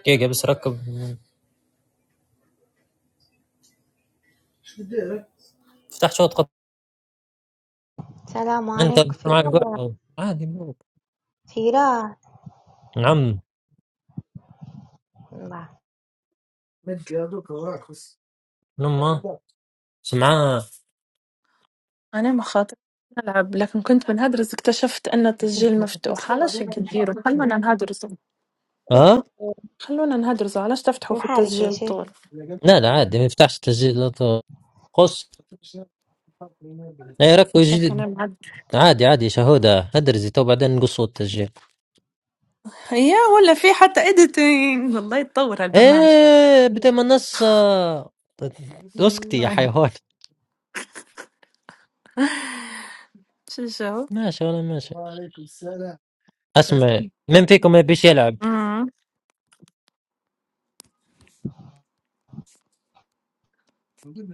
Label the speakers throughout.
Speaker 1: دقيقة بس ركب افتح صوت قط
Speaker 2: السلام
Speaker 1: انت
Speaker 2: عليكم
Speaker 1: بدي معك
Speaker 2: فيران
Speaker 1: قرعة عادي مو
Speaker 2: فيران
Speaker 1: نعم
Speaker 2: الله
Speaker 1: من امه سمعاه
Speaker 3: أنا ما خاطر نلعب لكن كنت بنهدرز اكتشفت أن التسجيل مفتوح علاش هيك تديروا خلونا نهدرزوا
Speaker 1: ها
Speaker 2: كيف
Speaker 3: خلونا نهدرزوا علاش تفتحوا في
Speaker 2: حالك يا
Speaker 3: التسجيل
Speaker 2: شيخ
Speaker 3: طول
Speaker 1: لا لا عادي ما يفتحش تسجيل لا تو- قص لا يركب
Speaker 3: شك أنا
Speaker 1: جديد
Speaker 3: بعد
Speaker 1: عادي عادي شهودة هدرزي تو بعدين نقص صوت التسجيل
Speaker 3: يا ولا في حتى editing والله يتطور هالبرنامج
Speaker 1: ايه بدي ما نص اسكتي يا
Speaker 3: والله
Speaker 1: حيوان
Speaker 3: شو شو
Speaker 1: ماشي ولا ماشي وعليكم السلام. اسمع من فيكم ما بيش يلعب
Speaker 3: امم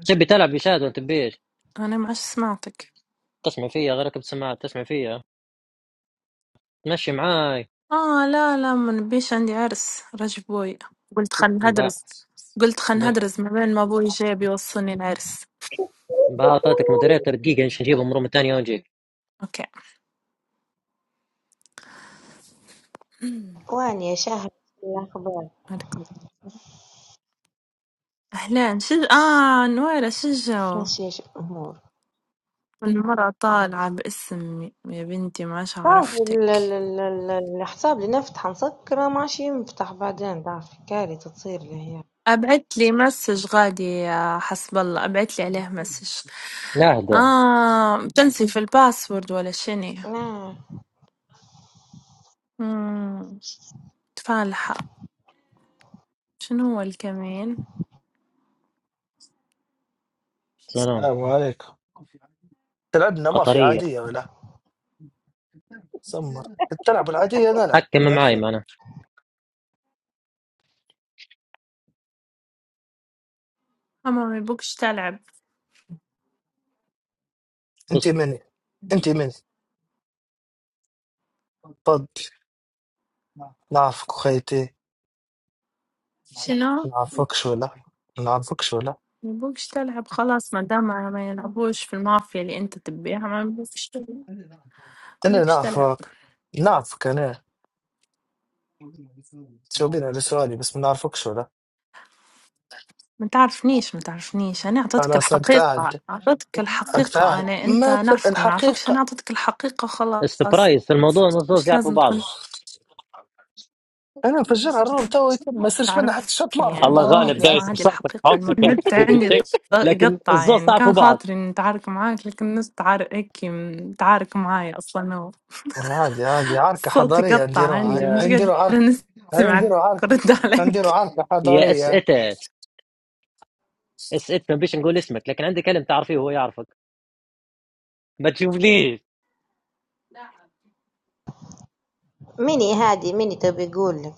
Speaker 1: تبي تلعب يشاد ولا تبيش
Speaker 3: أنا ما عادش سمعتك
Speaker 1: تسمع فيا غيرك بسماعات تسمع فيا تمشي معاي
Speaker 3: آه لا لا ما نبيش عندي عرس رجب بوي قلت خل
Speaker 1: با-
Speaker 3: نهدرز قلت خل
Speaker 1: با-
Speaker 3: نهدرز ما بين ما بوي جاي بيوصلني العرس
Speaker 1: بقى اعطيتك مودريتر دقيقة ايش نجيبه من روم الثانية ونجيك
Speaker 3: أوكي
Speaker 2: وين يا شهر الأخبار
Speaker 3: هذا كله. أهلين شج آه نويرة شجوا
Speaker 2: ماشي إيش الأمور
Speaker 3: المرأة طالعة باسم يا بنتي ماش
Speaker 2: صافي ال-
Speaker 3: عرفتك
Speaker 2: ال- ال- ال- الحساب اللي نفتحه مسكرة ماشي ينفتح بعدين ضعف كارثة تصير لي هي
Speaker 3: أبعت لي مسج غادي يا حسب الله أبعت لي عليه مسج
Speaker 1: نهدى
Speaker 3: آه تنسي في الباسورد ولا شني
Speaker 2: آه.
Speaker 3: مم، تفالحة شنو هو الكمين
Speaker 1: سلام
Speaker 4: السلام عليكم تلعبنا ما في
Speaker 1: قطرية
Speaker 4: عادية ولا سمر تلعب العادية نلعب من
Speaker 1: حكم معاي
Speaker 4: الأخير
Speaker 1: معنا
Speaker 3: أما ما يبوكش تلعب
Speaker 4: أنت
Speaker 1: بص
Speaker 4: مني أنت مني طب نعرفك أخيتي
Speaker 3: شنو
Speaker 4: نعرفكش ولا نعرفكش ولا
Speaker 3: ما يبوكش تلعب خلاص ما دام ما يلعبوش في المافيا اللي أنت تبيها ما يبوكش تلعب ما
Speaker 4: أنا
Speaker 3: يبوكش تلعب
Speaker 4: نعرفك نعرفك أنا تجاوبين على سؤالي بس ما نعرفكش ولا
Speaker 3: ما تعرفنيش ما تعرفنيش انا اعطيتك
Speaker 4: خلاص
Speaker 3: الحقيقه
Speaker 4: أقطعد
Speaker 3: اعطيتك الحقيقه
Speaker 4: أقطعد
Speaker 3: انا انت
Speaker 4: ما ت...
Speaker 3: نعرفك ما نعرفكش انا
Speaker 4: الحقيقة
Speaker 3: اعطيتك الحقيقه خلاص
Speaker 1: السبرايز في الموضوع إن الزوز
Speaker 3: مش
Speaker 1: يعرفوا
Speaker 3: لازم
Speaker 1: بعض
Speaker 3: تكون
Speaker 4: أنا مفجرها الروم تو يتم، ما يصيرش منها حتى شوط
Speaker 3: تعرفني يعني
Speaker 4: مافيا
Speaker 1: الله
Speaker 4: مرة
Speaker 3: المهم
Speaker 1: غالب
Speaker 4: واحدة
Speaker 3: اسمع
Speaker 1: دايس
Speaker 3: هذه
Speaker 1: بساطك
Speaker 3: الحقيقه
Speaker 1: حوصلك
Speaker 3: المرة
Speaker 1: انا
Speaker 3: النت
Speaker 1: بقدر
Speaker 3: عندي ض-
Speaker 1: بشيء لكن
Speaker 3: يقطع
Speaker 1: الزوز
Speaker 3: يعني
Speaker 1: تعرفوا
Speaker 3: كان
Speaker 1: بعض
Speaker 3: خاطري نتعارك معاك لكن الناس تعارك هيك متعارك معاي اصلا هو
Speaker 4: عادي عادي عركة
Speaker 3: الصوت
Speaker 4: حضارية
Speaker 3: يقطع
Speaker 4: نديروها
Speaker 3: عندي
Speaker 4: هاي
Speaker 3: مش
Speaker 4: هاي
Speaker 1: يا
Speaker 3: قادره
Speaker 4: نديروا عركة هاي
Speaker 3: نسمعك
Speaker 4: نديروا عركة
Speaker 3: رد
Speaker 4: هنديروا
Speaker 3: عليك
Speaker 4: عركة
Speaker 1: يا
Speaker 4: حضارية
Speaker 1: اسئتك اسئت ما بيش نقول اسمك لكن عندي كلم تعرفيه وهو يعرفك ما تشوفليش
Speaker 2: مني هادي مني تبي يقول لك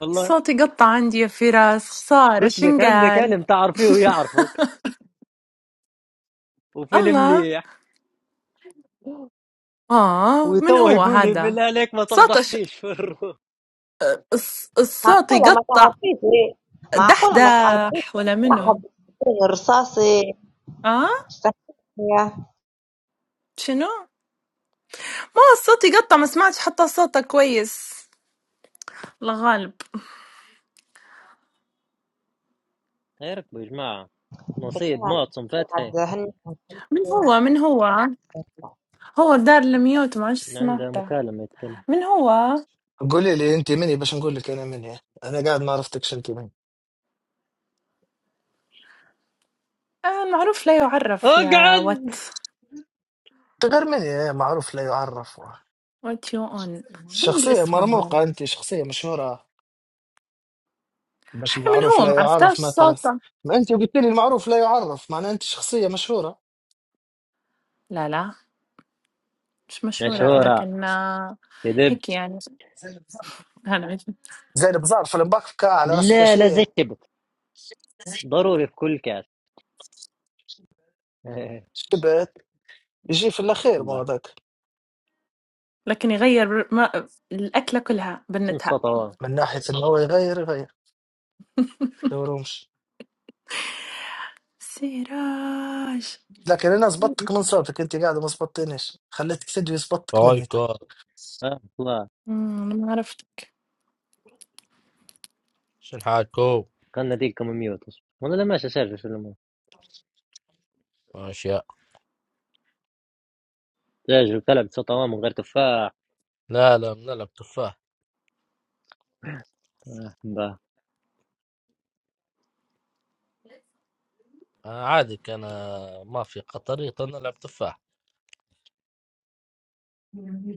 Speaker 1: والله
Speaker 3: الصوت يقطع عندي يا فراس خساره
Speaker 1: قلت لك عندي
Speaker 3: شنقال
Speaker 1: كلم تعرفيه ويعرفك وفيلم
Speaker 3: الله
Speaker 1: مليح
Speaker 3: آه من
Speaker 1: وتوه
Speaker 3: هو
Speaker 1: يقول لي
Speaker 3: هذا
Speaker 1: بالله عليك ما
Speaker 3: صوته ش...
Speaker 1: تفضحنيش في الروح
Speaker 3: الص- الصوت
Speaker 2: معقولة ما
Speaker 3: يقطع
Speaker 2: تعرفيش ليه معقولة ما تعرفيش
Speaker 3: دحدح ولا
Speaker 1: لا
Speaker 2: واحد
Speaker 3: منو
Speaker 2: يطير رصاصي
Speaker 3: آه
Speaker 2: اشتكيت يا
Speaker 3: شنو ما الصوت يقطع ما سمعتش حتى صوته كويس الله غالب
Speaker 1: خيركم يا جماعة نصيب معتصم فتحي
Speaker 2: قاعد
Speaker 3: من
Speaker 2: هن
Speaker 3: هو من هو هو دار الميوت ما عادش
Speaker 1: عنده
Speaker 3: سمعته
Speaker 1: مكالمة يتكلم
Speaker 3: من هو
Speaker 4: قولي لي انت مني باش نقول لك انا مني انا قاعد ما عرفتكش انت مني
Speaker 3: آه معروف لا يعرف يا وات
Speaker 1: اقعد
Speaker 4: أنت غير مني إيه، معروف لا يعرف
Speaker 3: وات يو اون شنو
Speaker 4: شخصية
Speaker 3: الاسم هذا
Speaker 4: مرموقة انت شخصية مشهورة باش
Speaker 3: إحنا من
Speaker 4: المعروف
Speaker 3: هو
Speaker 4: لا
Speaker 3: ما عرفتهاش
Speaker 4: يعرف مثلا
Speaker 3: صوته
Speaker 4: ما انت قلت لي المعروف لا يعرف معناها انت شخصية مشهورة
Speaker 3: لا لا مش مشهورة
Speaker 4: آه،
Speaker 1: مشهورة
Speaker 3: لكن آه،
Speaker 1: يدب
Speaker 3: هيك يعني هلا
Speaker 4: زي البزار في المبكبكة على راسك
Speaker 1: لا لا
Speaker 4: شيء
Speaker 1: زكبت ضروري في كل كاس
Speaker 4: شبت يجي في الاخير ما
Speaker 1: با.
Speaker 4: هذاك
Speaker 3: لكن يغير ما الأكلة كلها
Speaker 1: شنو
Speaker 3: بنتها
Speaker 1: الصوت هو؟
Speaker 4: من ناحية انه هو يغير يغير دورهمش
Speaker 3: سراج
Speaker 4: لكن انا زبطتك من صوتك انت قاعد ما زبطتنيش خليتك تدوي زبطتك مني
Speaker 5: رايكو
Speaker 1: اه والله
Speaker 3: مم، أنا ما عرفتك
Speaker 5: شن حالكو
Speaker 1: كان نديكم ميوت والله لا ماشي سجل شو الامور
Speaker 5: اشياء
Speaker 1: سجل كلب صوت هو من غير تفاح
Speaker 5: لا لا بنلعب تفاح
Speaker 1: آه، با.
Speaker 5: أنا عادك انا ما في خطري نلعب تفاح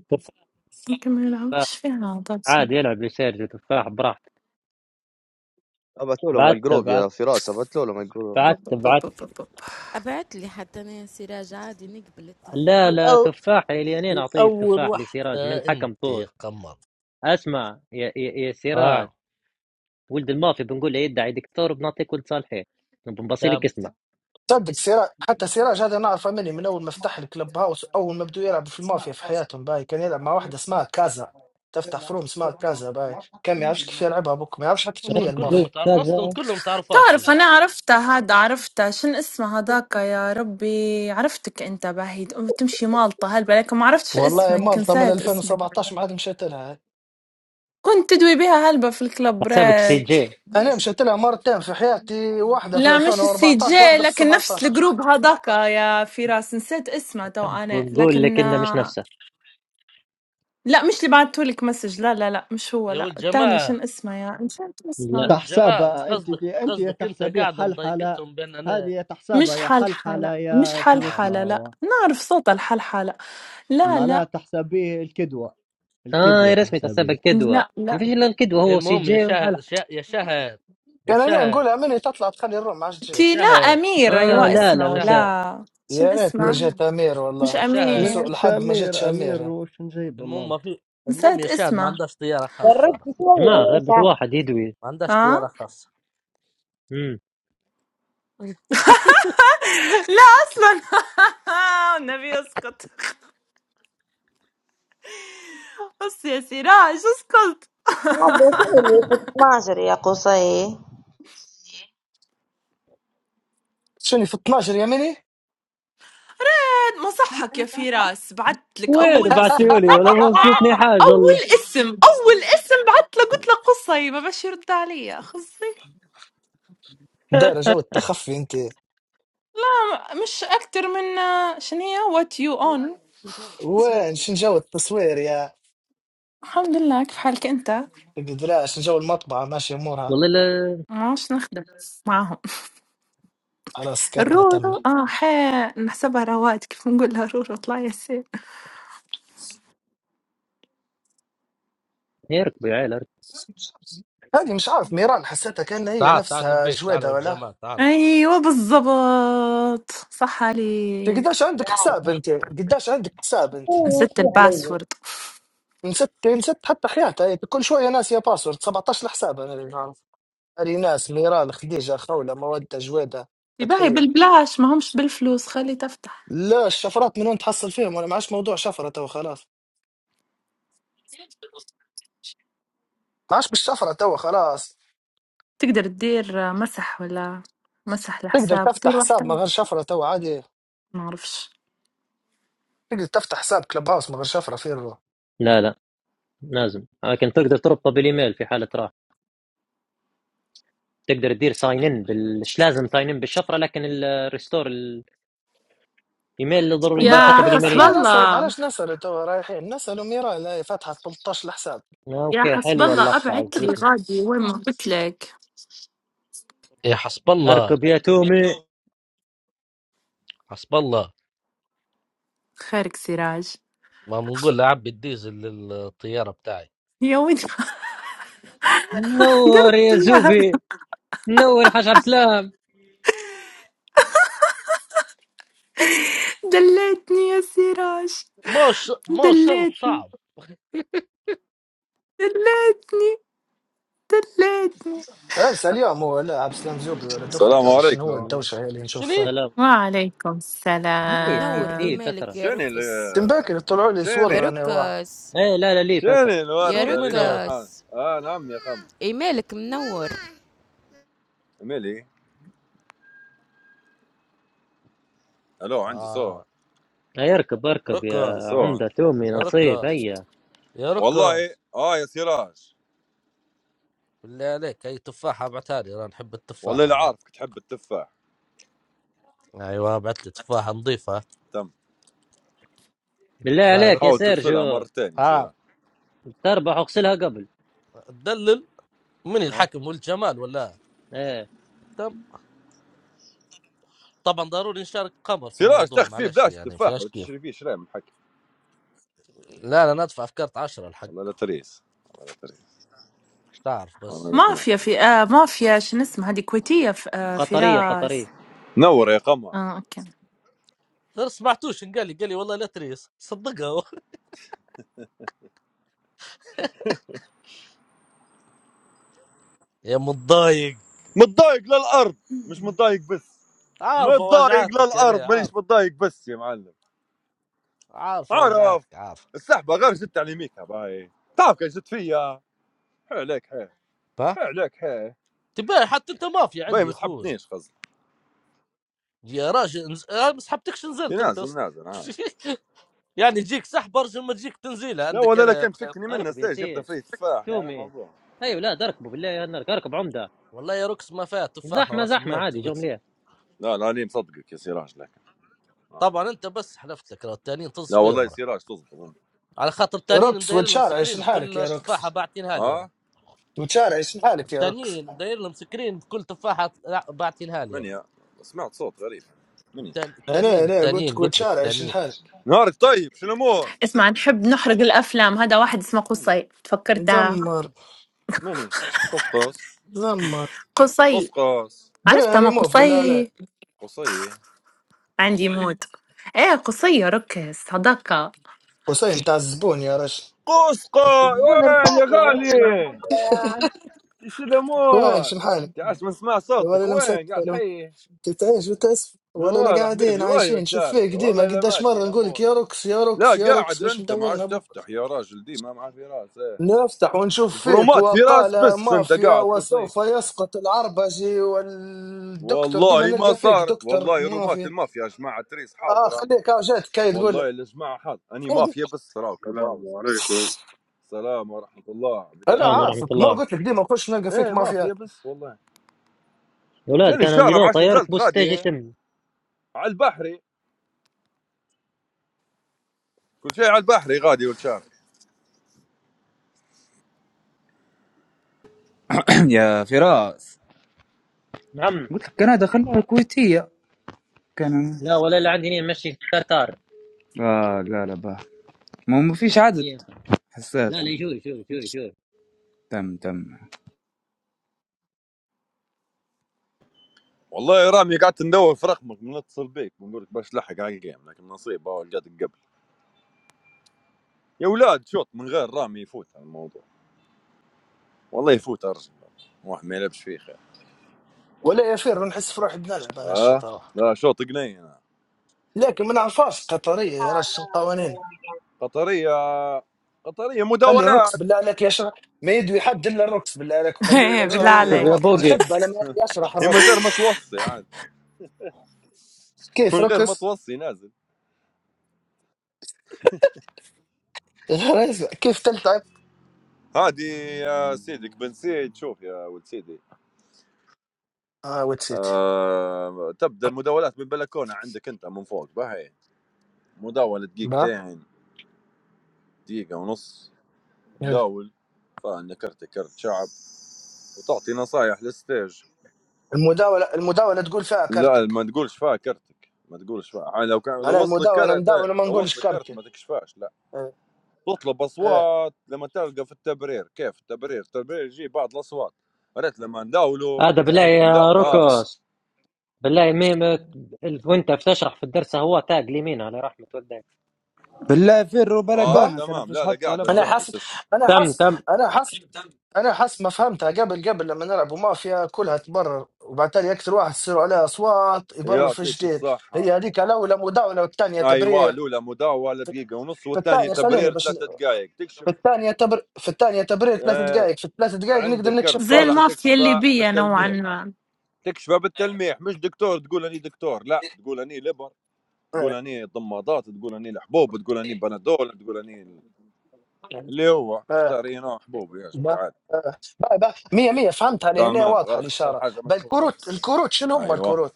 Speaker 1: تفاح
Speaker 3: ممكن ما يلعبش فيها طبسة
Speaker 1: عادي يلعب لسيرجيو تفاح براحته
Speaker 6: ابعت له لهم على
Speaker 1: بعت
Speaker 6: الجروب يا
Speaker 1: بعت
Speaker 6: فراس ابعت له لهم على الجروب
Speaker 1: بعت
Speaker 3: بب- بب-
Speaker 1: بعت
Speaker 3: بب- بب- بب.
Speaker 7: ابعت لي حتى انا سراج عادي نقبل التفاح
Speaker 1: لا لا
Speaker 5: أو
Speaker 1: تفاح اليانين اعطيه
Speaker 5: اول
Speaker 1: التفاح
Speaker 5: واحدة
Speaker 1: لسراج من الحكم
Speaker 5: انت يا
Speaker 1: طول
Speaker 5: قمر
Speaker 1: اسمع يا, يا, يا سراج
Speaker 5: اه
Speaker 1: ولد المافيا بنقول له يدعي دكتور بنعطيك ولد صالحين بنبصي لك
Speaker 5: تمام
Speaker 1: اسمه
Speaker 4: تصدق سراج حتى سراج هذا نعرفه مني من اول ما فتح الكلب هاوس اول ما بدو يلعب في المافيا في حياتهم باي كان يلعب مع واحده اسمها كازا تفتح فروم اسمها كازا باي كان ما يعرفش كيف يلعبها بوك ما يعرفش حتى شنو
Speaker 5: اصلا
Speaker 4: هي
Speaker 1: راتب
Speaker 5: كلهم
Speaker 4: المافيا
Speaker 1: الدوق
Speaker 5: متعر... اصلا
Speaker 1: كذا
Speaker 5: كلهم متعرفاش
Speaker 3: تعرف
Speaker 5: هي.
Speaker 3: أنا عرفتها هذا عرفتها شن اسمها هذاك يا ربي عرفتك أنت باهي أم- تمشي مالطة هلبة لكن ما عرفتش
Speaker 4: والله
Speaker 3: اسمك
Speaker 4: مالطا من
Speaker 3: نسيت اسمك
Speaker 4: 2017 ما عاد مشيت لها
Speaker 3: كنت تدوي بها هلبة في
Speaker 1: حسابك سي
Speaker 3: الكلبرات
Speaker 1: جي
Speaker 4: انا مشيت لها مرتين في حياتي واحده في
Speaker 3: لا مش السي
Speaker 4: 2014
Speaker 3: جي
Speaker 4: واحده في
Speaker 3: لكن نفس
Speaker 4: 17
Speaker 3: الجروب هذاك يا فراس نسيت اسمه تو أنا
Speaker 1: بنقول
Speaker 3: لكن
Speaker 1: لك انه مش
Speaker 3: آه،
Speaker 1: نفسه
Speaker 3: لأ، مش اللي بعتّه لِك مسج لا، لا، لأ، مش هو
Speaker 5: يا ولد
Speaker 3: لأ، التاني
Speaker 5: جمال
Speaker 3: شن اسمه يا نسيت
Speaker 5: يا
Speaker 3: اسمه،
Speaker 1: لا
Speaker 5: ولد جمال
Speaker 8: تحسبها انت
Speaker 5: قصدك
Speaker 8: دي انت يا
Speaker 5: قصدك انت
Speaker 8: تحسبيه
Speaker 5: قاعدة
Speaker 8: حلحله
Speaker 5: مضايقتهم بان
Speaker 8: هذه
Speaker 5: انا
Speaker 8: يا تحسبها
Speaker 3: مش
Speaker 8: يا
Speaker 3: حلحلة،
Speaker 8: حلحله
Speaker 3: مش
Speaker 8: يا شو
Speaker 5: اه
Speaker 3: حلحلة لأ،
Speaker 8: اسمه
Speaker 3: نعرف صوتها الحلحلة، لا،
Speaker 8: معناها
Speaker 3: لا،
Speaker 8: تحسبيه الكدوه
Speaker 1: اه
Speaker 8: الكدوه
Speaker 1: يا رسمي
Speaker 8: تحسبيه
Speaker 1: حسابك كدوه
Speaker 3: لأ،
Speaker 1: ما
Speaker 3: لأ،
Speaker 1: فيش الا الكدوه هو سي
Speaker 5: المهم يا
Speaker 1: جي
Speaker 5: شهد
Speaker 1: وحلح
Speaker 5: شا... يا شهد يا
Speaker 4: كان انا
Speaker 5: شهد
Speaker 4: نقولها مني تطلع تخلي الروم ما عادش تجي
Speaker 5: يا
Speaker 3: تيلا
Speaker 5: شهد يا
Speaker 3: أمير
Speaker 1: اه
Speaker 3: أيوه
Speaker 5: شهد
Speaker 1: لا لا
Speaker 3: اسمه
Speaker 1: مش يا
Speaker 5: شهد
Speaker 3: والّا شن
Speaker 4: يا ريتني
Speaker 8: مش
Speaker 3: اسمه؟
Speaker 4: جات امير
Speaker 3: مش
Speaker 5: يا
Speaker 4: والله
Speaker 5: شهد
Speaker 4: بسوء
Speaker 3: أمير،
Speaker 8: مش
Speaker 4: الحظ ما جاتش
Speaker 8: امير امير
Speaker 4: امير
Speaker 8: وش نجيبه
Speaker 5: المهم ما
Speaker 8: مالته
Speaker 5: في المهم
Speaker 3: نسيت
Speaker 5: يا شاد ما
Speaker 3: اسمه،
Speaker 5: عندهاش طياره خاصه أنا.
Speaker 2: جربت شوية
Speaker 1: جماعه غير
Speaker 2: يا
Speaker 1: بس
Speaker 2: شهد
Speaker 1: واحد يدوي
Speaker 5: ما عندهاش طياره
Speaker 3: ها؟
Speaker 5: خاصه
Speaker 1: امم
Speaker 3: لا أصلًا والنبي اسكت، بس يا سراج اسكت.
Speaker 2: هذا شغلي في 12 يا قصي
Speaker 4: شنو في 12 يا مني
Speaker 3: ما صحّك يا فراس، بعتّ لِك
Speaker 1: وين
Speaker 3: أول اسم.
Speaker 1: بعتيولي ولا ما وصلتني حاجه
Speaker 3: أول
Speaker 1: والله
Speaker 3: اسم أول اسم بعت له قلت له قصي ما باش يرد عليا خصي
Speaker 4: دايره جو التخفي انت
Speaker 3: مش أكتر من آه، شنو هي وات يو اون
Speaker 4: وين شن جو التصوير يا
Speaker 3: الحمد لله كيف حالك أنت
Speaker 4: القدرة شن جو المطبعة ماشي أمورها
Speaker 1: والله لا
Speaker 3: ماش نخدم معاهم
Speaker 4: خلاص سكتنا تم
Speaker 3: الرورو اه حي نحسبها رواد كيف نقولها رورو طلع ياسين
Speaker 1: يركبوا يا عيال اركبوا.
Speaker 4: هذه مش عارف ميران حسيتها كأن هي
Speaker 5: تعال تعال
Speaker 4: نفسها
Speaker 5: نبيك تعال يا
Speaker 4: جويدة
Speaker 5: ولد
Speaker 4: ولا
Speaker 5: جمال تعال
Speaker 3: ايوه بالضبط صح
Speaker 4: أنت
Speaker 3: عليك
Speaker 4: قداش عندك حساب أنت قداش عندك حساب أنت
Speaker 3: نسيت
Speaker 2: شو علي
Speaker 3: الباسورد
Speaker 4: نسيت نسيت حتى حياتها هي كل شوية ناس يا باسورد 17 حساب أنا اللي نعرف هذه ناس ميران خديجة خولة مودة جويدة
Speaker 3: يباعي
Speaker 4: فتحية
Speaker 3: بالبلاش ما همش بالفلوس خلي تفتح
Speaker 4: لا الشفرات من وين تحصل فيهم ولا معاش موضوع شفرة تو خلاص معاش بالشفرة تو خلاص
Speaker 3: تقدر تدير آه، مسح ولا مسح
Speaker 4: تقدر
Speaker 3: الحساب
Speaker 4: تفتح
Speaker 3: دير واحد
Speaker 4: حساب من
Speaker 3: تاني
Speaker 4: غير شفرة تو عادي
Speaker 3: ما اعرفش
Speaker 4: تقدر تفتح حساب كلب هاوس من غير شفره في الروح
Speaker 1: لا لا لازم لكن تقدر تربطه بالايميل في حاله راح تقدر تدير ساين ان بال... مش لازم ساين ان بالشفره لكن الريستور ايميل اللي ضروري ب-
Speaker 4: با
Speaker 3: يا
Speaker 1: حتى
Speaker 4: احنا
Speaker 1: بالايميل
Speaker 3: حسب
Speaker 4: احنا
Speaker 1: يجي
Speaker 4: نسال
Speaker 3: الله
Speaker 4: علاش نسالوا توا رايحين نسالوا ميرا لا فاتحه 13 الحساب
Speaker 1: آه،
Speaker 3: يا
Speaker 1: اوكي
Speaker 3: حسب
Speaker 1: حلوه
Speaker 3: الله
Speaker 1: اللقطه
Speaker 3: ابعت لي
Speaker 1: عجبتني
Speaker 3: غادي وين ما قلت لك
Speaker 5: يا حسب الله
Speaker 1: اركب يا تومي
Speaker 5: حسب الله
Speaker 3: خيرك سراج
Speaker 5: ما بنقول لعبي الديزل للطياره بتاعي
Speaker 3: يا وين ما
Speaker 1: نور
Speaker 3: درت
Speaker 1: يا
Speaker 3: يا
Speaker 1: زوبي نور يا حاج عبد السلام
Speaker 3: دليتني يا سراج
Speaker 5: مو ش... مو شرط
Speaker 3: دليتني
Speaker 5: صعب
Speaker 3: دليتني دليتني
Speaker 4: عرسه اليوم هو لا عبد السلام زوبي ولا
Speaker 9: السلام
Speaker 4: دخلته ولا شنو هو
Speaker 1: لا،
Speaker 9: عليكم
Speaker 1: من-
Speaker 4: الدوشه هي اللي
Speaker 5: شني
Speaker 4: نشوفها
Speaker 1: سلام
Speaker 3: وعليكم
Speaker 1: ليه ليه
Speaker 7: منور
Speaker 1: ليه
Speaker 3: السلام
Speaker 7: ايميلك
Speaker 1: فتره
Speaker 7: يا
Speaker 9: شنو ال
Speaker 7: ركس
Speaker 4: تنباكر طلعوا لي
Speaker 7: يا
Speaker 4: صور
Speaker 9: شنو
Speaker 4: انا واحد
Speaker 7: ركس
Speaker 1: ايه لا لا ليه فتره
Speaker 9: شنو
Speaker 7: يا
Speaker 5: صور
Speaker 9: الوردة
Speaker 5: من يا
Speaker 9: اليوم
Speaker 5: ولد؟
Speaker 9: حاج
Speaker 7: ركس
Speaker 9: آه نعم يا خمو
Speaker 7: ايميلك منور
Speaker 9: ملي الو عندي
Speaker 5: آه.
Speaker 9: صوت
Speaker 1: هيا اركب اركب يا
Speaker 9: عندي
Speaker 5: ركز
Speaker 9: صوت
Speaker 1: عمده تومي
Speaker 5: يا
Speaker 1: نصيب
Speaker 5: ركز
Speaker 1: هيا
Speaker 5: يا
Speaker 9: والله
Speaker 5: ركز
Speaker 9: اه يا سراج
Speaker 5: بالله عليك اي تفاحه ابعتها لي انا نحب
Speaker 9: والله
Speaker 5: التفاحه
Speaker 9: لا
Speaker 5: انا
Speaker 9: عارفك تحب التفاح
Speaker 5: ايوه ابعت لي تفاحه نظيفه
Speaker 9: تم
Speaker 1: بالله
Speaker 5: باي
Speaker 1: عليك يا
Speaker 5: ركز
Speaker 9: حاول تغسلها
Speaker 1: سيرجو
Speaker 9: مرتين يا
Speaker 5: اه
Speaker 9: سراج
Speaker 1: تربح اغسلها قبل
Speaker 5: تدلل من
Speaker 1: أيوة.
Speaker 5: الحكم والجمال ولا
Speaker 1: ايه
Speaker 5: طبعا ضروري نشارك قمر في
Speaker 9: سراج
Speaker 5: الموضوع
Speaker 9: تخفي
Speaker 5: معلش
Speaker 9: بلاش
Speaker 5: يعني ما
Speaker 9: تفاح
Speaker 5: فيهاش
Speaker 9: ولا
Speaker 5: كيف
Speaker 9: تشري فيه شراي من حكي
Speaker 5: لا انا ادفع في كارت 10 الحق
Speaker 9: والله لا تريس والله لا تريس
Speaker 5: مش تعرف
Speaker 9: والله
Speaker 5: بس
Speaker 9: لا
Speaker 3: مافيا
Speaker 9: تريس
Speaker 3: في آه مافيا شنو اسمها هذه كويتية في آه
Speaker 1: قطريه
Speaker 3: فراس
Speaker 1: قطريه
Speaker 9: نور يا قمر
Speaker 3: اه اوكي
Speaker 5: غير سمعتوش إن قال لي قال لي والله لا تريس صدقها هو. يا متضايق
Speaker 9: متضايق للارض مش متضايق بس
Speaker 5: عارفه
Speaker 9: متضايق
Speaker 5: وجعاتك انا
Speaker 9: للارض مانيش
Speaker 5: عارف
Speaker 9: متضايق بس يا معلم
Speaker 5: عارفه
Speaker 9: اعرف
Speaker 5: وجعاتك عارف
Speaker 9: السحبه غير زدت على يميكها باي تعرف كان زدت فيا حي عليك حي
Speaker 5: ها
Speaker 9: حي عليك حي
Speaker 5: تبقى حتى انت مافيا
Speaker 9: باي
Speaker 5: عندي يا
Speaker 9: ما
Speaker 5: اخوي
Speaker 9: سحبتنيش قصدي
Speaker 5: يا راجل نز- أنا ما سحبتكش نزلت انت
Speaker 9: تنازل
Speaker 5: أصلاً.
Speaker 9: نازل عارف
Speaker 5: يعني يجيك سحب ارجل ما تجيك تنزيله
Speaker 9: لا
Speaker 5: عندك
Speaker 9: ولا لا
Speaker 5: انا
Speaker 9: كان تفكني منه
Speaker 1: اركب يا
Speaker 9: ستيج جبت
Speaker 1: سيد
Speaker 9: فيه تفاح يا
Speaker 1: تومي
Speaker 9: موضوع
Speaker 1: ايوه لا اركبوا بالله يا نرك اركب عمده
Speaker 5: والله يا روكس ما فات تفاحه
Speaker 1: زحمه
Speaker 5: وراس
Speaker 1: زحمه
Speaker 5: ميمتي
Speaker 1: عادي جو
Speaker 5: قلت لك
Speaker 1: مليح
Speaker 9: لا لا لي مصدقك يا سراج لكن آه.
Speaker 5: طبعا انت بس حلفت لك لو التانيين
Speaker 9: لا والله يا
Speaker 5: تصفيهم
Speaker 9: سراج تصدق أظن.
Speaker 5: على خاطر التانيين
Speaker 4: روكس
Speaker 5: مدايرين لهم
Speaker 4: وتشارع
Speaker 5: سكرين
Speaker 4: شن
Speaker 5: في
Speaker 4: حالك يا
Speaker 5: كل
Speaker 4: روكس
Speaker 5: تفاحه باعتينها لي راه
Speaker 9: اه
Speaker 4: وتشارع شن حالك يا روكس
Speaker 5: التانيين مدايرين لهم سكرين في كل تفاحه باعتينها لي
Speaker 9: من
Speaker 5: راه
Speaker 9: يا سمعت صوت غريب مني
Speaker 5: التان-
Speaker 4: انا
Speaker 5: التانيين
Speaker 4: انا قلت
Speaker 5: التانيين
Speaker 4: لك
Speaker 5: قلت لك
Speaker 4: وتشارع شن
Speaker 5: التانيين
Speaker 4: حالك
Speaker 9: نهارك طيب شو الامور
Speaker 3: اسمع نحب نحرق الافلام هذا واحد اسمه
Speaker 9: مني
Speaker 3: قصي تفكرتها
Speaker 4: مزمر
Speaker 9: مني قصقص
Speaker 4: مزمر
Speaker 3: قصي
Speaker 9: قصقص
Speaker 4: درنا
Speaker 3: عرفتها ما
Speaker 4: ريموف بالله
Speaker 3: قصي
Speaker 4: لا
Speaker 9: قصي
Speaker 3: عندي موت ايه قصية ركز صداقة
Speaker 4: قصي متاع الزبون يا رجل
Speaker 9: قصقص
Speaker 2: الزبون
Speaker 9: وين يا
Speaker 2: رفاتي يا رب ما
Speaker 9: غالي ايش
Speaker 4: وين
Speaker 9: الامور؟
Speaker 4: شن حالك
Speaker 9: تعس ما نسمع صوتك
Speaker 4: ولا
Speaker 9: وين قاعد
Speaker 4: لمسك
Speaker 9: حي
Speaker 4: قلت ايش بتأسف ولا لا
Speaker 9: نوار
Speaker 4: قاعدين
Speaker 9: حبيبي وهي
Speaker 4: عايشين شوف فيك
Speaker 9: وتشاري
Speaker 4: ديما
Speaker 9: والله لا
Speaker 4: قداش
Speaker 9: ماشي
Speaker 4: مرة نقول لك
Speaker 9: الامور
Speaker 4: يا روكس يا
Speaker 9: لا
Speaker 4: روكس يا روكس
Speaker 9: قاعد
Speaker 4: مش
Speaker 9: انت ما
Speaker 4: مدورنا
Speaker 9: عادش
Speaker 4: بك
Speaker 9: تفتح يا راجل دي ما معاه في راس ايه
Speaker 4: نفتح ونشوف فيك
Speaker 9: الفرومات في راس
Speaker 4: وقال
Speaker 9: بس انت
Speaker 4: مافيا
Speaker 9: قاعد قصي
Speaker 4: وسوف يسقط العربجي والدكتور ديما
Speaker 9: والله ما
Speaker 4: نلقى فيك
Speaker 9: صارت
Speaker 4: دكتور
Speaker 9: والله رومات
Speaker 4: مافيا
Speaker 9: المافيا يا جماعه تريس
Speaker 4: اه
Speaker 9: حاضره
Speaker 4: خليك اه جاتك هاي تقول
Speaker 9: والله
Speaker 4: له.
Speaker 9: يا جماعه حاضر اني
Speaker 4: إيه دي؟
Speaker 9: مافيا بس راهو كلوب
Speaker 10: السلام
Speaker 9: هاوس
Speaker 10: عليكم
Speaker 9: السلام ورحمه الله
Speaker 4: انا
Speaker 9: بدات
Speaker 1: السلام
Speaker 9: ايه
Speaker 1: ورحمه
Speaker 4: عارفك ما
Speaker 1: الله
Speaker 4: قلت لك ديما نخش نلقى فيك
Speaker 9: ايه مافيا
Speaker 4: مافيات
Speaker 9: بس والله
Speaker 1: يا ولاد
Speaker 9: شنو
Speaker 1: كان اللي
Speaker 9: الشارع ما
Speaker 1: لو
Speaker 9: عادش
Speaker 1: طيارك
Speaker 9: نزلت
Speaker 1: بوس تيجي
Speaker 9: غادي
Speaker 1: يتم
Speaker 9: على البحري كل شيء على البحري غادي والشارع
Speaker 11: يا فراس
Speaker 1: نعم
Speaker 11: قلت لك كندا خلوها كويتية كان
Speaker 1: لا ولا اللي عندي نين مشي كتار
Speaker 11: آه لا لا با ما ما فيش عدد
Speaker 1: إيه.
Speaker 11: حسيت
Speaker 1: لا لا
Speaker 11: يعني
Speaker 1: شوف شوف شوف شوف
Speaker 11: تم تم
Speaker 9: والله يا رامي قعدت ندور في رقمك من اتصل بيك بنقول لك باش لحق على الجيم لكن نصيب هو لقيتك قبل يا ولاد شوط من غير رامي يفوت على الموضوع والله يفوت ارجع واحد ما يلعبش فيه خير
Speaker 4: ولا يفير نحس في روحي بنلعب انا
Speaker 9: اه
Speaker 4: الشطرة
Speaker 9: لا شوط قني انا
Speaker 4: لكن ما نعرفهاش قطرية يا رش القوانين
Speaker 9: قطريه قطريه
Speaker 4: خلي الرقص
Speaker 9: مداولات
Speaker 4: بالله عليك يشرح ما يدوي حد الا الرقص بالله عليك وخلوه
Speaker 3: ايه
Speaker 9: لا
Speaker 3: بالله
Speaker 4: يشرح
Speaker 9: هي
Speaker 4: لي
Speaker 1: شوف يا
Speaker 3: عليك
Speaker 9: واضحه
Speaker 1: بوقي
Speaker 4: نحب
Speaker 9: هي
Speaker 4: انا ما يشرح
Speaker 9: هي من غير
Speaker 4: الرقص
Speaker 9: ما توصي عاد
Speaker 4: كيف
Speaker 9: من غير ما
Speaker 4: رقص
Speaker 9: توصي نازل
Speaker 4: كيف تلتعب
Speaker 9: هادي يا سيدك بن سيد شوف يا ولد سيدي
Speaker 4: اه وتسيت
Speaker 9: آه تبدا المداولات بالبلكونه عندك انت من فوق باهي مداوله
Speaker 4: با
Speaker 9: دقيقتين دقيقه ونص تداول فان كرتك كرت شعب وتعطي نصايح للستيج
Speaker 4: المداوله المداوله تقول فيها
Speaker 9: لا
Speaker 4: كارتك
Speaker 9: ما تقولش فيها كرتك ما تقولش فيها يعني لو كان لو
Speaker 4: معناها
Speaker 9: وصلك
Speaker 4: المداوله
Speaker 9: كرت إيه،
Speaker 4: نداول وما
Speaker 9: لو
Speaker 4: نقولش
Speaker 9: وصلك كرت
Speaker 4: كارتي
Speaker 9: ما تكشفاش لا
Speaker 4: آه،
Speaker 9: تطلب
Speaker 4: آه،
Speaker 9: اصوات لما تلقى في التبرير كيف التبرير التبرير يجيب بعض الاصوات ريت لما نداولوا
Speaker 1: هذا بالله
Speaker 4: آه.
Speaker 9: لا
Speaker 1: يا
Speaker 9: اه
Speaker 1: روكوس بالله ميمك ال- وانت بتشرح في الدرس هو تاج اليمين على رحمة والدين
Speaker 11: بالله فروا
Speaker 9: اه
Speaker 4: با
Speaker 11: بلكونك انا
Speaker 9: تمام
Speaker 11: فيش
Speaker 9: لا لا
Speaker 11: حد
Speaker 9: قاعده
Speaker 4: انا
Speaker 11: طلبها
Speaker 9: جنبي
Speaker 4: حاسس
Speaker 9: تسمع
Speaker 4: انا
Speaker 1: تم
Speaker 4: حاسس
Speaker 1: تم
Speaker 4: انا حاسس انا حاسس ما فهمتها قبل قبل لما نلعبوا مافيا كلها تبرر وبعد تالي اكثر واحد يصيروا عليها اصوات يبرر في
Speaker 9: يعطيك
Speaker 4: جديد
Speaker 9: الصحه
Speaker 4: هي هذيك الاولى مداوله والثانيه
Speaker 9: ايوه
Speaker 4: تبرير
Speaker 9: الاولى مداوله دقيقه ونص
Speaker 4: في
Speaker 9: والثانيه
Speaker 4: الثانيه خليني
Speaker 9: تبرير
Speaker 4: بس
Speaker 9: ثلاثة دقائق تكشف
Speaker 4: في الثانيه تبر في الثانيه تبرير ثلاث
Speaker 9: آه
Speaker 4: دقائق في الثلاث دقائق نقدر
Speaker 9: عندك كرت
Speaker 4: نكشف
Speaker 3: زي
Speaker 9: صالح
Speaker 4: كارتي
Speaker 3: المافيا
Speaker 9: تكشفه
Speaker 3: الليبية نوعا
Speaker 9: بالتلميح
Speaker 3: ما
Speaker 9: تكشفها بالتلميح مش دكتور تقول اني دكتور لا تقول اني لبر تقول
Speaker 4: ايه
Speaker 9: اني ضمادات تقول اني الحبوب تقول اني بنادول تقول اني اللي هو
Speaker 4: ايه
Speaker 9: اختار اي نوع حبوب يعجبك
Speaker 4: با
Speaker 9: عادي
Speaker 4: ايه با با مية مية فهمت علي هنا
Speaker 9: تمام غير
Speaker 4: واضحه
Speaker 9: اختار
Speaker 4: الاشاره
Speaker 9: حاجه مشهوره
Speaker 4: بالكروت الكروت
Speaker 9: بس
Speaker 4: الكروت شنو هم
Speaker 9: ايوه
Speaker 4: الكروت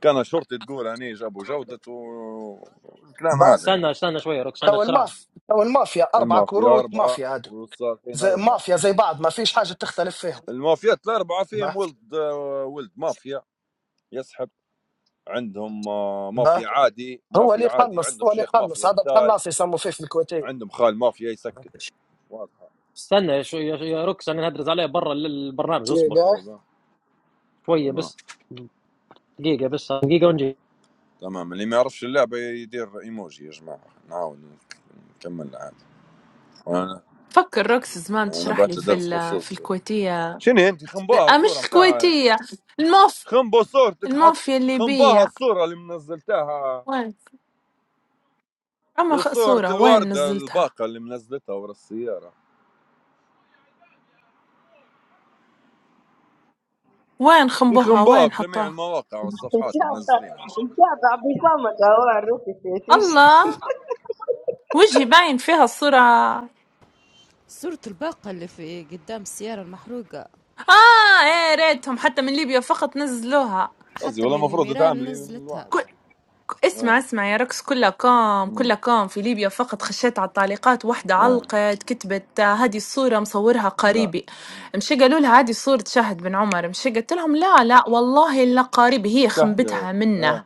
Speaker 9: كان شرطي تقول اني جابوا جودة والكلام هذا
Speaker 4: بس
Speaker 1: استنى
Speaker 9: يعني
Speaker 1: استنى شوية يا روكس انا
Speaker 4: تو
Speaker 1: اشرح لك.
Speaker 4: الماف تو المافيا اربع
Speaker 9: المافيا
Speaker 4: كروت
Speaker 9: اربعه
Speaker 4: مافيا هادو
Speaker 9: والساقين
Speaker 4: زي
Speaker 9: اربعه
Speaker 4: مافيا زي بعض ما فيش حاجه تختلف فيهم
Speaker 9: المافيات الاربعه
Speaker 4: با
Speaker 9: فيهم ولد ولد مافيا يسحب عندهم آه،
Speaker 4: با
Speaker 9: مافيا عادي
Speaker 4: هو اللي
Speaker 9: مافيا عادي
Speaker 4: يقنص
Speaker 9: عندهم
Speaker 4: هو اللي
Speaker 9: شيخ مافيا
Speaker 4: يقنص هذا
Speaker 9: يغتال
Speaker 4: القناص يسموا فيه في الكويتيه
Speaker 9: عندهم خال مافيا يسكر واضحه
Speaker 1: استنى شوية يا يا روكس انا هدرز عليه برا ال- البرنامج اصبر
Speaker 4: تلقاه
Speaker 9: اي با.
Speaker 1: شوية
Speaker 9: تمام
Speaker 1: بس دقيقة بس دقيقة ونجي
Speaker 9: تمام اللي ما يعرفش اللعبه يدير ايموجي يا جماعه نعاون نكمل عادي وانا
Speaker 3: فكر روكس زمان
Speaker 9: انا
Speaker 3: تشرح لي
Speaker 9: بعت له
Speaker 3: في
Speaker 9: درس
Speaker 3: ال- في
Speaker 9: خصوصي
Speaker 3: الكويتية
Speaker 9: شنو انت خنبوها
Speaker 3: آه
Speaker 9: الصوره
Speaker 3: مش
Speaker 9: متاعك
Speaker 3: الكويتية الموف
Speaker 9: خنبو صورتك حط
Speaker 3: المافيا
Speaker 9: خنبوها
Speaker 3: الليبية
Speaker 9: الصوره اللي منزلتها
Speaker 3: وين أما
Speaker 9: هي
Speaker 3: خ-
Speaker 9: صورة
Speaker 3: صورة وين
Speaker 9: الوردة
Speaker 3: نزلتها
Speaker 9: الباقة اللي منزلتها ورا السيارة
Speaker 3: وين
Speaker 9: في
Speaker 3: خنبوها
Speaker 9: خنبوها
Speaker 3: وين
Speaker 9: في جميع
Speaker 3: حطوها
Speaker 9: المواقع والصفحات
Speaker 2: متابع
Speaker 9: منزلينها شنو
Speaker 2: متابع بفمك اهو عرفت ايش
Speaker 3: الله وجهي باين فيها الصورة
Speaker 7: صورة الباقة اللي في قدام السيارة المحروقة
Speaker 3: آه إيه ريتهم حتى من ليبيا فقط نزلوها
Speaker 9: قصدي
Speaker 7: حتى
Speaker 9: والله
Speaker 7: من
Speaker 9: المفروض
Speaker 7: ميرال
Speaker 9: تعملي
Speaker 7: نزلتها
Speaker 9: الواحد
Speaker 3: اسمع
Speaker 9: اه
Speaker 3: اسمع يا ركس كلها كام
Speaker 9: امم
Speaker 3: كلها كام في ليبيا فقط خشيت على التعليقات واحدة
Speaker 9: إيه.
Speaker 3: علقت كتبت آه، هذه الصورة مصورها
Speaker 9: لا
Speaker 3: قريبي
Speaker 9: مم.
Speaker 3: مشي قالوا لها هذه صورة شهد بن عمر مشي قلت لهم لا لا والله لا قريبي هي
Speaker 9: تحلف
Speaker 3: خنبتها
Speaker 9: ايه
Speaker 3: منه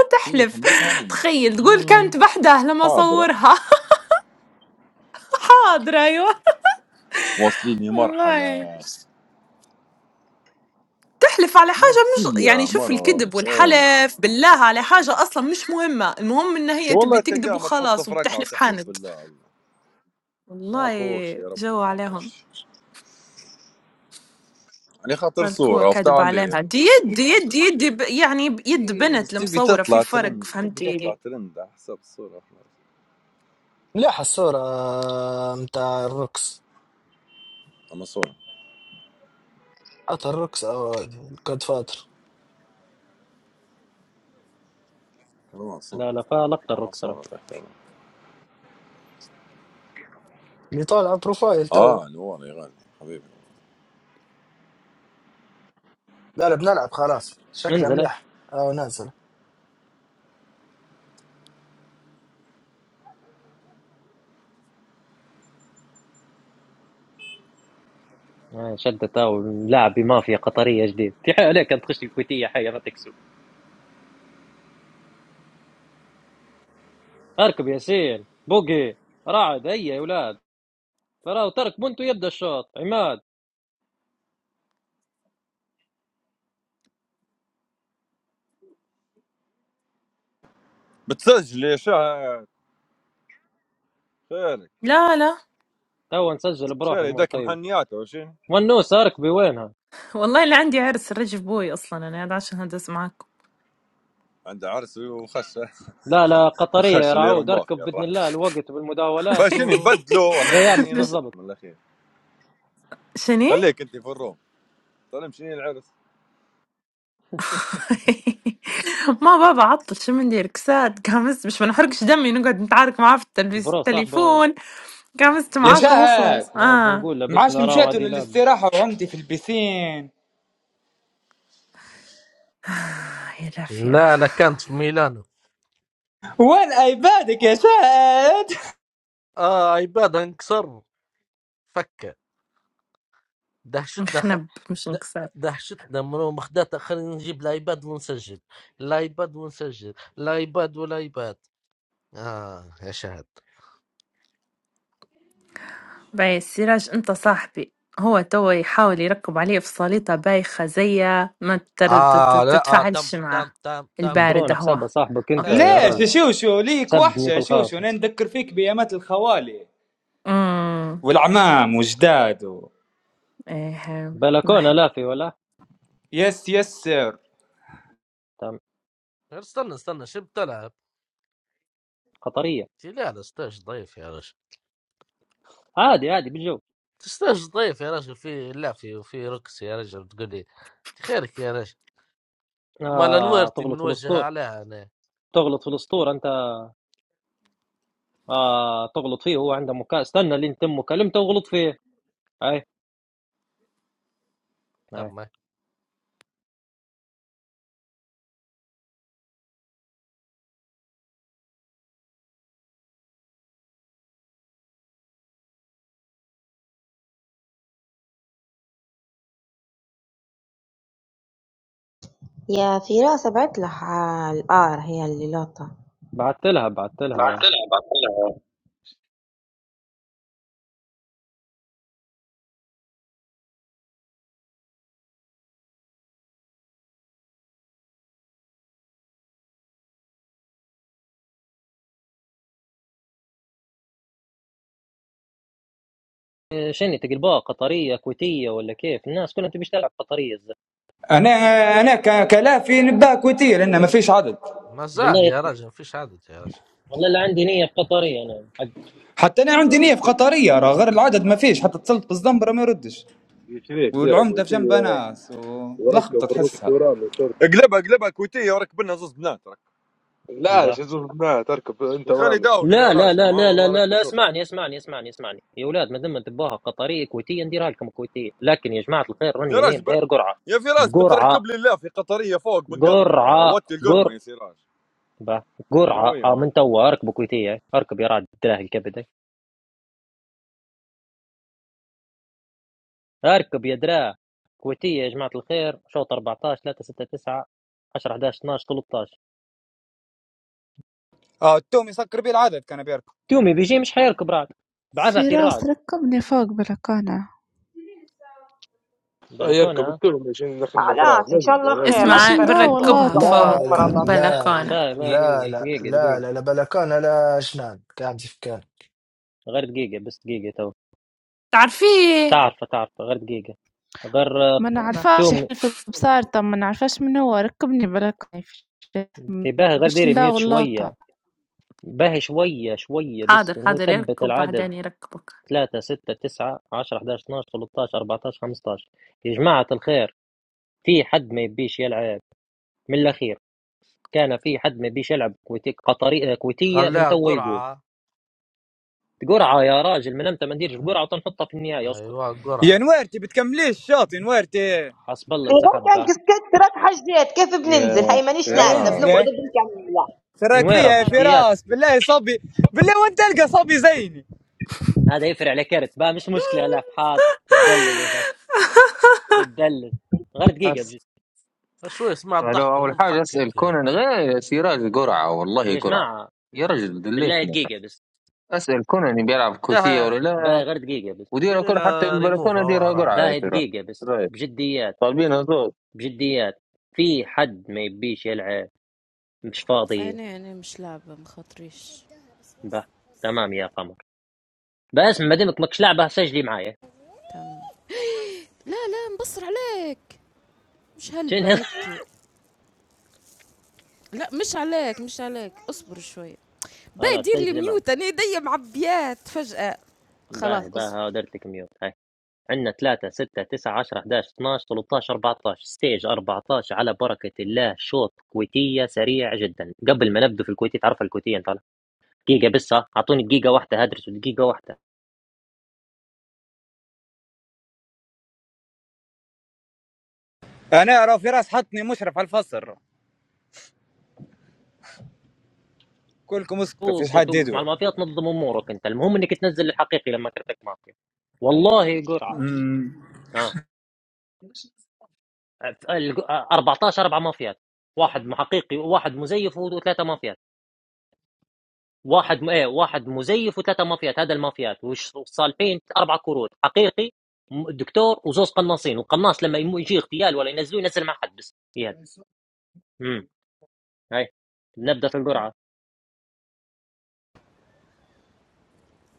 Speaker 9: هي
Speaker 3: تحلف
Speaker 9: خمتها من
Speaker 3: تخيل تقول
Speaker 9: مم،
Speaker 3: كانت بحده لما
Speaker 9: حاضرة
Speaker 3: صورها حاضر ايوه
Speaker 9: واصليني مرحلة
Speaker 3: والله تحلف على حاجة مش يعني
Speaker 9: نفسية
Speaker 3: شوف
Speaker 9: مرض
Speaker 3: الكذب
Speaker 9: اه
Speaker 3: والحلف بالله على حاجة أصلا مش مهمة المهم إن هي تبي
Speaker 9: والله
Speaker 3: تكذب
Speaker 9: تلقاه ما تحط
Speaker 3: وخلاص
Speaker 9: في ركعة
Speaker 3: وبتحلف
Speaker 9: وتحلف
Speaker 3: حاند
Speaker 9: بالله الله ما
Speaker 3: والله
Speaker 9: يعرفوش يا ربي
Speaker 3: جو
Speaker 9: ما
Speaker 3: عليهم
Speaker 9: يعرفوش يعني خاطر
Speaker 3: بالك هو
Speaker 9: صورة
Speaker 3: كذب
Speaker 9: وفتعليق
Speaker 3: عليها دي يد دي يد دي يد ب- يعني ب- يد
Speaker 9: تي-
Speaker 3: بنت
Speaker 9: تبي
Speaker 3: المصورة في
Speaker 9: تطلع
Speaker 3: فرق
Speaker 9: ترند تبي تطلع
Speaker 3: فهمتي
Speaker 9: ترند على حسب الصورة خلاص.
Speaker 4: مليحه الصوره متاع الركس
Speaker 9: أما صورة
Speaker 4: حتى الركس او جود فاتر
Speaker 9: كمان صورة
Speaker 1: لا لا فلقطة
Speaker 9: أما
Speaker 1: الروكس راه.
Speaker 9: صورة تحت
Speaker 4: اللي طالع بروفايل تو
Speaker 9: آه نور يا غالي حبيبي
Speaker 4: لا لا بنلعب خلاص شكلها
Speaker 1: انزل
Speaker 4: مليح اه نازل
Speaker 1: آه، شدت او لاعب بمافيا قطريه جديد في حي عليك انت تخش الكويتيه حي ما تكسب اركب ياسين بوقي رعد هيا يا اولاد ترى ترك بنتو يبدا الشوط عماد
Speaker 9: بتسجل يا شهد خيرك
Speaker 3: لا لا
Speaker 1: تو نسجل
Speaker 9: خير
Speaker 1: بروحي امور
Speaker 9: يدك
Speaker 1: طيبه
Speaker 9: محنيات ولا شنو؟
Speaker 1: ونوسه اركبي وينها
Speaker 3: والله اللي عندي عرس رجب بوي أصلا أنا قاعدة عشان هندس معاكم
Speaker 9: عنده عرس وخشة
Speaker 1: لا لا قطريه يا
Speaker 9: وخشة اللي
Speaker 1: رعود
Speaker 9: رماخ
Speaker 1: اركب
Speaker 9: يا الرحمة.
Speaker 1: باذن الله الوقت
Speaker 9: بس
Speaker 1: بالمداولات
Speaker 9: شنو
Speaker 1: و
Speaker 9: نبدلوا ولا
Speaker 1: زي
Speaker 9: عندي
Speaker 1: امس
Speaker 3: بس
Speaker 9: نصح
Speaker 1: بالضبط
Speaker 9: من الاخير
Speaker 3: شني
Speaker 9: خليك انت في الروم سلام شنو العرس
Speaker 3: ما بابا عطل شو مندير كساد قامست مش بنحرقش دمي نقعد نتعارك معاه في التلفز-
Speaker 1: برو صاحبه
Speaker 3: التليفون قامست
Speaker 11: يا
Speaker 3: معاكم
Speaker 11: شاهد
Speaker 3: وخلاص
Speaker 1: ما
Speaker 3: اه
Speaker 1: بنقول
Speaker 11: معاش
Speaker 1: لبسنا راو
Speaker 11: مشيتوا
Speaker 1: هذه لاب
Speaker 11: للاستراحة وعمتي في البسين
Speaker 3: يا لافية
Speaker 5: لا لا كانت في ميلانو
Speaker 11: وين ايبادك يا شاهد
Speaker 5: اه ايباد انكسر فكه دهشتنا خ...
Speaker 3: نخنب مش
Speaker 5: د-
Speaker 3: نكساد
Speaker 5: دهشتنا منو مخدات خلينا نجيب الايباد ونسجل الايباد ونسجل الايباد والايباد اه يا شهد
Speaker 3: باي سراج انت صاحبي هو توا يحاول يركب عليه في صليطة بايخة زية ما تر- تت-
Speaker 5: اه لا اه تم
Speaker 3: تتفاعلش
Speaker 5: تم
Speaker 3: معاه
Speaker 5: تم تم
Speaker 3: البارد
Speaker 1: برون
Speaker 3: هو
Speaker 1: حسابها صاحبك انت
Speaker 5: خيرك
Speaker 3: اوكي
Speaker 1: يا
Speaker 5: يا
Speaker 11: ليش يا
Speaker 5: بارد
Speaker 1: راجل
Speaker 11: شوشو ليك وحشة
Speaker 1: سبني في
Speaker 11: يا شوشو
Speaker 1: الخاصه
Speaker 11: انا نذكر فيك بأيامات الخوالي
Speaker 3: امم
Speaker 11: والعمام وجداد و...
Speaker 3: ايه
Speaker 1: بلكونه
Speaker 3: راح
Speaker 1: لا في ولا
Speaker 11: يس يس سير
Speaker 1: تم
Speaker 5: غير استنى استنى شو بتلعب
Speaker 1: قطريه
Speaker 5: لا لا ستاش ضعيف يا رجل
Speaker 1: عادي عادي بالجو
Speaker 5: ستاش ضعيف يا رجل في لافي وفي ركس يا رجل تقول لي خيرك يا رجل مال
Speaker 1: آه
Speaker 5: انويرتي
Speaker 1: تغلط في
Speaker 5: منوجهه
Speaker 1: الاسطور
Speaker 5: عليها انا
Speaker 1: تغلط في الاسطور انت آه تغلط فيه هو عنده مكا استنى لين تم مكالمته وغلط فيه اي اي
Speaker 5: تم
Speaker 2: يا فراس ابعت لها الار هي اللي لقطة
Speaker 1: بعثت لها بعثت
Speaker 2: بعت
Speaker 1: لها
Speaker 2: لها بعت لها
Speaker 1: إيه، شنو تقلبوها قطريه كويتيه ولا كيف الناس كلها تبي تلعب قطريه الزلمة.
Speaker 11: انا انا ك- كلافي نباه كويتية لان ما فيش عدد
Speaker 5: ما زال
Speaker 1: والله
Speaker 5: يا
Speaker 1: يق...
Speaker 5: رجل فيش عدد يا رجل
Speaker 1: والله لا عندي نيه في قطريه انا حق
Speaker 11: حتى انا عندي نية في قطرية راه غير العدد ما فيش حتى اتصلت بالزنبرة ما يردش
Speaker 10: يشريك ديرك
Speaker 11: والعمدة في
Speaker 10: ويسيا
Speaker 11: جنبها ناس
Speaker 10: وركب
Speaker 11: ولخبطة
Speaker 10: الركب
Speaker 11: تحسها
Speaker 10: ورامي تركب
Speaker 9: اقلبها اقلبها كويتيه وركب لنا زوز بنات رك
Speaker 10: لا
Speaker 1: ده.
Speaker 10: شو زبناها تركب انت
Speaker 9: يا خالي
Speaker 10: ورامي
Speaker 9: داولوا يا
Speaker 1: لا لا
Speaker 9: راجل
Speaker 1: لا
Speaker 9: ما
Speaker 1: لا
Speaker 9: عمره
Speaker 1: لا
Speaker 9: ما
Speaker 1: لا
Speaker 9: ركبوا
Speaker 1: لا
Speaker 9: شرطه
Speaker 1: اسمعني اسمعني اسمعني اسمعني يا اولاد ما دام تبوها قطريه كويتيه نديرها لكم كويتيه لكن يا جماعه الخير
Speaker 9: يا
Speaker 1: راني نايم
Speaker 9: راجل ب...
Speaker 1: داير قرعه
Speaker 9: يا فراس
Speaker 1: قرعه
Speaker 9: بتركب لي الله في قطريه فوق بنقطع راه
Speaker 1: قرعه
Speaker 9: وطي القرمه
Speaker 1: قر
Speaker 9: يا سراج
Speaker 1: باه قرعه
Speaker 9: نوية
Speaker 1: اه
Speaker 9: اه.
Speaker 1: من توا اركبوا كويتيه اركب يا رعد دراه الكبد اركب يا دراه كويتيه يا جماعه الخير شوط 14 3 6 9 10 11 12 13
Speaker 11: اه التوم يسكر بيه العدد كان بيركو
Speaker 1: تيومي بيجي مش حيركب رعد بعثتي
Speaker 12: فراس
Speaker 1: الرعد
Speaker 12: ركبني فوق بلكونة
Speaker 10: لا يركب
Speaker 1: بلكونه
Speaker 10: التهم عشان دخلنا فراغ
Speaker 2: خلاص ان شاء
Speaker 10: نزل يا
Speaker 2: الله خير لا
Speaker 10: نزل
Speaker 12: باش
Speaker 3: اسمع
Speaker 2: تركزي
Speaker 12: نداور
Speaker 2: فوق
Speaker 3: بنركبها
Speaker 2: بعد
Speaker 4: لا
Speaker 2: ما
Speaker 12: لوطة
Speaker 3: فوق
Speaker 2: نصمر
Speaker 4: لا
Speaker 2: الله
Speaker 4: لا
Speaker 3: بلكونة
Speaker 12: بلكونة
Speaker 1: با با
Speaker 4: لا لا
Speaker 1: دقيقه
Speaker 4: لا
Speaker 1: دقيقه
Speaker 4: لا
Speaker 1: دقيقه
Speaker 4: لا لا بلكان لا جنان قاعد في كان
Speaker 1: غير دقيقه بس دقيقه تو
Speaker 3: تعرفيه
Speaker 1: تعرف تعرف غير دقيقه غير آه،
Speaker 12: ما
Speaker 3: با.
Speaker 12: نعرفاش
Speaker 1: توم
Speaker 12: يحلف بصارته ما نعرفاش من هو ركبني بلكونة
Speaker 1: تباه غير
Speaker 12: باش
Speaker 1: ديري ميوت
Speaker 12: نداور
Speaker 1: شويه
Speaker 12: لوطة
Speaker 1: باه شويه شويه بس
Speaker 3: حاضر حاضر
Speaker 1: نثبت
Speaker 3: يركب
Speaker 1: العدد
Speaker 3: بعدين يركبك
Speaker 1: 3 6 9 10 11 12 13 14 15 يا جماعه الخير في حد ما يبيش يلعب من الاخير كان في حد ما يبيش يلعب كويتي قطري كويتيه من
Speaker 5: خلاها
Speaker 1: توا يقول
Speaker 5: قرعه
Speaker 1: قرعه يا راجل من امتى ما نديرش
Speaker 5: آه،
Speaker 1: قرعه تنحطها في النهايه اسكت
Speaker 5: ايوه
Speaker 11: يا
Speaker 5: قرعه
Speaker 11: نوارتي بتكمليش الشاط يا نوارتي
Speaker 1: حسب الله
Speaker 2: غير
Speaker 1: انسحب
Speaker 2: كان
Speaker 1: بها.
Speaker 2: كسكت ترك حاجات كيف
Speaker 13: يا
Speaker 2: بننزل هاي مانيش
Speaker 11: يا
Speaker 2: نازله
Speaker 13: سراج
Speaker 2: بنقعد
Speaker 11: ينزلي
Speaker 2: بنكمل
Speaker 11: شراك
Speaker 1: نويره
Speaker 11: فيها يا
Speaker 2: مرة روح
Speaker 1: بجديات
Speaker 11: فراس بالله يا صبي بالله وين تلقى صبي زيني
Speaker 1: هذا يفرع على كرت با مش مشكله لا حاضر تدلل ولا تدلل غير دقيقه
Speaker 13: أس...
Speaker 1: بجد
Speaker 5: شوي سمعت
Speaker 13: لو
Speaker 5: ضحكه
Speaker 13: أول
Speaker 5: من
Speaker 13: حاجة أسأل
Speaker 5: ضحكك يا
Speaker 13: كونان غير سراج قرعة والله
Speaker 1: يا
Speaker 13: قرعة
Speaker 1: جماعه
Speaker 13: يا رجل
Speaker 1: بالله
Speaker 13: دليتنا
Speaker 1: دقيقه بس
Speaker 13: أسأل كونان بيلعب كوتية
Speaker 5: شهر
Speaker 13: ولا لا
Speaker 1: باهي غير دقيقه بس
Speaker 13: وديرها
Speaker 5: ديري
Speaker 13: كرة حتى
Speaker 5: لها ريموف
Speaker 13: البلكونة
Speaker 5: هو
Speaker 13: ديرها
Speaker 5: راعي
Speaker 13: قرعة يا
Speaker 1: باهي
Speaker 13: سراج
Speaker 1: دقيقه بس
Speaker 13: طيب
Speaker 1: بجديات
Speaker 13: طالبينها زود
Speaker 1: بجديات في حد ما يبيش يلعب مش فاضي
Speaker 7: انا انا مش لعبة مخاطريش
Speaker 1: به تمام يا قمر بس بعدين ما لكش لعبه سجلي معايا
Speaker 7: تمام لا لا مبصر عليك مش
Speaker 1: شنو؟
Speaker 7: هلبة هيك لا مش عليك مش عليك اصبر شوية باي
Speaker 1: خلاص
Speaker 7: دير لي
Speaker 1: سجلي معي
Speaker 7: ميوت انا ايديا معبيات فجأة
Speaker 1: باهي
Speaker 7: خلاص
Speaker 1: باهي
Speaker 7: اصبر
Speaker 1: ها درت لك ميوت هاي عندنا 3 6 9 10 11 12 13 14 ستيج 14 على بركة الله شوط كويتية سريع جدا قبل ما نبدو في الكويتية تعرف الكويتية انت ولا؟ دقيقة بس ها، اعطوني دقيقة واحدة هدرس دقيقة واحدة
Speaker 11: انا راه فراس حطني مشرف على الفصل رو. كلكم اسكتوا فيش
Speaker 1: وبصوت
Speaker 11: حد
Speaker 1: توقف مع
Speaker 11: يدوي
Speaker 1: المافيا تنظم امورك انت المهم انك تنزل الحقيقي لما كرتك مافيا والله قرعة
Speaker 11: أمم.
Speaker 1: اه الج- آه، 14 اربع مافيات واحد محقيقي وواحد مزيف وثلاثة مافيات واحد م... ايه واحد مزيف وثلاثه مافيات هذا المافيات وش صالحين اربع كروت حقيقي م- دكتور وزوز قناصين والقناص لما يم- يجي اغتيال ولا ينزلوه ينزل مع حد بس اغتيال امم هاي نبدا في القرعه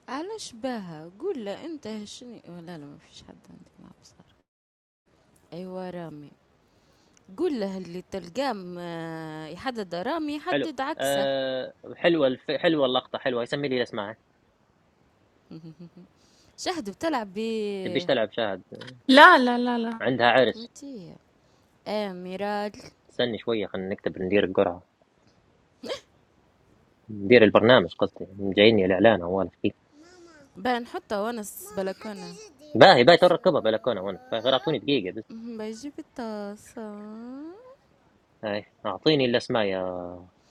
Speaker 7: علاش باها قول له انت هشني ولا لا ما فيش حد عندك مع بصر ايوا رامي قول له اللي تلقاه م- يحدد رامي
Speaker 1: حلو
Speaker 7: يحدد عكسه
Speaker 1: أه حلوه الف... حلوه اللقطه حلوه يسمي لي الاسماء
Speaker 7: شهد بتلعب ب
Speaker 1: تبيش تلعب شاهد
Speaker 3: لا لا لا لا
Speaker 1: عندها عرس
Speaker 7: كويتية اه ميرال
Speaker 1: استني شويه خلينا نكتب ندير القرعه ندير البرنامج قصدي جايني الاعلان اول شيء
Speaker 7: بقى نحطها وانا في البلكونة
Speaker 1: باهي باهي تركبها بلكونه وانا غير اعطوني دقيقه بس
Speaker 7: مهم، بيجيب الطاسة
Speaker 1: هاي اعطيني الاسماء يا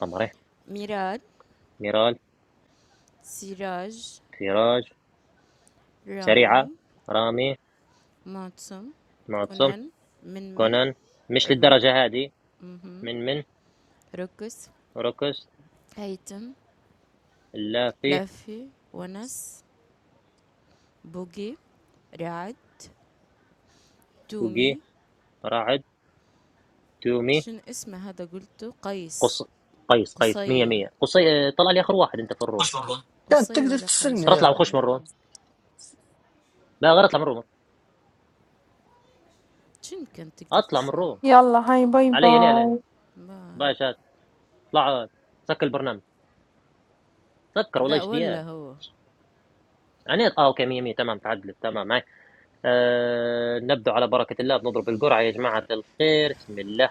Speaker 1: قمري
Speaker 7: ميرال
Speaker 1: ميراج
Speaker 7: سراج
Speaker 1: فراج سريعة
Speaker 7: رامي
Speaker 1: رامي
Speaker 7: معتصم
Speaker 1: معتصم
Speaker 7: كونان منمن
Speaker 1: كونان مش
Speaker 7: الرك
Speaker 1: للدرجة هذه من من
Speaker 7: ركس
Speaker 1: ركس
Speaker 7: هيتم
Speaker 1: اللافي
Speaker 7: لافي ونس بوقي رعد
Speaker 1: توقي
Speaker 7: تومي
Speaker 1: رعد تومي
Speaker 7: شنو اسمه هذا قلته قيس
Speaker 1: قص قيس قيس مية
Speaker 7: قصي
Speaker 1: مية قصي آه، طلع لي آخر واحد أنت في الروم
Speaker 4: كانت
Speaker 7: قصي
Speaker 4: تقدر
Speaker 7: ولا
Speaker 4: تسرني
Speaker 7: قيس
Speaker 1: ترى
Speaker 7: واحد
Speaker 1: اطلع
Speaker 7: من
Speaker 4: يا
Speaker 1: وخش من الروم
Speaker 7: الاثنين
Speaker 1: لا غير اطلع من الروم
Speaker 7: شنو كان تقدر
Speaker 1: اطلع من
Speaker 7: تسأل
Speaker 1: الروم
Speaker 3: يلا هاي باي
Speaker 1: علي ليه
Speaker 3: باي
Speaker 1: ليه
Speaker 7: باي
Speaker 1: باشا اطلع سكر البرنامج سكر والله
Speaker 7: لا
Speaker 1: ايش
Speaker 7: ولا
Speaker 1: ديال
Speaker 7: هو
Speaker 1: يعني اه اوكي 100 100 تمام تعدلت تمام معي آه نبدو على بركه الله بنضرب القرعه يا جماعه الخير بسم الله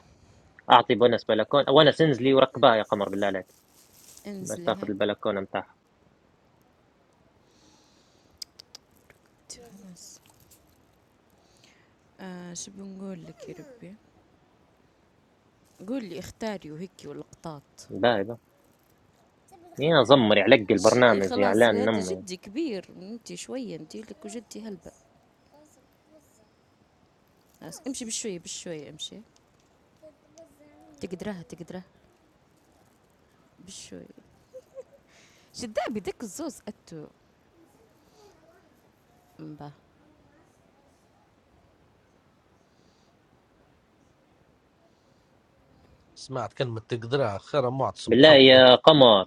Speaker 1: اعطي بونس بلكون ونس انزلي وركبها يا قمر بالله عليك باش
Speaker 7: انزلي
Speaker 1: تاخذ
Speaker 7: هاي
Speaker 1: البلكونه نتاعها
Speaker 7: خلاص آه شو بنقول لك يا ربي قولي اختاري وهيك والقطاط
Speaker 1: باهي باهي يا زمر يعلق
Speaker 7: شني
Speaker 1: البرنامج يا
Speaker 7: خلاص
Speaker 1: اعلان
Speaker 7: هذا
Speaker 1: نمي
Speaker 7: جدي كبير انت شويه انت لك وجدي هلبة خلاص امشي بالشويه بالشويه امشي تقدرها تقدرها بالشويه شدابي ديك الزوز اتو مبا
Speaker 5: سمعت كلمه تقدرها خير معتصم
Speaker 1: بالله
Speaker 5: تحول انت
Speaker 1: يا قمر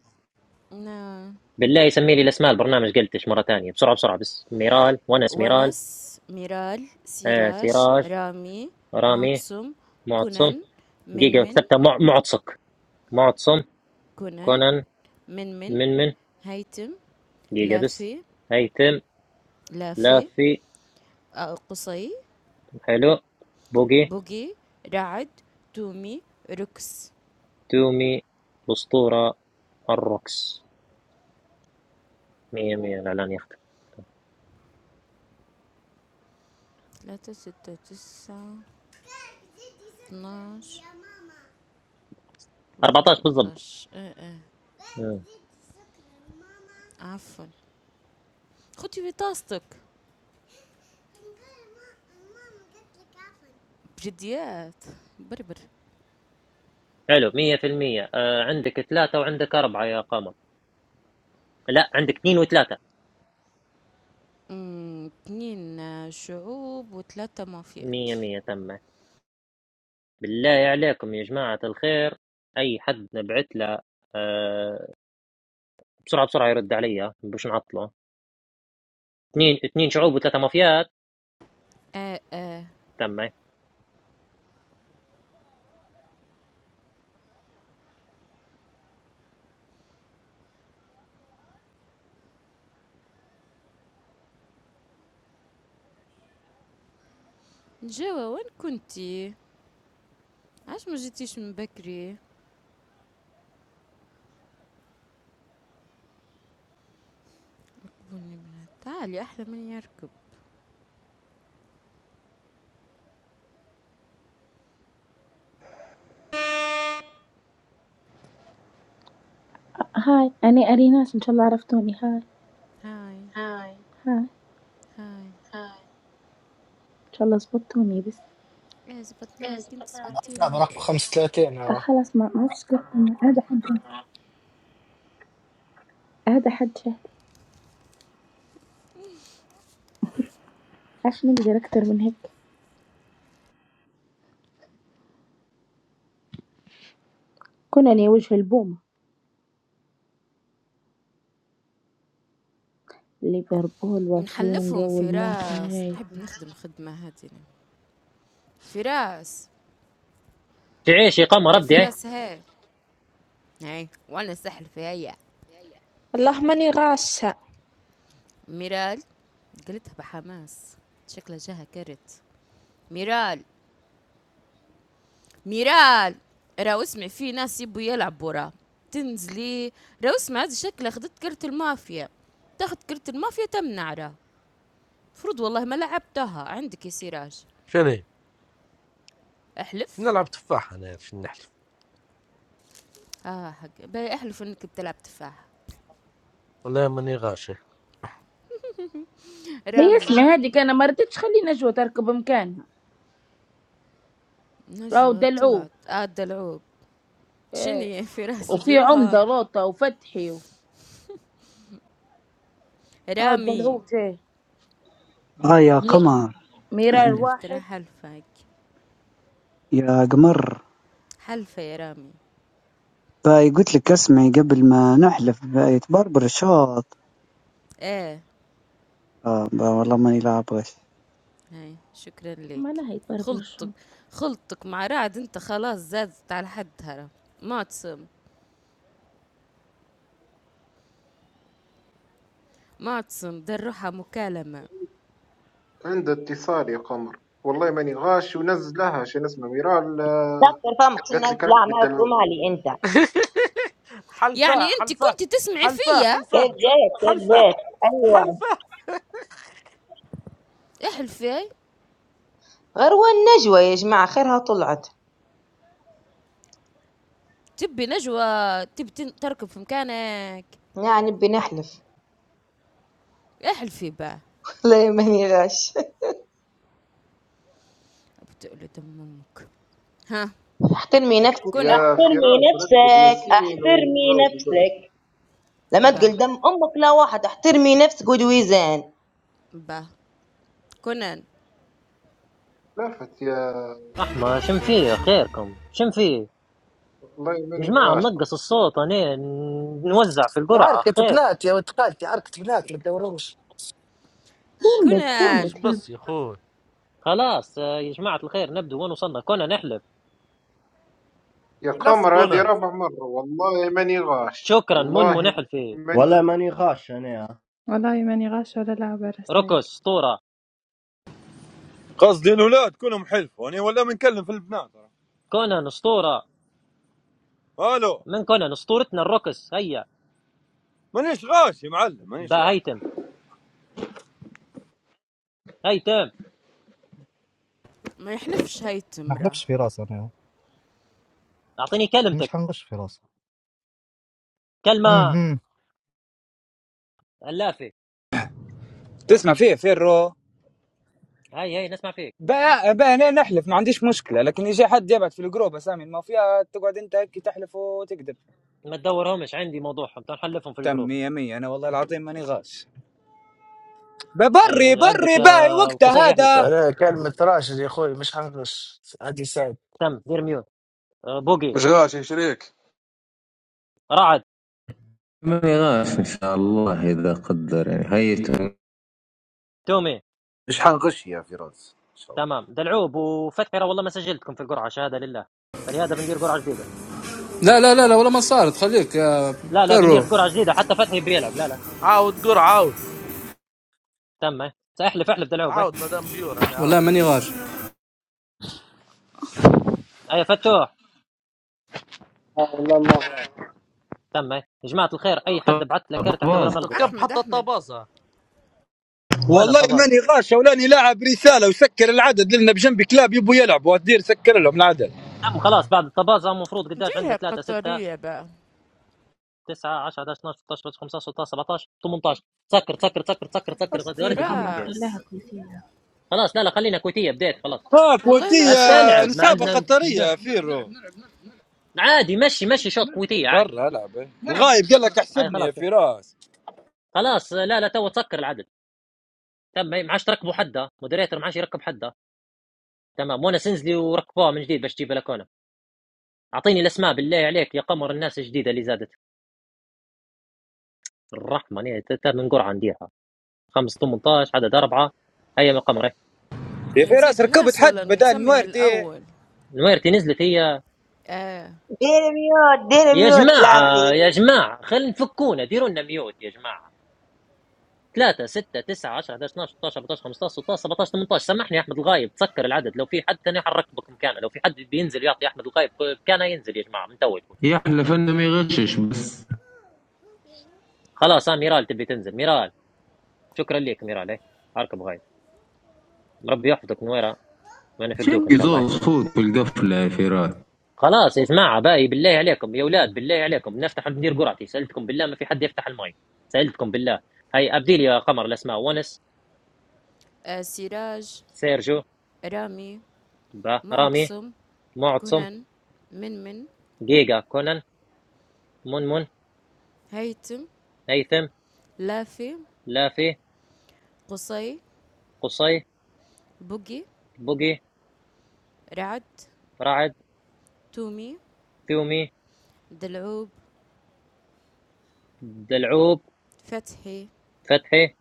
Speaker 7: نعم
Speaker 1: بالله سمي لي الاسماء البرنامج قلتش مره ثانيه بسرعه بسرعه بس ميرال وانا ميرال
Speaker 7: ونس ميرال
Speaker 1: آه
Speaker 7: سراج
Speaker 1: سراج
Speaker 7: رامي
Speaker 1: رامي
Speaker 7: معتصم
Speaker 1: معتصم
Speaker 7: كنن
Speaker 1: جيجا
Speaker 7: منمن
Speaker 1: كتبتها مع معتصك معتصم
Speaker 7: كنن
Speaker 1: كونان
Speaker 7: منمن
Speaker 1: من من
Speaker 7: هيتم
Speaker 1: جيجا بس
Speaker 7: لافي
Speaker 1: هيثم
Speaker 7: لافي
Speaker 1: لافي
Speaker 7: آه، قصي
Speaker 1: حلو بوقي
Speaker 7: بوقي رعد تومي ركس
Speaker 1: تومي الاسطوره الروكس مية مية الاعلان يختم
Speaker 7: ثلاثة ستة تسعة 12 13
Speaker 1: 14 بالضبط
Speaker 7: 14 ايه ايه
Speaker 1: مم.
Speaker 7: عفوا خدي بطاستك بجديات بربر
Speaker 1: حلو مية في المية آه عندك ثلاثة وعندك أربعة يا قمر لا عندك اثنين وثلاثة
Speaker 7: أمم، اتنين آه، شعوب وثلاثة مافيات
Speaker 1: مية مية تم بالله عليكم يا جماعة الخير أي حد نبعت له آه بسرعة بسرعة يرد عليا باش نعطله اثنين اثنين شعوب وثلاثة مافيات
Speaker 7: آه آه
Speaker 1: تم
Speaker 7: نجاوة وين كنتي؟ عاش ما جيتيش من بكري؟ تعالي أحلى من يركب
Speaker 14: Hi, I'm Ariana. May Allah know me. Hi,
Speaker 7: هاي
Speaker 14: Hi. May
Speaker 7: هاي
Speaker 14: Allah bless me. This.
Speaker 7: ايه زبطناك انت
Speaker 4: صعب
Speaker 7: زبطينا
Speaker 4: رقم 35
Speaker 14: I'm
Speaker 4: اه
Speaker 14: done with my makeup. This is me. This is me. Why do I have to do more than this? I'm the face of the movie. The burbuh, the clean,
Speaker 7: نحلفهم
Speaker 14: the moist.
Speaker 7: فراس
Speaker 14: Hey.
Speaker 7: نحب نخدم خدمة هادي فراس
Speaker 1: تعيش يا قمر
Speaker 7: يا
Speaker 1: ردي
Speaker 7: فراس هاي هاي وانا سحل في هيا
Speaker 12: والله ماني غاشة
Speaker 7: ميرال قلتها بحماس شكلها جاها كرت ميرال ميرال راهو اسمع في ناس يبوا يلعبوا راه تنزلي راهو اسمع هذه شكلها خدت كرت المافيا تاخد كرت المافيا تمنع راه المفروض والله ما لعبتها عندك يا سراج
Speaker 5: شنو شنو
Speaker 7: احلف
Speaker 5: نلعب تفاح انا شنو نحلف
Speaker 7: اه حق باي احلف انك بتلعب تفاحة
Speaker 5: ولا ماني غاشي
Speaker 7: رامي
Speaker 14: Listen, this is me. I'm going to let you ride in my car.
Speaker 7: نجوى
Speaker 14: Let's go.
Speaker 7: طلعت اه دلعوب
Speaker 14: Yeah.
Speaker 7: شني في راس
Speaker 14: And
Speaker 7: نديرها
Speaker 14: there's a mirror. Let's go. Oh, let's
Speaker 7: رامي
Speaker 14: go.
Speaker 15: آه يا
Speaker 14: Yeah.
Speaker 15: قمر
Speaker 14: Mirror
Speaker 7: احلف
Speaker 14: one.
Speaker 7: ترى حلفك
Speaker 15: يا قمر
Speaker 7: حلفة يا رامي
Speaker 15: باي قلت لك اسمعي قبل ما نحلف باي تبربر الشوط
Speaker 7: ايه
Speaker 15: آه با والله ماني لاعب غش.
Speaker 7: هاي شكرا
Speaker 14: What
Speaker 7: لك
Speaker 14: is this burbuh
Speaker 7: خلطك
Speaker 14: thing?
Speaker 7: خلطك مع رعد انت خلاص زادت على حدها معتصم معتصم دروحة مكالمة
Speaker 16: عند اتصال يا قمر والله ماني غاش ونزلها شنو اسمه ميرال آه،
Speaker 2: تقدر فمك شو
Speaker 16: قالت
Speaker 2: الناس
Speaker 16: لك
Speaker 2: لا
Speaker 16: ركبت
Speaker 2: ما
Speaker 16: دلعوب
Speaker 2: مالي انت
Speaker 7: يعني
Speaker 5: حلفاء
Speaker 7: انت
Speaker 5: حلفاء
Speaker 7: كنت تسمعي
Speaker 5: حلفاء
Speaker 7: فيا
Speaker 5: حلفاء
Speaker 2: كيف جيت كيف
Speaker 5: حلفاء
Speaker 2: جيت ايوه
Speaker 5: حلفاء
Speaker 7: احلفي
Speaker 2: غروة النجوى يا جماعة خيرها طلعت
Speaker 7: تبي نجوى تبي تن- تركب في مكانك
Speaker 2: يعني بنحلف
Speaker 7: احلفي با
Speaker 2: لا يا ماني غاش
Speaker 7: بتقلي دم امك ها
Speaker 2: احترمي نفسك
Speaker 7: كونان
Speaker 16: يا
Speaker 2: احترمي
Speaker 16: فراس ركب
Speaker 2: نفسك
Speaker 16: ياسين
Speaker 2: احترمي
Speaker 16: وعاود يقولها
Speaker 2: نفسك لما
Speaker 7: با
Speaker 2: تقول دم امك لا واحد احترمي نفسك ودويزان
Speaker 7: با كونان
Speaker 16: لافت يا
Speaker 1: رحمة شم فيه خيركم شم فيه
Speaker 16: والله
Speaker 1: يا
Speaker 16: ماني
Speaker 1: جماعة
Speaker 16: غاش
Speaker 1: منقص الصوت أنا نوزع في القرعة
Speaker 4: عركة
Speaker 1: خير
Speaker 4: بنات يا ولد خالتي عركة بنات ما تدوروش
Speaker 14: Complete.
Speaker 5: فرش
Speaker 7: كونان
Speaker 14: Complete.
Speaker 5: بس يا اخوي
Speaker 1: خلاص آه، يا جماعة الخير نبدو وين وصلنا كنا نحلف
Speaker 16: يا
Speaker 5: حلف
Speaker 16: قمر هذه
Speaker 5: كونان
Speaker 16: رابع مرة والله ماني غاش
Speaker 1: شكرا منمو
Speaker 16: والله
Speaker 1: نحلفي
Speaker 16: ماني
Speaker 8: والله
Speaker 16: غاش
Speaker 8: ماني غاش انا يا
Speaker 17: والله ماني غاشة ولا لاعبة
Speaker 1: ركس
Speaker 17: رسايل
Speaker 1: أسطورة
Speaker 9: قصدي الاولاد كلهم حلف وانا ولا منكلم في البنات
Speaker 1: كونان أسطورة
Speaker 9: راه. الو
Speaker 1: من كونان أسطورتنا الروكس هيا
Speaker 9: مانيش غاش يا معلم مانيش
Speaker 1: با
Speaker 9: غاش
Speaker 1: هيتم هيتم
Speaker 7: ما يحلفش هاي
Speaker 18: ما
Speaker 7: التمرة
Speaker 18: حلفش في راسي انا
Speaker 1: أعطيني
Speaker 18: مش
Speaker 1: كلمتك
Speaker 18: حنغش في راسي
Speaker 1: كلمة
Speaker 18: اها
Speaker 1: اللافة
Speaker 11: تسمع فيه فيرو
Speaker 1: هاي هاي نسمع فيك
Speaker 11: بقى, بقى انا نحلف ما عنديش مشكله لكن يجي حد يبعت في الجروب اسامي المافيا تقعد انت هيك تحلف وتكذب
Speaker 1: ما تدورهمش عندي موضوعهم تعال نحلفهم في
Speaker 11: تم
Speaker 1: الجروب
Speaker 11: مية مية أنا والله العظيم ماني غاش ببري
Speaker 1: هاي
Speaker 11: بري
Speaker 1: عندك
Speaker 11: باي
Speaker 1: آه، قصي
Speaker 11: وقتها
Speaker 1: يحلف
Speaker 11: هذا
Speaker 4: انا كلمة راشد يا اخوي مش حنقص عادي سعد
Speaker 1: تم دير ميوت آه، بوقي
Speaker 10: مش غاش يا شريك
Speaker 1: رعد
Speaker 13: ماني غاف ان شاء الله اذا قدر يعني هيته
Speaker 1: تومي
Speaker 19: مش حنغش يا فراس ان شاء الله
Speaker 1: تمام دلعوب وفتحي راه والله ما سجلتكم في القرعة شهادة لله فلهذا بندير قرعة جديدة
Speaker 20: لا لا لا لا ولا ما صارت خليك يا
Speaker 1: لا لا بندير
Speaker 20: فيرو
Speaker 1: في قرعة جديدة حتى فتحي بيلعب لا لا
Speaker 5: عاود قر عاود
Speaker 1: تم ساحلف احلف دلعوب هاي
Speaker 5: عاود مدام بيور انا
Speaker 20: والله
Speaker 5: عاود
Speaker 20: ماني غاش
Speaker 1: هاي فتوح
Speaker 21: لا والله ما
Speaker 1: تم يا جماعة الخير أي
Speaker 5: ارك-
Speaker 1: حد بعت له كارت اعتبره
Speaker 13: طراز
Speaker 5: ارك-
Speaker 1: ملغي ها.
Speaker 5: اركب
Speaker 7: أحمد
Speaker 5: حتى
Speaker 7: أحمد
Speaker 5: الطباسة
Speaker 1: وين
Speaker 22: والله
Speaker 1: الطباز
Speaker 22: ماني غاشه ولاني لاعب رساله وسكر العدد لنا بجنبي كلاب يبوا يلعبوا الدير سكر لهم العدد
Speaker 1: عم خلاص بعد الطبازة المفروض قداش
Speaker 7: جيلها
Speaker 1: عندنا 3 6
Speaker 7: القطرية بقى
Speaker 1: 9 10 11 12 13 15 16 17 18 سكر سكر سكر سكر سكر غير
Speaker 12: أصلي قمر
Speaker 1: دقيقة قاعد.
Speaker 7: فراس
Speaker 12: خلاها كل
Speaker 1: خلاص لا لا خلينا كويتية بديت خلاص
Speaker 22: اه
Speaker 7: والله لا ساعة
Speaker 22: كويتيه
Speaker 1: بتلعب ما
Speaker 22: نسابه
Speaker 7: قطر
Speaker 1: عندنا
Speaker 22: قطريه
Speaker 1: ده.
Speaker 22: يا فيرو
Speaker 1: عادي مشي مشي شوط كويتية عادي
Speaker 22: برا العب إيه. الغايب قال لك
Speaker 1: هاي
Speaker 22: احسبني يا
Speaker 1: خلاص
Speaker 22: فراس
Speaker 1: خلاص لا لا تو تسكر العدد تم ما عادش تركبوا حدا مودريتر ما عادش يركب حدا تمام وانا سنزلي وركبوها من جديد باش تجيب لكونا اعطيني الاسماء بالله عليك يا قمر الناس الجديده اللي زادت الرحمن إيه، تا- تا من قرعه نديرها 5 18 عدد اربعه ايام القمر
Speaker 11: يا فراس
Speaker 7: نزيد
Speaker 11: ركبت
Speaker 7: ناس ولا
Speaker 11: حد بدل
Speaker 7: نسمي من
Speaker 11: نورتي
Speaker 7: الأول
Speaker 1: نويرتي نزلت هي
Speaker 7: آه.
Speaker 2: دير ميوت دير
Speaker 1: يا
Speaker 2: ميوت لا في
Speaker 1: جماعة يا جماعة خلينا نفكونا ديروا لنا ميوت يا جماعة 3 6 9 10 11 12 13 14 15 16 17 18 سامحني يا احمد الغايب تسكر العدد لو في حد ثاني حنركبك مكانه لو في حد بينزل يعطي احمد الغايب مكانه ينزل يا جماعة من تو يكون
Speaker 13: يحلف انه ما يغشش بس
Speaker 1: خلاص ها ميرال تبي تنزل ميرال شكرا لك ميرال ايه اركب غايب ربي يحفظك نويرة ما نفقدوك ان
Speaker 13: شنقي
Speaker 1: شاء الله إيه.
Speaker 13: زوز صوت في القفله يا فراس
Speaker 1: خلاص يا جماعة باقي بالله عليكم يا اولاد بالله عليكم نفتح ندير قرعتي سألتكم بالله ما في حد يفتح الماي سألتكم بالله هاي ابدي لي يا قمر الاسماء ونس
Speaker 7: آه سراج
Speaker 1: سيرجيو،
Speaker 7: رامي
Speaker 1: با، رامي،
Speaker 7: معتصم
Speaker 1: معتصم،
Speaker 7: كنن منمن
Speaker 1: جيجا، كونان، منمن،
Speaker 7: هيتم
Speaker 1: هيثم،
Speaker 7: لافي
Speaker 1: لافي،
Speaker 7: قصي
Speaker 1: قصي،
Speaker 7: بقي
Speaker 1: بوقي،
Speaker 7: رعد
Speaker 1: رعد،
Speaker 7: تومي
Speaker 1: ثومي،
Speaker 7: دلعوب
Speaker 1: دلعوب،
Speaker 7: فتحي
Speaker 1: فتحي،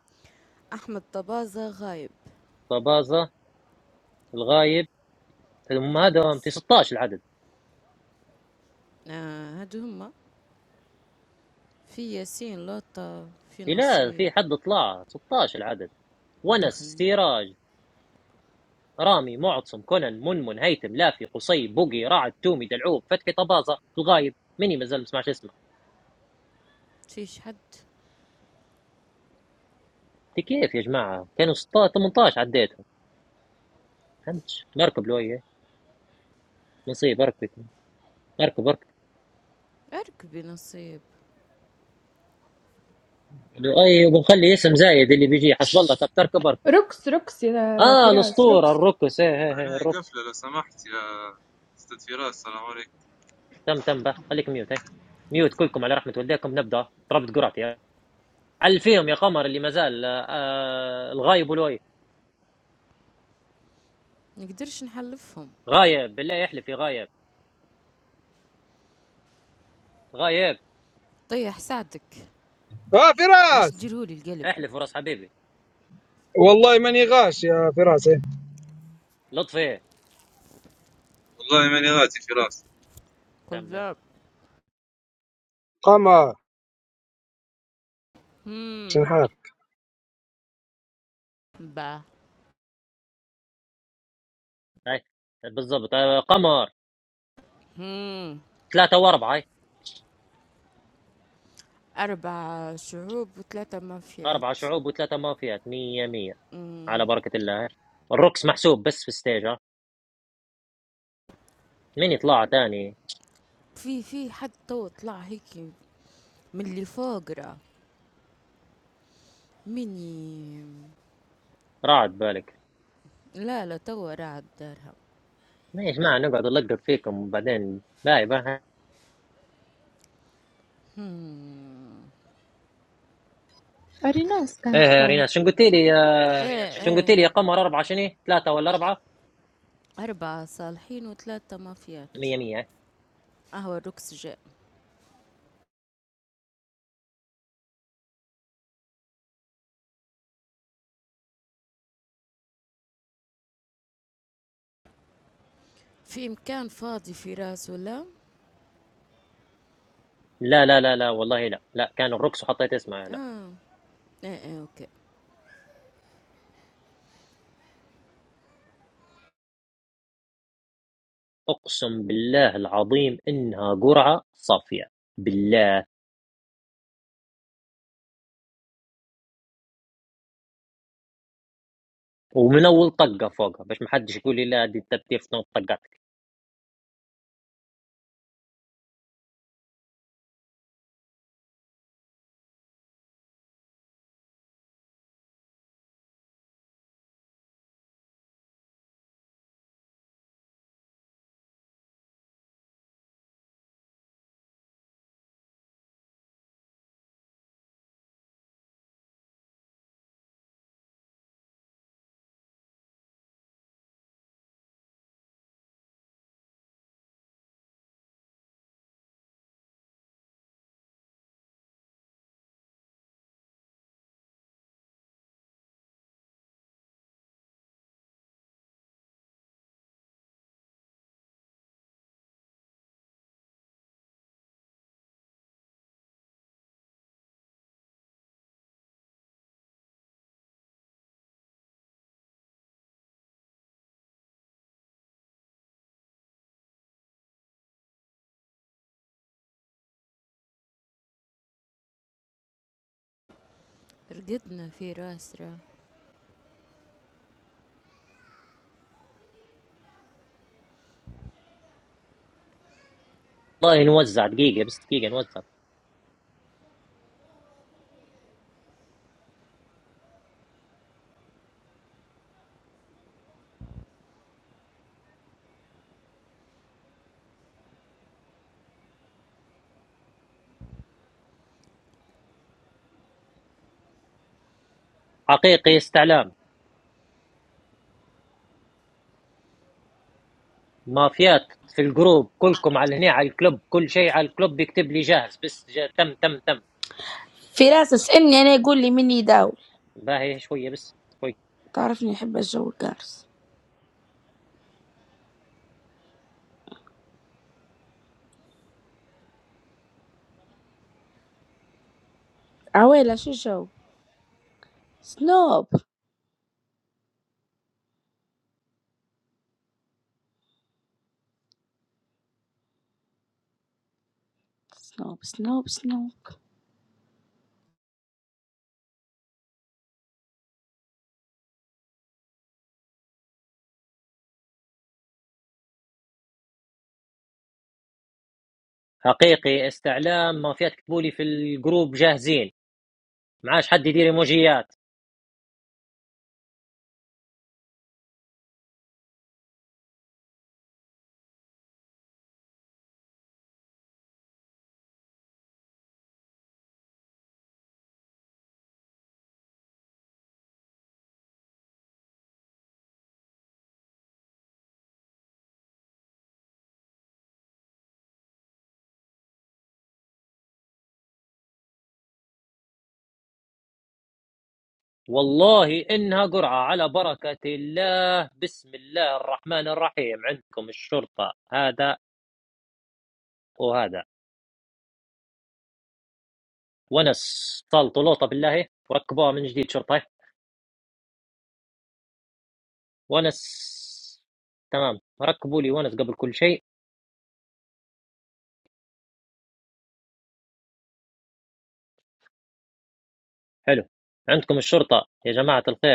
Speaker 7: أحمد طبازة غايب
Speaker 1: طبازة، الغايب، ثم هذا
Speaker 7: خلاص
Speaker 1: 16 العدد
Speaker 7: آه هادو هما في ياسين لوطة في
Speaker 1: لا
Speaker 7: نصيب
Speaker 1: في حد طلع 16 العدد ونس
Speaker 7: دخلنا
Speaker 1: سراج رامي معتصم كونان منمن هيثم لافي قصي بوقي رعد تومي دلعوب فتحي طبازة الغايب مني ما زال ما سمعش اسمه
Speaker 7: فيش حد
Speaker 1: انت كيف يا جماعة كانوا 16 18 عديتهم فهمتش نركب لوية نصيب اركبكم اركب اركب
Speaker 7: اركبي نصيب
Speaker 1: قالوا، اي وبنخلي اسم زايد اللي بيجي حسب الله طب تركب اركب
Speaker 17: ركس ركس يا
Speaker 1: اه
Speaker 17: فراس ركس
Speaker 1: الاسطوره الركس ايه ايه ايه
Speaker 23: عليه
Speaker 1: الركس
Speaker 23: قفلة لو سمحت يا أستاذ فراس السلام عليكم
Speaker 1: تم تم به خليك ميوت ايه ميوت كلكم على رحمه والديكم نبدا ضربت قرعتي علفيهم يا قمر اللي ما زال آه آه، الغايب والوايب
Speaker 7: نقدرش نحلفهم
Speaker 1: غايب بالله احلف يا غايب غايب
Speaker 7: طيح ساعتك
Speaker 24: اه
Speaker 7: ما عادش
Speaker 24: فراس
Speaker 7: تديرهولي القلب
Speaker 1: احلف وراس حبيبي
Speaker 24: والله ماني غاش يا فراس إيه.
Speaker 1: لطفي
Speaker 23: والله ماني غاتي فراس
Speaker 1: تم
Speaker 7: كذاب
Speaker 24: قمر
Speaker 7: هم
Speaker 24: شنحار
Speaker 7: با
Speaker 1: اي بالضبط آه قمر
Speaker 7: هم
Speaker 1: ثلاثه واربعه اي
Speaker 7: أربع شعوب وثلاثة
Speaker 1: اربعه
Speaker 7: مافيات
Speaker 1: شعوب وثلاثه مافيات مية مية
Speaker 7: هم.
Speaker 1: على بركه الله إيه. الركس محسوب بس في الستيج ها مين يطلع تاني
Speaker 7: في في حد تو طلع هيك من اللي فوق راه مني
Speaker 1: راعد بالك
Speaker 7: لا لا توا راعد دارها
Speaker 1: ما يا جماعة نقعد نلقط فيكم وبعدين باي باي
Speaker 12: أريناس
Speaker 1: ايه
Speaker 12: كانت
Speaker 1: يا
Speaker 12: فوق
Speaker 1: ريناس شنو قلت لي
Speaker 12: ايه
Speaker 1: يا
Speaker 12: رينا
Speaker 7: ايه
Speaker 12: شو
Speaker 1: شنو قلت لي
Speaker 7: ايه
Speaker 1: يا قمر أربعة شنو ثلاثة ولا أربعة
Speaker 7: أربعة صالحين وثلاثة مافيات
Speaker 1: مية مية
Speaker 7: أهو الركس جاء في مكان فاضي في راس ولا؟
Speaker 1: لا لا لا لا والله لا لا كان الركس وحطيت اسمها لا
Speaker 7: اه ايه ايه اوكي
Speaker 1: أقسم بالله العظيم إنها قرعة صافية بالله ومن أول طقة فوقها باش ما حدش يقول لي لا دي الترتيب في نوع طقاتك
Speaker 7: رقدنا في راس راه
Speaker 1: والله نوزع دقيقة بس دقيقة نوزع حقيقي استعلام مافيات في الجروب كلكم على هنا على الكلوب كل شيء على الكلوب يكتب لي جاهز بس جا تم تم تم
Speaker 14: In essence, I'm going to tell you who I'm with.
Speaker 1: باهي شويه بس شوي.
Speaker 14: تعرف اني احب الجو القارس عويلة شو جو سنوب سنوب سنوب سنوب
Speaker 1: حقيقي استعلام ما فيها تكتبوا لي في الجروب جاهزين معاش حد يدير ايموجيات والله انها قرعه على بركه الله بسم الله الرحمن الرحيم عندكم الشرطه هذا وهذا ونس طلطوا لوطه بالله وركبوها من جديد شرطه ونس تمام ركبوا لي ونس قبل كل شيء حلو عندكم الشرطه يا جماعه الخير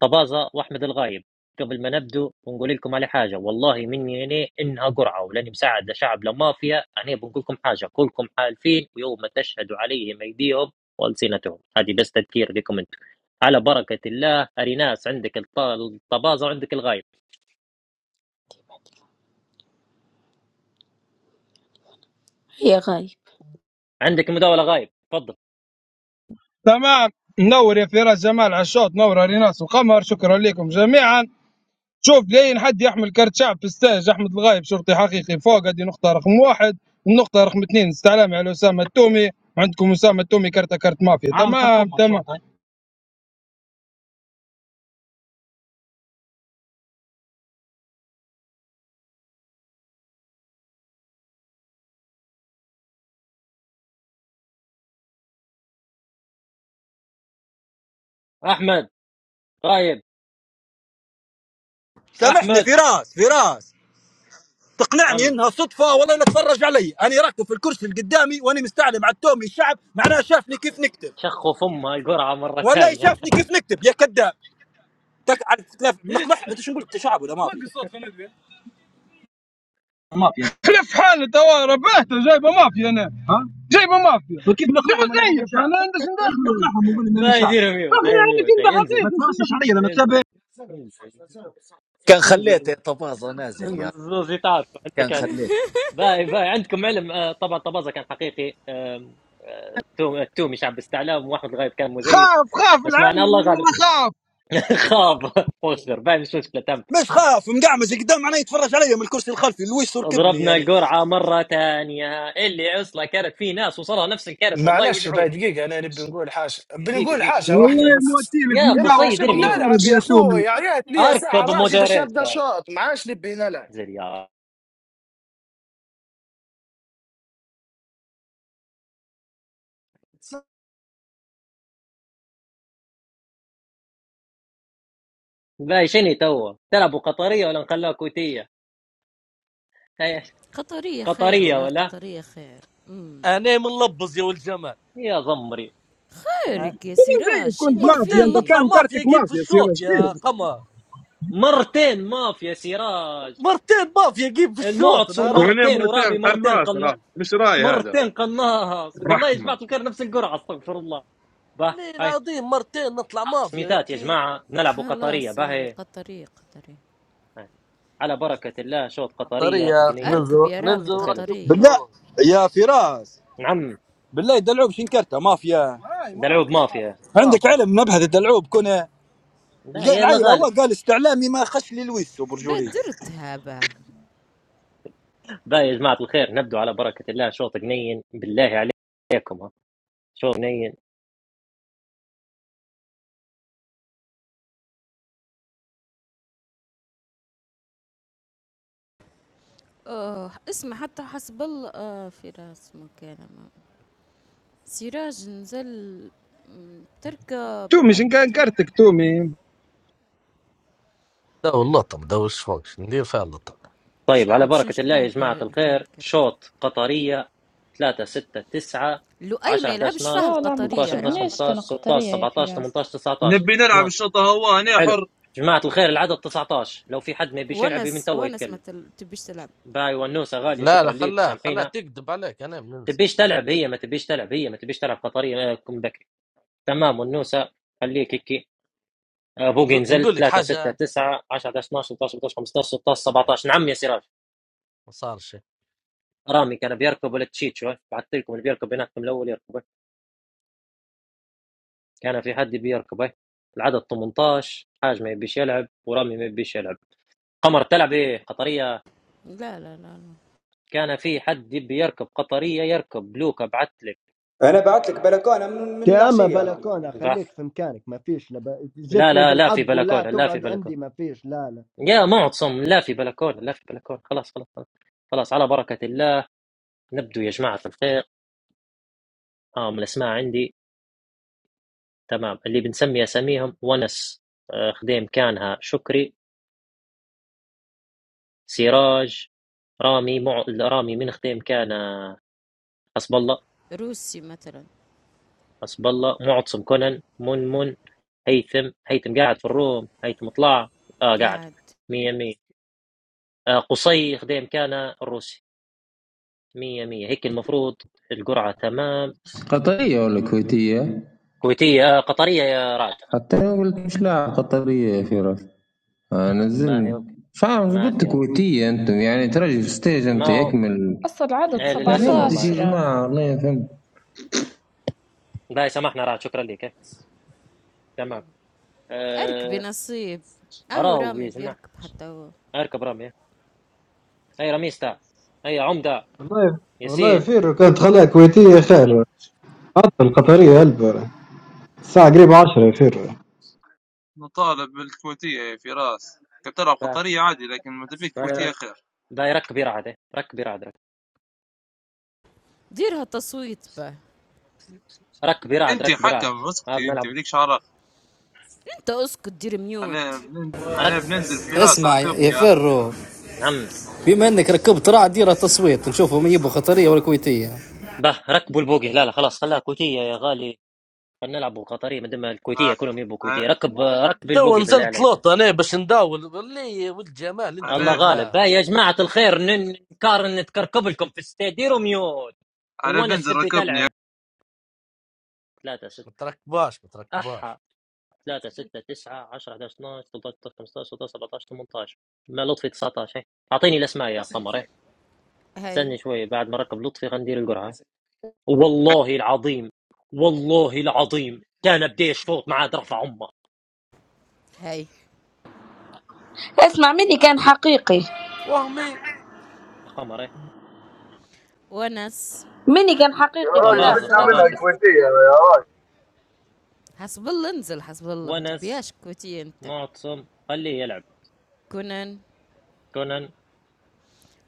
Speaker 1: طبازة وأحمد الغايب قبل ما نبدو بنقول لكم على حاجة والله مني أنا إنها قرعة ولاني مساعد لا شعب لا مافيا أنا بنقول لكم حاجة كلكم حالفين ويوم تشهد عليهم أيديهم وألسنتهم هذه بس تذكير لكم أنتم على بركة الله أريناس عندك الط- الطبازة وعندك الغايب
Speaker 14: هي غايب
Speaker 1: عندك مداولة غايب تفضل
Speaker 24: تمام نور يا فراس جمال عشوت نور ريناس وقمر شكرا لكم جميعا شوف لين حد يحمل كرت شعب في ستاج احمد الغايب شرطي حقيقي فوق هذه نقطه رقم واحد النقطه رقم اثنين استعلامي على اسامه التومي عندكم اسامه التومي كرت كرت مافيا عام تمام حكومه تمام
Speaker 1: أحمد غايب
Speaker 22: سامحني
Speaker 1: أحمد
Speaker 22: فراس فراس تقنعني
Speaker 1: نعم
Speaker 22: انها صدفه والله لا تفرج علي انا راكب في الكرسي اللي قدامي واني مستعلم على التومي الشعب معناه شافني كيف نكتب
Speaker 1: شخوا فمها القرعة مرة
Speaker 22: والله
Speaker 1: ثانية
Speaker 22: شافني كيف نكتب يا كذاب تك على تلاف- نقمح انت شو نقول انت شعب ولا ما في؟
Speaker 24: مافيا خلف في حاله توا ربحته جايبه مافيا انا ها جايبه مافيا فكيف نقنعهم دابا أنا ماني زيك شاعر؟ انا عندي كيف ندخل نقنعهم ونقول انني
Speaker 1: ما
Speaker 24: شاعر
Speaker 1: يدير ميوت أي
Speaker 24: اقنع انك
Speaker 1: ميوت
Speaker 24: انت ما
Speaker 1: أي انزل
Speaker 24: حقيقي تمسش علي انا متابع
Speaker 1: انزل انزل
Speaker 19: كان
Speaker 1: انزل
Speaker 19: خليته طفاصة نازل
Speaker 1: انزل
Speaker 19: يا
Speaker 1: زوزي تعرف عندك
Speaker 19: كان
Speaker 1: علم
Speaker 19: خليته
Speaker 1: باي باي عندكم علم آه، طبعا طبازة كان حقيقي آم، آه، التوم- التومي شعب استعلام واحمد الغايب كان مزيف
Speaker 24: خاف خاف
Speaker 1: بس معنى
Speaker 24: العين
Speaker 1: الله غالب
Speaker 24: انا خاف
Speaker 1: خاب وخر باي مش مشكله تم
Speaker 22: مش خاف مقعمز قدام معناه يتفرج علي من الكرسي الخلفي لويس يركبني
Speaker 1: ضربنا
Speaker 22: يعني
Speaker 1: القرعه مره ثانيه اللي عصله كانت في ناس وصلها نفس الكرت والله
Speaker 4: معلش باي
Speaker 1: يوجعوني
Speaker 4: دقيقة انا نبي نقول حاجة
Speaker 1: دقيقه
Speaker 4: بنقول
Speaker 1: ميوت
Speaker 4: حاجة
Speaker 1: ميوت ميوت
Speaker 4: واحدة
Speaker 24: والله
Speaker 4: بس
Speaker 24: موتي لك
Speaker 1: يا
Speaker 4: يا معاش
Speaker 1: قصيد
Speaker 24: مداوله
Speaker 1: ارميو
Speaker 24: طارد
Speaker 4: بنلعب يا
Speaker 24: يا
Speaker 4: اخوي
Speaker 24: تومي
Speaker 4: يا ريت لي ساعة
Speaker 1: اركب
Speaker 4: راشي باش يبدا
Speaker 1: مودريتا
Speaker 4: شوط معاش نبي نلعب
Speaker 1: زريار باي شني تو تلعبوا قطريه ولا نخلوها كويتيه
Speaker 7: قطرية خير
Speaker 1: قطريه
Speaker 7: والله
Speaker 1: ولا
Speaker 7: قطرية خير مم.
Speaker 5: انا منلبز يا والجمال
Speaker 1: يا ضمري
Speaker 5: أ-
Speaker 7: بارك يا
Speaker 24: زي
Speaker 7: سراج
Speaker 24: كنت
Speaker 7: شني
Speaker 24: مافيا
Speaker 5: مرتين
Speaker 24: انت
Speaker 7: فيه
Speaker 5: نطلع
Speaker 24: كان
Speaker 5: مافيا
Speaker 24: كارتك
Speaker 5: جيم في
Speaker 24: مافيا سير
Speaker 5: الشوط
Speaker 24: اش
Speaker 5: يا
Speaker 24: خيرك
Speaker 1: م-
Speaker 5: قمر
Speaker 1: مرتين مافيا يا سراج
Speaker 5: مرتين مافيا جيم في الشوط انا
Speaker 1: المعتصم
Speaker 5: راح
Speaker 10: وعليه
Speaker 1: مرتين
Speaker 10: مرتين
Speaker 1: ورامي مرتين
Speaker 10: قناص راه
Speaker 1: قلنا
Speaker 10: مش راي هذا
Speaker 1: مرتين قناص والله يا
Speaker 10: رحمه
Speaker 1: جماعه الخير نفس القرعه استغفر الله به
Speaker 5: ليه
Speaker 1: هاي
Speaker 5: العظيم مرتين نطلع مافيا
Speaker 1: سميتات يا
Speaker 5: هيك
Speaker 1: جماعه نلعب قطريه
Speaker 7: خلاص
Speaker 1: به
Speaker 7: هي
Speaker 1: هاي.
Speaker 7: قطرية قطرية
Speaker 1: على بركه الله شوط قطريه
Speaker 5: طريقة
Speaker 1: جنيا
Speaker 7: أركب
Speaker 5: ننزل
Speaker 7: يا رامي
Speaker 5: ننزل
Speaker 1: وسلس
Speaker 5: وركبني
Speaker 7: قطرية
Speaker 22: بالله
Speaker 5: اخوي
Speaker 22: يا فراس
Speaker 1: نعم
Speaker 22: بالله الدلعوب شنكرته مافيا
Speaker 1: دلعوب مافيا
Speaker 22: عندك
Speaker 5: مافيا
Speaker 22: علم نبهة الدلعوب كنا
Speaker 1: لا
Speaker 22: الق-
Speaker 1: يا الله
Speaker 22: العيل هو
Speaker 1: غالب
Speaker 22: قال استعلامي ما خش لي لويس برجولي
Speaker 7: بدرتها با
Speaker 1: به يا جماعه الخير نبدو على بركه الله شوط جنين بالله عليكم ها. شوط جنين
Speaker 7: أوه اسمع حتى حسب الله آه في راس مكالمة سراج نزل مم، تركب
Speaker 24: تومي شن
Speaker 7: أركب
Speaker 24: كان
Speaker 7: ترى
Speaker 24: كارتك تومي
Speaker 5: لا واللطم ده وش فوقش ندير فيها اللطم
Speaker 1: طيب على
Speaker 7: شعب شنش
Speaker 1: بركة الله يا
Speaker 7: كان
Speaker 1: جماعة
Speaker 7: كان كان
Speaker 1: الخير
Speaker 7: كرت
Speaker 1: شوط قطرية 3 6 9
Speaker 7: لؤي
Speaker 1: 10
Speaker 7: ما
Speaker 1: 11
Speaker 7: يلعبش فيها
Speaker 12: لا لا ما
Speaker 1: 12 13
Speaker 7: القطرية
Speaker 1: 14
Speaker 7: راه
Speaker 12: تحسبنيش
Speaker 1: 15 16
Speaker 12: كنقطرية يا
Speaker 1: 17 18
Speaker 12: فراس
Speaker 1: 19
Speaker 23: نبي نلعب
Speaker 1: جماعة
Speaker 23: الشوط هواني
Speaker 1: حلو
Speaker 23: حر
Speaker 1: جماعة الخير العدد 19 لو في حد ما يبيش يلعب من
Speaker 7: ونس
Speaker 1: توا
Speaker 7: ونس
Speaker 1: يتكلم
Speaker 7: مثلا تبيش تلعب
Speaker 1: باي ونوسة غالية
Speaker 5: لا لا
Speaker 1: شكرا ليك
Speaker 5: خلاها خلاها
Speaker 1: وسامحينا
Speaker 5: تكذب عليك انا بننسى
Speaker 1: تبيش تلعب هي ما تبيش تلعب هي ما تبيش تلعب قطرية آه، كم بكري تمام ونوسة خليك هيك آه، بوقي
Speaker 5: نق-
Speaker 1: نزلت
Speaker 5: نقول لك
Speaker 1: 3 6
Speaker 5: حاجه
Speaker 1: 9 10 11 12 13 14 15 16
Speaker 5: يعني
Speaker 1: 17 نعم يا سراج
Speaker 5: ما صار شيء
Speaker 1: رامي كان بيركب لتشيتشو بعثت لكم اللي بيركب هناك من الاول يركبه كان في حد بيركبه العدد 18 حاج ما يبيش يلعب ورامي ما يبيش يلعب قمر تلعب ايه قطريه
Speaker 7: لا لا لا, لا.
Speaker 1: كان في حد يبي يركب قطريه يركب لوكا بعت لك
Speaker 11: أنا بعت لك بلكونة من, من
Speaker 8: يا اما
Speaker 11: العشية أنا
Speaker 8: بلكونه
Speaker 1: بعث
Speaker 8: خليك في مكانك ما فيش لب...
Speaker 1: لا
Speaker 8: جتني
Speaker 1: لا لا في
Speaker 8: بالحظ ولا
Speaker 1: بلكونه لا في
Speaker 8: تقعد عندي
Speaker 1: بلكونه
Speaker 8: ما فيش لا لا
Speaker 1: يا معتصم لا في بلكونه لا في بلكونه خلاص خلاص خلاص, خلاص على بركه الله نبدو يا جماعه الخير اه من الاسماء عندي تمام اللي بنسمي اساميهم ونس آه، خديم كانها شكري سراج رامي مع... رامي من خديم كان حسب الله
Speaker 7: روسي مثلا
Speaker 1: حسب الله معتصم كونان منمن هيثم هيثم قاعد في الروم هيثم طلع اه قاعد
Speaker 7: قاعد
Speaker 1: مية مية آه قصي خديم كان الروسي مية مية هيك المفروض القرعة تمام
Speaker 13: قطريه ولا كويتيه؟
Speaker 1: كويتية آه قطرية يا رعد
Speaker 13: حتى انا قلت مش لاعب قطريه يا فراس آه،
Speaker 1: باهي
Speaker 13: نزلني
Speaker 1: اوكي
Speaker 13: فاهم
Speaker 1: ما في
Speaker 13: قلت
Speaker 1: يا رعد.
Speaker 13: كويتية انتم يعني ترجي في ستيج
Speaker 1: ما
Speaker 13: انت
Speaker 1: هو
Speaker 13: يكمل
Speaker 12: أصل عدد
Speaker 1: ايه
Speaker 13: ما
Speaker 1: للأسف
Speaker 25: قطرية
Speaker 13: فهمتش
Speaker 1: والله
Speaker 13: يا
Speaker 1: يا.
Speaker 12: سبعتاشر
Speaker 13: جماعة والله ما فهمت
Speaker 1: باهي سامحنا رعد شكرا لك إيه. تمام
Speaker 7: اركبي
Speaker 1: آه
Speaker 7: نصيب اهو
Speaker 1: أراو يا
Speaker 7: رامي
Speaker 1: جماعة
Speaker 7: بيركب حتى هو
Speaker 1: اركب رمية هاي رميس تاع هاي عمدة
Speaker 25: والله والله
Speaker 1: ياسين
Speaker 25: فيرو كانت خلاها كويتية خير حتى القطرية هلبة الساعة قريبة عشرة يا فيرو
Speaker 23: نطالب بالكويتية يا فراس كنت تلعب
Speaker 1: با-
Speaker 23: قطرية عادي لكن ما تبيك
Speaker 1: باي
Speaker 23: كويتية
Speaker 1: رك
Speaker 23: خير
Speaker 1: باي رك بيرعد إيه. رك بيرعد رك
Speaker 7: ديرها تصويت به
Speaker 1: رك بيرعد
Speaker 23: انت
Speaker 1: رك بيرعد
Speaker 23: حكم
Speaker 1: ما
Speaker 23: اسكتي انت
Speaker 1: بنلعب
Speaker 23: وليك شعرك
Speaker 7: انت اسكت دير
Speaker 23: انا
Speaker 7: ميوت
Speaker 23: بنن... انا
Speaker 1: رك
Speaker 23: بننزل فراس
Speaker 20: اسمع يا
Speaker 23: ركبني
Speaker 20: فيرو
Speaker 1: نعم
Speaker 20: بما انك ركبت راع ديره تصويت نشوفوا من يبغوا قطريه ولا كويتيه
Speaker 1: به ركبوا البوقي لا لا خلاص خلاها كويتية يا غالي خلينا نلعبوا قطرية مدام الكويتية
Speaker 23: ها.
Speaker 1: كلهم يبوا كويتية ركب ركب
Speaker 5: تو
Speaker 1: البوقي بالله
Speaker 5: نزلت
Speaker 1: عليك
Speaker 5: لوط انا باش نداول اللي ولد جمال انت
Speaker 1: الله
Speaker 23: انا
Speaker 1: غالب
Speaker 5: ولا
Speaker 1: باي يا جماعة الخير ن- نكار نتكركب لكم في استاد ديروا ميوت
Speaker 23: انا
Speaker 1: وانا
Speaker 23: بننزل
Speaker 1: السبي
Speaker 23: ركبني
Speaker 1: تلعب ثلاثة ست
Speaker 5: ما تركباش ما
Speaker 1: أح
Speaker 5: تركباش
Speaker 1: 3 6 9 10 11 12 13 15 16 17 18 ما لطفي 19 اعطيني الاسماء يا قمر إيه. استني
Speaker 7: هاي
Speaker 1: شوي بعد ما ركب لطفي غندير القرعه والله العظيم والله العظيم كان بدي اشفوط معاه رفع امه
Speaker 7: هاي
Speaker 14: اسمع مني كان حقيقي
Speaker 5: وهمي
Speaker 1: يا قمر إيه.
Speaker 7: ونس
Speaker 14: مني كان
Speaker 6: يا
Speaker 14: حقيقي في
Speaker 6: راجل
Speaker 1: طبازه
Speaker 14: راس
Speaker 6: بدنا
Speaker 14: الراوند
Speaker 6: منها
Speaker 14: اللي
Speaker 1: طبازه
Speaker 14: فات
Speaker 6: كويتية يا راجل
Speaker 7: حسب الله انزل حسب الله
Speaker 1: ونس
Speaker 7: متبياش كوتي انت
Speaker 1: معتصم خليه يلعب
Speaker 7: كونان
Speaker 1: كونان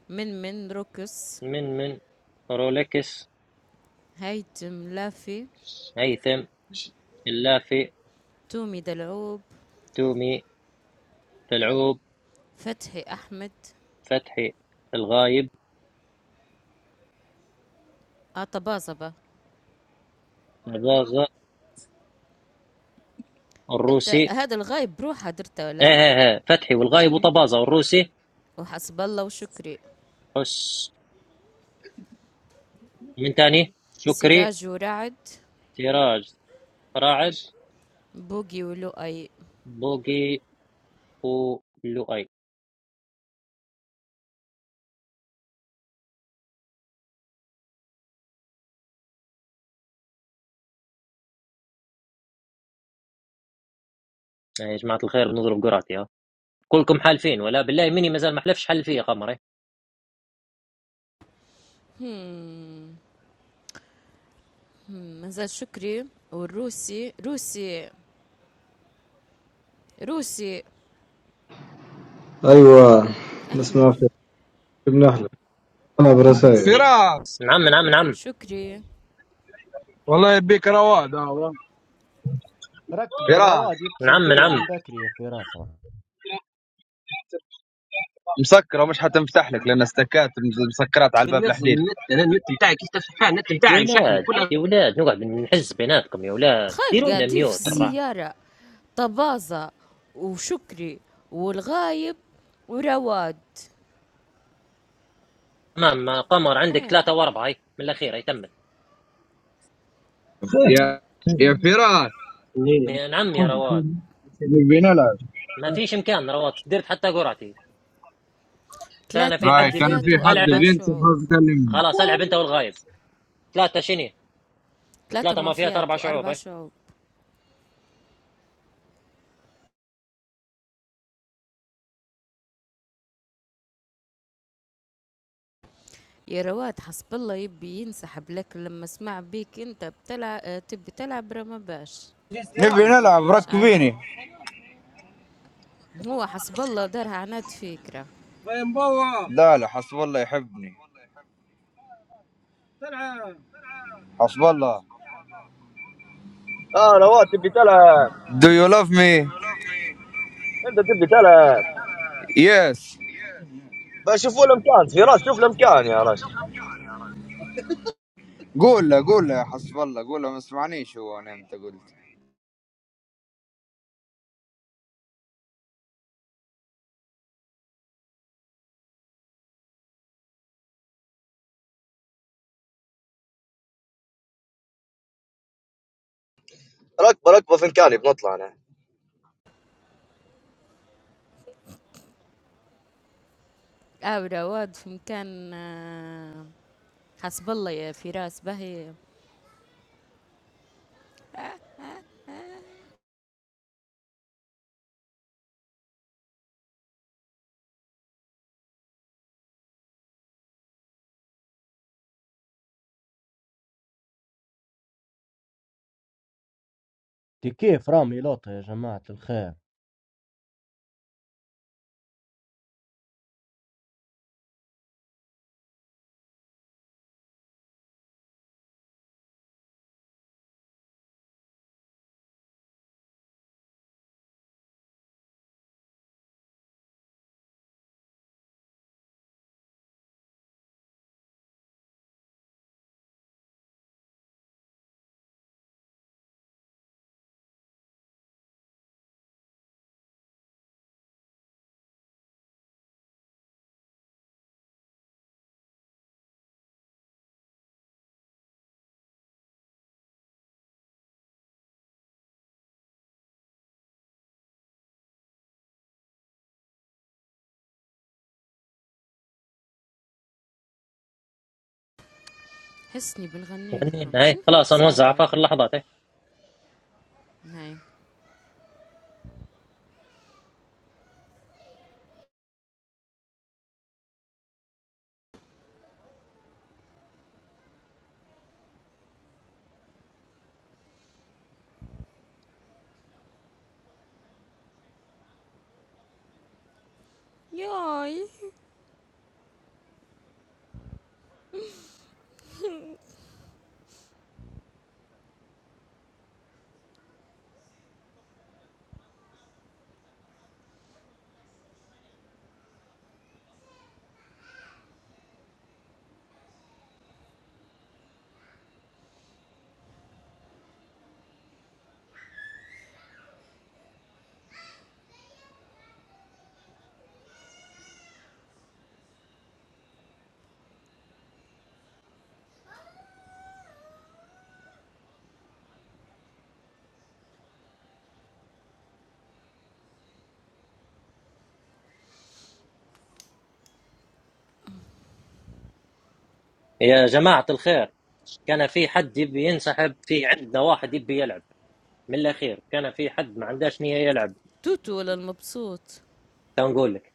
Speaker 7: من من ركس
Speaker 1: من من رولكس
Speaker 7: هيتم لافي
Speaker 1: هيثم اللافي
Speaker 7: تومي دلعوب
Speaker 1: تومي تلعوب
Speaker 7: فتحي احمد
Speaker 1: فتحي الغايب
Speaker 7: اطباصبة
Speaker 1: ضاغة
Speaker 7: انت
Speaker 1: الروسي
Speaker 7: هذا الغايب بروحه درته
Speaker 1: ايه
Speaker 7: ولا
Speaker 1: ايه ايه فتحي
Speaker 7: با
Speaker 1: والغايب وطبازة والروسي
Speaker 7: وحسب الله وشكري
Speaker 1: حس من تاني شكري
Speaker 7: سراج ورعد
Speaker 1: سراج فراعد
Speaker 7: بوقي ولؤي
Speaker 1: بوقي ولؤي يعني يا جماعة الخير بنضرب قراتي ها كلكم حالفين ولا بالله مني مازال ما حلفش حل فيا قمري
Speaker 7: هم، مازال شكري والروسي روسي روسي
Speaker 25: أيوة نسمع فيرو
Speaker 7: احلف
Speaker 25: جبنا أحلى أنا برسائل
Speaker 24: فراس
Speaker 1: نعم نعم نعم
Speaker 7: شكري
Speaker 24: والله يبيك رواد هذا
Speaker 8: ركب
Speaker 24: فراس
Speaker 8: رواد يتصل
Speaker 1: نعم
Speaker 8: بيا
Speaker 1: نعم
Speaker 8: من بكري يا اخي راس راسها.
Speaker 24: مسكره ومش حتنفتح لك لان استكات مسكرات على الباب الناس الحديد النت انا النت بتاعي كيف تفتح فيها النت
Speaker 1: يا
Speaker 24: بتاعي وشحني
Speaker 1: ولاد
Speaker 24: كلها
Speaker 1: يا ولاد نقعد نحز بيناتكم يا ولاد
Speaker 7: تخيل
Speaker 1: ديروا لنا
Speaker 7: قاعدين في
Speaker 1: ميوت الرحمه
Speaker 7: السيارة طبازة وشكري والغايب ورواد
Speaker 1: تمام قمر عندك
Speaker 7: ها.
Speaker 1: ثلاثه واربعه هي من الاخير هي تمت
Speaker 24: يا يا فراس إيه.
Speaker 1: نعم يا رواد
Speaker 24: نبي نلعب
Speaker 1: ما فيش امكان رواد درت حتى قرعتي كان
Speaker 7: ثلاثة
Speaker 1: في
Speaker 24: باي
Speaker 1: حد
Speaker 24: كان
Speaker 1: بي- بي-
Speaker 24: في
Speaker 7: مافيات
Speaker 24: حد
Speaker 1: العب
Speaker 7: وأربع
Speaker 24: بينسى
Speaker 7: شعوب
Speaker 24: حظ كلمني
Speaker 1: خلاص العب انت والغايب ثلاثه شني
Speaker 7: ثلاثة
Speaker 1: ثلاثه مافيات
Speaker 7: مافيات
Speaker 1: اربع شعوب
Speaker 7: وأربع
Speaker 1: إيه.
Speaker 7: شعوب يا رواد حسب الله يبي ينسحب لكن لما سمع بيك انت بتلعب تبي تلعب رما باش
Speaker 22: نبي نلعب
Speaker 7: مش عارف
Speaker 22: ركبيني
Speaker 7: هو حسب الله دارها عناد فكرة
Speaker 22: لا لا حسب الله يحبني حسب الله
Speaker 6: اه رواد تبي تلعب
Speaker 22: Do you love me?
Speaker 6: انت تبي تلعب
Speaker 22: Yes
Speaker 6: بشوفوا لهم كان فراس شوف لهم كان يا راجل
Speaker 22: قول له قول له يا حسب الله قول له ما سمعنيش هو انا انت قلت
Speaker 6: ركبه ركبه في مكاني بنطلع انا
Speaker 7: أبرة رواد في مكان آه، حسب الله يا فراس باهي
Speaker 8: دي كيف رامي لوطه يا جماعه الخير
Speaker 7: حسني بنغني لكم
Speaker 1: فنينا هاي
Speaker 7: شنو
Speaker 1: خلاص
Speaker 7: هالقصاد
Speaker 1: نوزع في
Speaker 7: هو؟
Speaker 1: اخر لحظات إيه.
Speaker 7: هاي ياي
Speaker 1: يا جماعه الخير كان في حد يبي ينسحب في عندنا واحد يبي يلعب من الاخير كان في حد ما عندهاش نيه يلعب
Speaker 7: توتو ولا المبسوط
Speaker 1: تو نقول لك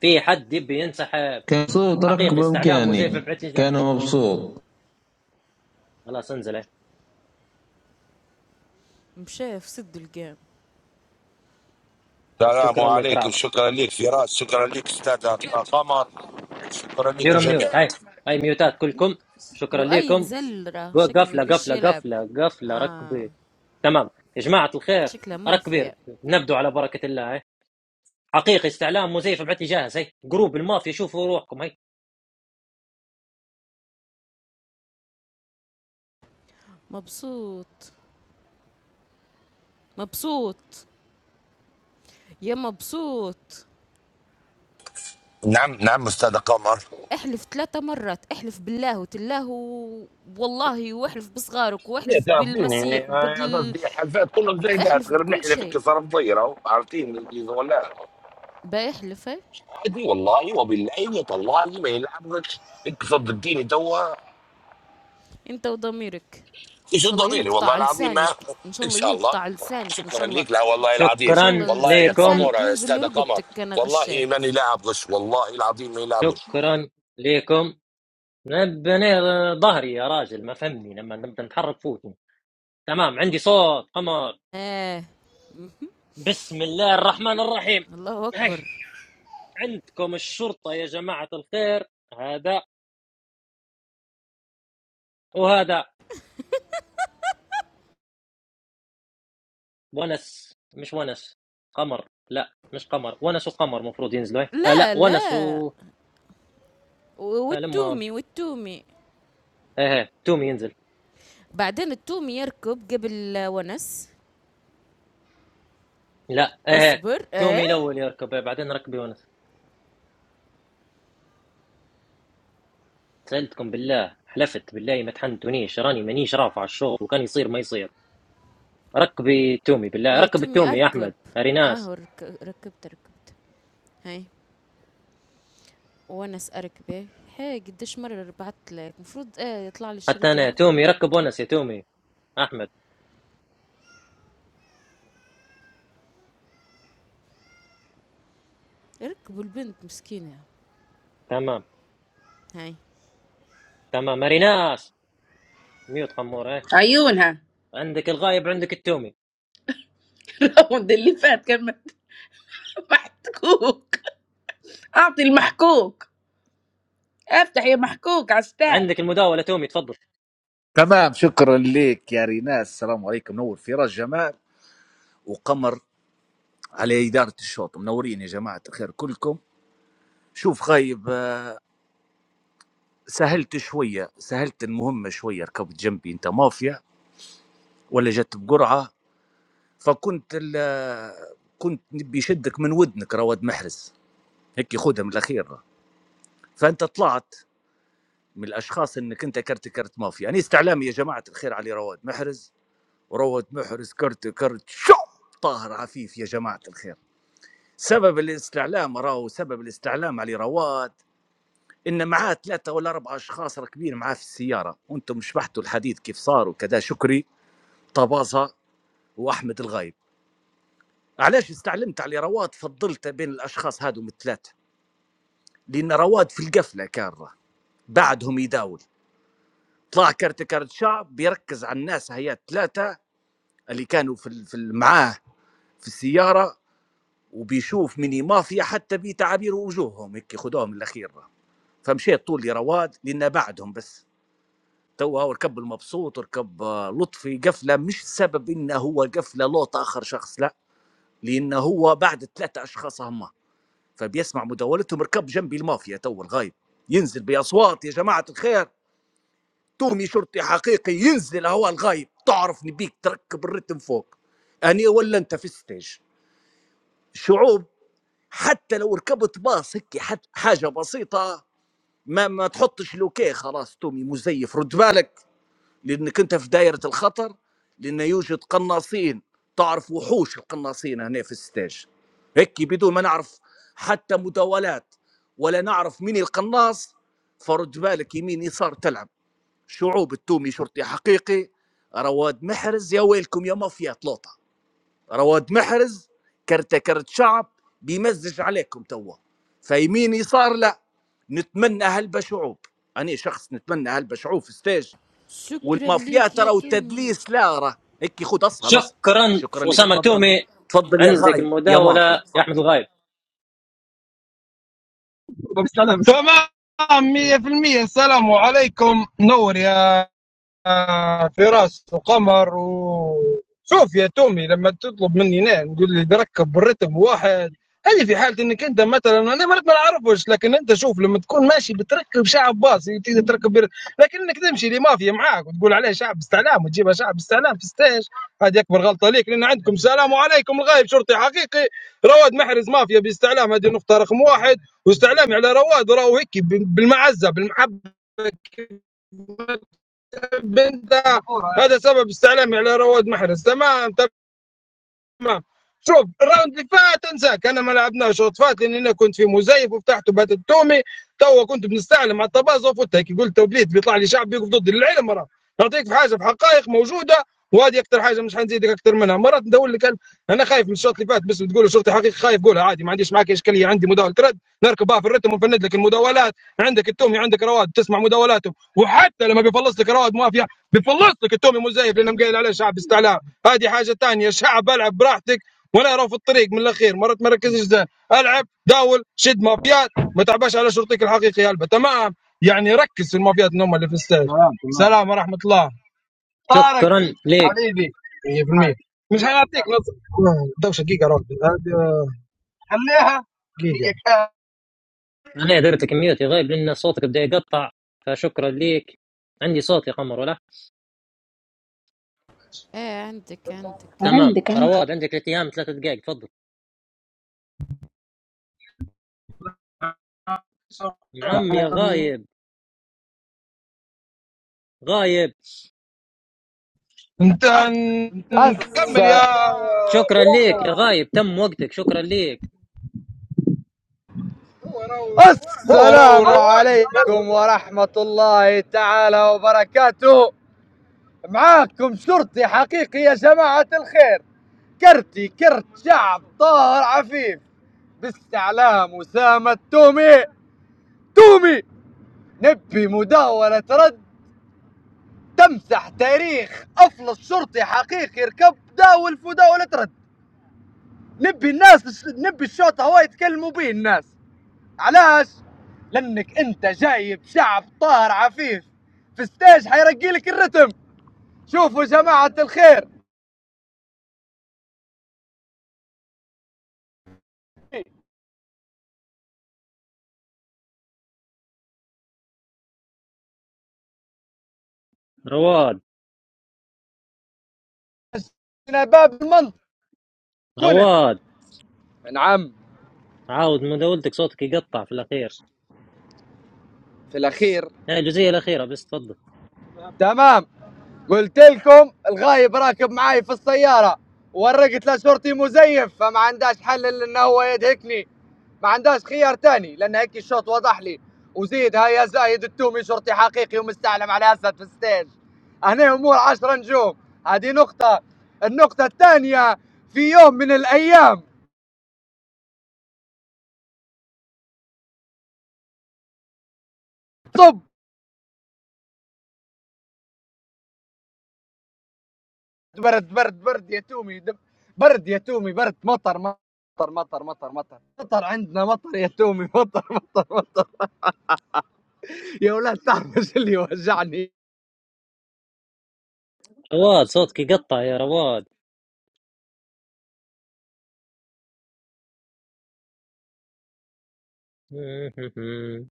Speaker 1: في حد يبي ينسحب
Speaker 13: كان صوت ركب
Speaker 1: حقيقي استعلام وزيف
Speaker 13: امكاني
Speaker 1: بعت لي جه.
Speaker 13: كان مبسوط
Speaker 1: خلاص انزل إيه.
Speaker 7: مشى في سد القام
Speaker 26: السلام
Speaker 1: شكرا لك
Speaker 26: عليكم
Speaker 1: رعد
Speaker 26: شكرا لك فراس شكرا لك استاذ قمر شكرا لكم
Speaker 1: ديروا ميوت
Speaker 26: جميعا
Speaker 1: هاي هاي ميوتات كلكم شكرا
Speaker 7: لؤي
Speaker 1: لكم
Speaker 7: نزل راه شكله ما
Speaker 1: قفله
Speaker 7: يبيش
Speaker 1: قفله
Speaker 7: يلعب
Speaker 1: قفله قفله
Speaker 7: اه
Speaker 1: ركبي تمام يا جماعه الخير
Speaker 7: شكله مافيا
Speaker 1: ركبير نبدو على بركه الله إيه؟ حقيقي استعلام مزيف ابعث لي جاهز هي جروب المافيا شوفوا روحكم هي
Speaker 7: مبسوط مبسوط يا مبسوط
Speaker 26: نعم نعم استاذ قمر
Speaker 7: احلف ثلاثة مرات احلف بالله وتلاه و- والله واحلف بصغارك
Speaker 26: إيه،
Speaker 7: واحلف
Speaker 26: تعرفين
Speaker 7: بالمسيح
Speaker 26: يعني آه،
Speaker 7: وبدل
Speaker 26: قصدي حلفات كلهم زايدات
Speaker 7: احلف
Speaker 26: غير
Speaker 7: بكل
Speaker 26: نحن فيك
Speaker 7: شيء
Speaker 26: صار مطيرة عارفين اللي ولا
Speaker 7: بايح لفي
Speaker 26: عادي والله وبالله وطلالي ما يلعبك انك صدقتيني توا
Speaker 7: انت وضميرك ان
Speaker 26: ايش
Speaker 7: شاء الله
Speaker 26: ضميري والله
Speaker 7: ينقطع
Speaker 26: العظيم ما
Speaker 7: لسانك ان شاء
Speaker 26: ان
Speaker 7: الله
Speaker 26: شاء الله
Speaker 7: ينقطع لسانك ان
Speaker 26: شكرا
Speaker 7: شاء الله
Speaker 26: لك لا والله
Speaker 7: ان
Speaker 26: العظيم
Speaker 7: شاء الله
Speaker 1: شكرا
Speaker 26: والله
Speaker 7: لس-
Speaker 26: يا
Speaker 1: لكم
Speaker 26: قمورة
Speaker 7: لسانك
Speaker 26: يا
Speaker 7: ينزل
Speaker 26: استاذ قمر
Speaker 7: لرقبتك انا
Speaker 26: والله
Speaker 7: غشيت
Speaker 26: ماني لاعب غش والله العظيم ماني لاعب غش
Speaker 1: شكرا لكم نبني ظهري يا راجل ما فهمني لما نبدا نتحرك فوتني تمام عندي صوت قمر
Speaker 7: ايه
Speaker 1: بسم الله الرحمن الرحيم
Speaker 7: الله
Speaker 1: هي
Speaker 7: اكبر
Speaker 1: عندكم الشرطة يا جماعة الخير هذا وهذا ونس مش ونس قمر لا مش قمر ونس وقمر مفروض ينزلوا هي. آه لا
Speaker 7: لا
Speaker 1: ونس
Speaker 7: لا
Speaker 1: و
Speaker 7: و-
Speaker 1: آه لما
Speaker 7: والتومي والتومي
Speaker 1: ايه تومي ينزل
Speaker 7: بعدين التومي يركب قبل ونس
Speaker 1: لا ايه
Speaker 7: اصبر ايه
Speaker 1: تومي الاول يركب بعدين ركب يونس سالتكم بالله حلفت بالله ما تحنتونيش راني مانيش رافع على الشوط وكان يصير ما يصير ركبي تومي بالله
Speaker 7: يا
Speaker 1: ركب
Speaker 7: تومي
Speaker 1: التومي يا
Speaker 7: اركب
Speaker 1: احمد
Speaker 7: اهو
Speaker 1: ريناس
Speaker 7: رك- ركبت ركبت هاي ونس اركبه هي قديش مرة بعت لك المفروض ايه يطلع لي
Speaker 1: حتى
Speaker 7: الشريط
Speaker 1: انا
Speaker 7: الاحمر
Speaker 1: تومي ركب ونس يا تومي احمد
Speaker 7: ركبوا البنت مسكينة
Speaker 1: تمام
Speaker 7: هاي
Speaker 1: تمام ريناس ميوت قمور ايه
Speaker 14: عيونها
Speaker 1: عندك الغايب عندك التومي
Speaker 14: الراوند اللي فات كان محكوك اعطي المحكوك افتح يا محكوك
Speaker 1: عندك
Speaker 14: عستاك
Speaker 1: المداوله تومي تفضل
Speaker 19: تمام شكرا لك يا ريناس السلام عليكم نور فراس جمال وقمر على إدارة الشوط منورين يا جماعة الخير كلكم شوف خايب آه، سهلت شوية سهلت المهمة شوية ركبت جنبي أنت مافيا ولا جت بقرعة فكنت ال- آه، كنت نبي شدك من ودنك رواد محرز هيك خدها من الأخير فأنت طلعت من الاشخاص انك انت كرت كرت مافيا انا استعلامي يا جماعه الخير على رواد محرز ورواد محرز كرت كرت شو طاهر عفيف يا جماعه الخير سبب الاستعلام راهو سبب الاستعلام على رواد ان معاه ثلاثه ولا اربع اشخاص راكبين معاه في السياره وانتم شبحتوا الحديث كيف صار وكذا شكري طبازه واحمد الغايب علاش استعلمت على رواد فضلته بين الاشخاص هادو من الثلاثه لان رواد في القفله كاره بعدهم يداول طلع كرت كرت شعب بيركز على الناس هي ثلاثه اللي كانوا في ال- في ال- معاه في السياره وبيشوف ميني مافيا حتى بتعابير وجوههم هيك خدوهم الاخير فمشيت طولي رواد لان بعدهم بس تو هو ركب المبسوط ركب آه، لطفي قفله مش سبب انه هو قفله لوط اخر شخص لا لانه هو بعد ثلاثه اشخاص هما فبيسمع مداولتهم ركب جنبي المافيا تو الغايب ينزل باصوات يا جماعه الخير تومي شرطي حقيقي ينزل هو الغايب تعرف نبيك تركب الرتم فوق اني ولا انت في الستيج الشعوب حتى لو ركبت باص هيك حت- حاجه بسيطه ما ما تحطش لوكي خلاص تومي مزيف رد بالك لانك انت في دائره الخطر لان يوجد قناصين تعرف وحوش القناصين هنا في الستاج هيك بدون ما نعرف حتى مداولات ولا نعرف مين القناص فرد بالك يمين يسار تلعب شعوب التومي شرطي حقيقي رواد محرز يا ويلكم يا مافيا لوطه رواد محرز كرت كرت شعب بيمزج عليكم توا فيمين يسار لا نتمنى هلبة شعوب أنا شخص نتمنى هلبة شعوب في ستيج
Speaker 7: شكرا
Speaker 19: والمافيا
Speaker 7: ليك يا
Speaker 19: ترى
Speaker 7: تومي
Speaker 19: والتدليس لا راه هيك خد أصهل أصهل
Speaker 1: شكرا
Speaker 19: شكرا لك
Speaker 7: شكرا
Speaker 1: اسامه
Speaker 19: تفضل
Speaker 7: تومي
Speaker 1: تومي
Speaker 19: تفضل يا
Speaker 1: عندك
Speaker 19: غاي يا مافيا
Speaker 1: المداوله يا احمد
Speaker 19: تفضل
Speaker 1: الغايب
Speaker 24: طب سلام تمام 100% السلام عليكم نور يا فراس وقمر و شوف يا تومي لما تطلب مني انا نقول لي نركب الرتم واحد هذه في حاله انك انت مثلا انا مرات ما نعرفش لكن انت شوف لما تكون ماشي بتركب شعب باصي تقدر تركب بر... لكن انك تمشي لمافيا معاك وتقول عليه شعب استعلام وتجيبها شعب استعلام في ستيج هذه اكبر غلطه ليك لان عندكم سلام عليكم الغايب شرطي حقيقي رواد محرز مافيا باستعلام هذه النقطه رقم واحد واستعلامي على رواد وراه هيك بالمعزه بالمحبه بنته هذا سبب استعلامي على رواد محرز تمام تمام ما شوف الراوند اللي فات انساك انا ما لعبناش شوط فات لان انا كنت في مزيف وفتحت وبات التومي توا كنت بنستعلم على الطباز وفوتها كي قلت وبليت بيطلع لي شعب يقف ضد العلم راه نعطيك في حاجه في حقائق موجوده وهذه اكثر حاجه مش حنزيدك اكثر منها مرات ندور لك ال- انا خايف من الشوط اللي فات بس تقول شرطي حقيقي خايف قولها عادي ما عنديش معك اشكاليه عندي مداوله رد نركبها في الرتم ونفند لك المداولات عندك التومي عندك رواد تسمع مداولاتهم وحتى لما بيفلص لك رواد مافيا بيفلص لك التومي مزيف لانه مقايل عليه شعب استعلام هذه حاجه ثانيه شعب العب براحتك وانا ارى في الطريق من الاخير مرات ما ركزش زين العب داول شد مافيات ما تعباش على شرطيك الحقيقي هلبة تمام يعني ركز في المافيات اللي هم اللي في الستاج تمام تمام سلام ورحمه الله طارق
Speaker 1: شكرا ليك
Speaker 24: حبيبي 100% مش حيعطيك نص دوشه دقيقه روح خليها دقيقه
Speaker 1: انا درت كميوت يا غايب لان صوتك بدا يقطع فشكرا ليك عندي صوت يا قمر ولا
Speaker 7: اه عندك عندك
Speaker 1: تمام
Speaker 14: عندك عندك
Speaker 1: رواد عندك الايام ثلاثة دقائق تفضل
Speaker 24: دقيقة.
Speaker 1: نعم يا غايب غايب
Speaker 24: انت
Speaker 27: الس...
Speaker 24: كمل يا
Speaker 1: شكرا ليك يا
Speaker 24: فراس
Speaker 1: غايب تم وقتك شكرا ليك
Speaker 24: هو رو آه،
Speaker 27: السلام
Speaker 24: رواد
Speaker 27: عليكم ورحمة الله تعالى وبركاته معاكم شرطي حقيقي يا جماعة الخير كرتي كرت شعب طاهر عفيف باستعلام أسامة تومي تومي نبي مداولة رد تمسح تاريخ أفلس شرطي حقيقي ركب داول في مداولة رد نبي الناس نبي الشوط هوا يتكلموا به الناس علاش لانك انت جايب شعب طاهر عفيف في الستاج حيرقي لك الرتم شوفوا جماعه الخير
Speaker 1: رواد
Speaker 27: انا باب المنطق كنت
Speaker 1: رواد
Speaker 27: نعم
Speaker 1: عاود مداولتك صوتك يقطع في الاخير
Speaker 27: في الاخير
Speaker 1: هاي الجزئية الاخيرة بس تفضل
Speaker 27: تمام قلت لكم الغايب راكب معاي في السيارة ورقت له شرطي مزيف فما عندهاش حل الا انه هو يدهكني ما عندهاش خيار تاني لان هيك الشوط وضح لي وزيد هيا زايد التومي شرطي حقيقي ومستعلم على اسد في الستيج هنا امور عشرة نجوم هذه نقطة النقطة الثانية في يوم من الايام طب برد برد برد يا تومي دب- برد يا تومي برد مطر مطر مطر مطر مطر مطر عندنا مطر يا تومي مطر مطر مطر يا ولاد تعرف ايش اللي وجعني
Speaker 1: رواد صوتك يقطع يا رواد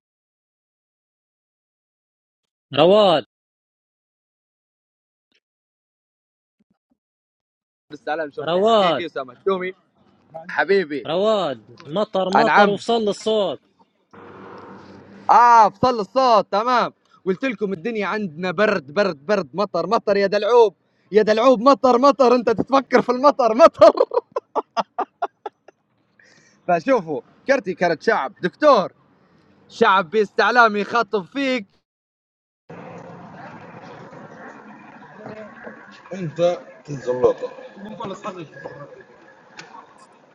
Speaker 1: رواد
Speaker 27: بالسلام شرطي حقيقي
Speaker 1: رواد
Speaker 27: اسامه التومي حبيبي
Speaker 1: رواد مطر مطر
Speaker 27: انعم
Speaker 1: وصل الصوت
Speaker 27: اه فصل الصوت تمام قلت لكم الدنيا عندنا برد برد برد مطر مطر يا دلعوب يا دلعوب مطر مطر انت تتفكر في المطر مطر فشوفوا كرتي كرت شعب دكتور شعب باستعلام يخاطب فيك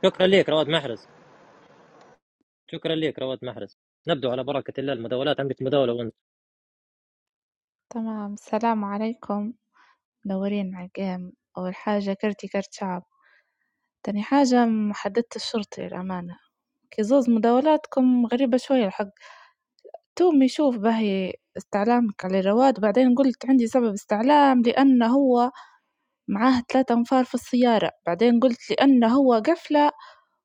Speaker 1: شكرا ليك رواد محرز شكرا لك رواد محرز نبدو على بركة الله المداولات عندك مداولة وانت
Speaker 12: تمام السلام عليكم مدورين على القام أول حاجة كرتي كرت شعب تاني حاجة محددة الشرطي للأمانة كي زوز مداولاتكم غريبة شوية الحق تومي يشوف باهي استعلامك على رواد بعدين قلت عندي سبب استعلام لأن هو معاه ثلاثة أنفار في السيارة بعدين قلت لأن هو قفلة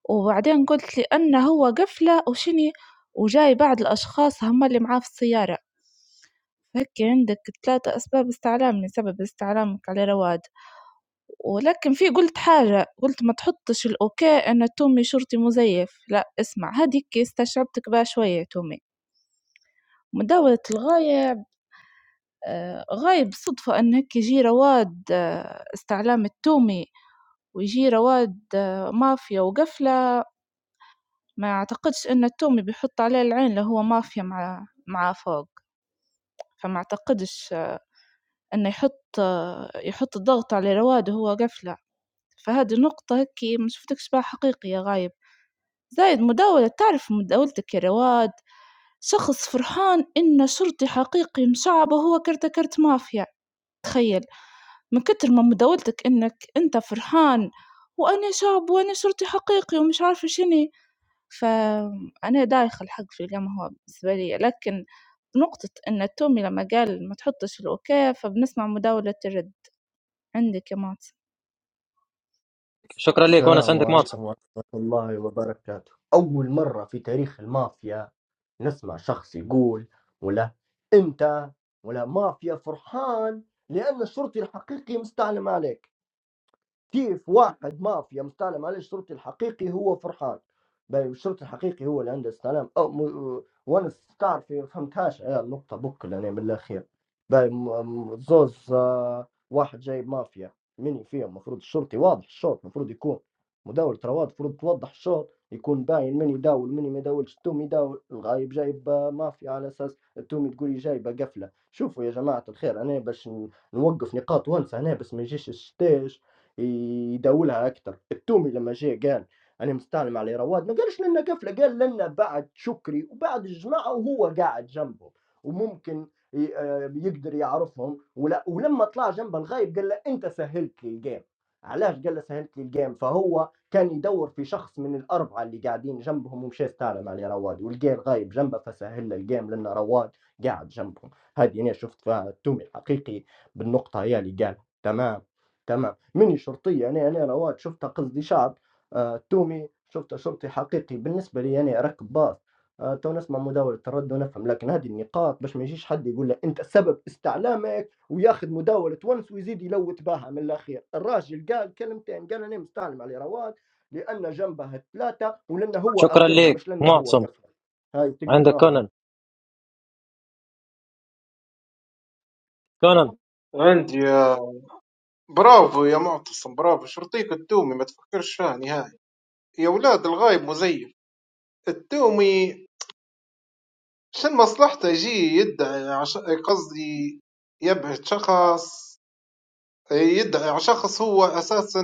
Speaker 12: وبعدين قلت لأن هو قفلة وشني وجاي بعض الأشخاص هم اللي معاه في السيارة فهيك عندك ثلاثة أسباب استعلام لسبب استعلامك على رواد ولكن في قُلت حاجة، قُلت ما تحُطّش الأوكا أن تومي شرطي مزيّف، لأ اسمع هاذيك استشعبتك بها شوية تومي، مداولة الغاية آآ غاية بالصدفة إن هيك يجي رواد آه، استعلام التومي ويجي رواد آه، مافيا وقفلة، ما أعتقدش إن التومي بيحُط عليه العين لو هو مافيا مع مع فوق، فما أعتقدش آه، إنه يحُط آه، يحُط الضغط على رواد وهو قفلة، فهذي نقطة هيكي ما شفتكش بها حقيقي يا غاية. زايد مداولة تعرف مداولتك يا رواد شخص فرحان إنه شرطي حقيقي مشعبه هو كرت كرت مافيا تخيل من كتر ما مداولتك إنك أنت فرحان وأنا شعب وأنا شرطي حقيقي ومش عارفة شني فأنا دايخة الحق في القمة هو بالنسبة لي لكن نقطة إن التومي لما قال ما تحطش الأوكي فبنسمع مداولة الرد عندك يا مات
Speaker 1: شكرا لك ونس
Speaker 8: السلام
Speaker 1: عندك معتصم
Speaker 8: عليكم ورحمة الله وبركاته أول مرة في تاريخ المافيا نسمع شخص يقول ولا أنت ولا مافيا فرحان لأن الشرطي الحقيقي مستعلم عليك كيف واحد مافيا مستعلم عليه الشرطي الحقيقي هو فرحان بل الشرطي الحقيقي هو اللي عنده استعلام أو م... وانا تعرف فهمتهاش انا النقطة بك لأن من الأخير بل م... م- زوز آه، واحد جايب مافيا مني فيها المفروض الشرطي واضح الشوط المفروض يكون مداول ترى واضح المفروض توضح الشوط يكون باين من يداول من ما يداولش التومي يداول الغايب جايب آه، مافيا على أساس التومي تقولي جايبة قفلة شوفوا يا جماعة الخير أنا باش ن- نوقف نقاط وانسى هنا بس ما يجيش الشتاش يداولها اكثر التومي لما جاء قال انا مستعلم على رواد ما قالش لنا كفله قال لنا بعد شكري وبعد الجماعه وهو قاعد جنبهم وممكن ي- آه، يقدر يعرفهم ولا ولما طلع جنبه الغايب قال له انت سهلت لي الجيم علاش قال له سهلت لي الجيم فهو كان يدور في شخص من الاربعه اللي قاعدين جنبهم ومشى استعلم على رواد والجيم غايب جنبه فسهل له الجيم لان رواد قاعد جنبهم هذه انا شفت فيها التومي الحقيقي بالنقطه هي اللي قال تمام تمام مني شرطي يعني يعني أنا رواد شفتها قصدي شعب آه، تومي شفتها شرطي حقيقي بالنسبة لي يعني أركب باص آه، تو نسمع مداولة الرد ونفهم لكن هذه النقاط باش ما يجيش حد يقول له أنت سبب استعلامك وياخذ مداولة ونس ويزيد يلوت بها من الأخير الراجل قال كلمتين قال أنا مستعلم على رواد لأن جنبه ثلاثة ولأنه هو
Speaker 1: شكرا
Speaker 8: آخرهم
Speaker 1: لك
Speaker 8: مش لأنه هو
Speaker 1: معتصم
Speaker 8: قفل هاي
Speaker 1: عندك
Speaker 8: تقدرها
Speaker 1: كونان كونان
Speaker 16: عندي يا برافو يا معتصم برافو شرطيك التومي ما تفكرش فيها نهائي يا ولاد الغايب مزيف التومي شن مصلحته يجي يدعي عش... قصدي يبعد شخص إيه، يدعي على شخص هو أساسا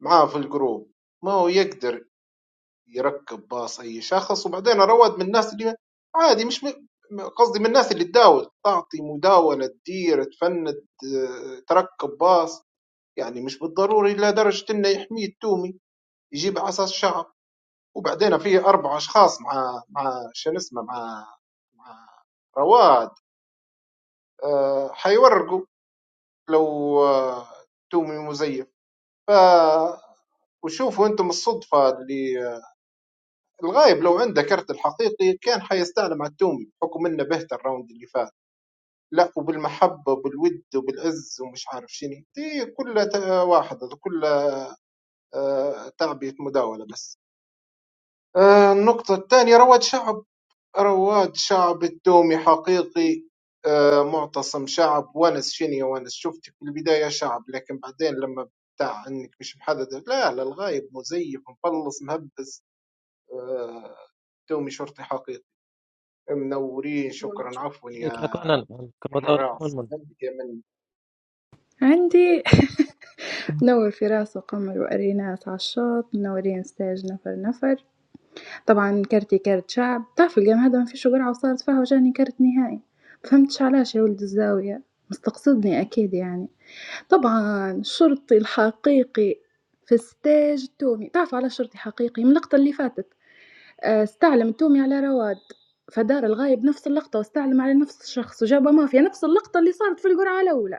Speaker 16: معاه في الجروب ما هو يقدر يركب باص أي شخص وبعدين رواد من الناس اللي عادي مش م... م- قصدي من الناس اللي تداول تعطي مداولة تدير تفند آه، تركب باص يعني مش بالضروري إلى درجة إنه يحميه التومي يجيب على أساس شعب وبعدين في أربع أشخاص مع مع شنو اسمه مع مع رواد آه، حيورقوا لو آه، تومي مزيف ف وشوفوا انتم الصدفه اللي آه، الغايب لو عنده كرت الحقيقي كان حيستعلم على التومي بحكم انه بهت الراوند اللي فات لا وبالمحبه وبالود وبالعز ومش عارف شنو دي كلها تا- واحد هذا كلها آه، تعبئه مداوله بس آه، النقطه الثانيه رواد شعب رواد شعب التومي حقيقي معتصم شعب ونس شنيا ونس شفتك في البداية شعب لكن بعدين لما بتاع انك مش محدد لا لا الغايب مزيف مفلص مهبز آه، تومي شرطي حقيقي منورين شكرا عفوا
Speaker 1: ليك
Speaker 16: يا
Speaker 1: يا كونان عندك مداولة يا
Speaker 16: الراس
Speaker 1: منمن
Speaker 16: نبقى من
Speaker 17: عندي نور فراس وقمر وأريناس على الشوط منورين ستاج نفر نفر طبعا كارتي كارت شعب تعرف الجيم هذا ما فيش قرعة وصارت فيها وجاني كارت نهائي فهمتش علاش يا ولد الزاوية مستقصدني أكيد يعني طبعا الشرطي الحقيقي في الستاج التومي تعرف على شرطي حقيقي من اللقطة اللي فاتت آآ استعلم التومي على رواد، فدار الغايب نفس اللقطة واستعلم على نفس الشخص وجابه مافيا، نفس اللقطة اللي صارت في القرعة الأولى،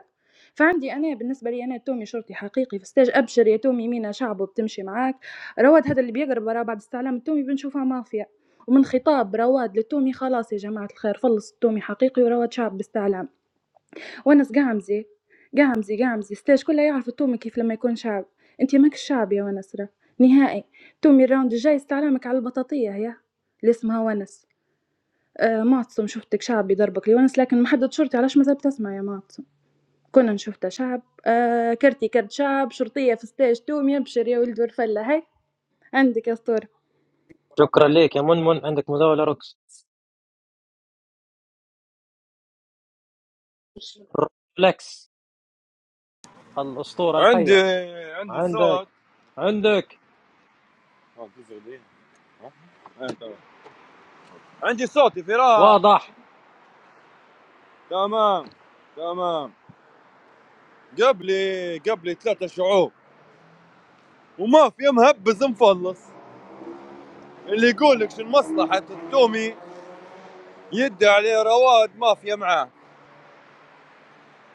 Speaker 17: فعندي أنا بالنسبة لي أنا التومي شرطي حقيقي في الstage أبشر يا تومي مينا شعبه بتمشي معاك، رواد هذا اللي بيقرب وراه بعد استعلام التومي بنشوفه مافيا، ومن خطاب رواد للتومي خلاص يا جماعة الخير فلص التومي حقيقي ورواد شعب باستعلام. ونس قعمزي قعمزي قعمزي ستاج كلها يعرف التومي كيف لما يكون شعب انت ماك الشعب يا ونس راه نهائي تومي الراوند الجاي استعلامك على البطاطية يا اللي اسمها ونس آه معتصم شفتك شعبي ضربك لونس لكن محدد شرطي علاش مازال تسمع يا معتصم كنا نشوفته شعب آه كرتي كرت شعب شرطية في ستاج تومي ابشر يا ولد ورفلة هاي عندك يا اسطورة
Speaker 1: شكرا لك يا منمن عندك مداولة روكس روكس الأسطورة
Speaker 9: عندي
Speaker 1: الحية
Speaker 9: عندي
Speaker 1: عندك
Speaker 9: صوت
Speaker 1: عندك
Speaker 9: اه، تزغ لي. اه، اه، تمام. عندي صوت يا فراس
Speaker 1: واضح
Speaker 9: تمام تمام قبلي قبلي ثلاثة شعوب وما في مهبز مفلص اللي يقول لك شن مصلحة التومي يدي عليه رواد مافيا معاه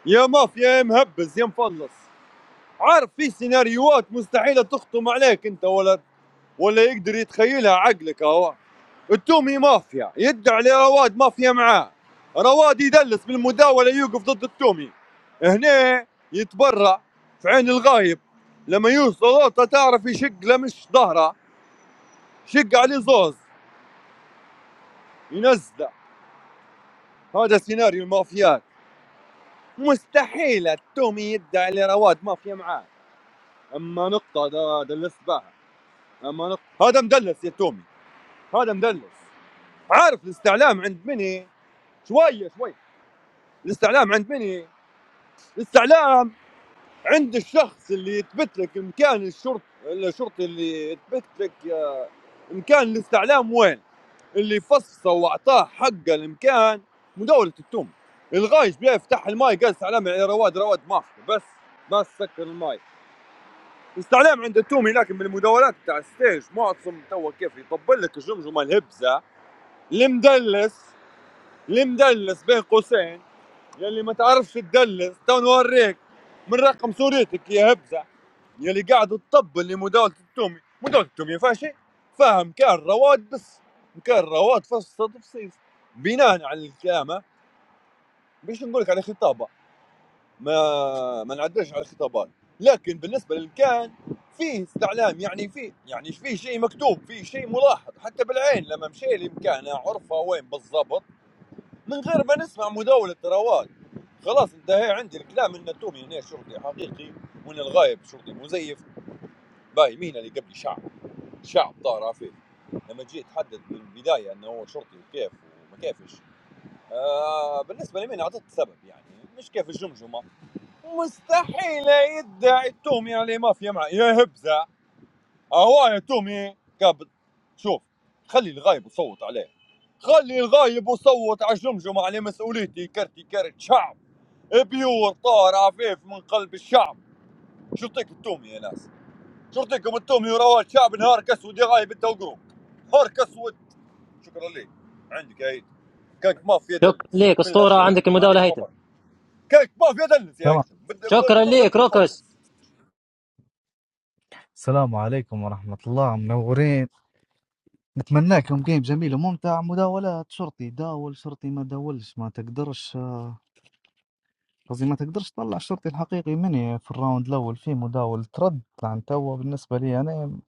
Speaker 9: يا مافيا يا مهبز يا مفلص عارف في سيناريوهات مستحيلة تخطم عليك انت ولا ولا يقدر يتخيلها عقلك اهو التومي مافيا يدي عليه رواد مافيا معاه رواد يدلس بالمداولة يوقف ضد التومي هنا يتبرع في عين الغايب لما يوصل لقطة تعرف يشق له مش ظهره شق عليه زوز ينزله هذا سيناريو المافيات مستحيل التومي يدعي على رواد مافيا معاه اما نقطه ده دلس بها اما نقطه هذا مدلس يا تومي هذا مدلس عارف الاستعلام عند مني شويه شويه الاستعلام عند مني الاستعلام عند الشخص اللي يثبت لك مكان الشرط الشرطي اللي يثبت لك آه، مكان الاستعلام وين اللي فصه واعطاه حق المكان مداوله التوم الغايش بيه يفتح الماي قال استعلام يعني رواد رواد ما في، بس ما سكر الماي استعلام عند التومي لكن من المداولات تاع الستيج معتصم توا كيف يطبل لك الجمجمه الهبزه المدلس المدلس بين قوسين يلي ما تعرفش تدلس تو نوريك من رقم صورتك يا هبزه يلي قاعد تطبل لمداولة التومي مداولة التومي ما فيها شيء فاهم كان رواد بس كان رواد فصل تفصيل بناء على الكلامة باش نقول لك على خطابه ما ما نعدلش على الخطابات لكن بالنسبه للكان فيه استعلام يعني فيه يعني فيه شيء مكتوب فيه شيء ملاحظ حتى بالعين لما مشي لمكانه عرفه وين بالضبط من غير ما نسمع مداولة ثروات خلاص انتهى عندي الكلام ان التومي هنا شرطي حقيقي وان الغايب شرطي مزيف باي مين اللي قبلي شعب شعب طار عفيف لما جيت تحدد من البداية انه هو شرطي وكيف وما كيفش آه بالنسبة لمين اعطيت السبب يعني مش كيف الجمجمة مستحيل يدعي التومي عليه مافيا معي يا هبزة هو يا تومي قابل شوف خلي الغايب وصوت عليه خلي الغايب وصوت على جمجمة على مسؤوليتي كرتي كرت شعب بيور طار عفيف من قلب الشعب شرطيك التومي يا ناس شرطيكم التومي ورواد شعب نهار كسود يا غايب انت وقروب نهار كسود شكرا ليك عندك يا عيد كانك ما في
Speaker 1: شكرا
Speaker 9: دلس
Speaker 1: لك
Speaker 9: من
Speaker 1: أسطورة
Speaker 9: الاخير
Speaker 1: عندك
Speaker 9: ما
Speaker 1: المداولة
Speaker 9: عندكش
Speaker 1: هيثم
Speaker 9: مفر كانك ما في دلس يا
Speaker 18: تمام
Speaker 9: عيد بت-
Speaker 1: شكرا
Speaker 9: بتصل
Speaker 1: لك روكس
Speaker 9: بتفلص
Speaker 18: السلام عليكم ورحمة الله منورين نتمنى لكم جيم جميل وممتع مداولات شرطي داول شرطي ما داولش ما تقدرش آه، قصدي ما تقدرش تطلع الشرطي الحقيقي مني في الراوند الاول في مداول ترد عن توا بالنسبة لي انا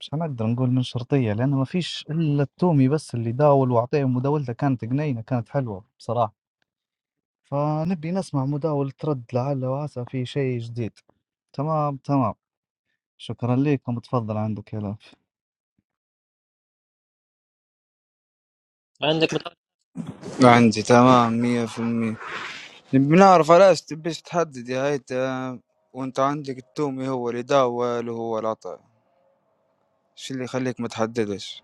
Speaker 18: مش حنقدر نقول من شرطية لان ما فيش الا التومي بس اللي داول واعطيه مداولته كانت جنينة كانت حلوة بصراحة فنبي نسمع مداولة رد لعل وعسى في شيء جديد تمام تمام شكرا لكم تفضل عندك يا لاف
Speaker 1: عندك مداولة
Speaker 11: عندي تمام مية في المية بنعرف علاش تبيش تحدد يا هيدا وانت عندك التومي هو اللي داول وهو العطاء شو اللي يخليك ما تحددش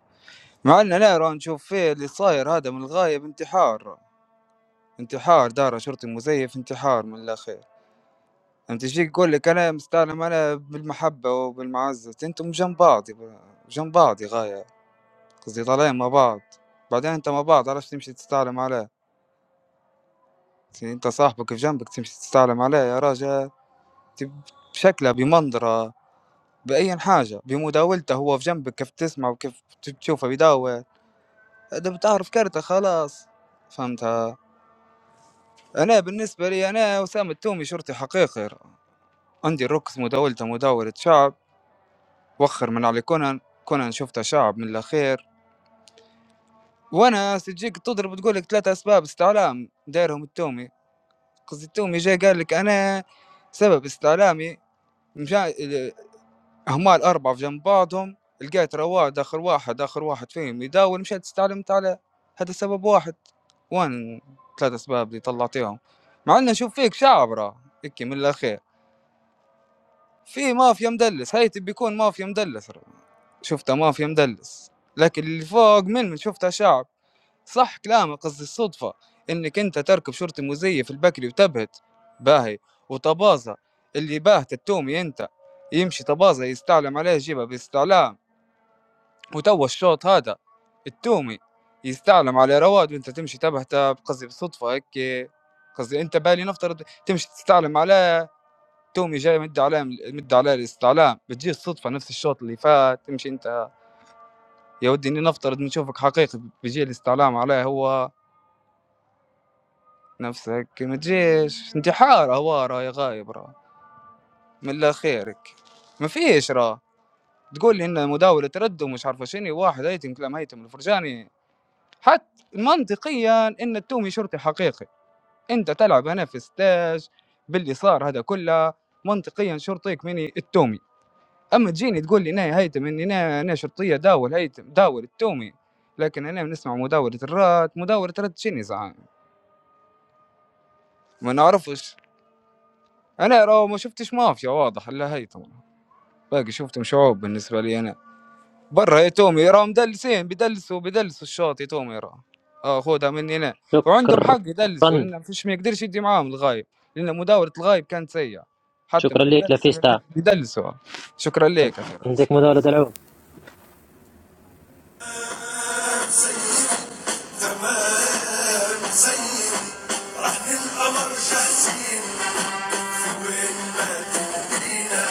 Speaker 11: مع ان انا راه نشوف فيه اللي صاير هذا من الغايب انتحار انتحار دار شرطي مزيف انتحار من الاخير أنت تجيك تقول لك أنا مستعلم أنا بالمحبة وبالمعزة، أنتم جنب بعض يبا جنب بعض يا غاية، قصدي طالعين مع بعض، بعدين أنت مع بعض علاش تمشي تستعلم عليه؟ ت أنت صاحبك في جنبك تمشي تستعلم عليه يا راجل ت بشكله بمنظره بأيا حاجة، بمداولته هو في جنبك كيف تسمع وكيف ت تشوفه بيداول، هذا بتعرف كارته خلاص، فهمتها؟ أنا بالنسبة لي أنا وسام التومي شرطي حقيقي، عندي الركس مداولته مداولة شعب. وخر من علي كونان كونان شفته شعب من الأخير وأنا تجيك تضرب تقول لك ثلاثة أسباب استعلام دايرهم التومي قصدي التومي جاي قال لك أنا سبب استعلامي مشا ال- هما الأربعة في جنب بعضهم لقيت رواد آخر واحد آخر واحد فيهم يداول مشيت استعلمت على هذا سبب واحد وين ثلاثة أسباب اللي طلعتيهم مع إنه شوف فيك شعب راه هيك من الأخير في مافيا مدلس هاي تبي يكون مافيا مدلس شفته مافيا مدلس لكن اللي فوق من من شفتها شعب صح كلامك قصدي الصدفة انك انت تركب شرطي مزيف البكري وتبهت باهي وطبازة اللي باهت التومي انت يمشي طبازة يستعلم عليه جيبه باستعلام وتو الشوط هذا التومي يستعلم على رواد وانت تمشي تبهته قصدي بصدفة هيك قصدي انت بالي نفترض تمشي تستعلم عليه تومي جاي مد عليه مد عليه الاستعلام بتجي الصدفه نفس الشوط اللي فات تمشي انت يا ودي اني نفترض نشوفك حقيقي بيجي الاستعلام عليه هو نفسك ما تجيش انتحار هو راه يا غايب راه من لا خيرك ما فيش راه تقول لي ان مداولة تردد ومش عارفه شنو واحد هيتم كلام هيتم الفرجاني حتى منطقيا ان التومي شرطي حقيقي انت تلعب هنا في ستاج باللي صار هذا كله منطقيا شرطيك مني التومي اما تجيني تقول لي انا هيثم اني انا انا شرطيه داول هيثم داول التومي لكن انا نسمع مداوله الرات مداوله الرات شنو زعان ما نعرفش انا راهو ما شفتش مافيا واضح الا هيثم باقي شفتهم شعوب بالنسبه لي انا برا يا تومي راهم مدلسين بيدلسوا بيدلسوا الشاطي تومي راه اه خذها مني انا وعندهم حق يدلسوا
Speaker 1: شكرا
Speaker 11: لان ما فيش ما يقدرش يدي معاهم الغايب لان مداوله الغايب كانت سيئه حتى
Speaker 1: شكرا لك
Speaker 11: متدلسه
Speaker 1: لافيستا
Speaker 11: بيدلسوا شكرا لك يا اخي راس.
Speaker 1: عندك مداولة دلعوب
Speaker 20: جمال حسين رحن القمر جاسين وين ما تبقينا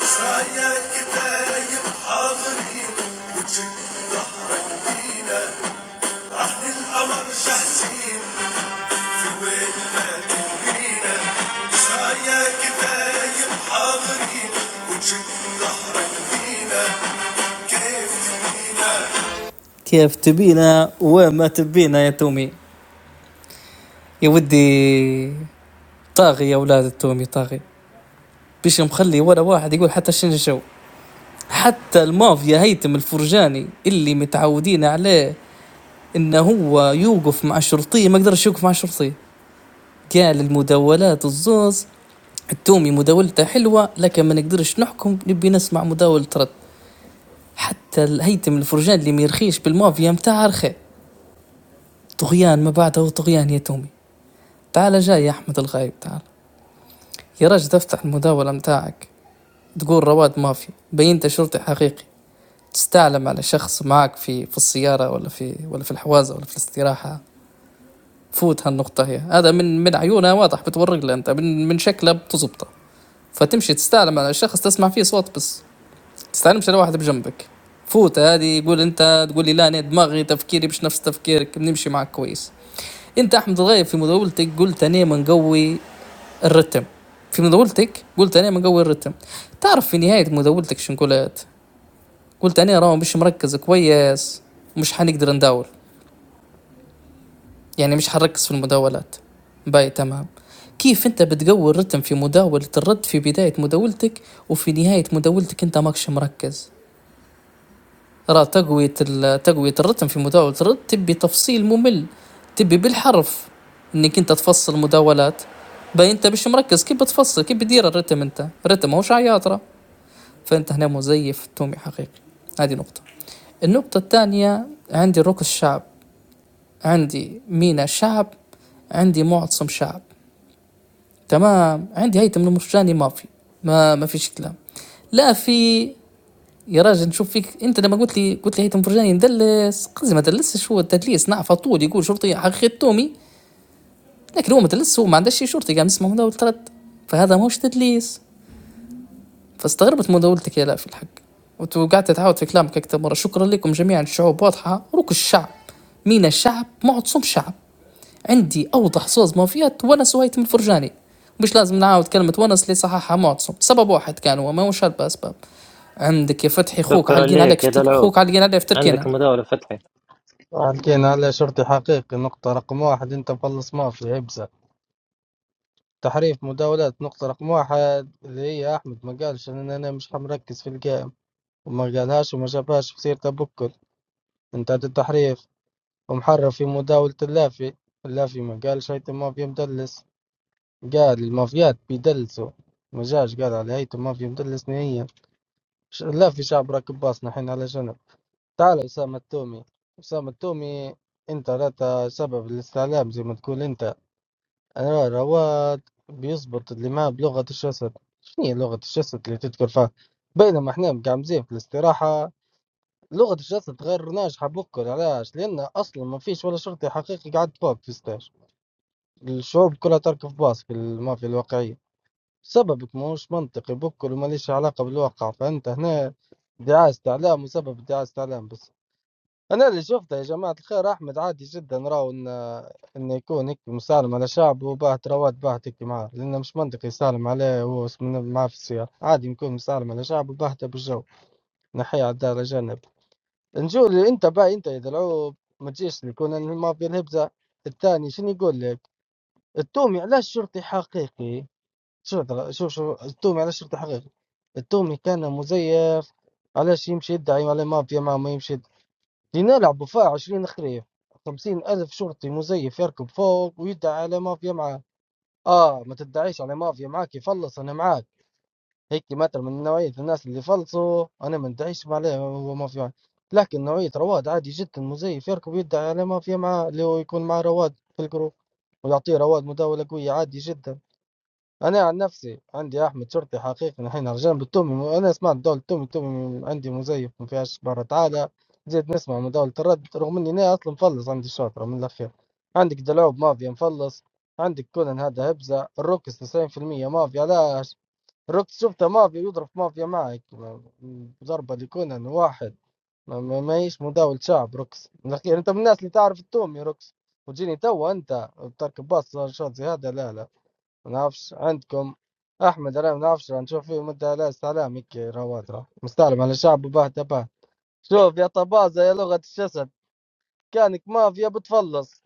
Speaker 20: سرايا كتايب حاضرين وجد ظهرك بينا رحن القمر جاسين سوينا كبيرة سعيا كفاية حاضرين وجد ظهرك فينا كيف تبينا كيف تبينا وما تبينا يا تومي يا ودي طاغي يا اولاد التومي طاغي بيش مخلي ولا واحد يقول حتى شنشو حتى المافيا هيتم الفرجاني اللي متعودين عليه انه هو يوقف مع الشرطي ما قدرش يوقف مع الشرطي قال المداولات الزوز التومي مداولته حلوه لكن ما نقدرش نحكم نبي نسمع مداولة رد حتى الهيتم الفرجان اللي ميرخيش بالمافيا متاعها رخي طغيان ما بعده طغيان يا تومي تعال جاي يا احمد الغايب تعال يا راجل افتح المداولة متاعك تقول رواد مافيا بين انت شرطي حقيقي تستعلم على شخص معك في في السيارة ولا في ولا في الحوازة ولا في الاستراحة فوت هالنقطة هي هذا من من عيونها واضح بتورق له انت من من شكله بتزبطه فتمشي تستعلم على الشخص تسمع فيه صوت بس تستعلمش على واحد بجنبك فوت هذه يقول انت تقول لي لا انا دماغي تفكيري مش نفس تفكيرك بنمشي معك كويس انت احمد الغايب في مداولتك قلت انا منقوي الرتم في مداولتك قلت انا منقوي الرتم تعرف في نهايه مداولتك شنو قلت قلت انا راه مش مركز كويس مش حنقدر نداول يعني مش حنركز في المداولات باي تمام كيف انت بتقوي الرتم في مداولة الرد في بداية مداولتك وفي نهاية مداولتك انت ماكش مركز ترى تقوية ال- تقوية الرتم في مداولة الرد تبي تفصيل ممل تبي بالحرف انك انت تفصل مداولات باي انت مش مركز كيف بتفصل كيف بتدير الرتم انت الرتم هوش عياطرة فانت هنا مزيف تومي حقيقي هذه نقطة النقطة الثانية عندي الركن الشعب عندي مينا شعب عندي معتصم شعب تمام عندي هيثم المرجاني ما في ما ما فيش كلام لا في يا راجل نشوف فيك انت لما قلت لي قلت لي هيثم فرجاني ندلس قصدي ما دلسش هو التدليس نعرف طول يقول شرطي حقيقة تومي لكن هو ما دلس هو ما عندهش شي شرطي قام اسمه مداولة رد فهذا ماهوش تدليس فاستغربت مداولتك يا لا في الحق وانتوا قعدت تعاود في كلامك اكثر مره شكرا لكم جميعا الشعوب واضحه روك الشعب مين الشعب معتصم شعب عندي اوضح صوص مافيات ونس وهيتم الفرجاني مش لازم نعاود كلمة ونس اللي صححها معتصم سبب واحد كان هو ماهوش هلبة أسباب عندك يا فتحي خوك
Speaker 1: شكرا
Speaker 20: عالقين عليك
Speaker 1: لك
Speaker 20: في
Speaker 1: يا
Speaker 20: ترك...
Speaker 1: دلعوب
Speaker 20: خوك عالقين عليه في تركينا
Speaker 1: عندك مداولة فتحي
Speaker 21: فاهم حالكين على شرطي حقيقي نقطة رقم واحد أنت مخلص مافيا عبسة تحريف مداولات نقطة رقم واحد اللي هي أحمد ما قالش إن أنا مش مركز في الجيم وما قالهاش وما شافهاش في سيرته بكل أنت هذا التحريف ومحرف في مداولة اللافي اللافي ما قالش هيثم مافيا مدلس قال المافيات بيدلسوا ما جاش قال على هيثم مافيا مدلس نهائيا ش- اللافي شعب راكب باصنا حين على جنب تعال أسامة التومي أسامة التومي أنت لا سبب الاستعلام زي ما تقول أنت أنا رواد بيزبط اللي ما بلغة الجسد شنو هي لغة الجسد اللي تذكر فيها بينما احنا مقعمزين في الاستراحة لغة الجسد غير ناجحة بكل علاش لأن أصلا ما فيش ولا شرطي حقيقي قاعد فوق في ستاج الشعوب كلها تركب باص في المافيا الواقعية سببك مش منطقي بكل وما ليش علاقة بالواقع فأنت هنا دعاية استعلام وسبب دعاية استعلام بس. انا اللي شفته يا جماعه الخير احمد عادي جدا راهو ان انه يكون هيك مسالم على شعبه وبعت رواد بعت هيك معاه لانه مش منطقي يسالم عليه هو اسمه معاه في السيارة عادي يكون مسالم على شعبه وبعته بالجو نحيه على الدار جنب نجول اللي انت باي انت يا دلعوب ما تجيش لي كون أنا ما في الهبزه الثاني شنو يقول لك التومي علاش شرطي حقيقي شوف دل- شوف شوف التومي علاش شرطي حقيقي التومي كان مزيف علاش يمشي يدعي على مافيا ما ما يمشي لنلعبوا فيها عشرين خريف خمسين ألف شرطي مزيف يركب فوق ويدعي على مافيا معاه آه ما تدعيش على مافيا معاك يفلص أنا معاك هيك مثل من نوعية الناس اللي فلصوا أنا ما ندعيش عليه هو مافيا معاه. لكن نوعية رواد عادي جدا مزيف يركب ويدعي على مافيا معاه اللي هو يكون مع رواد في الجروب ويعطيه رواد مداولة قوية عادي جدا انا عن نفسي عندي احمد شرطي حقيقي نحن رجال بالتومي انا سمعت دولة التومي التومي عندي مزيف ما فيهاش برا تعالى زيد نسمع من دولة الرد رغم اني انا اصلا مفلص عندي الشاطرة من الاخير عندك دلعوب مافيا مفلص عندك كونان هذا هبزة الروكس 90% مافيا علاش الروكس شفته مافيا يضرب مافيا معك ضربة لكونان واحد ما ما- ماهيش مداول شعب روكس من الاخير انت من الناس اللي تعرف التومي روكس وتجيني توا انت تركب باص شوت زي هذا لا لا نفس عندكم احمد علي نفس نشوف فيه مدة لا استعلام هيك رواتر مستعلم على الشعب وبهته به شوف يا طبازة يا لغة الجسد كانك مافيا بتفلص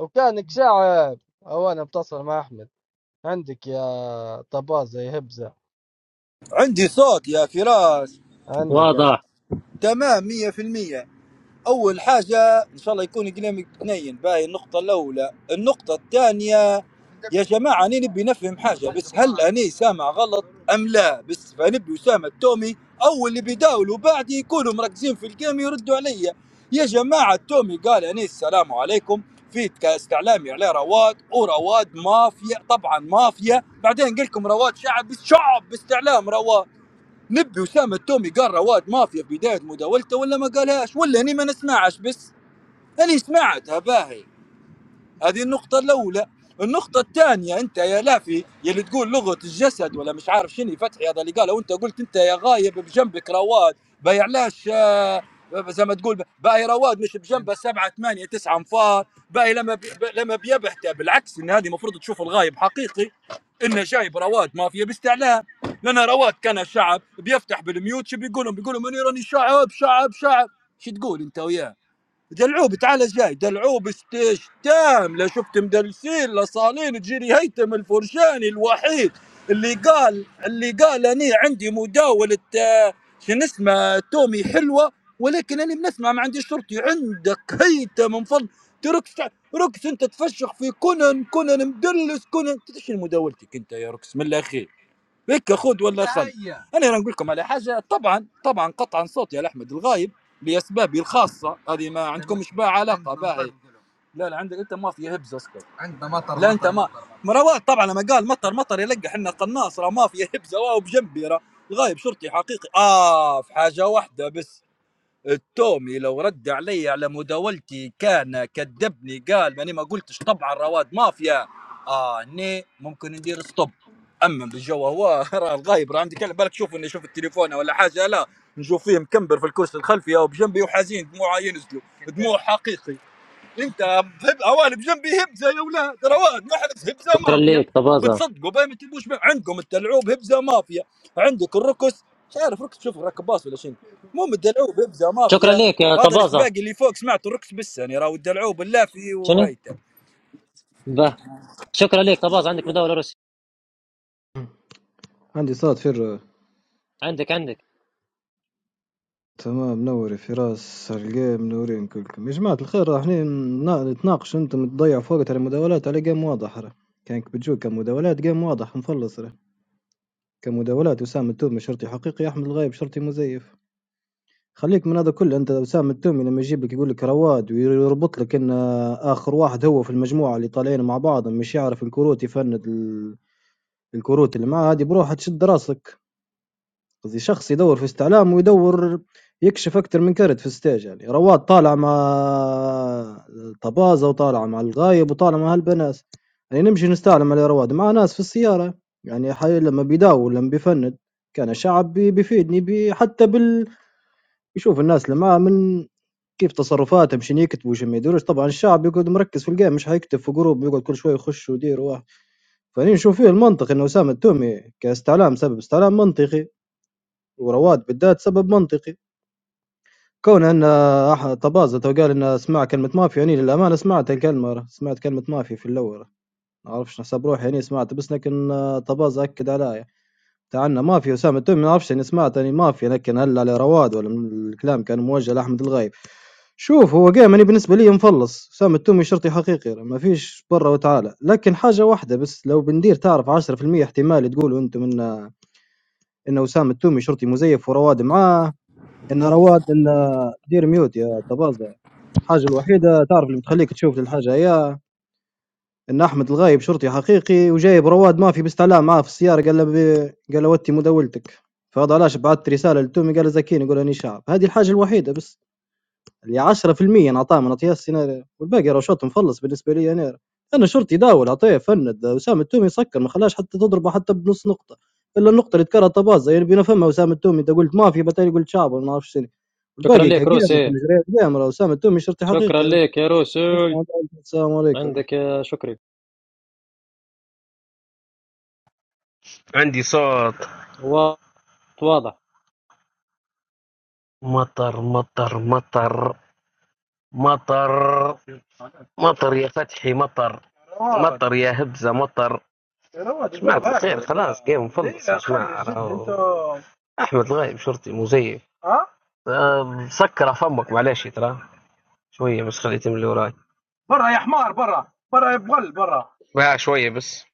Speaker 21: وكانك شعب او انا بتصل مع احمد عندك يا طبازة يا هبزة
Speaker 22: عندي صوت يا فراس
Speaker 21: عندك
Speaker 1: واضح
Speaker 21: يا
Speaker 22: تمام مية في المية اول حاجه ان شاء الله يكون كلامك بنين باهي النقطه الاولى النقطه الثانيه يا جماعه انا نبي نفهم حاجه بس هل انا سامع غلط ام لا بس فنبي اسامه التومي اول اللي بيداولوا بعدي يكونوا مركزين في الجيم يردوا عليا يا جماعه التومي قال انيس السلام عليكم في استعلامي عليه رواد ورواد مافيا طبعا مافيا بعدين قال لكم رواد شعب شعب باستعلام رواد نبي وسام التومي قال رواد مافيا في بدايه مداولته ولا ما قالهاش ولا اني ما نسمعش بس اني سمعتها باهي هذه النقطة الأولى النقطة الثانية أنت يا لافي يلي تقول لغة الجسد ولا مش عارف شنو فتحي هذا اللي قاله وأنت قلت أنت يا غايب بجنبك رواد بيعلاش آه، زي ما تقول باقي رواد مش بجنبه سبعة ثمانية تسعة انفار باقي لما بي ب- لما بيبحته بالعكس إن هذه المفروض تشوف الغايب حقيقي إنه جايب رواد مافيا باستعلام لأن رواد كان شعب بيفتح بالميوت شو بيقولهم بيقولهم أنا راني شعب شعب شعب شو تقول أنت وياه دلعوب تعال جاي دلعوب ستيج تام لا شفت مدلسين لا صالين تجيني هيثم الفرشاني الوحيد اللي قال اللي قال اني عندي مداولة آه، شنو اسمه تومي حلوة ولكن انا بنسمع ما عندي شرطي عندك هيثم من فضل تركس ركس انت تفشخ في كونن كونن مدلس كونن إنت ايش مداولتك انت يا ركس من الاخير هيك خذ ولا خل انا راه نقول لكم على حاجه طبعا طبعا قطعا صوتي على احمد الغايب لاسبابي الخاصه هذه ما عندنا عندكمش بها علاقه باعي لا لا عندك انت ما فيها هبز اسكت لا انت ما مطر مروان طبعا لما قال مطر مطر يلقى حنا قناص راه ما فيها هبزه واو بجنبي راه غايب شرطي حقيقي اه في حاجه واحده بس التومي لو رد علي على مداولتي كان كذبني قال ماني ما قلتش طبعا رواد مافيا اه ني ممكن ندير ستوب اما بالجو هو راه الغايب راه عندي كلام بالك شوف اني شوف التليفون ولا حاجه لا نشوف فيه مكمبر في الكرسي الخلفي او بجنبي وحزين دموعه ينزلوا دموع حقيقي انت هب اواني بجنبي هبزه يا اولاد ترى واحد محرز هبزه
Speaker 1: شكرا
Speaker 22: مافيا
Speaker 1: ليك طبازة
Speaker 22: بتصدقوا باين ما تبوش بيه. عندكم التلعوب هبزه مافيا عندك الركس مش عارف ركس شوف راكب باص ولا شنو المهم الدلعوب هبزه
Speaker 1: شكرا
Speaker 22: مافيا
Speaker 1: ليك يا
Speaker 22: هذا السباق
Speaker 1: طبازة
Speaker 22: اللي فوق سمعته الركس بس يعني راهو الدلعوب اللافي
Speaker 1: شنو؟
Speaker 22: وهيته
Speaker 1: به شكرا ليك طبازة عندك مداولة روسي
Speaker 25: عندي صوت فيرو
Speaker 1: عندك عندك
Speaker 25: تمام نوري فراس الجيم منورين كلكم يا جماعة الخير راه احنا نا- نتناقش انتم تضيعوا في وقت على مداولات على جيم واضح راه كانك بتجو كمداولات جيم واضح مفلص راه كمداولات وسام التومي شرطي حقيقي أحمد الغايب شرطي مزيف خلّيك من هذا كلّه، أنت وسام التُّهمي لمّا يجيب لك يقول لك رواد ويربط لك إن آخر واحد هو في المجموعة اللي طالعين مع بعضهم مش يعرف الكروت يفند ال الكروت اللي معاه، هذه بروحها تشد راسك، قصدي شخص يدوّر في استعلام ويدوّر يكشف أكتر من كرت في الstage يعني، رواد طالع مع طبازة وطالع مع الغايب وطالع مع هالبناس، يعني نمشي نستعلم على رواد مع ناس في السيارة، يعني حي لمّا بيداول لمّا بيفند كان شعب بي بيفيدني بي حتى بال يشوف الناس اللي معاه من كيف تصرفاتهم شنو يكتبوا وشنو ما يديروش طبعا الشعب يقعد مركز في الجيم مش حيكتب في جروب يقعد كل شويه يخش ويدير واحد فاني نشوف فيه المنطق انه اسامه التومي كاستعلام سبب استعلام منطقي ورواد بالذات سبب منطقي كون ان أح- طبازة تو قال انه سمع كلمه مافيا يعني للامانه سمعت الكلمه راه. سمعت كلمه مافيا في الاول ما اعرفش نحسب روحي يعني سمعت بس لكن آه، طبازة اكد عليا تعنا مافيا اسامه التومي ما اعرفش اني سمعت اني مافيا لكن هل على رواد ولا من الكلام كان موجه لاحمد الغايب شوف هو game أنا بالنسبة لي مفلّص، أسامة التومي شرطي حقيقي ما فيش برا وتعالى، لكن حاجة واحدة بس لو بندير تعرف 10% احتمال تقولوا أنتم إن إن أسامة التومي شرطي مزيف ورواد معاه، إن رواد إن دير ميوت يا طبازة، الحاجة الوحيدة تعرف اللي بتخليك تشوف الحاجة هي إن أحمد الغايب شرطي حقيقي وجايب رواد مافي باستعلام معاه في السيارة قال له ب قال له وتّي مداولتك، فهذا علاش بعثت رسالة للتومي قال له زكيني قول راني شعب، هذه الحاجة الوحيدة بس. اللي 10% نعطاه من عطياه السيناريو والباقي راه شوط مخلص بالنسبه لي انا انا شرطي داول عطيه فند اسامه التومي سكر ما خلاش حتى تضربه حتى بنص نقطه الا النقطه اللي تكرهت باز يعني بينا فما اسامه التومي انت قلت مافيا بتالي قلت شعب ما نعرفش شنو
Speaker 1: شكرا
Speaker 25: والباقي
Speaker 1: ليك
Speaker 25: كقيم انت
Speaker 1: روسي
Speaker 25: مجريات قيم راه اسامه التومي شرطي
Speaker 1: شكرا
Speaker 25: حقيقي راه
Speaker 1: ليك يا روسي
Speaker 25: اسمع داول. السلام عليكم
Speaker 1: عندك يا شكري
Speaker 28: عندي صوت
Speaker 1: وا- واضح
Speaker 28: مطر مطر مطر مطر مطر يا فتحي مطر رواد مطر يا هبزة مطر رواد جماعة الجو الخير هكذا خلاص يا جيم مفلص يا ليلى خلي جماعة الجد انت راهو أحمد الغايب شرطي مزيف ها أه، سكر فمك معلش ترى شوية بس خليه يتم اللي وراي برا يا حمار برا برا يا بغل برا بقى شوية بس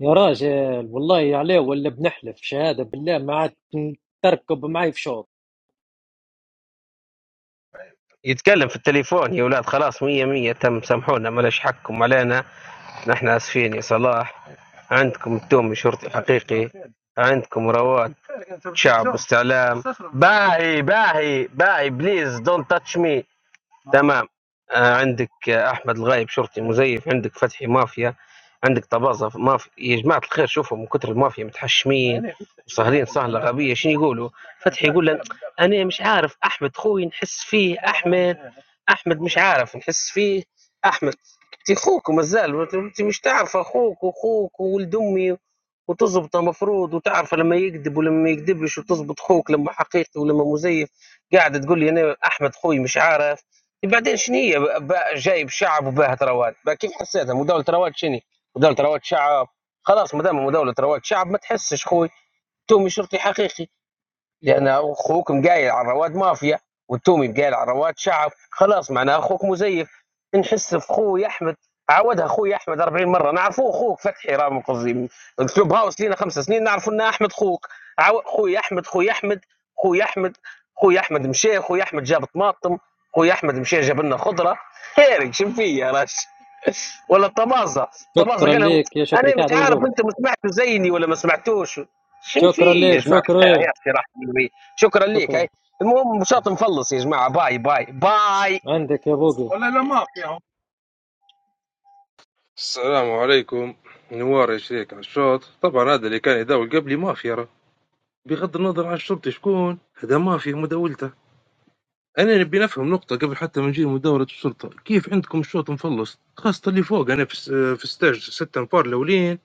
Speaker 1: يا راجل والله عليه ولا بنحلف شهادة بالله ما عاد تركب معي في شوط
Speaker 28: يتكلم في التليفون يا ولاد خلاص مية مية تم سامحونا ملاش حقكم علينا نحن آسفين يا صلاح عندكم تومي شرطي حقيقي عندكم رواد شعب واستعلام باهي باهي باهي بليز دونت تاتش مي آه. تمام آه، عندك آه، احمد الغايب شرطي مزيف عندك فتحي مافيا عندك طبازة مافيا يا جماعة الخير شوفوا من كثر المافيا متحشمين وسهرين سهلة غبية شنو يقولوا فتحي يقول لن انا مش عارف احمد خوي نحس فيه احمد احمد مش عارف نحس فيه احمد انت اخوك مازال انت مش تعرف اخوك واخوك وولد امي وتزبط مفروض وتعرف لما يكذب ولما ما يكذبش وتزبط خوك لما حقيقي ولما مزيف قاعد تقول لي انا احمد خوي مش عارف إيه بعدين شنو هي بقى جايب شعب وباهت رواد بقى كيف حسيتها مداوله رواد شنو مداوله رواد شعب خلاص ما دام مداوله رواد شعب ما تحسش خوي تومي شرطي حقيقي لان اخوك مقايل على رواد مافيا والتومي مقايل على رواد شعب خلاص معناه اخوك مزيف نحس في خوي احمد عودها اخوي احمد 40 مره نعرفوه اخوك فتحي راه من قصدي الكلوب هاوس لينا خمس سنين نعرفوا ان احمد خوك عو... خوي احمد خوي احمد خوي احمد خوي احمد مشى خوي احمد جاب طماطم خوي احمد مشى جاب لنا خضره هيرك شنو فيا راش ولا الطماطة الطماطة
Speaker 1: شكرا
Speaker 28: قال لهم
Speaker 1: ليك يا شكري
Speaker 28: انا مش
Speaker 1: قاعد أول
Speaker 28: عارف
Speaker 1: جولة
Speaker 28: انتم سمعتوا زيني ولا ما سمعتوش شم
Speaker 1: شكرا
Speaker 28: فيه يا
Speaker 1: ليك
Speaker 28: جماعه الخير هي
Speaker 1: شكري
Speaker 28: استراحه بالبيت شكرا ليك
Speaker 1: شكرا
Speaker 28: هاي المهم مشاط مخلص يا جماعه باي باي باي
Speaker 1: عندك يا بوقي
Speaker 28: ولا لا ما في
Speaker 10: السلام عليكم نوار يا شريك على الشوط طبعا هذا اللي كان يداول قبلي مافيا راه بغض النظر عن الشرطي شكون هذا مافيا مداولته أنا نبي نفهم نقطة قبل حتى ما نجي لمداولة السلطة، كيف عندكم الشوط مفلص؟ خاصة اللي فوق أنا في, س- في ستاج ستة أنفار الأولين،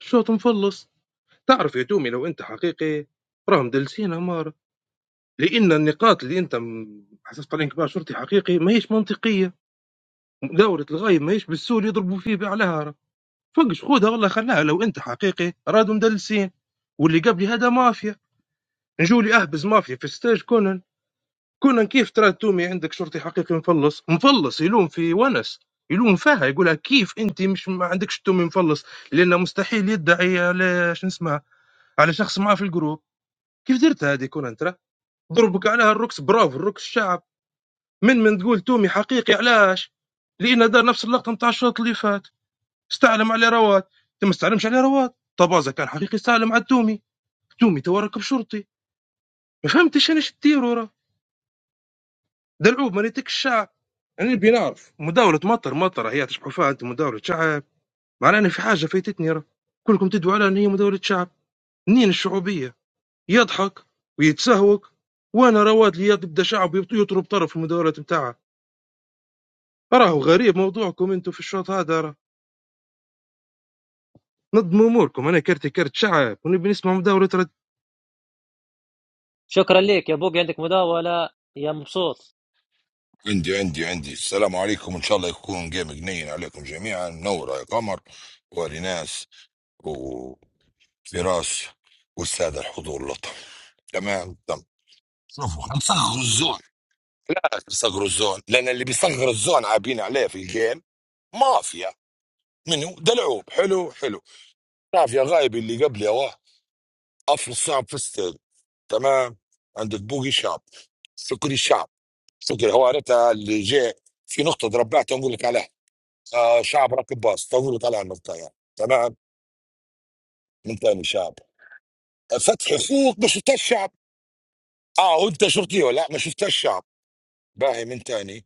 Speaker 10: الشوط مفلص، تعرف يا دومي لو أنت حقيقي راهم دلسين أمارة، لأن النقاط اللي أنت م- حسست عليهم كبار شرطي حقيقي ما هيش منطقية، مداولة الغايب ما هيش بالسوق اللي يضربوا فيه بأعلاها، راه. فقش خذها والله خلاها لو أنت حقيقي رادوا مدلسين، واللي قبلي هذا مافيا، نجولي أهبز مافيا في ستاج كونن كنا كيف ترى تومي عندك شرطي حقيقي مفلص مفلص يلوم في ونس يلوم فيها يقولها كيف انت مش ما عندكش تومي مفلص لانه مستحيل يدعي على شو اسمه على شخص معاه في الجروب كيف درت هذه كون ترى ضربك عليها الركس برافو الركس الشعب من من تقول تومي حقيقي علاش لان دار نفس اللقطه نتاع الشوط اللي فات استعلم على رواد انت ما استعلمش على رواد طبازه كان حقيقي استعلم على تومي تومي تو راكب شرطي ما فهمتش انا ايش تديروا دلعوب ما ريتك الشعب يعني نبي نعرف مداولة مطر مطر هي تشبحوا فيها انت مداولة شعب معناها أنا في حاجة فايتتني راه كلكم تدعوا على ان هي مداولة شعب منين الشعوبية يضحك ويتسهوك وانا رواد لي يبدا شعب يط- يطلب طرف في المداولات نتاعها راهو غريب موضوعكم انتم في الشوط هذا راه نظموا اموركم انا كرتي كرت شعب ونبي نسمع مداولة رد
Speaker 1: شكرا ليك يا بوقي عندك مداولة يا مبسوط
Speaker 26: عندي عندي عندي السلام عليكم ان شاء الله يكون جيم جنين عليكم جميعا منورة يا قمر وريناس وفراس والسادة الحضور اللطف تمام تمام شوفوا هنصغروا الزون صغروا الزون لان اللي بيصغر الزون عابين عليه في الجيم مافيا منو دلعوب حلو حلو مافيا غايب اللي قبلي اوه افرض صعب في الستيل تمام عندك بوقي شاب سكري شاب سكري هو عرفتها اللي جاي في نقطة ربعتها نقول لك عليها آه شعب راكب باص طول وطلع النقطة يعني تمام من تاني شعب فتح اخوك ما شفت الشعب اه وانت شرطي ولا لا ما شفت الشعب باهي من تاني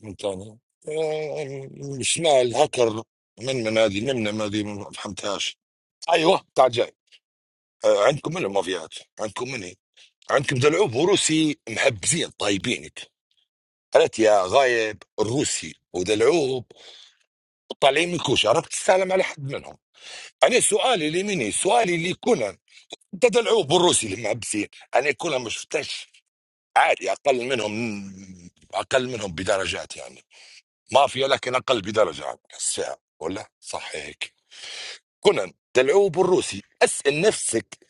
Speaker 26: من تاني آه شمال هكر من من هذه من من هذه ما فهمتهاش ايوه تعال جاي آه عندكم من المافيات عندكم من إيه؟ عندكم دلعوب وروسي محبزين طيبينك قالت يا غايب الروسي ودلعوب طالعين من كوشه عرفت تسلم على حد منهم انا سؤالي لمني سؤالي لكونان ده دلعوب والروسي اللي محبسين انا كلها ما شفتش عادي اقل منهم اقل منهم بدرجات يعني مافيا لكن اقل بدرجه عن الساعه ولا صح هيك كونان دلعوب والروسي اسال نفسك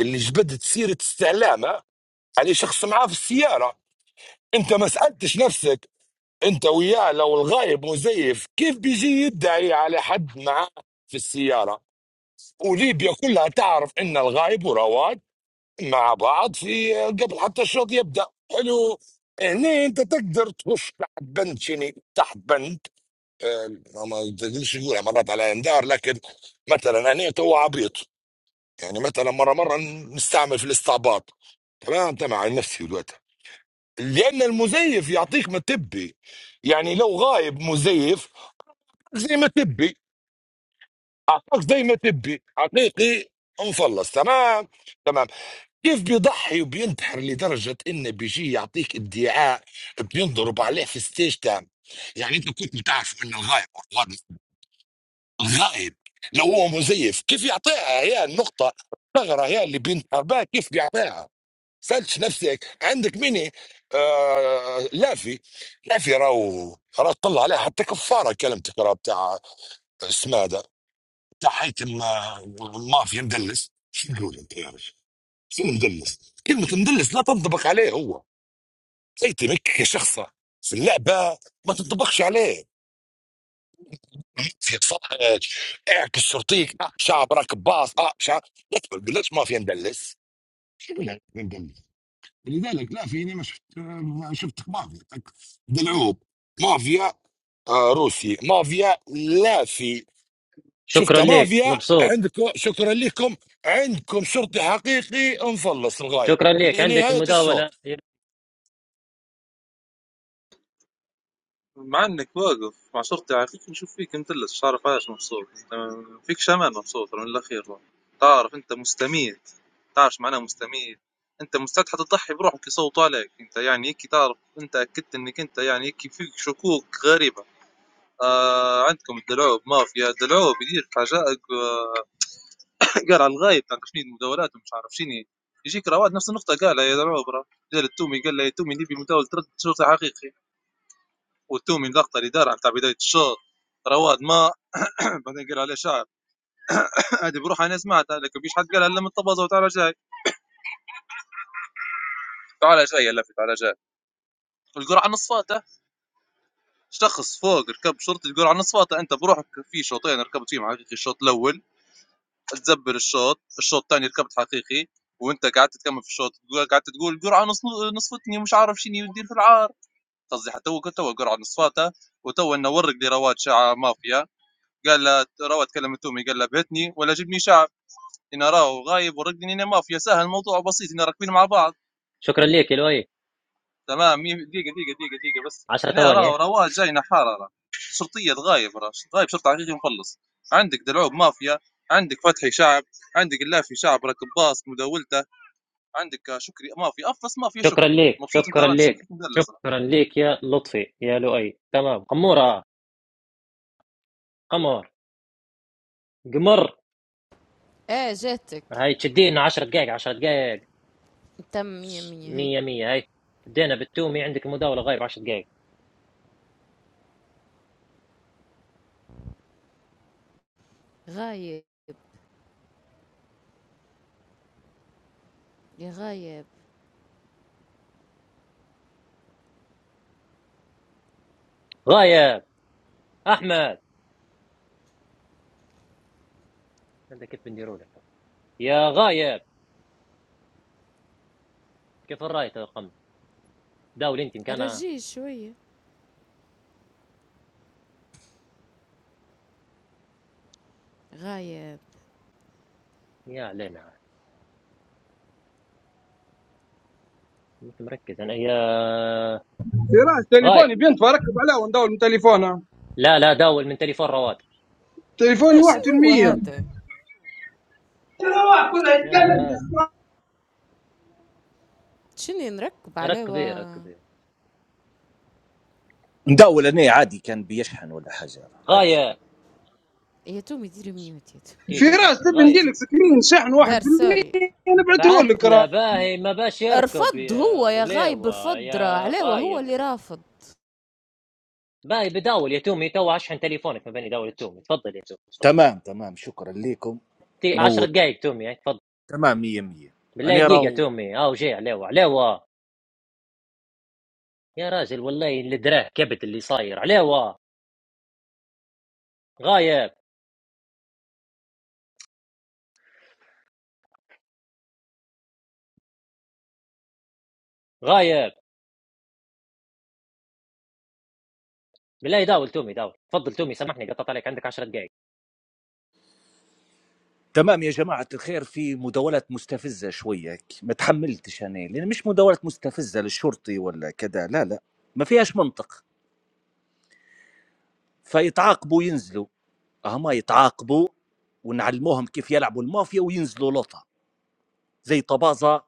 Speaker 26: اللي جبدت سيره استعلامه على شخص معاه في السياره انت ما سالتش نفسك انت وياه لو الغايب مزيف كيف بيجي يدعي على حد معاه في السياره وليبيا كلها تعرف ان الغايب ورواد مع بعض في آه، قبل حتى الشوط يبدا حلو هنا انت تقدر تخش تحت بند شنو تحت بند آه، ما تقدرش نقولها مرات على اندار لكن مثلا انا تو عبيط يعني مثلا مره مره نستعمل في الاستعباط تمام انت مع نفسي دلوقتي لان المزيف يعطيك ما تبي يعني لو غايب مزيف زي ما تبي اعطاك زي ما تبي حقيقي مفلص تمام تمام كيف بيضحي وبينتحر لدرجة إنه بيجي يعطيك ادعاء بينضرب عليه في ستيج تام يعني أنت كنت بتعرف إنه الغائب والغائب الغائب لو هو مزيف كيف يعطيها هي النقطة الثغرة هي اللي بينتحر بها كيف بيعطيها سألتش نفسك عندك ميني آه لافي لافي راهو راه طلع عليها حتى كفارة كلمتك راه بتاع اسمه هذا بتاع حيتم آه، مافيا مدلس شو نقول انت يا رجل شو مدلس؟ كلمة مدلس لا تنطبق عليه هو زي تمك كشخصة في اللعبة ما تنطبقش عليه في اتفرج اعكس شرطيك اه شعب راكب باص اه شعب لا تقولش ما في مدلس شو يعني مدلس؟ لذلك لا فيني ما شفت ما شفت مافيا دلعوب مافيا آه روسي مافيا لا في شفت
Speaker 1: شكرا ليك
Speaker 26: مافيا
Speaker 1: مبسوط
Speaker 26: عندكم شكرا لكم عندكم شرطي حقيقي مفلص الغايب
Speaker 1: شكرا لك عندك
Speaker 26: لنهاية الشوط
Speaker 1: المداولة
Speaker 23: مع انك واقف مع شرطي عفيك نشوف فيك مدلس مش عارف عايش مبسوط أنت ما فيكش امان مبسوط من الاخير تعرف انت مستميت تعرف شو معناه مستميت انت مستعد حتى تضحي بروحك يصوتوا عليك انت يعني هيك تعرف انت اكدت انك انت يعني هيك فيك شكوك غريبه آه عندكم الدلعوب مافيا الدلعوب يدير حاجائك آه، قال على الغايب تاع شنو المداولات ومش عارف شنو يجيك رواد نفس النقطه قالها يا دلعوب راه قال التومي قال له يا تومي نبي مداول ترد شرطي حقيقي وتومي لقطه اللي دارها نتاع بدايه الشوط رواد ما بعدين قال عليه شعب هذه بروحها انا سمعتها لكن مش حد قالها الا من طبازه وتعالى جاي تعالى جاي لفت تعالى جاي القرعه نص فاته شخص فوق ركب شرطي القرعه نص فاته انت بروحك في شوطين ركبت فيهم حقيقي الشوط الاول تزبر الشوط الشوط الثاني ركبت حقيقي وانت قعدت تكمل في الشوط تقول- قعدت تقول القرعه نص نصفتني ومش عارف شنو يدير في العار قصدي حتى هو تو القرعه نص فاته وتو انه ورق لرواد شعر مافيا قال له رواد كلم تومي قال له بهتني ولا جبني شعر إن راه غايب ورقني أنا مافيا سهل الموضوع بسيط إن راكبين مع بعض
Speaker 1: شكرا لك يا لؤي
Speaker 23: تمام مي- دقيقة دقيقة دقيقة دقيقة بس
Speaker 1: 10
Speaker 23: أنا
Speaker 1: ثواني
Speaker 23: راه
Speaker 1: إيه.
Speaker 23: رواد جاي نحارة راه شرطية غايب راه غايب شرطة حقيقي مخلص عندك دلعوب مافيا عندك فتحي شعب عندك اللافي شعب راكب باص مداولته عندك شكري مافيا أفس مافيا
Speaker 1: شكرا
Speaker 23: شكري
Speaker 1: لك
Speaker 23: مبسوط أنت
Speaker 1: شكرا
Speaker 23: راني
Speaker 1: لك
Speaker 23: شكلك مدلس راه
Speaker 1: شكرا لك يا لطفي يا لؤي تمام قمورة قمر قمر
Speaker 7: اه جاتك
Speaker 1: هاي تشدينا 10 دقائق 10 دقائق
Speaker 7: تم مية مية هاي
Speaker 1: مية مية هاي بدينا بالتومي عندك مداولة غايب 10 دقائق
Speaker 7: غايب يا غايب
Speaker 1: غايب أحمد هذا كيف بنديروا لك يا غايب كيف الرايت يا قمر داول أنت مكانها
Speaker 7: رجيه شوية غايب
Speaker 1: يا علينا أنت مركز أنا يا
Speaker 24: فراس
Speaker 1: غايب
Speaker 24: تليفوني بنت بركب عليه وندور من تليفونه
Speaker 1: لا لا داول من تليفون رواد
Speaker 24: تليفوني
Speaker 7: لا شن هو هذا
Speaker 1: يا
Speaker 24: 1%
Speaker 1: راد
Speaker 7: شني نركب عليه و...
Speaker 1: ركبي ركبي
Speaker 19: نداول أنا عادي كان بيشحن ولا حاجة عادي
Speaker 1: غايب
Speaker 7: يا تومي ديري ميوت يا تومي
Speaker 1: دقيقة
Speaker 24: فراس
Speaker 1: بس
Speaker 24: تبي
Speaker 1: غايب
Speaker 7: جديد
Speaker 24: نديلك سكرين شحن
Speaker 7: دار
Speaker 24: 1%
Speaker 7: سوري
Speaker 24: نبعته
Speaker 1: بعت
Speaker 24: لك
Speaker 1: له
Speaker 24: راه
Speaker 1: باهي ما باش يركب
Speaker 7: رفض
Speaker 1: يا
Speaker 7: هو يا غايب
Speaker 1: غليوة
Speaker 7: رفض راه
Speaker 1: يا
Speaker 7: عليه هو
Speaker 1: غايب
Speaker 7: اللي رافض
Speaker 1: باهي بداول يا تومي تو اشحن تليفونك ما بين يداول التومي تفضل يا تومي تفضل
Speaker 19: تمام تمام شكرا لكم
Speaker 1: دقيقة، عشر
Speaker 19: نور
Speaker 1: دقايق تومي هاي تفضل
Speaker 19: تمام مية مية
Speaker 1: بالله
Speaker 19: أنا
Speaker 1: دقيقة
Speaker 19: راو
Speaker 1: تومي هاو جاي عليوة عليوة يا راجل والله اللي دراه كبت اللي صاير عليوة غايب غايب بالله يداول تومي داول تفضل تومي سامحني قطعت عليك عندك عشر دقايق
Speaker 19: تمام يا جماعة الخير في مداولات مستفزة شوية هيك، ما تحملتش أنا لأن مش مداولات مستفزة للشرطي ولا كذا لا لا ما فيهاش منطق فيتعاقبوا ينزلوا هما يتعاقبوا ونعلموهم كيف يلعبوا المافيا وينزلوا لوطة زي طبازة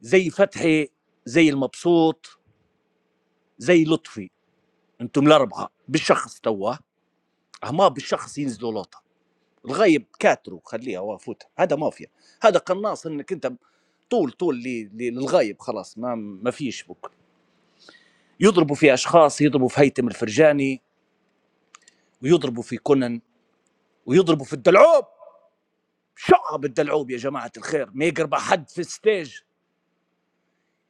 Speaker 19: زي فتحي زي المبسوط زي لطفي انتم الأربعة بالشخص توا هما بالشخص ينزلوا لوطة الغيب كاتره خليها وافوت هذا مافيا هذا قناص انك انت طول طول لي- لي- للغايب خلاص ما ما فيش بك يضربوا في اشخاص يضربوا في هيثم الفرجاني ويضربوا في كونان ويضربوا في الدلعوب شعب الدلعوب يا جماعه الخير ما يقرب حد في الستيج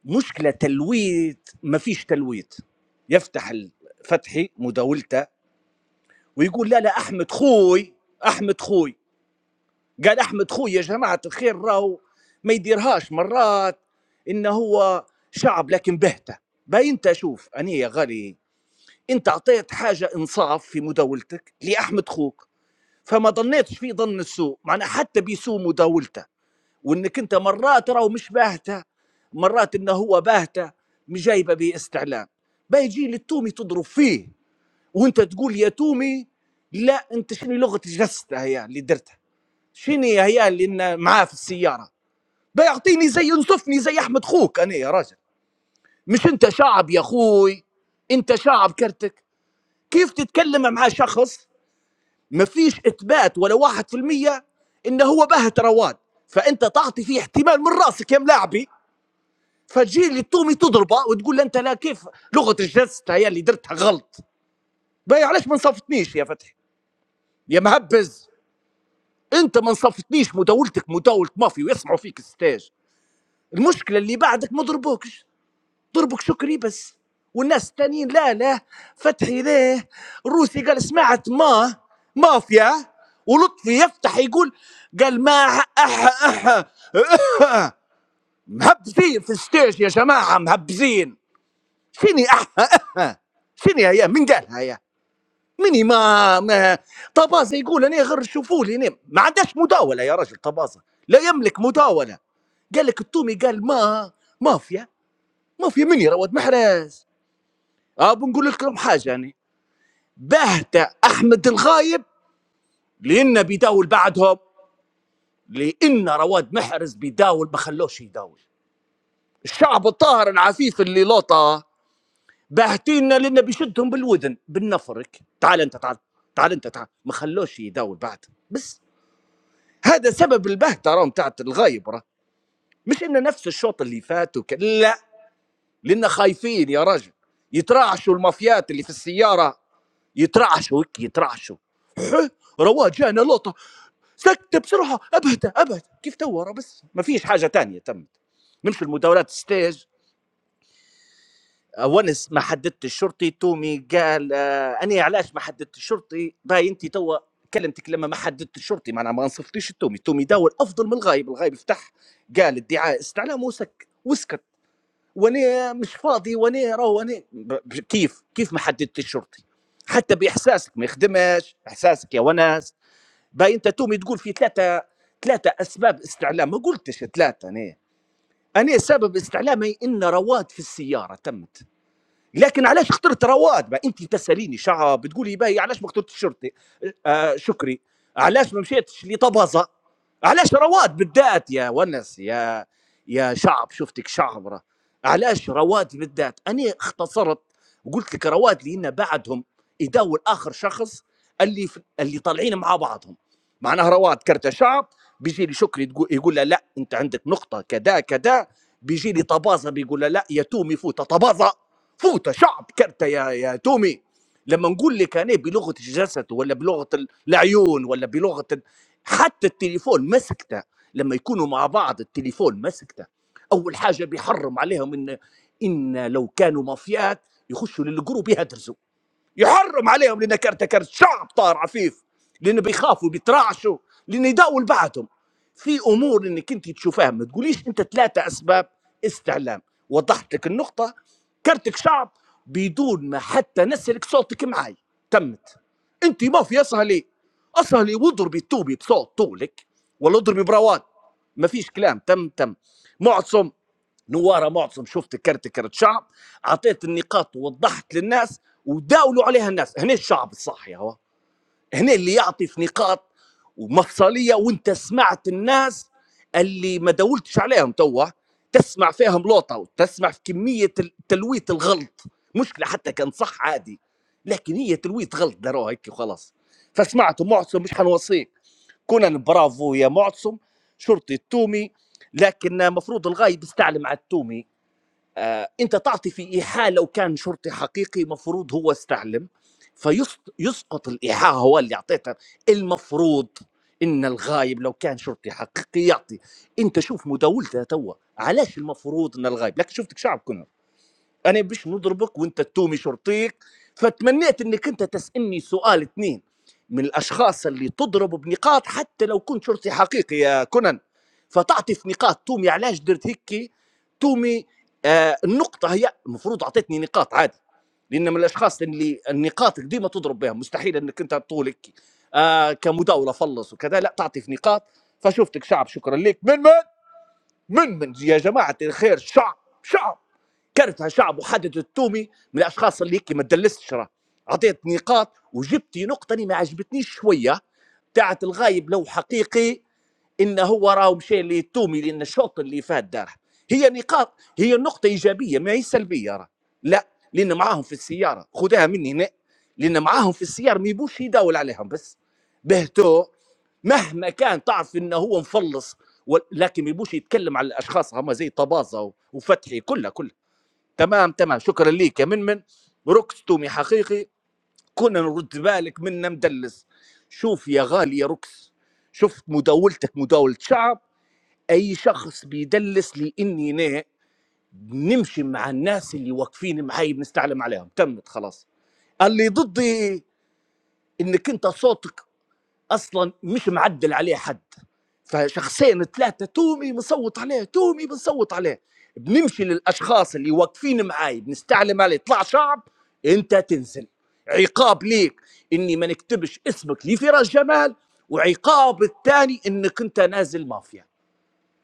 Speaker 19: مشكله تلويت ما فيش تلويت يفتح الفتحي مداولته ويقول لا لا احمد خوي احمد خوي قال احمد خوي يا جماعه الخير راهو ما يديرهاش مرات ان هو شعب لكن بهته باي انت شوف اني يا غالي انت اعطيت حاجه انصاف في مداولتك لاحمد خوك فما ظنيتش في ظن السوء معناها حتى بسوء مداولته وانك انت مرات راهو مش باهته مرات انه هو باهته مش جايبه باستعلام باي يجي للتومي تضرب فيه وانت تقول يا تومي لا انت شنو لغه جسته هي اللي درتها شنو هي اللي إن- معاه في السياره بيعطيني زي ينصفني زي احمد خوك انا يا راجل مش انت شعب يا اخوي انت شعب كرتك كيف تتكلم مع شخص ما فيش اثبات ولا واحد في المية انه هو بهت رواد فانت تعطي فيه احتمال من راسك يا ملاعبي فتجي لي التومي تضربه وتقول له انت لا كيف لغه الجسد هي اللي درتها غلط باي علاش ما نصفتنيش يا فتحي يا مهبز انت ما نصفتنيش مداولتك مداولة مافيا ويسمعوا فيك الستاج المشكله اللي بعدك ما ضربوكش ضربك شكري بس والناس التانيين لا لا فتحي ليه الروسي قال سمعت ما مافيا ولطفي يفتح يقول قال ما أح أح أح أح مهبزين في الستيج يا جماعة مهبزين شني أح أح شني هيا من قالها هيا مني ما, ما طبازة يقول أنا غير شوفوا لي نم ما عندهاش مداولة يا رجل طبازة لا يملك مداولة قال لك التومي قال ما مافيا ما في من يا رواد محرز اه بنقول لكم حاجه يعني بهت احمد الغايب لانه بيداول بعدهم لان رواد محرز بيداول ما خلوش يداول الشعب الطاهر العفيف اللي لوطه باهتينا لانه بيشدهم بالودن بالنفرك تعال انت تعال تعال انت تعال ما خلوش يداول بعد بس هذا سبب البهته راهم تاعت الغايب راه مش انه نفس الشوط اللي فات وك... لا لان خايفين يا رجل يتراعشوا المافيات اللي في السياره يترعشوا هيك يترعشوا رواج جانا لقطه سكت بسرعه ابهت ابهت كيف تو ورا بس ما فيش حاجه تانية تمت نمشي المداولات ستيج ونس ما حددت الشرطي تومي قال آه، انا علاش ما حددت الشرطي باي انت توا كلمتك لما ما حددت الشرطي معناها ما نصفتيش التومي التومي داول افضل من الغايب الغايب فتح قال ادعاء استعلام وسك وسكت وانا مش فاضي وانا راهو وانا ب- ب- كيف كيف ما حددت الشرطي حتى باحساسك ما يخدمش احساسك يا ونس باي انت تومي تقول في ثلاثه ثلاثه اسباب استعلام ما قلتش ثلاثه انا انا سبب استعلامي ان رواد في السياره تمت لكن علاش اخترت رواد بقى انت تساليني شعب بتقولي باهي علاش ما اخترتش شرطي آه آه، شكري علاش ما مشيتش لطبزه علاش رواد بالذات يا ونس يا يا شعب شفتك شعبره علاش رواد بالذات انا اختصرت وقلت لك رواد لان بعدهم يداول اخر شخص اللي في اللي طالعين مع بعضهم معناها رواد كرت شعب بيجي لي شكري تقو- يقول له لا انت عندك نقطه كذا كذا بيجي لي طبازه بيقول له لا يتوم يفوت طبازه فوت شعب كرتة يا يا تومي لما نقول لك انا بلغه جسده ولا بلغه ال- العيون ولا بلغه ال- حتى التليفون مسكته لما يكونوا مع بعض التليفون مسكته اول حاجه بيحرم عليهم ان ان لو كانوا مافيات يخشوا للجروب يهدرسوا يحرم عليهم لانك كرت شعب طار عفيف لانه بيخافوا بيترعشوا لانه يداول بعدهم في امور انك انت تشوفها ما تقوليش انت ثلاثه اسباب استعلام وضحت لك النقطه كرتك شعب بدون ما حتى نسلك صوتك معاي تمت انت ما في اسهلي اسهلي واضربي التوبي بصوت طولك ولا اضربي براوات ما فيش كلام تم تم معصم نواره معتصم شفت كرت كرت شعب اعطيت النقاط ووضحت للناس وداولوا عليها الناس هنا الشعب الصاحي هو هنا اللي يعطي في نقاط ومفصليه وانت سمعت الناس اللي ما داولتش عليهم توا تسمع فيهم لوطه وتسمع في كميه ال- تلويت الغلط مشكله حتى كان صح عادي لكن هي تلويت غلط داروها هيك وخلاص فسمعت معتصم مش حنوصيك كنا برافو يا معتصم شرطي التومي لكن المفروض الغايب يستعلم على التومي آه، انت تعطي في ايحاء لو كان شرطي حقيقي مفروض هو استعلم فيسقط الايحاء هو اللي اعطيته المفروض ان الغايب لو كان شرطي حقيقي يعطي انت شوف مداولته توا علاش المفروض ان الغايب لكن شفتك شعب كنا انا بش نضربك وانت تتومي شرطيك فتمنيت انك انت تسالني سؤال اثنين من الاشخاص اللي تضربوا بنقاط حتى لو كنت شرطي حقيقي يا كنن فتعطي في نقاط تومي علاش درت هيك تومي آه النقطه هي المفروض اعطيتني نقاط عادي لان من الاشخاص اللي النقاط ديما تضرب بها مستحيل انك انت طولك آه كمداوله فلص وكذا لا تعطي في نقاط فشفتك شعب شكرا لك من من من من يا جماعه الخير شعب شعب كرتها شعب وحدد التومي من الاشخاص اللي هيك ما تدلسش راه اعطيت نقاط وجبتي نقطه اللي ما عجبتنيش شويه بتاعت الغايب لو حقيقي ان هو راهو مشى للتومي لان الشوط اللي فات داره هي نقاط هي نقطه ايجابيه ما هي سلبيه راه لا لان معاهم في السياره خدها مني هنا لان معاهم في السياره ما يبوش يداول عليهم بس بهتو مهما كان تعرف انه هو مفلص ول- لكن ما يبوش يتكلم على الاشخاص هما زي طبازه و- وفتحي كلها كلها تمام تمام شكرا ليك يا من من ركس تومي حقيقي كنا نرد بالك منا مدلس شوف يا غالي يا ركس شفت مداولتك مداولة شعب أي شخص بيدلس لإني أنا نمشي مع الناس اللي واقفين معي بنستعلم عليهم تمت خلاص اللي ضدي إنك أنت صوتك اصلا مش معدل عليه حد فشخصين ثلاثه تومي بنصوت عليه تومي بنصوت عليه بنمشي للاشخاص اللي واقفين معاي بنستعلم عليه طلع شعب انت تنزل عقاب ليك اني ما نكتبش اسمك لفراس جمال وعقاب الثاني انك انت نازل مافيا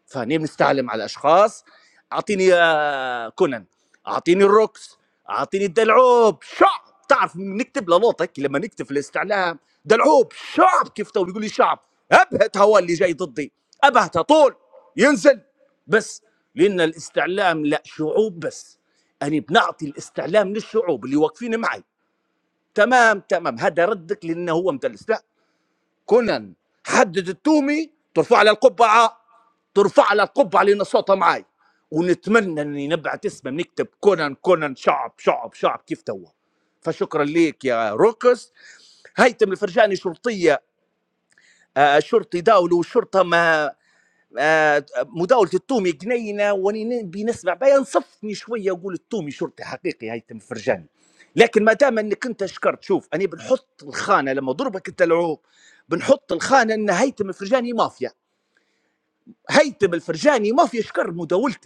Speaker 19: فهني بنستعلم على اشخاص اعطيني آه، كونان اعطيني الروكس اعطيني الدلعوب شعب تعرف نكتب لنوتك لما نكتب في الاستعلام دلعوب شعب كيف تو بيقول لي شعب ابهت هو اللي جاي ضدي ابهته طول ينزل بس لان الاستعلام لا شعوب بس أنا بنعطي الاستعلام للشعوب اللي واقفين معي تمام تمام هذا ردك لانه هو مدلس لا كونان حدد التومي ترفع على القبعه ترفع لها القبه على ان صوتها معاي ونتمنى اني نبعت اسمه نكتب كونان كونان شعب شعب شعب كيف توا فشكرا ليك يا روكس هيثم الفرجاني شرطيه آه، شرطي داول وشرطه ما آه، مداولة التومي جنينة واني نبي نسمع بيان صفني شوية وقول التومي شرطي حقيقي هيثم الفرجاني لكن ما دام انك انت شكرت شوف انا بنحط الخانة لما ضربك انت العوب بنحط الخانة ان هيثم الفرجاني مافيا هيثم الفرجاني مافيا شكر مداولتي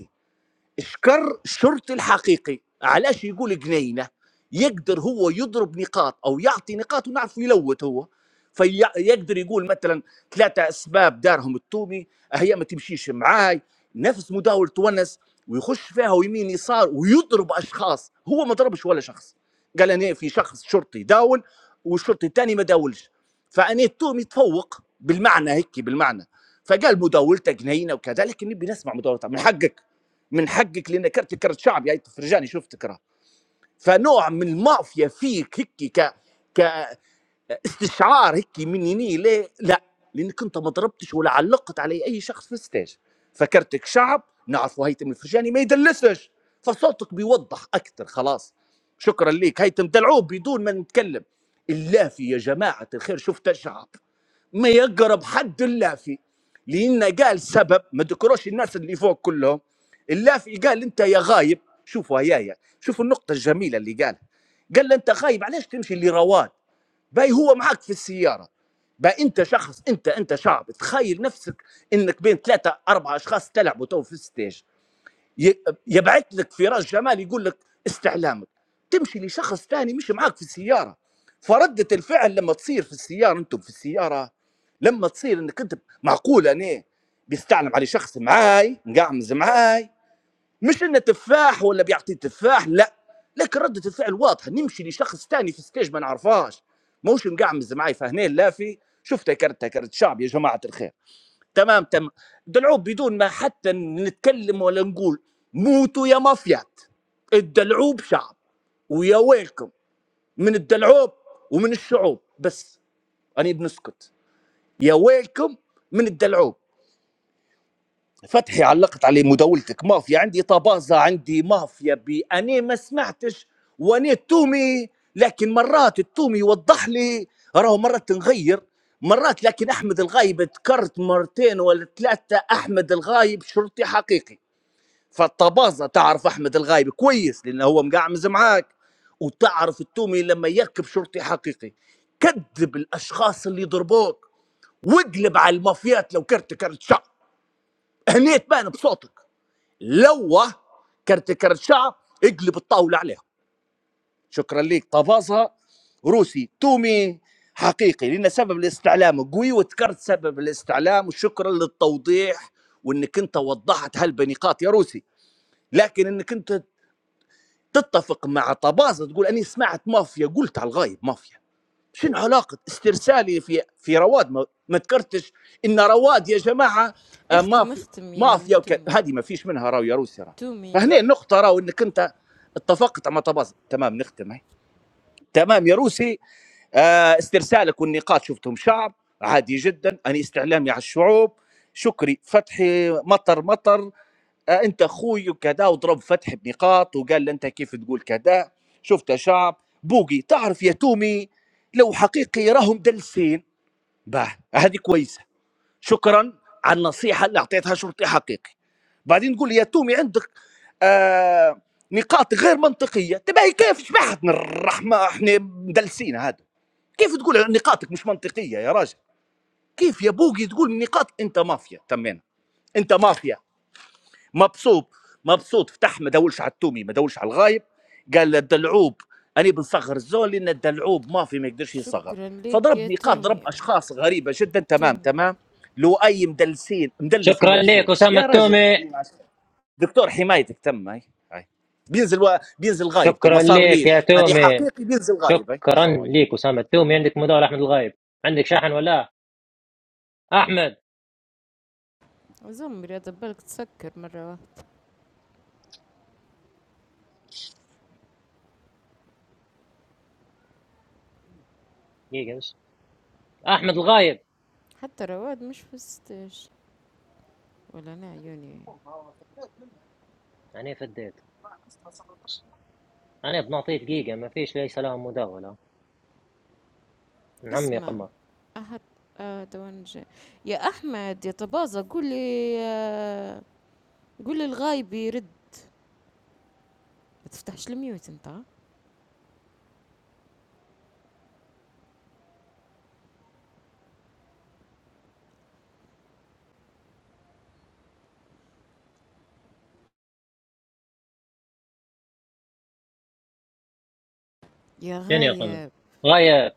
Speaker 19: شكر الشرطي الحقيقي علاش يقول جنينه يقدر هو يضرب نقاط او يعطي نقاط ونعرف يلوت هو فيقدر يقول مثلا ثلاثه اسباب دارهم التومي هي ما تمشيش معاي نفس مداول تونس ويخش فيها ويمين يسار ويضرب اشخاص هو ما ضربش ولا شخص قال انا في شخص شرطي داول والشرطي الثاني ما داولش فانا التومي تفوق بالمعنى هيك بالمعنى فقال مداولته جنينه وكذا لكن نبي نسمع مداولته من حقك من حقك لان كرت كرت شعبي هاي تفرجاني شفتك راه فنوع من المافيا فيك هيك ك ك استشعار هيك من يني ليه لا لانك انت ما ضربتش ولا علقت علي اي شخص في الستاج فكرتك شعب نعرفوا هيثم الفرجاني ما يدلسش فصوتك بيوضح اكثر خلاص شكرا ليك هيثم دلعوب بدون ما نتكلم الافي يا جماعه الخير شفت الشعب ما يقرب حد اللافي لأنه قال سبب ما ذكروش الناس اللي فوق كلهم اللافي قال أنت يا غايب شوفوا يا يا شوفوا النقطة الجميلة اللي قالها قال له أنت غايب علاش تمشي لرواد باي هو معك في السيارة باي أنت شخص أنت أنت شعب تخيل نفسك أنك بين ثلاثة أربعة أشخاص تلعبوا تو في الستيج ي- يبعث لك في راس جمال يقول لك استعلامك تمشي لشخص ثاني مش معاك في السياره فردة الفعل لما تصير في السياره انتم في السياره لما تصير انك انت معقول انا بيستعلم على شخص معاي مقعمز معاي مش انه تفاح ولا بيعطي تفاح لا لكن ردة الفعل واضحه نمشي لشخص ثاني في الستيج ما نعرفهاش موش مقعمز معاي فهنا لا في شفتها كرتها كرت شعب يا جماعه الخير تمام تمام دلعوب بدون ما حتى نتكلم ولا نقول موتوا يا مافيات الدلعوب شعب ويا ويلكم من الدلعوب ومن الشعوب بس أنا بنسكت يا ويلكم من الدلعوب فتحي علقت عليه مداولتك مافيا عندي طبازة عندي مافيا بي أنا ما سمعتش وأنا التومي لكن مرات التومي يوضح لي راهو مرات تنغير مرات لكن أحمد الغايب تكرت مرتين ولا ثلاثة أحمد الغايب شرطي حقيقي فالطبازة تعرف أحمد الغايب كويس لأنه هو مقعمز معاك وتعرف التومي لما يركب شرطي حقيقي كذب الأشخاص اللي ضربوك واقلب على المافيات لو كرت كرت شعب هني تبان بصوتك لوه كرت كرت شعب اقلب الطاولة عليها شكرا ليك طبازها روسي تومي حقيقي لأن سبب الاستعلام قوي وذكرت سبب الاستعلام وشكرا للتوضيح وانك انت وضحت هالبنقاط يا روسي لكن انك انت تتفق مع طبازة تقول اني سمعت مافيا قلت على الغايب مافيا شنو علاقة استرسالي في في رواد ما, ما ذكرتش ان رواد يا جماعة آه،
Speaker 7: اختم
Speaker 19: مافيا
Speaker 7: اختم يا
Speaker 19: مافيا وك-
Speaker 7: تومي
Speaker 19: هذه ما فيش منها راهو يا روسي راهو
Speaker 7: تومي
Speaker 19: فهنا النقطة راهو انك انت اتفقت مع طباز تمام نختم هي. تمام يا روسي آه، استرسالك والنقاط شفتهم شعب عادي جدا أنا استعلامي على الشعوب شكري فتحي مطر مطر آه، انت اخوي وكذا وضرب فتح بنقاط وقال له انت كيف تقول كذا شفت يا شعب بوقي تعرف يا تومي لو حقيقي راهم دلسين باه هذه كويسه شكرا على النصيحه اللي اعطيتها شرطي حقيقي بعدين تقول لي يا تومي عندك آه نقاط غير منطقيه تبعي كيف شبحتنا الرحمه احنا مدلسين هذا كيف تقول نقاطك مش منطقيه يا راجل كيف يا بوقي تقول نقاط انت مافيا تمينا انت مافيا مبسوط مبسوط فتح ما دولش على التومي ما دولش على الغايب قال الدلعوب انا بنصغر الزول لان الدلعوب ما في ما يقدرش يصغر
Speaker 7: شكرا ليك يا
Speaker 19: فضرب نقاط ضرب
Speaker 7: تومي
Speaker 19: اشخاص غريبه جدا تمام
Speaker 7: تومي
Speaker 19: تمام لؤي مدلسين مدلس
Speaker 1: شكرا لك
Speaker 19: المبسوط
Speaker 1: أسامة
Speaker 19: يا راجل
Speaker 1: تومي
Speaker 19: أنا ما عرفت. دكتور حمايتك تم هاي هاي بينزل و... بينزل غايب تو ما
Speaker 1: شكرا
Speaker 19: صار
Speaker 1: ليك يا
Speaker 19: ليش انا
Speaker 1: تومي
Speaker 19: حقيقي بينزل غايب هاي
Speaker 1: شكرا
Speaker 19: السلام عليكم
Speaker 1: ليك أسامة تومي عندك مدار أحمد الغايب عندك شاحن ولا أحمد
Speaker 7: زمري هذا بالك تسكر مرة واحدة
Speaker 1: دقيقة بس أحمد الغايب
Speaker 7: حتى رواد مش في الستاج ولا أنا عيوني
Speaker 1: أنا فديت أنا بنعطيه دقيقة ما فيش لي سلام مداولة من عمي يا
Speaker 7: اسمع
Speaker 1: قمر
Speaker 7: أحد آه دوان جاي. يا أحمد يا طبازة قولي آه قولي الغايب يرد ما تفتحش الميوت انت ها؟ يا
Speaker 1: فين يا قمر
Speaker 7: غايب
Speaker 1: غايب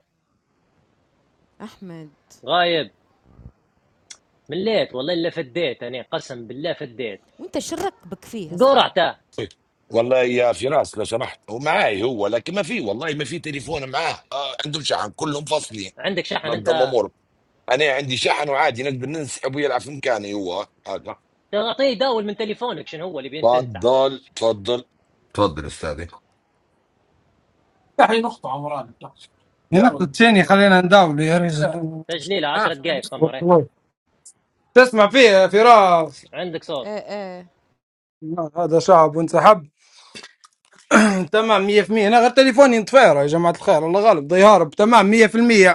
Speaker 7: أحمد
Speaker 1: غايب مليت والله إلا فديت أنا قسم بالله فديت
Speaker 7: وانت شرك بك فيه أصلا
Speaker 1: قرعته
Speaker 26: طيب. والله يا فراس لو سمحت هو معاي هو لكن ما في والله ما في تليفون معاه آه عندهم شحن كلهم فصلي
Speaker 1: عندك شحن
Speaker 26: نظم
Speaker 1: أنت
Speaker 26: امورك انا عندي شحن وعادي نقدر ننسحب ويلعب في مكاني هو هذا
Speaker 1: تعطيه داول من تليفونك شنو هو اللي بين تنسحب
Speaker 26: تفضل تفضل تفضل استاذي الثانية خلينا نداول يا رجال
Speaker 1: تجليله 10 دقائق قمر إيه.
Speaker 26: تسمع فيه يا فراس
Speaker 1: عندك صوت
Speaker 7: آه آه
Speaker 26: هذا شعب وانسحب تمام 100% انا غير تليفوني انطفير يا جماعة الخير الله غالب ضيهارب تمام 100%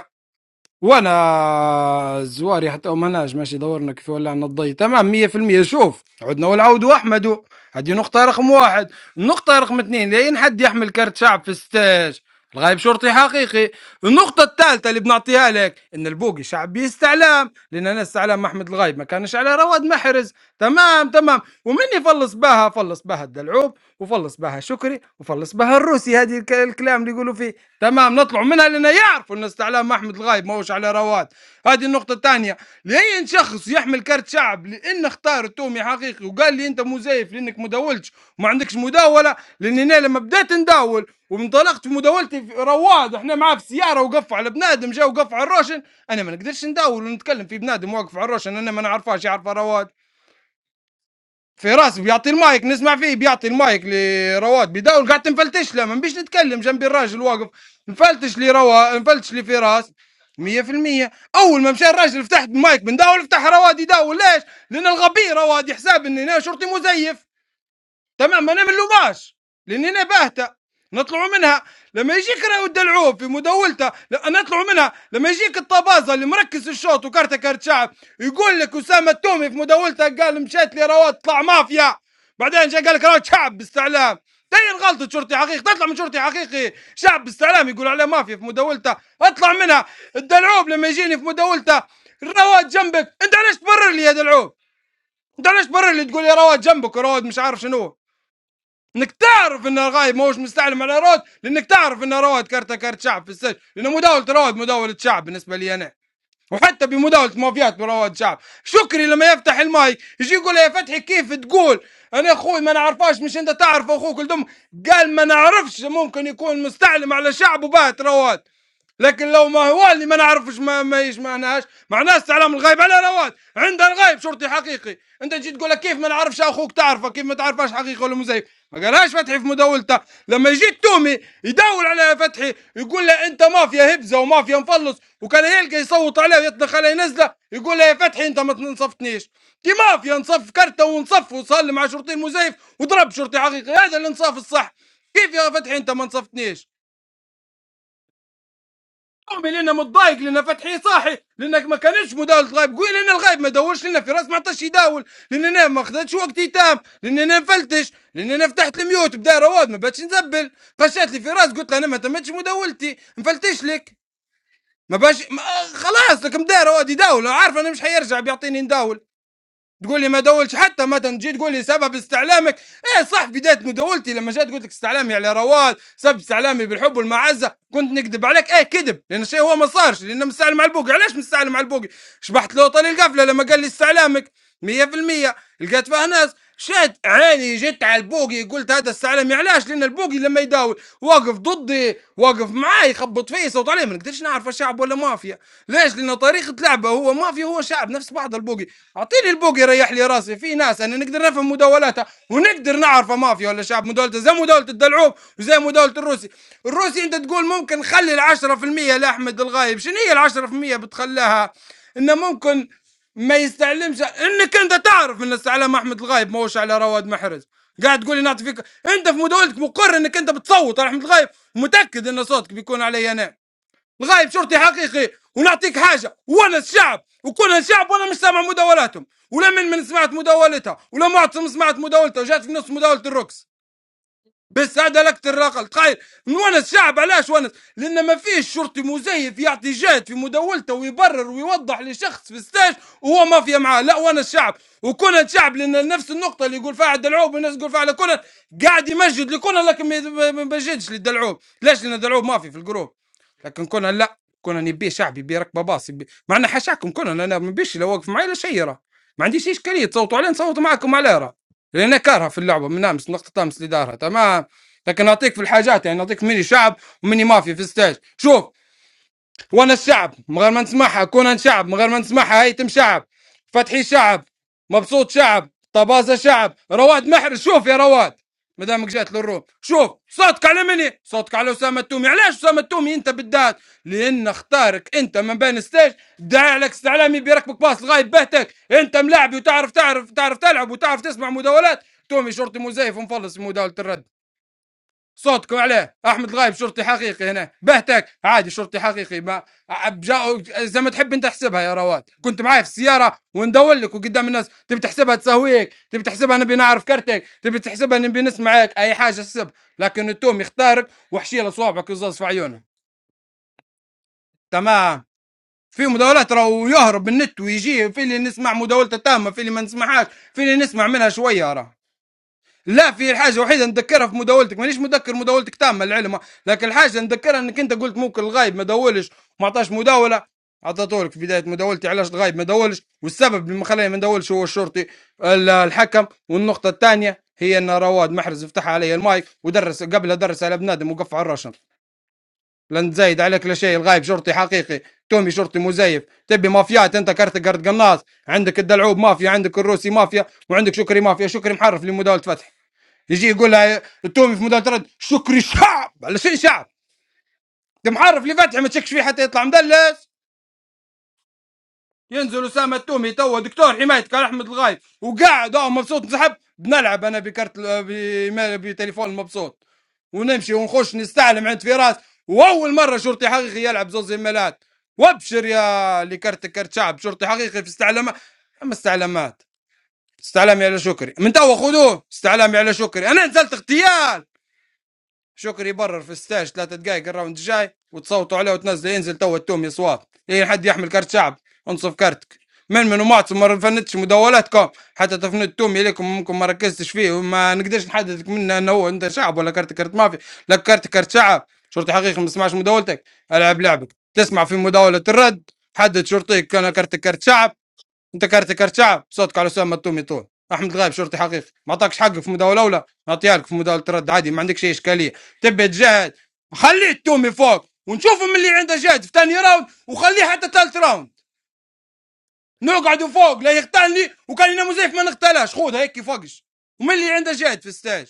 Speaker 26: وانا زواري حتى ومناج ماشي دورنا كيف ولعنا الضي تمام مية في المية شوف عدنا والعود واحمد هذه نقطة رقم واحد النقطة رقم اثنين لين حد يحمل كرت شعب في الستاج الغايب شرطي حقيقي النقطة الثالثة اللي بنعطيها لك ان البوقي شعبي استعلام لان انا استعلام احمد الغايب ما كانش على رواد محرز تمام تمام ومن يفلص بها فلص بها الدلعوب وفلص بها شكري وفلص بها الروسي هذه الك- الكلام اللي يقولوا فيه تمام نطلعوا منها لان يعرفوا ان استعلام احمد الغايب ما هوش على رواد هذه النقطة الثانية لأي شخص يحمل كرت شعب لأن اختار التومي حقيقي وقال لي أنت مزيف لأنك مداولتش وما عندكش مداولة لأن أنا لما بديت نداول وانطلقت في مداولتي في رواد احنا معاه في السيارة وقف على بنادم جا وقف على الروشن أنا ما نقدرش نداول ونتكلم في بنادم واقف على الروشن أنا ما نعرفهاش يعرفها رواد في راسي بيعطي المايك نسمع فيه بيعطي المايك لرواد بيداول قاعد تنفلتش له ما نبيش نتكلم جنبي الراجل واقف نفلتش لي روا نفلتش لي فراس 100% اول ما مشى الراجل فتحت المايك بنداول فتح رواد يداول ليش؟ لان الغبي رواد يحسب اني انا شرطي مزيف تمام ما نملوماش لان انا باهته نطلعوا منها لما يجيك راهو الدلعوب في مداولته لا- نطلعوا منها لما يجيك الطبازه اللي مركز الشوط وكارته كارت شعب يقول لك اسامه التومي في مداولته قال مشيت لي رواد طلع مافيا بعدين جا قال لك رواد شعب باستعلام تين غلطة شرطي حقيقي تطلع من شرطي حقيقي شعب باستعلام يقول عليه مافيا في مداولته اطلع منها الدلعوب لما يجيني في مداولته رواد جنبك انت علاش تبرر لي يا دلعوب انت علاش تبرر لي تقول لي رواد جنبك ورواد مش عارف شنو انك تعرف ان الغايب ماهوش مستعلم على رواد لانك تعرف ان رواد كارت كارت شعب في السجن لان مداوله رواد مداوله شعب بالنسبه لي انا وحتى بمداوله مافيات برواد شعب شكري لما يفتح الماي يجي يقول يا فتحي كيف تقول انا اخوي ما نعرفاش مش انت تعرف اخوك الدم قال ما نعرفش ممكن يكون مستعلم على شعب وبات رواد لكن لو ما هو اللي ما نعرفش ما, ما يسمعناش معناه استعلام الغيب على رواد عندها الغيب شرطي حقيقي انت تجي تقول لك كيف ما نعرفش اخوك تعرفه كيف ما تعرفهاش حقيقي ولا مزيف ما قالهاش فتحي في مداولته لما يجي التومي يداول على فتحي يقول له انت مافيا هبزه ومافيا مفلص وكان يلقى يصوت عليه ويطلق عليه نزله يقول له يا فتحي انت ما تنصفتنيش دي مافيا نصف كرته ونصف وصلي مع شرطي المزيف وضرب شرطي حقيقي هذا الانصاف الصح كيف يا فتحي انت ما نصفتنيش قومي لنا متضايق لنا فتحي صاحي لانك ما كانش مداولة غايب قوي لان الغايب ما دورش لنا في راس ما عطاش يداول لان انا ما خدتش وقتي تام لان انا نفلتش لان انا فتحت الميوت بدا رواد ما باتش نزبل فشات لي في راس قلت له انا ما تمتش مداولتي نفلتش لك ما باش ما خلاص لك مدار رواد يداول عارف انا مش حيرجع بيعطيني نداول تقول لي ما دولتش حتى مثلا تجي تقول لي سبب استعلامك ايه صح بدايه مداولتي لما جيت قلت لك استعلامي على رواد سبب استعلامي بالحب والمعزه كنت نكذب عليك ايه كذب لان الشيء هو ما صارش لان مستعلم على البوقي علاش مستعلم على البوقي شبحت له طال القفله لما قال لي استعلامك 100% لقيت فيها ناس شاد عيني جت على البوقي قلت هذا استعلامي علاش لان البوقي لما يداول واقف ضدي واقف معاي يخبط فيا يصوت عليه ما نقدرش نعرف شعب ولا مافيا ليش؟ لأن طريقة لعبه هو مافيا هو شعب نفس بعض البوقي، أعطيني البوقي ريح لي راسي، في ناس أنا نقدر نفهم مداولاتها ونقدر نعرفه مافيا ولا شعب مداولته زي مداولة الدلعوب وزي مداولة الروسي، الروسي أنت تقول ممكن خلي العشرة في المية لأحمد الغايب، شنو هي العشرة في المية بتخليها؟ إنه ممكن ما يستعلمش انك انت تعرف ان استعلام احمد الغايب ما هوش على رواد محرز قاعد تقول لي نعطي فيك انت في مداولتك مقر انك انت بتصوت على احمد الغايب متاكد ان صوتك بيكون علي انا الغايب شرطي حقيقي ونعطيك حاجه وانا الشعب وكل الشعب وانا مش سامع مداولاتهم ولا من من سمعت مداولتها ولا معتصم سمعت مداولته وجات في نص مداوله الرقص بس هذا لك الرقل قايل نونس شعب علاش ونس لان ما فيش شرطي مزيف يعطي جهد في مداولته ويبرر ويوضح لشخص في الستاج وهو مافيا معاه لا ونس شعب وكونان شعب لان نفس النقطه اللي يقول فيها على الدلعوب والناس تقول فيها على كونان قاعد يمجد لكونان لكن ما ما- ما بجدش للدلعوب ليش لان الدلعوب مافي في الجروب لكن كونان لا كونان يبي شعب يبي ركبه باص يبي مع ان حاشاكم كونان انا ما بيش لا واقف معي لا شيء راه. ما عنديش اشكاليه تصوتوا عليه نصوت معاكم عليه راه. لان كارهه في اللعبه من امس نقطه امس اللي دارها تمام لكن اعطيك في الحاجات يعني اعطيك مني شعب ومني مافيا في الستاج شوف وانا الشعب من غير ما نسمعها كون أنا شعب من غير ما نسمعها هيتم شعب فتحي شعب مبسوط شعب طبازة شعب رواد محرز شوف يا رواد مدامك جات للروم شوف صوتك على مني صوتك على أسامة التومي علاش أسامة التومي أنت بالذات لأن اختارك أنت من بين ستيج داعي عليك استعلامي بيركبك باص لغاية بهتك أنت ملاعبي وتعرف تعرف تعرف تلعب وتعرف تسمع مداولات تومي شرطي مزيف ومفلس في مداولة الرد صوتكم عليه احمد الغايب شرطي حقيقي هنا بهتك عادي شرطي حقيقي ما جاء زي ما تحب انت احسبها يا رواد كنت معي في السياره وندور لك وقدام الناس تبي تحسبها تسويك تبي تحسبها نبي نعرف كرتك تبي تحسبها نبي نسمعك اي حاجه حسب لكن التوم يختارك وحشيله صوابعك وزاز في عيونه تمام في مداولات راهو يهرب من النت ويجي في اللي نسمع مداولته تامه في اللي ما نسمعهاش في اللي نسمع منها شويه راه لا في الحاجه وحيده نذكرها في مداولتك مانيش مذكر مداولتك تامه العلم لكن الحاجه نذكرها انك انت قلت ممكن الغايب ما داولش وما عطاش مداوله عطاتولك في بدايه مداولتي علاش الغايب ما داولش والسبب اللي ما خلاني ما نداولش هو الشرطي ال- الحكم والنقطه الثانيه هي ان رواد محرز فتح علي المايك ودرس قبلها درس على بنادم وقف على الرشن لن تزايد عليك لا شيء الغايب شرطي حقيقي تومي شرطي مزيف تبي مافيات انت كارت قرد قناص عندك الدلعوب مافيا عندك الروسي مافيا وعندك شكري مافيا شكري محرف لمداوله فتح يجي يقول لها التومي في مدى شكري شعب على شيء شعب انت معرف اللي فتحي ما تشكش فيه حتى يطلع مدلس ينزل اسامه التومي توا دكتور حمايه كان احمد الغايب وقاعد اه مبسوط نسحب بنلعب انا بكارت ال- بما- بتليفون مبسوط ونمشي ونخش نستعلم عند فراس واول مره شرطي حقيقي يلعب زوز ايميلات وابشر يا اللي كرت كرت شعب شرطي حقيقي في استعلامات اما استعلامات استعلامي على شكري من توا خذوه استعلامي على شكري انا نزلت اغتيال شكري يبرر في الستاج ثلاثة دقائق الراوند الجاي وتصوتوا عليه وتنزله ينزل تو التوم يا صواب اي حد يحمل كرت شعب انصف كرتك من من ومعتصم ما فندتش مداولاتكم حتى تفند التومي لكم ممكن ما ركزتش فيه وما نقدرش نحددك منه انه هو انت شعب ولا كرت كرت مافيا لا كرت كرت شعب شرطي حقيقي ما سمعش مداولتك العب لعبك تسمع في مداولة الرد حدد شرطيك كان كرت كرت شعب انت كارت كارت شعب صوتك على اسامه التومي طول احمد غايب شرطي حقيقي ما اعطاكش حقه في مداوله اولى اعطيالك في مداوله رد عادي ما عندكش اي اشكاليه تبي تجاهد خلي التومي فوق ونشوف من اللي عنده جهد في ثاني راوند وخليه حتى ثالث راوند نقعدوا فوق لا يقتلني وكان ينام زيف ما نقتلهاش خذها هيك فوقش ومن اللي عنده جهد في الستاج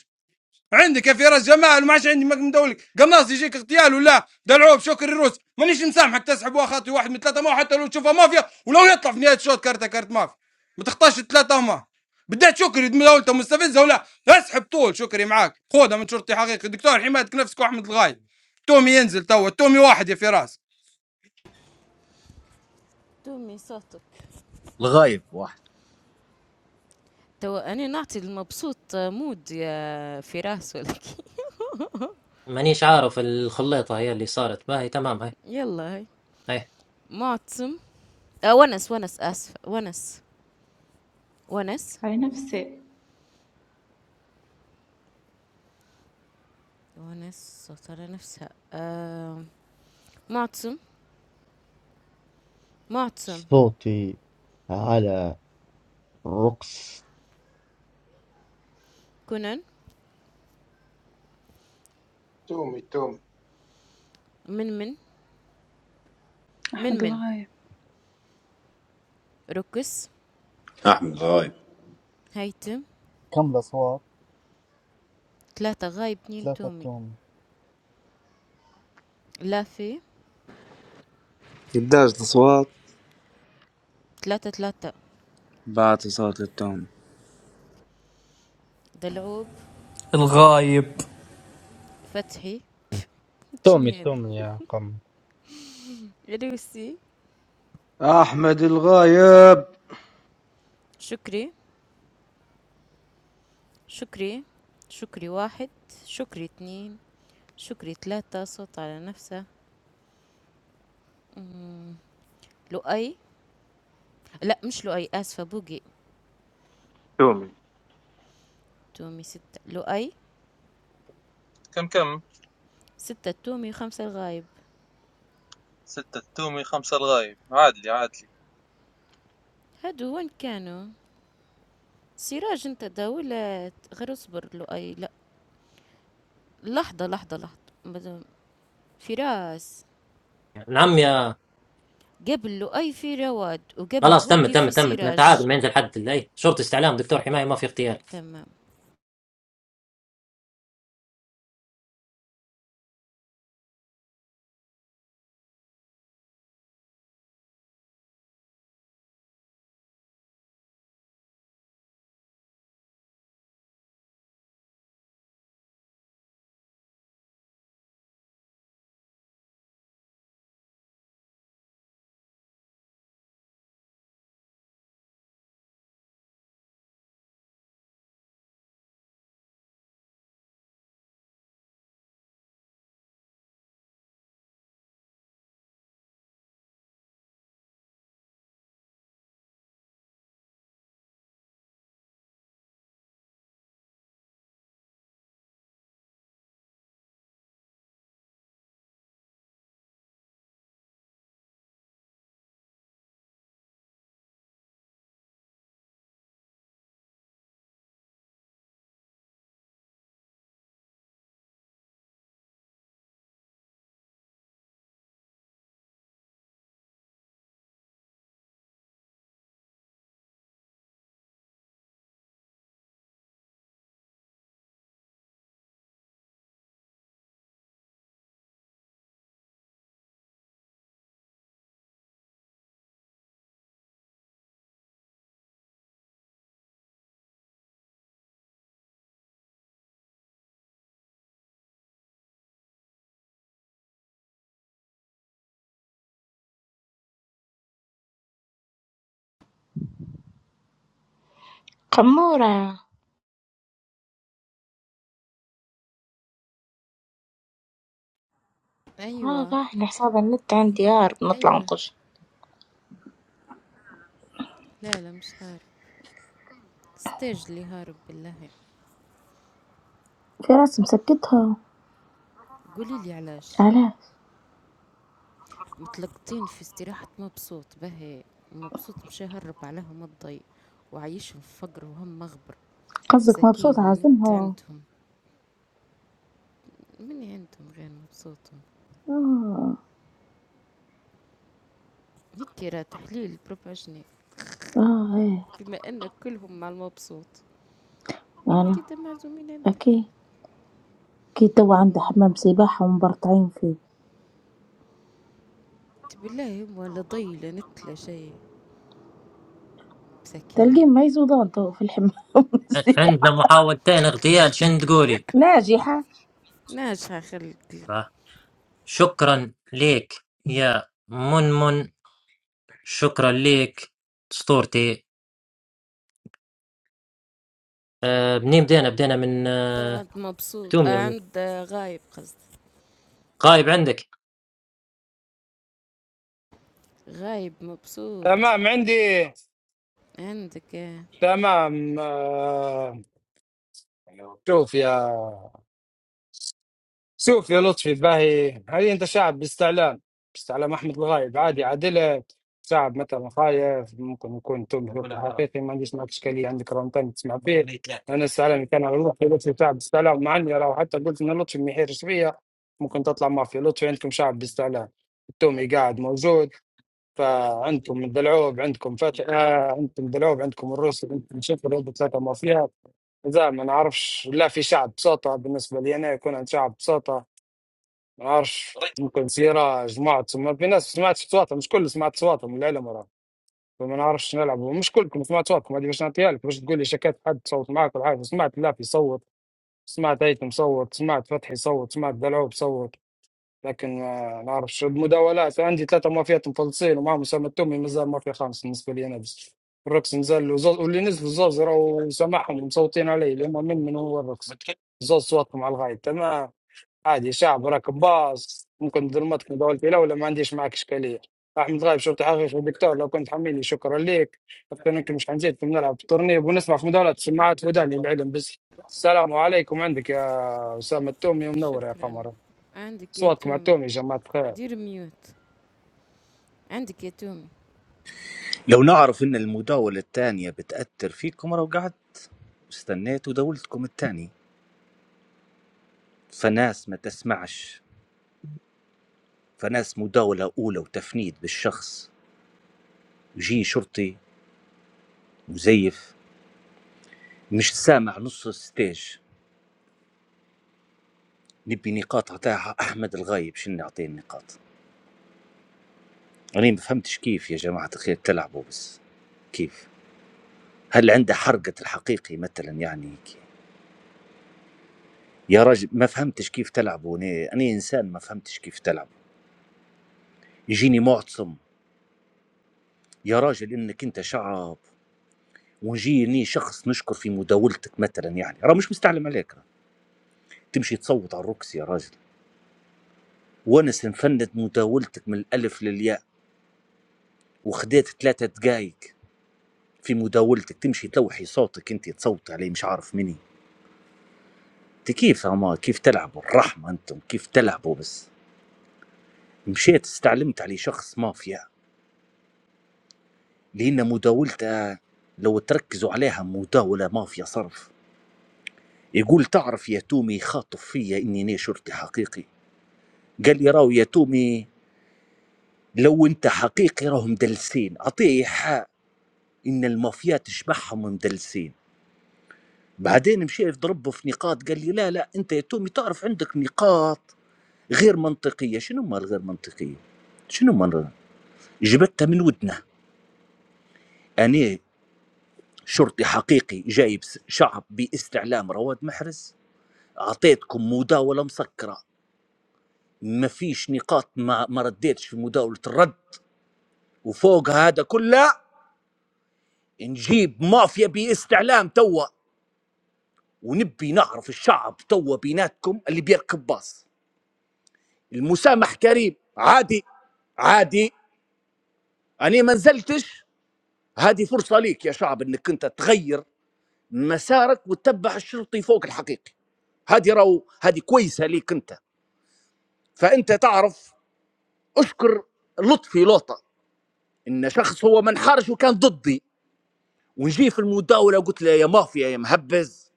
Speaker 26: عندك يا فراس جمال وما عادش عندي مك مدولك قناص يجيك اغتيال ولا دلعوب شكر الروس مانيش مسامحك تسحب خاطري واحد من ثلاثه ما حتى لو تشوفها مافيا ولو يطلع في نهايه شوط كارتة كارت مافيا ما تخطاش الثلاثه هما بدات شكري مدولته مستفزه ولا اسحب طول شكري معاك خذها من شرطي حقيقي دكتور حمايتك نفسك واحمد الغايب تومي ينزل توا تومي واحد يا فراس
Speaker 7: تومي صوتك
Speaker 19: الغايب واحد
Speaker 7: تو أنا نعطي المبسوط مود يا فراس ولكن
Speaker 1: مانيش عارف الخليطة هي اللي صارت باهي تمام هاي
Speaker 7: يلا هاي
Speaker 1: هاي
Speaker 7: معتصم آه ونس، ونس آسفة، ونس، ونس،
Speaker 12: على نفسي
Speaker 7: ونس ترى نفسها آه معتصم، معتصم،
Speaker 8: صوتي على الرقص
Speaker 7: كونان،
Speaker 16: تومي تومي
Speaker 7: منمن،
Speaker 17: احمد
Speaker 7: منمن،
Speaker 17: الله عليك.
Speaker 7: ركس،
Speaker 9: احمد غايب
Speaker 7: هيتم،
Speaker 18: كم الأصوات؟
Speaker 7: ثلاثة غايب، اتنين
Speaker 18: ثلاثة
Speaker 7: تومي،
Speaker 18: توم
Speaker 7: لافي،
Speaker 11: يبداش الاصوات
Speaker 7: ثلاثة ثلاثة،
Speaker 11: بعت صوت للتوم
Speaker 7: دلعوب،
Speaker 20: الغايب
Speaker 7: فتحي، شنو
Speaker 21: تومي
Speaker 7: هاد؟
Speaker 21: تومي يا قم
Speaker 7: علوسي،
Speaker 25: احمد الغايب
Speaker 7: شكري، شكري، شكري واحد، شكري اتنين، شكري ثلاثة صوت على نفسه لؤي لا مش لؤي آسفة بوقي
Speaker 10: تومي
Speaker 7: تومي ستة لؤي
Speaker 23: كم كم
Speaker 7: ستة التومي وخمسة الغايب
Speaker 23: ستة التومي خمسة الغايب عادلي عادلي
Speaker 7: هادو وين كانوا سراج انت دولة غير اصبر لؤي لا لحظة لحظة لحظة مازال- فراس
Speaker 1: نعم يا
Speaker 7: قبل لؤي في رواد وقبل
Speaker 1: خلاص تم
Speaker 7: بوقي
Speaker 1: تم
Speaker 7: في
Speaker 1: تم تعادل
Speaker 7: سراج
Speaker 1: ما ينزل حد اي شرطة استعلام دكتور حماية ما في اغتيال
Speaker 7: تمام
Speaker 14: خمورة اه
Speaker 7: ايوه
Speaker 14: راح حساب النت عندي يار نطلع
Speaker 7: ايوه
Speaker 14: نخش
Speaker 7: لا لا مش هارب ستاج اللي هارب بالله
Speaker 14: في رأس مسكتها
Speaker 7: قولي لي علاش
Speaker 14: علاش
Speaker 7: متلقطين في استراحة مبسوط بهي مبسوط مش هرب عليهم الضي وعايشهم في فقر وهم مغبر
Speaker 14: قصدك
Speaker 7: مساكين
Speaker 14: مبسوط
Speaker 7: النت
Speaker 14: عازمها
Speaker 7: عندهم مني انتم غير مبسوطون
Speaker 14: اه
Speaker 7: هيك راه تحليل بروباشني
Speaker 14: اه إيه
Speaker 7: بما انك كلهم مع المبسوط
Speaker 14: أنا
Speaker 7: كده معزومين انت
Speaker 14: أكيد أكيد تو عنده
Speaker 7: مم.
Speaker 14: حمام سباحة ومبرطعين فيه
Speaker 7: بالله هم ولا ضي لا نت لا شيء
Speaker 14: تلقيه
Speaker 7: مساكين
Speaker 14: ما يزودان تو في الحمام
Speaker 1: ع-
Speaker 14: السباحة
Speaker 1: عندنا محاولتين اغتيال شن تقولي
Speaker 14: ناجحة
Speaker 7: ناجحة خلق
Speaker 1: آه. شكرا ليك يا منمن شكرا ليك اسطورتي آه، منين بدينا بدينا من
Speaker 7: تو
Speaker 1: آه،
Speaker 7: عند مبسوط
Speaker 1: تومي
Speaker 7: آه
Speaker 1: الم-
Speaker 7: عند آه، غايب قصد
Speaker 1: غايب عندك
Speaker 7: غايب مبسوط عندك آه.
Speaker 26: أم آه، شوف يا شوف يا لطفي باهي هذه انت شعب باستعلام باستعلام احمد الغايب عادي عادله شعب مثلا خايف ممكن يكون تم حقيقي ما عنديش معك اشكاليه عندك رقم ثاني تسمع فيه انا استعلامي كان على لطفي لطفي شعب باستعلام مع اني لو حتى قلت ان لطفي ما يحيرش فيا ممكن تطلع مافيا لطفي عندكم شعب باستعلام التومي قاعد موجود فعندكم الدلعوب عندكم فتح آه، عندكم دلعوب عندكم الروسي عندكم شفر عندكم ثلاثه مافيات زي ما نعرفش لا في شعب بساطه بالنسبه لي انا يكون عند شعب بساطه ما اعرفش ممكن سيارة جمعت ما في ناس سمعت صوتهم مش كل سمعت صوتهم من العلم وراه فما نعرفش نلعب مش كلكم سمعت صوتكم هذه باش نعطيها لك باش تقول لي شكيت حد صوت معك ولا حاجة سمعت لافي يصوت سمعت هيثم صوت سمعت فتحي صوت سمعت دلعوب صوت لكن ما نعرفش المداولات عندي ثلاثة مافيات مفلصين ومعهم أسامة التومي مازال مافيا خامس بالنسبة لي أنا بس الرقص نزل وزوز واللي نزلوا زوز راهو سامعهم ومصوتين عليه اللي هم من من هو الرقص زوز صوتكم على الغاية تمام عادي شعب راك باص ممكن ظلمتك مداولتي الاولى ما عنديش معك اشكاليه احمد غايب شرطي حقيقي دكتور لو كنت حميني شكرا ليك كنت مش حنزيد نلعب في التورنير ونسمع في مداولة سماعات وداني العلم بس السلام عليكم عندك يا اسامه التومي منور يا
Speaker 7: شكرا
Speaker 26: قمر
Speaker 7: عندك يا
Speaker 26: صوتكم على
Speaker 7: تومي
Speaker 26: التومي يا جماعه الخير
Speaker 7: دير ميوت عندك يا تومي
Speaker 19: لو نعرف ان المداولة الثانية بتأثر فيكم لو قعدت استنيت ودولتكم الثانية فناس ما تسمعش فناس مداولة أولى وتفنيد بالشخص يجي شرطي مزيف مش سامع نص الستيج نبي نقاط عطاها أحمد الغايب شن نعطيه النقاط أنا ما فهمتش كيف يا جماعة الخير تلعبوا بس كيف هل عنده حرقة الحقيقي مثلا يعني هيك يا راجل ما فهمتش كيف تلعبوا أنا, أنا إنسان ما فهمتش كيف تلعب يجيني معتصم يا راجل إنك أنت شعب ونجيني شخص نشكر في مداولتك مثلا يعني راه مش مستعلم عليك تمشي تصوت على الركس يا راجل ونس نفند مداولتك من الألف للياء وخديت ثلاثة دقايق في مداولتك تمشي توحي صوتك انت تصوت عليه مش عارف مني انت كيف هما كيف تلعبوا الرحمة انتم كيف تلعبوا بس مشيت استعلمت عليه شخص مافيا لأن مداولته لو تركزوا عليها مداولة مافيا صرف يقول تعرف يا تومي خاطف فيا اني أنا شرطي حقيقي قال لي راو يا تومي لو انت حقيقي راهم دلسين اعطيه ان المافيا تشبعهم مدلسين بعدين مشى ضربه في نقاط قال لي لا لا انت يا تومي تعرف عندك نقاط غير منطقيه شنو ما الغير منطقيه شنو ما جبتها من ودنا انا شرطي حقيقي جايب س- شعب باستعلام رواد محرز اعطيتكم مداوله مسكره ما فيش نقاط ما, ما رديتش في مداوله الرد وفوق هذا كله نجيب مافيا باستعلام توا ونبي نعرف الشعب توا بيناتكم اللي بيركب باص المسامح كريم عادي عادي أنا ما نزلتش هذه فرصة ليك يا شعب أنك أنت تغير مسارك وتتبع الشرطي فوق الحقيقي هذه راهو هذه كويسة ليك أنت فأنت تعرف أشكر لطفي لوطة إن شخص هو منحرج وكان ضدي ونجي في المداولة وقلت له يا مافيا يا مهبز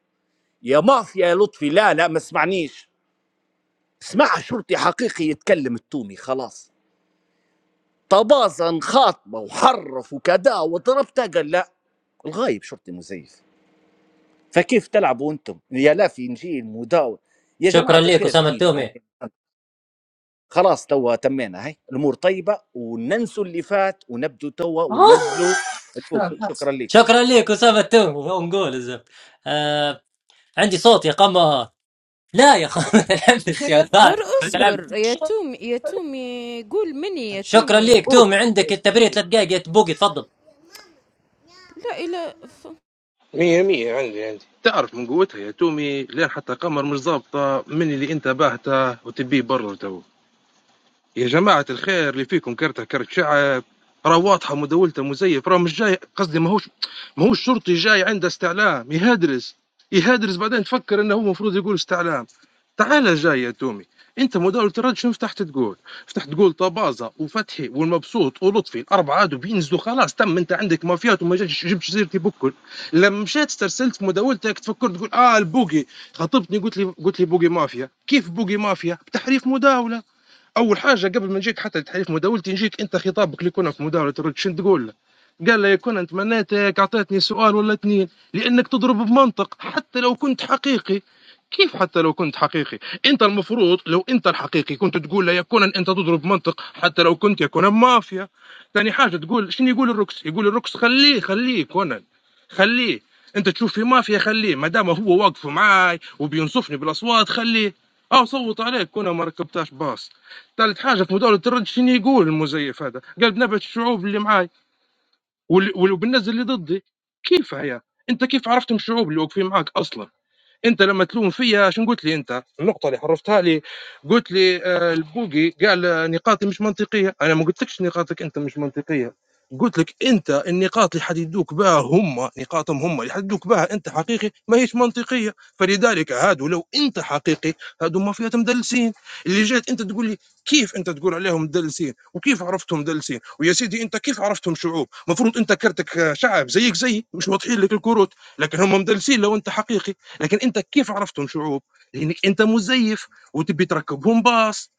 Speaker 19: يا مافيا يا لطفي لا لا ما اسمعنيش اسمع شرطي حقيقي يتكلم التومي خلاص طبازا خاطبه وحرف وكذا وضربته قال لا الغايب شرطي مزيف فكيف تلعبوا انتم يا لا في نجيل مداول يا
Speaker 1: شكرا
Speaker 19: جماعه
Speaker 1: ليك
Speaker 19: الخير
Speaker 1: أسامة
Speaker 19: كيف
Speaker 1: التومي
Speaker 19: يعني خلاص توا تمينا هاي الامور طيبه وننسوا اللي فات ونبدو توا وننزلوا البوقي شكرا لكم
Speaker 1: شكرا ليك أسامة التومي ونقول الزبط آه، عندي صوت يا قمر لا يا قمر تلعبش يا
Speaker 7: غير اصبر
Speaker 1: ثاني
Speaker 7: يا تومي يا تومي قول مني يا
Speaker 1: شكرا
Speaker 7: تومي
Speaker 1: ليك
Speaker 19: بوقي
Speaker 1: تومي عندك التبريد ثلاث دقائق يا بوقي تفضل
Speaker 7: لا إلا ف...
Speaker 10: مية مية عندي عندي تعرف من قوتها يا تومي لين حتى قمر مش ظابطه من اللي انت باهته وتبيه برا تو يا جماعة الخير اللي فيكم كرتة كرت شعب راه واضحة مداولته مزيف راه مش جاي قصدي ماهوش ماهوش شرطي جاي عنده استعلام يهدرس يهدرس بعدين تفكر انه هو المفروض يقول استعلام تعال جاي يا تومي انت مداولة الرد شنو فتحت تقول؟ فتحت تقول طبازة وفتحي والمبسوط ولطفي الاربعة هادو بينزلوا خلاص تم انت عندك مافيات وما جاتش جبت سيرتي بكل لما مشيت استرسلت في مداولتك تفكر تقول اه البوقي خاطبتني قلت لي قلت لي بوقي مافيا كيف بوقي مافيا؟ بتحريف مداولة اول حاجه قبل ما نجيك حتى لتحريف مداولتي نجيك انت خطابك اللي كنا في مداوله الرد شنو تقول له؟ قال له يا كون انت مناتك اعطيتني سؤال ولا اثنين لانك تضرب بمنطق حتى لو كنت حقيقي كيف حتى لو كنت حقيقي انت المفروض لو انت الحقيقي كنت تقول لا يكون انت تضرب منطق حتى لو كنت يكون مافيا ثاني حاجه تقول شنو يقول الركس يقول الركس خليه خليه كونان خليه انت تشوف في مافيا خليه ما دام هو واقف معاي وبينصفني بالاصوات خليه اه صوت عليك كونان ما ركبتهاش باص ثالث حاجه في موضوع التردد شنو يقول المزيف هذا؟ قال بنبعث الشعوب اللي معاي وال- وال- وبالناس اللي ضدي كيف هي؟ انت كيف عرفت من الشعوب اللي واقفين معاك اصلا؟ أنت لما تلوم فيا شنو قلت لي أنت؟ النقطة اللي حرفتها لي قلت لي آه، البوقي قال آه، نقاطي مش منطقية، أنا ما قلتلكش نقاطك أنت مش منطقية، قلت لك أنت النقاط اللي حددوك بها هم نقاطهم هم اللي حددوك بها أنت حقيقي ما هيش منطقية، فلذلك هادو لو أنت حقيقي هادو ما فيها مدلسين، اللي جات أنت تقول لي كيف أنت تقول عليهم مدلسين؟ وكيف عرفتهم مدلسين؟ ويا سيدي أنت كيف عرفتهم شعوب؟ مفروض أنت كرتك آه، شعب زيك زي مش واضحين لك الكروت، لكن هم مدلسين لو أنت حقيقي. لكن انت كيف عرفتهم شعوب؟ لانك انت مزيف وتبي تركبهم باص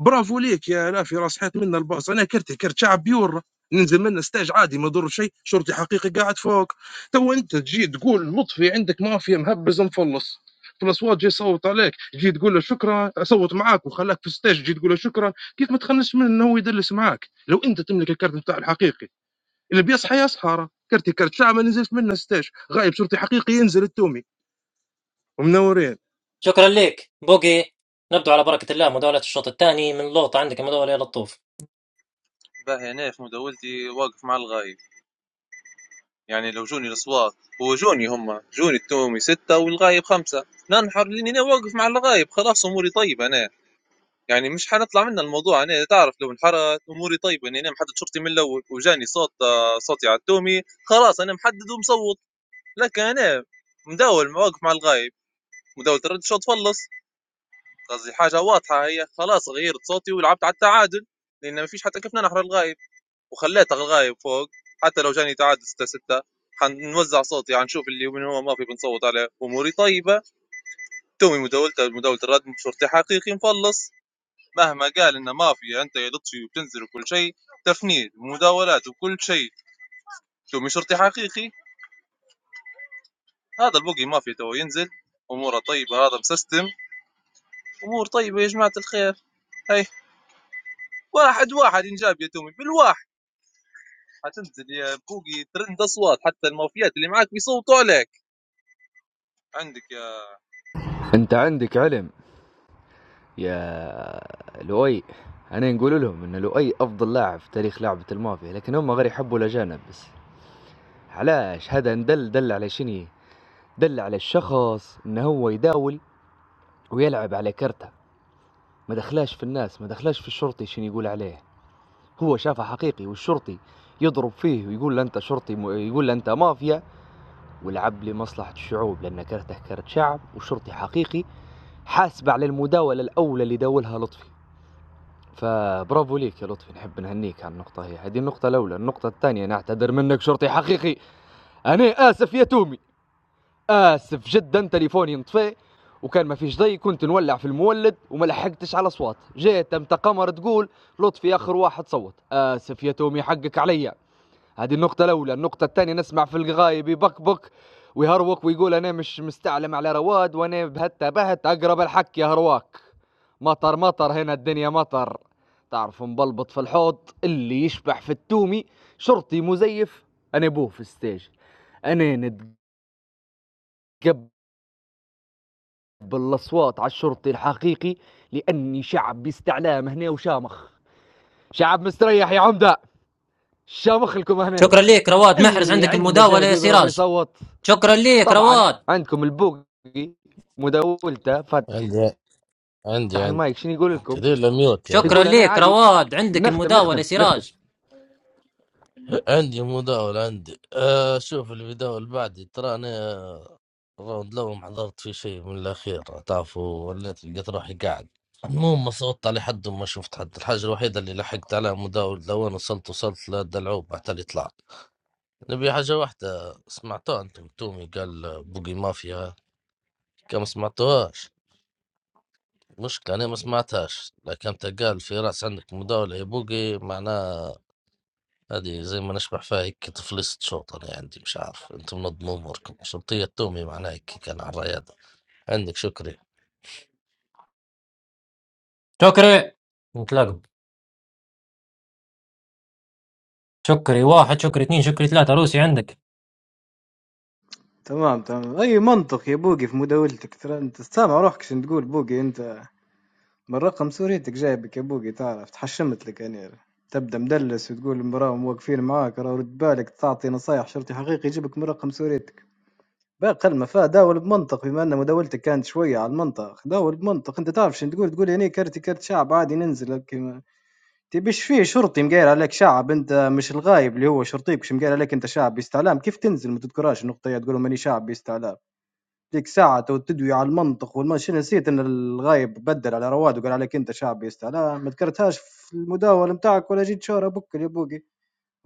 Speaker 10: برافو ليك يا لا في راس حيط منا الباص انا كرتي كرت شعب بيور ننزل من ستاج عادي ما يضر شيء شرطي حقيقي قاعد فوق تو انت تجي تقول لطفي عندك مافيا مهبز مفلص في الاصوات جي يصوت عليك جي تقول له شكرا اصوت معاك وخلاك في ستاج جي تقول له شكرا كيف ما تخنش منه انه هو يدلس معاك لو انت تملك الكرت بتاع الحقيقي اللي بيصحى يصحى راه. كرتي كرت شعب ما نزلت منه ستاج غايب شرطي حقيقي ينزل التومي ومنورين
Speaker 1: شكرا ليك بوقي نبدو على بركة الله مداولة الشوط الثاني من لوطة عندك مداولة يا لطوف
Speaker 23: باهي أنا في مداولتي واقف مع الغايب يعني لو جوني الاصوات هو جوني هم جوني التومي ستة والغايب خمسة ننحر لاني انا واقف مع الغايب خلاص اموري طيبة انا يعني مش حنطلع من الموضوع انا تعرف لو انحرت اموري طيبة اني انا محدد شرطي من الاول وجاني صوت آه، صوتي على التومي خلاص انا محدد ومصوت لكن انا مداول واقف مع الغايب مداولة الرد شو تخلص قصدي حاجة واضحة هي خلاص غيرت صوتي ولعبت على التعادل لان ما فيش حتى كيف ننحر الغايب وخليت الغايب فوق حتى لو جاني تعادل 6 6 حنوزع صوتي حنشوف اللي من هو ما في بنصوت عليه اموري طيبه تومي مداولته مداوله الردم شرطي حقيقي مفلص مهما قال انه مافيا انت يا لطفي وبتنزل وكل شيء تفنيد ومداولات وكل شيء تومي شرطي حقيقي هذا البوقي مافيا تو ينزل اموره طيبه هذا مسستم امور طيبه يا جماعه الخير هي واحد واحد ينجاب يا تومي بالواحد حتنزل يا بوقي ترند اصوات حتى المافيات اللي معاك بيصوتوا عليك عندك يا
Speaker 27: انت عندك علم يا لؤي انا نقول لهم ان لؤي افضل لاعب في تاريخ لعبه المافيا لكن هم غير يحبوا الاجانب بس علاش هذا ندل دل على شني دل على الشخص ان هو يداول ويلعب على كرته ما دخلاش في الناس ما دخلاش في الشرطي شنو يقول عليه هو شافه حقيقي والشرطي يضرب فيه ويقول له انت شرطي م... يقول له انت مافيا ولعب لمصلحه الشعوب لان كرته كرت شعب وشرطي حقيقي حاسب على المداوله الاولى اللي داولها لطفي فبرافو ليك يا لطفي نحب نهنيك على النقطه هي هذه النقطه الاولى النقطه الثانيه نعتذر منك شرطي حقيقي انا اسف يا تومي اسف جدا تليفوني انطفى وكان ما فيش ضي كنت نولع في المولد وما لحقتش على اصوات جات امتى قمر تقول لطفي اخر واحد صوت اسف يا تومي حقك عليا هذه النقطة الأولى النقطة الثانية نسمع في الغايب يبكبك ويهروك ويقول أنا مش مستعلم على رواد وأنا بهت بهت أقرب الحك يا هرواك مطر مطر هنا الدنيا مطر تعرف مبلبط في الحوض اللي يشبح في التومي شرطي مزيف أنا بوه في الستيج أنا نتقبل بالاصوات على الشرطي الحقيقي لاني شعب باستعلام هنا وشامخ شعب مستريح يا عمده شامخ لكم هنا
Speaker 1: شكرا ليك رواد محرز
Speaker 27: اللي
Speaker 1: عندك
Speaker 27: عنده
Speaker 1: المداولة
Speaker 27: جهد
Speaker 1: يا
Speaker 27: يقرب
Speaker 1: سراج
Speaker 27: ويصوت
Speaker 1: شكرا ليك
Speaker 27: طبعا
Speaker 1: رواد
Speaker 27: عندكم البوقي مداولته فتح
Speaker 5: عندي عندي عندي
Speaker 27: المايك شنو يقول لكم
Speaker 5: تدير لميوت يا رجل
Speaker 1: شكرا
Speaker 27: يقول انا
Speaker 1: ليك
Speaker 27: عادي
Speaker 1: رواد عندك
Speaker 27: نختم
Speaker 1: المداولة يا
Speaker 27: نختم نختم
Speaker 1: سراج
Speaker 5: عندي مداول عندي آه شوف اللي بيداول بعدي ترى انا الراوند الاول ما حضرت فيه شيء من الاخير تعرفوا وليت لقيت روحي قاعد المهم ما صوتت على حد وما شفت حد الحاجه الوحيده اللي لحقت عليها مداول لو انا وصلت وصلت للدلعوب بعد اللي طلعت نبي حاجه واحده سمعتوها انتم تومي قال بوقي مافيا كان ما سمعتوهاش مشكلة أنا ما سمعتهاش لكن أنت قال في رأس عندك مداولة يا بوقي معناه هادي زي ما نشبح فيها هيك تفلست شوط أنا عندي مش عارف أنتم منظم أموركم شرطية تومي معناها هيك كان على الرياضة عندك شكري
Speaker 1: شكري نتلاقوا شكري واحد شكري اثنين شكري ثلاثة روسي عندك
Speaker 25: تمام تمام اي منطق يا بوقي في مداولتك ترى انت سامع روحك شنو تقول بوقي انت من رقم سوريتك جايبك يا بوقي تعرف تحشمت لك انا تبدا مدلس وتقول المراهم واقفين معاك راه رد بالك تعطي نصايح شرطي حقيقي يجيبك من رقم سوريتك باقي المفا داول بمنطق بما ان مداولتك كانت شويه على المنطق داول بمنطق انت تعرف شنو تقول تقول يعني كرتي كرت شعب عادي ننزل كيما تبيش فيه شرطي مقاير عليك شعب انت مش الغايب اللي هو شرطيك مش مقاير عليك انت شعب باستعلام كيف تنزل ما تذكرهاش النقطه هي تقول ماني شعب باستعلام ديك ساعة تو تدوي على المنطق والماشي نسيت إن الغايب بدل على رواد وقال عليك أنت شعبي يا اسطى، لا ما ذكرتهاش في المداولة نتاعك ولا جيت شهر بكل يا بوقي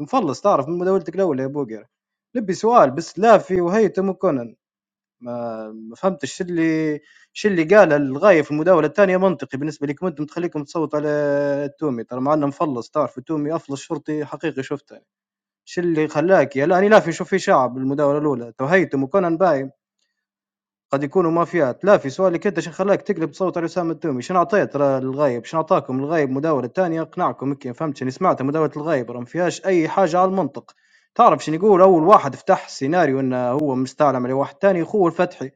Speaker 25: مفلص تعرف من مداولتك الأولى يا بوقي لبي سؤال بس لافي وهيثم وكونن ما ما فهمتش شو اللي شو اللي قاله الغايب في المداولة الثانية منطقي بالنسبة لكم أنتم تخليكم تصوتوا على التومي ترى مع إنه مفلص تعرف التومي أفلس شرطي حقيقي شفته شو اللي خلاك يا لا أنا لافي نشوف فيه شعب بالمداولة الأولى تو هيثم وكونن باي قد يكونوا مافيات، لا في سؤالك أنت شنو خلاك تقلب تصوت على أسامة الدومي؟ شنو عطيت را للغايب؟ شنو عطاكم الغايب مداولة تانية أقنعكم هيك فهمت شنو سمعت مداولة الغايب راه ما فيهاش أي حاجة على المنطق، تعرف شنو يقول أول واحد فتح سيناريو أنه هو مستعلم على واحد تاني خوه الفتحي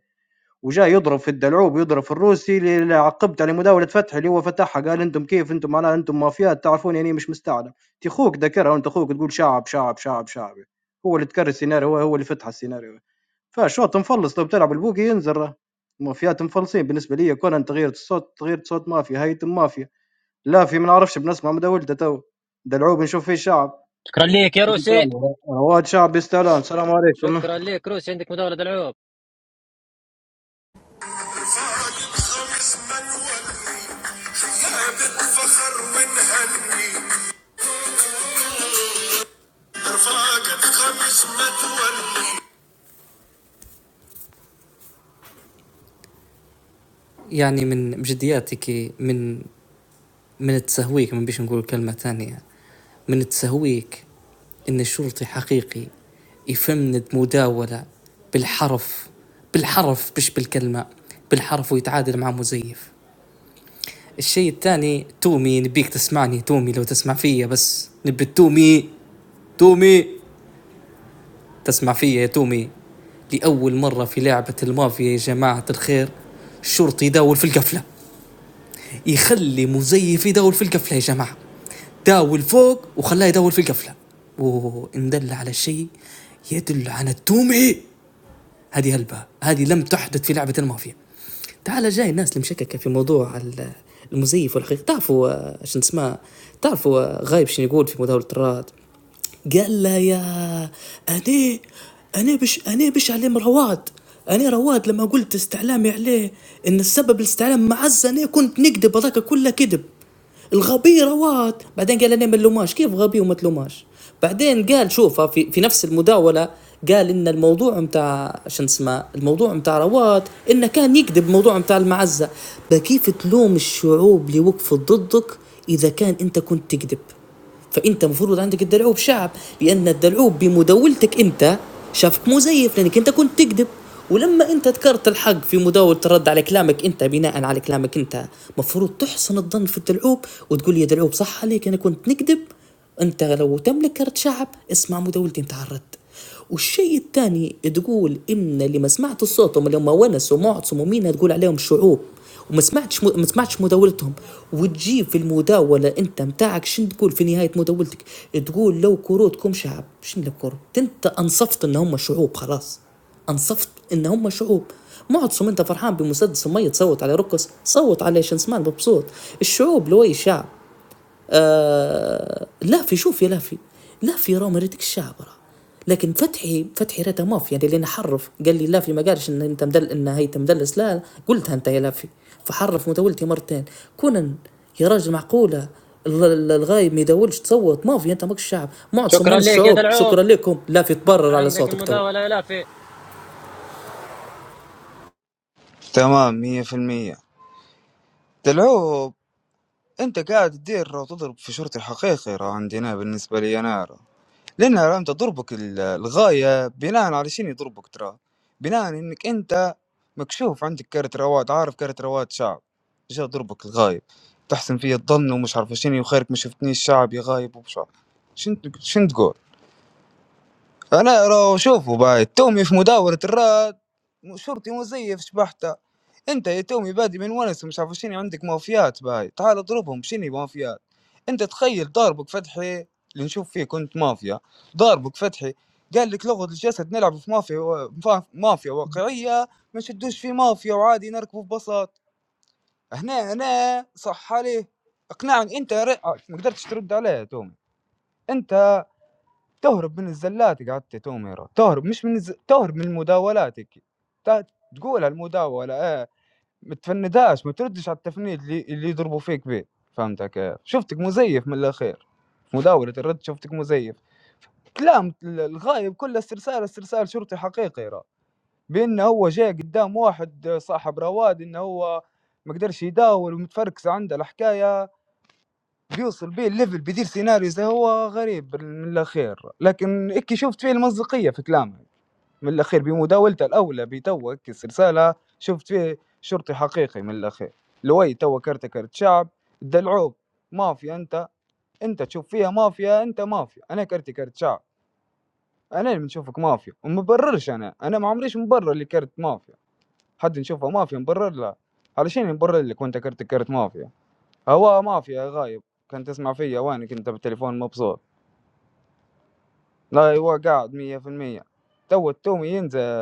Speaker 25: وجاي يضرب في الدلعوب ويضرب في الروسي اللي عقبت على مداولة فتحي اللي هو فتحها قال أنتم كيف أنتم معناها أنتم مافيات تعرفون يعني إيه مش مستعلم، أنت خوك ذكرها وأنت خوك تقول شعب شعب شعب شعب هو اللي تكرر السيناريو هو هو اللي فتح السيناريو فالشوط مفلص لو بتلعب البوكي ينزل المافيات مفلصين بالنسبه لي كون تغيير الصوت تغيير صوت مافيا هيتم مافيا لا في ما نعرفش بنسمع مداولته تو دلعوب نشوف فيه شعب
Speaker 1: شكرا ليك يا
Speaker 25: من
Speaker 1: روسي
Speaker 25: ثاني رواد شعب يستاهلون السلام عليكم
Speaker 1: شكرا ليك روسي عندك مداولة دلعوب
Speaker 20: خمس ملولي ثابت فخر ونهني رفاقة خمس متولي يعني من جدياتك من من التسهويك ما بيش نقول كلمة ثانية من التسهويك إن الشرطي حقيقي يفند مداولة بالحرف بالحرف مش بالكلمة بالحرف ويتعادل مع مزيف الشيء الثاني تومي نبيك تسمعني تومي لو تسمع فيا بس نبي تومي تومي تسمع فيا يا تومي لأول مرة في لعبة المافيا يا جماعة الخير الشرطي يداول في القفلة يخلي مزيف يدور في القفله يا جماعه داول فوق وخلاه يدور في القفله وان دل على الشيء يدل على التومه هذه هلبة هذه لم تحدث في لعبه المافيا تعال جاي الناس اللي مشككه في موضوع ال- المزيف والحقيقه تعرفوا آه، شنو اسمه تعرفوا آه، غايب شنو يقول في مداوله الراد قال له يا انا انا بش انا بش عليهم رواد انا رواد لما قلت استعلامي عليه ان السبب الاستعلام معز انا كنت نكذب هذاك كله كذب الغبي رواد بعدين قال انا ما نلوماش كيف غبي وما تلوماش بعدين قال شوف في, في نفس المداوله قال ان الموضوع متاع شن اسمه الموضوع متاع رواد انه كان يكذب موضوع متاع المعزه بكيف تلوم الشعوب اللي وقفت ضدك اذا كان انت كنت تكذب فانت المفروض عندك الدلعوب شعب لان الدلعوب بمداولتك انت شافك مزيف لانك انت كنت تكذب ولما انت ذكرت الحق في مداولة الرد على كلامك انت بناء على كلامك انت مفروض تحسن الظن في الدلعوب وتقول يا دلعوب صح عليك انا كنت نكذب انت لو تملك كرت شعب اسمع مداولتي انت على الرد والشيء الثاني تقول ان اللي ما سمعت صوتهم اللي هم ونس ومعتصم ومينا تقول عليهم شعوب وما سمعتش ما سمعتش مداولتهم وتجيب في المداوله انت متاعك شن تقول في نهايه مداولتك تقول لو كروتكم شعب شن لو كروت انت انصفت ان هم شعوب خلاص انصفت ان هم شعوب معتصم انت فرحان بمسدس ميت صوت على ركس صوت على شنسمان مبسوط الشعوب لوي شعب آه لا في شوف يا لافي لافي راه مريتك الشعب راه لكن فتحي فتحي راه ماف يعني لان حرف قال لي لافي ما قالش ان انت مدل ان هي مدلس لا قلتها انت يا لافي فحرف متولتي مرتين كون يا راجل معقوله ال- ال- الغايب ما يدولش تصوت مافيا انت ماكش شعب معد صمون
Speaker 1: شكرا ليك يا
Speaker 20: الشعوب
Speaker 1: دلعوب
Speaker 20: شكرا لكم لافي تبرر على
Speaker 1: عندك
Speaker 20: صوتك تو
Speaker 1: المداولة يا لافي
Speaker 11: تمام مية في المية دلعوب انت قاعد تدير وتضرب في شرطي الحقيقي راه عندنا بالنسبة لي انا راه لان راه انت ضربك ال- الغاية بناء على شنو يضربك ترى بناء انك انت مكشوف عندك كرت رواد عارف كرت رواد شعب جا ضربك الغايب تحسن فيه الظن ومش عارف شنو وخيرك ما شفتنيش شعب يا غايب ومش عارف شنو شنو تقول انا راه شوفوا باي تومي في مداورة الراد شرطي مزيف شبحته انت يا تومي بادي من ونس مش عارف شنو عندك مافيات باي تعال اضربهم شنو مافيات انت تخيل ضاربك فتحي اللي نشوف فيه كنت مافيا ضاربك فتحي قال لك لغة الجسد نلعب في مافيا و... فا- مافيا واقعية ما نشدوش في مافيا وعادي نركبه ببساط هنا هنا صح عليه اقنعني انت ر... آه، ما قدرتش ترد عليه يا تومي انت تهرب من الزلات قعدت توميرة تهرب مش من الز... تهرب من مداولاتك تا- تقول المداولة ايه ما تفندهاش ما تردش على التفنيد اللي, اللي يضربوا فيك به فهمتك كيف شفتك مزيف من الاخير مداولة الرد شفتك مزيف كلام ال- الغايب كله استرسال استرسال شرطي حقيقي را بانه هو جاي قدام واحد صاحب رواد انه هو ما قدرش يداول ومتفركس عنده الحكاية بيوصل بيه الليفل بيدير سيناريو زي هو غريب من الاخير لكن اكي شفت فيه المصداقيه في كلامه من الاخير بمداولته الاولى بتو هيك السلسله شفت فيه شرطي حقيقي من الاخير لوي تو كرت كرت شعب دلعوب مافيا انت انت تشوف فيها مافيا انت مافيا انا كرتي كرت شعب انا اللي بنشوفك مافيا وما بررش انا انا ما عمريش مبرر اللي كرت مافيا حد نشوفها مافيا مبرر لها علشان نبرر لك وانت كرت كرت مافيا هو مافيا غايب كان تسمع فيا وينك انت بالتليفون مبسوط لا هو قاعد مية في المية تو التومي ينزل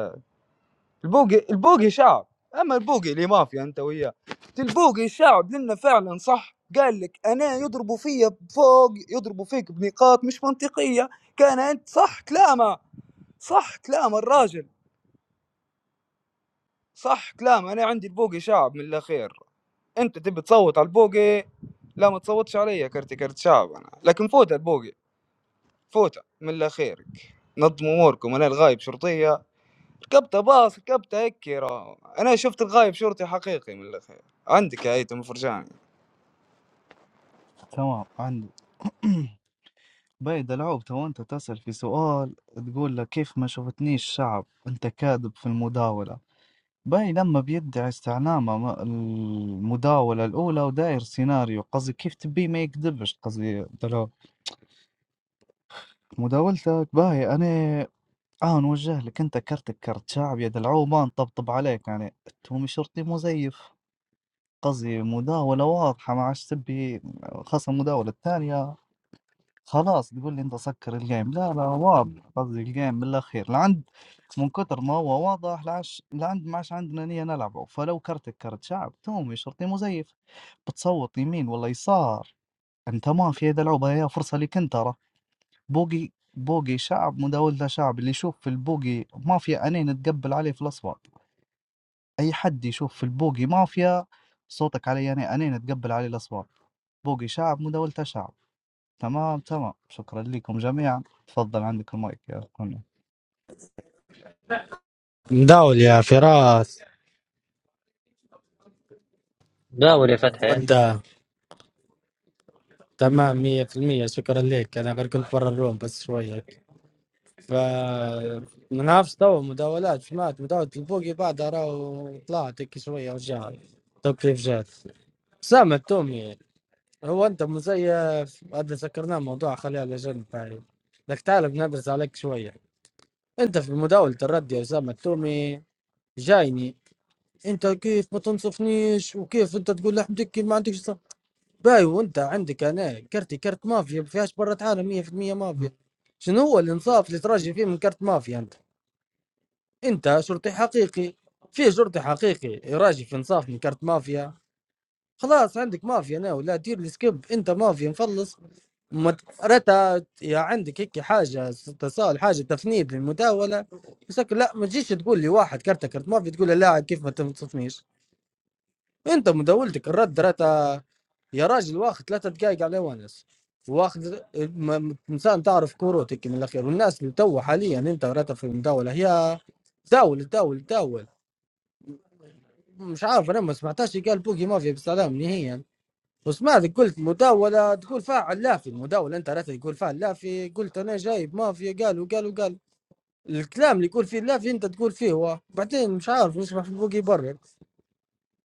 Speaker 11: البوقي البوقي شعب اما البوقي اللي مافيا انت وياه البوقي شعب لنا فعلا صح قال لك انا يضربوا فيا فوق يضربوا فيك بنقاط مش منطقيه كان انت صح كلامه صح كلام الراجل صح كلام انا عندي البوقي شعب من الاخير انت تبي تصوت على البوقي لا ما تصوتش عليا كرتي كرت شعب انا لكن فوت البوقي فوته من الله خيرك نظموا اموركم انا الغايب شرطيه ركبت باص ركبت هكيرة انا شفت الغايب شرطي حقيقي من الله خير عندك يا ايتم فرجاني
Speaker 18: تمام عندي بيد العوب تو أنت تسأل في سؤال تقول له كيف ما شفتنيش شعب أنت كاذب في المداولة باي لما بيدعي استعلامه ما- المداولة الأولى وداير سيناريو قصدي كيف تبي ما يكذبش قصدي دلعوب مداولتك باي أنا آه نوجه لك أنت كرتك كرت شعب يا دلعوب ما نطبطب عليك يعني التومي شرطي مزيف قصدي مداولة واضحة ما عادش تبي خاصة المداولة الثانية خلاص تقول لي أنت سكر الجيم لا لا واضح قصدي الجيم من الأخير لعند من كتر ما هو واضح لعش لعند ما عادش عندنا نية نلعبه فلو كرتك كرت شعب تومي شرطي مزيف بتصوت يمين ولا يسار أنت ما في يد العوبة هي فرصة لك أنت ترى بوقي بوقي شعب مداولته شعب اللي يشوف في البوقي ما في عينين تقبل عليه في الأصوات أي حد يشوف في البوقي مافيا صوتك علي أنا أنين تقبل عليه الأصوات بوقي شعب مداولته شعب تمام تمام شكرا لكم جميعا تفضل عندك المايك يا كوني
Speaker 21: مداول يا فراس
Speaker 1: داول يا فتحي
Speaker 21: وانت تمام مية في المية شكرا لك أنا غير كنت برا الروم بس شوية فمنافس تو مداولات في مات مداولة البوقي بعدها راهو طلعت هيك شوية ورجع تو كيف جات سامة تومي هو أنت مزيف هذا سكرناه موضوع خليه على جنب هاي لك تعال بندرس عليك شوية أنت في مداولة الرد يا أسامة تومي جايني أنت كيف ما تنصفنيش وكيف أنت تقول لحم دكي ما عندكش صف باي وأنت عندك أنا كرتي كرت مافيا ما فيهاش برة عالم 100% مافيا شنو هو الإنصاف اللي تراجع فيه من كرت مافيا أنت انت شرطي حقيقي في شرطي حقيقي راجل في انصاف من كارت مافيا خلاص عندك مافيا ناو لا دير لي سكيب انت مافيا نفلص مت... رتا يا عندك هيك حاجه اتصال حاجه تفنيد للمداوله مسك لا ما تجيش تقول لي واحد كارت كارت مافيا تقول له لا كيف ما تنصفنيش انت مداولتك الرد رتا يا راجل واخد ثلاثة دقايق على ونس واخد م- م- انسان تعرف كروتك من الاخير والناس اللي تو حاليا انت رتا في المداوله هي داول داول داول مش عارف انا ما سمعتهاش قال بوكي مافيا بالسلام نهائيا وسمعت قلت مداولة تقول فاعل لا في المداولة انت رأيت تقول فاعل لا في قلت انا جايب مافيا قالوا قالوا قال الكلام اللي يقول فيه لا في انت تقول فيه هو بعدين مش عارف نسمع في بوكي برا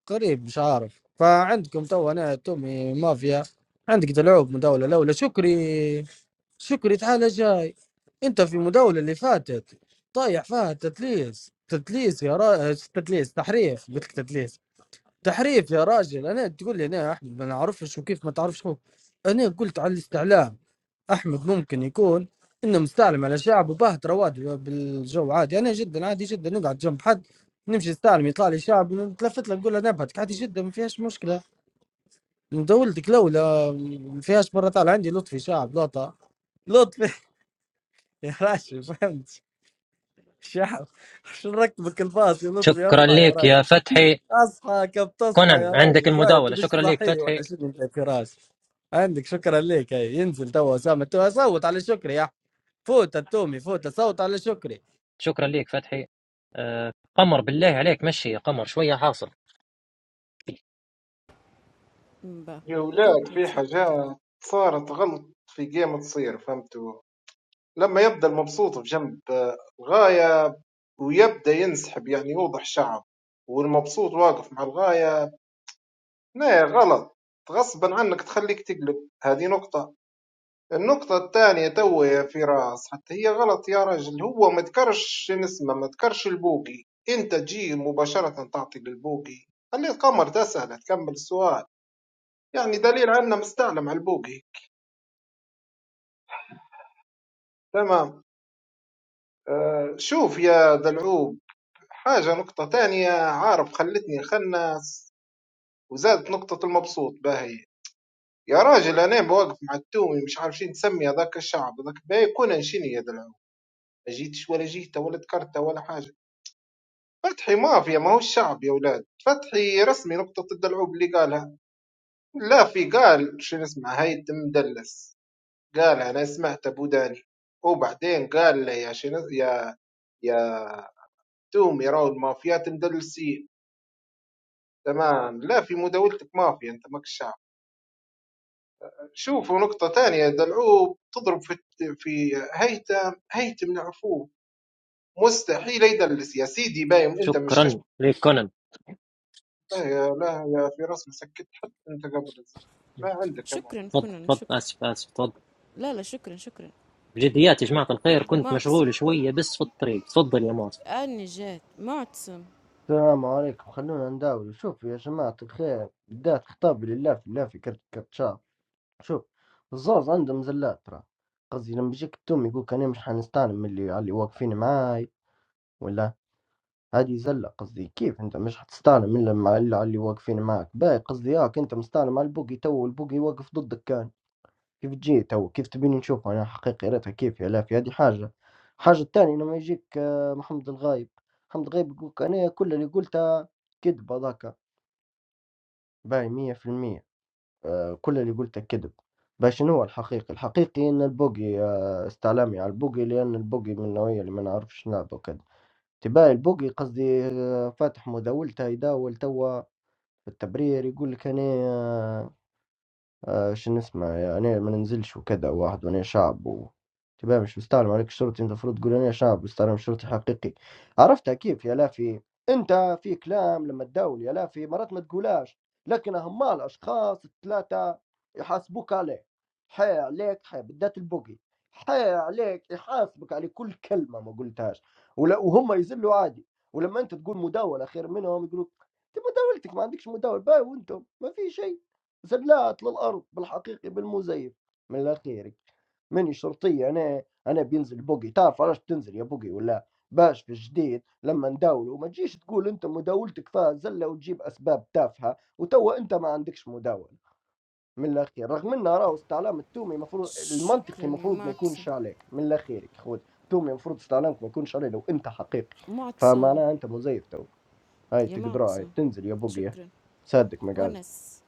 Speaker 21: قريب مش عارف فعندكم تو انا تومي مافيا عندك تلعب مداولة الاولى شكري شكري تعال جاي انت في المداولة اللي فاتت طايح فيها تتليس تتليس يا را... تتليس تحريف قلت لك تتليس تحريف يا راجل انا تقول لي انا يا احمد ما نعرفش وكيف ما تعرفش هو. انا قلت على الاستعلام احمد ممكن يكون انه مستعلم على شعب وبهت رواد بالجو عادي انا جدا عادي جدا نقعد جنب حد نمشي نستعلم يطلع لي شعب نتلفت له نقول له نبهتك عادي جدا ما فيهاش مشكله من دولتك لولا ما فيهاش مره طالع عندي لطفي شعب لوطه لطفي يا راشد فهمت شعب شو نركبك الباص يا لطفي
Speaker 1: شكرا
Speaker 21: اصحى يا راجل
Speaker 1: ليك يا فتحي
Speaker 21: اصحى كيف تصحى
Speaker 1: كونان
Speaker 21: يا راجل
Speaker 1: عندك
Speaker 21: باي انت
Speaker 1: المداولة
Speaker 21: مش
Speaker 1: شكرا ليك
Speaker 21: صحي ولا
Speaker 1: فتحي
Speaker 21: شنو انت فراس عندك شكرا ليك هي ينزل تو اسامه تو صوت على شكري يا أح- فوت التومي فوت صوت على شكري
Speaker 1: شكرا ليك فتحي آه قمر بالله عليك مشي يا قمر شوية حاصل
Speaker 7: با
Speaker 16: يا ولاد
Speaker 7: كنت
Speaker 16: في
Speaker 7: منسكتة
Speaker 16: حاجات صارت غلط في جيم تصير فهمتوا لما يبدا المبسوط في جنب آه، الغاية ويبدا ينسحب يعني يوضح شعب والمبسوط واقف مع الغاية لا غلط غصبا عنك تخليك تقلب هذه نقطة النقطة الثانية توي في راس حتى هي غلط يا رجل هو ما ذكرش شن اسمه ما ذكرش البوقي انت تجي مباشرة تعطي للبوقي خلي القمر تسأل تكمل السؤال يعني دليل عنا مستعلم على البوقي تمام آه شوف يا دلعوب حاجة نقطة تانية عارف خلتني خناس وزادت نقطة المبسوط باهي يا راجل انا بوقف مع التومي مش عارفين تسمي هذاك الشعب هذاك بيكون انشني يدلعو ما جيتش ولا جيته ولا تكرته ولا حاجه فتحي مافيا ما هو الشعب يا ولاد فتحي رسمي نقطة الدلعوب اللي قالها لا في قال شو اسمه هيثم مدلس قال انا سمعت ابو داني وبعدين قال لي يا شنو يا يا تومي راهو المافيات مدلسين تمام لا في مداولتك مافيا انت ماك الشعب شوفوا نقطة تانية دلعوب تضرب في في هيثم هيثم نعفوه مستحيل يدلس يا سيدي بايم انت مش تشبه
Speaker 1: شكرا ليك كونان
Speaker 16: يا لا يا في راس مسكت حتى انت قبل الزمن ما عندك يا
Speaker 7: شكرا
Speaker 1: تفضل
Speaker 16: معتصم
Speaker 7: كنن
Speaker 1: تفضل
Speaker 7: شكرا
Speaker 1: آسف آسف تفضل
Speaker 7: لا لا شكرا شكرا
Speaker 1: بجديات يا جماعة الخير كنت
Speaker 7: معتصم
Speaker 1: مشغول شوية بس في الطريق تفضل يا ماس
Speaker 7: أني جات معتصم
Speaker 8: السلام عليكم خلونا نداول شوف يا جماعة الخير بدات خطابي لله في الله في كرت كرتشار شوف الزوز عندهم زلات ترى قصدي لما يجيك التوم يقولك أنا مش حنستعلم من اللي على اللي واقفين معاي ولا هذه زلة قصدي كيف أنت مش حتستعلم إلا مع إلا على اللي واقفين معاك باي قصدي ياك أنت مستعلم على البوقي تو والبوقي واقف ضدك كان كيف تجي تو كيف تبيني نشوف أنا حقيقي ريتها كيف يا لافي هذه حاجة الحاجة الثانية لما يجيك آه، محمد الغايب محمد الغايب يقولك أنا كل اللي قلته كذب هذاك باي 100% آه، كل اللي قلته كذب باش شنو هو الحقيقي الحقيقي ان البوقي آه، استعلامي على البوقي لان البوقي من النوعية اللي ما نعرفش نلعبه كذا تباي البوقي قصدي آه، فاتح مداولته يداول توا في التبرير يقول لك انا آه، آه شو نسمع يعني ما ننزلش وكذا واحد وانا شعب و... تبقى مش مستعلم عليك شرطي انت المفروض تقول انا شعب مستعلم شرطي حقيقي عرفتها كيف يا لافي انت في كلام لما تداول يا لافي مرات ما تقولاش لكن هم الاشخاص الثلاثه يحاسبوك عليه حي عليك حي بالذات البوقي حي عليك يحاسبك على كل كلمه ما قلتهاش ولا وهم يزلوا عادي ولما انت تقول مداوله خير منهم يقولوا انت مداولتك ما عندكش مداول باي وانتم ما في شيء زلات للأرض بالحقيقي بالمزيف من لا خيرك ماني شرطية أنا أنا بينزل بوقي تعرف علاش تنزل يا بوقي ولا باش في الجديد لما نداولوا ما تجيش تقول أنت مداولتك فيها زلة وتجيب أسباب تافهة وتوا أنت ما عندكش مداولة من الأخير رغم أن راهو استعلام التومي مفروض
Speaker 7: شكرا
Speaker 8: المنطقي
Speaker 7: يا
Speaker 8: مفروض ما
Speaker 7: معتصم
Speaker 8: يكونش عليك من الأخيرك خود التومي مفروض استعلامك ما يكونش عليه لو أنت حقيقي
Speaker 7: معتصم
Speaker 8: فمعناها أنت مزيف تو هاي
Speaker 7: يا
Speaker 8: تقدرها هاي
Speaker 7: معتصم
Speaker 8: بتنزل يا بوقي
Speaker 7: شكرا
Speaker 8: صدق ما قال
Speaker 7: ونس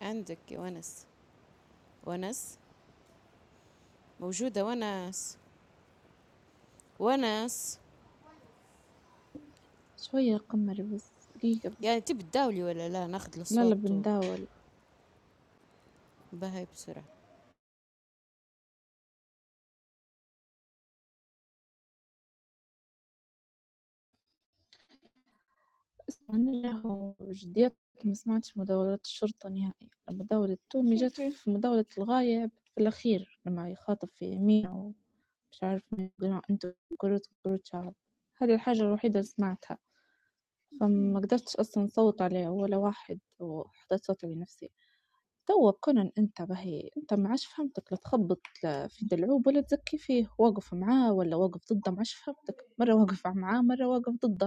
Speaker 7: عندك يا ونس ونس موجودة ونس ونس
Speaker 12: شوية قمر بس دقيقة بس
Speaker 7: يعني تبي تداولي ولا لا ناخذ
Speaker 12: لا
Speaker 7: الأصوات
Speaker 12: لا
Speaker 7: طول
Speaker 12: بنداول
Speaker 7: بهاي بسرعة
Speaker 12: له جديتك ما سمعتش مداولات الشرطة نهائيًا، مداولة تومي جات أوكي. في مداولة الغايب في الأخير لمّا يخاطب في يمينة ومش عارف مين يقول أنتم كلكم كرة شعب، هذه الحاجة الوحيدة اللي سمعتها، فما قدرتش أصلًا نصوّت عليه ولا واحد وحطيت صوتي لنفسي، توا بكونن أنت باهي أنت ما عادش فهمتك لا تخبّط لا في دلعوب ولا تزكّي فيه، واقف معاه والّا واقف ضده ما عادش فهمتك، مرة واقف معاه مرة واقف ضده.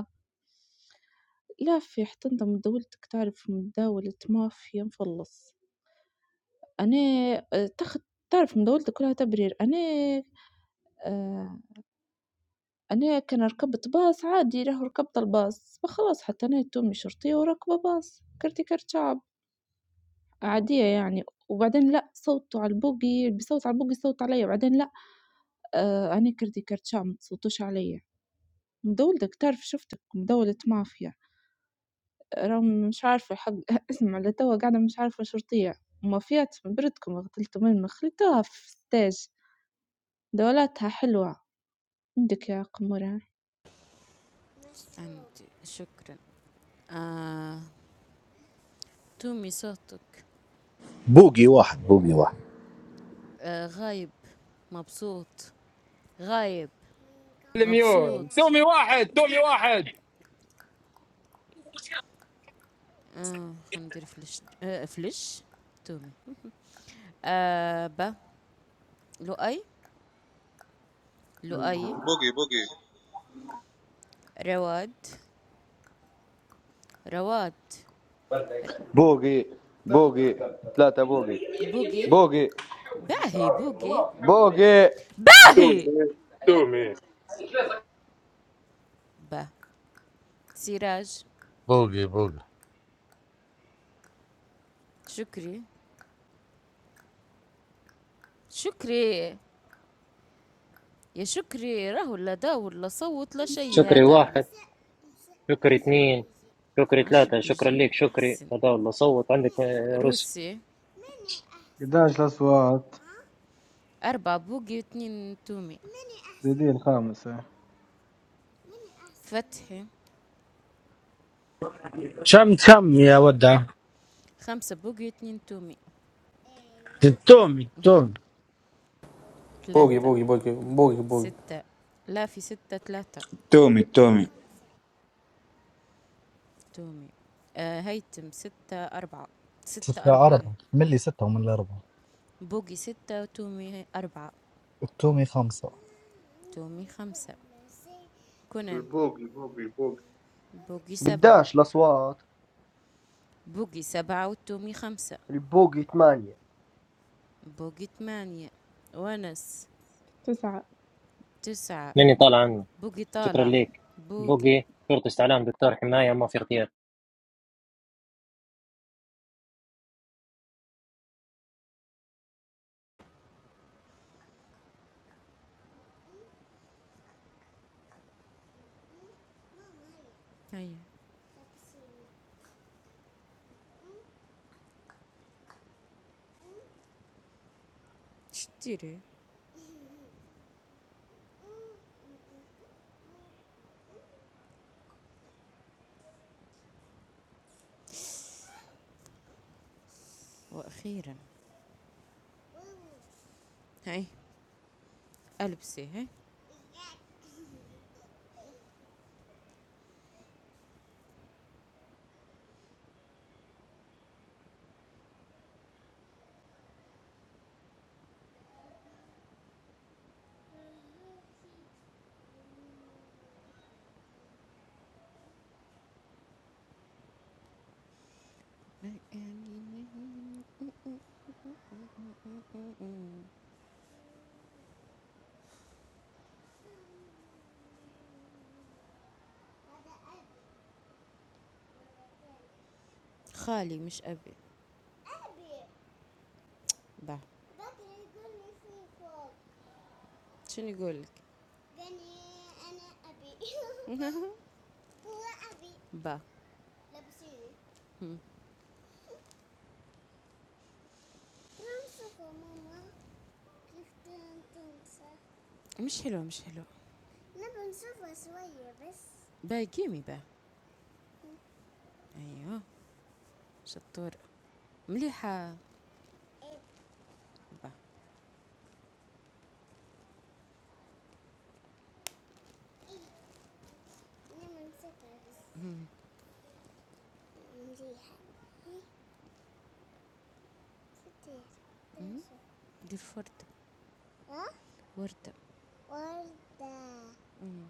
Speaker 12: لا في حتى انت مدولتك تعرف مداولة مافيا مفلص انا آه، تاخد تعرف مداولتك كلها تبرير انا آه، انا كان ركبت باص عادي راه ركبت الباص فخلاص حتى انا تومي شرطية وراكبة باص كرتي كرت شعب عادية يعني وبعدين لا صوتوا على البوقي بصوت على البوقي صوت عليا وبعدين لا آه، انا كرتي كرت شعب متصوتوش عليا مدولتك تعرف شفتك مداولة مافيا راهم مش عارفة حق اسمع لتوا قاعدة مش عارفة شو رطيع، ومافيات بردكم غتلتم المخ لتوها في stage دولاتها حلوة، عندك يا قمرة
Speaker 7: عندي شكرا آه تومي صوتك
Speaker 19: بوقي واحد بوقي واحد
Speaker 7: آه غايب مبسوط غايب
Speaker 26: الميون
Speaker 7: مبسوط
Speaker 26: تومي واحد تومي واحد
Speaker 7: اه هندير فلش آه فلش تومي آه با لؤي لؤي
Speaker 23: بوقي بوقي
Speaker 7: رواد رواد
Speaker 27: بوقي بوقي ثلاثة بوقي
Speaker 7: بوغي
Speaker 27: بوقي
Speaker 7: باهي بوغي
Speaker 27: بوقي
Speaker 7: باهي
Speaker 10: تومي تومي
Speaker 7: با سراج
Speaker 5: بوقي بوقي
Speaker 7: شكري شكري يا شكري راهو لا داور لا صوت لا شي
Speaker 1: شكري
Speaker 7: هذا راه
Speaker 1: واحد شكري اثنين شكري
Speaker 7: ماشي
Speaker 1: ثلاثة شكرا
Speaker 7: بيجي
Speaker 1: ليك شكري
Speaker 7: احسن
Speaker 1: هذا والله صوت عندك آه، رسل
Speaker 7: روسي
Speaker 25: 11 اصوات
Speaker 7: أربعة بوغي اثنين تومي
Speaker 25: زيدين الخامسة
Speaker 7: فتحي
Speaker 21: شمت كم يا ودع
Speaker 7: خمسة بوغي اثنين تومي
Speaker 21: التومي التومي
Speaker 20: بوقي
Speaker 7: ثلاثة
Speaker 20: بوقي بوقي بوقي بوقي
Speaker 7: ستة لا في ستة ثلاثة
Speaker 11: تومي تومي
Speaker 7: تومي آه هيتم ستة أربعة ستة
Speaker 18: ستة
Speaker 7: أربعة إيه.
Speaker 18: أربعة ملي ستة وملي أربعة
Speaker 7: بوقي ستة تومي أربعة
Speaker 18: التومي خمسة
Speaker 7: تومي خمسة كونان
Speaker 16: البوق البوق البوق
Speaker 7: بوقي سبعة
Speaker 8: قداش الأصوات
Speaker 7: بوقي سبعة وتومي خمسة
Speaker 8: البوقي ثمانية
Speaker 7: بوقي ثمانية ونس
Speaker 12: تسعة.
Speaker 7: تسعة
Speaker 1: لاني طالع عنه
Speaker 7: بوقي
Speaker 1: شكرا
Speaker 7: طالع
Speaker 1: ليك
Speaker 7: بوقي
Speaker 1: بوقي شرطة استعلام دكتور حماية ما في اغتيال
Speaker 7: هيا شتيري وأخيرا هاي ألبسي هاي خالي مش أبي بعد شنو يقول لك؟ با مم. مش حلو مش حلو با قيمي با ايوه شطور مليحه با مم. مم. دير فردة وردة مم.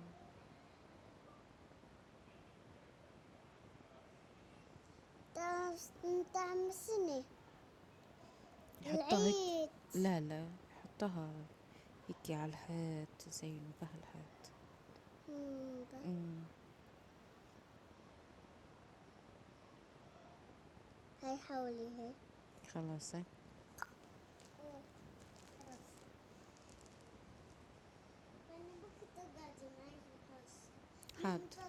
Speaker 7: يحطوها هيك لا لا يحطوها هيك على الحيط زينوا بها الحيط مم. خلاص هاي. حاط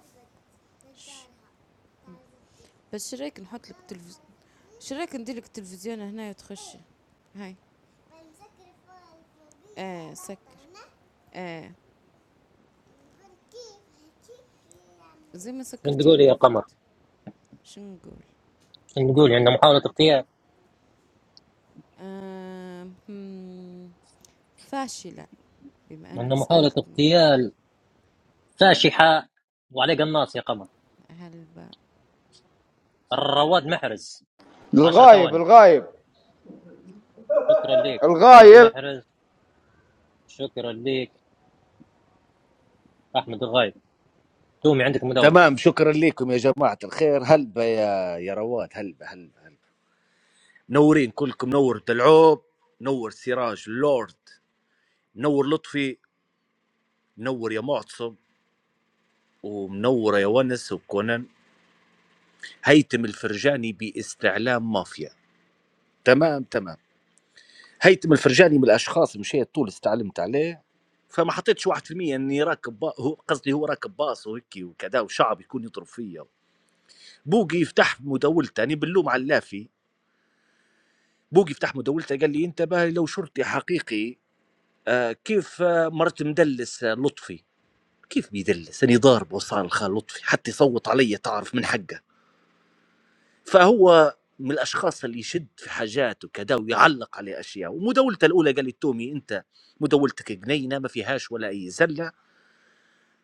Speaker 7: بس شريك نحط لك تلفزيون شريك ندير لك تلفزيون هنا وتخشي هاي ايه سكر ايه زي ما
Speaker 1: شنو
Speaker 7: سكرتي
Speaker 1: تقول يا
Speaker 7: مرة
Speaker 1: قمر
Speaker 7: فاتت شنو نقول
Speaker 1: شنو تقول عندنا محاولة اغتيال
Speaker 7: آه هم، فاشلة بما
Speaker 1: عندنا
Speaker 7: أنك
Speaker 1: محاولة
Speaker 7: سألتني
Speaker 1: اغتيال فاشحة وعليه قناص يا قمر
Speaker 7: هل ب...
Speaker 1: الرواد محرز عشر
Speaker 27: الغايب
Speaker 1: ثواني
Speaker 27: الغايب
Speaker 1: شكرا ليك رواد
Speaker 27: الغايب
Speaker 1: محرز شكرا ليك أحمد الغايب تومي عندك مداولة
Speaker 19: تمام شكرا لكم يا جماعه الخير هلبة يا يا رواد هلبة هلبة هلبة منورين كلكم نور دلعوب نور سراج لورد منور لطفي منور يا معتصم ومنوره يا ونس وكونان هيثم الفرجاني باستعلام مافيا تمام تمام هيثم الفرجاني من الاشخاص مشيت طول استعلمت عليه فما حطيتش 1% اني راكب با... هو قصدي هو راكب باص وهيك وكذا وشعب يكون يضرب فيا بوقي يفتح مداولته انا باللوم على اللافي بوقي يفتح مداولته قال لي انتبه لو شرطي حقيقي آه كيف آه مرت مدلس آه لطفي كيف بيدلس انا ضاربه وصار الخال لطفي حتى يصوت علي تعرف من حقه فهو من الاشخاص اللي يشد في حاجاته كذا ويعلق على اشياء ومداولته الاولى قال لي تومي انت مداولتك جنينه ما فيهاش ولا اي زله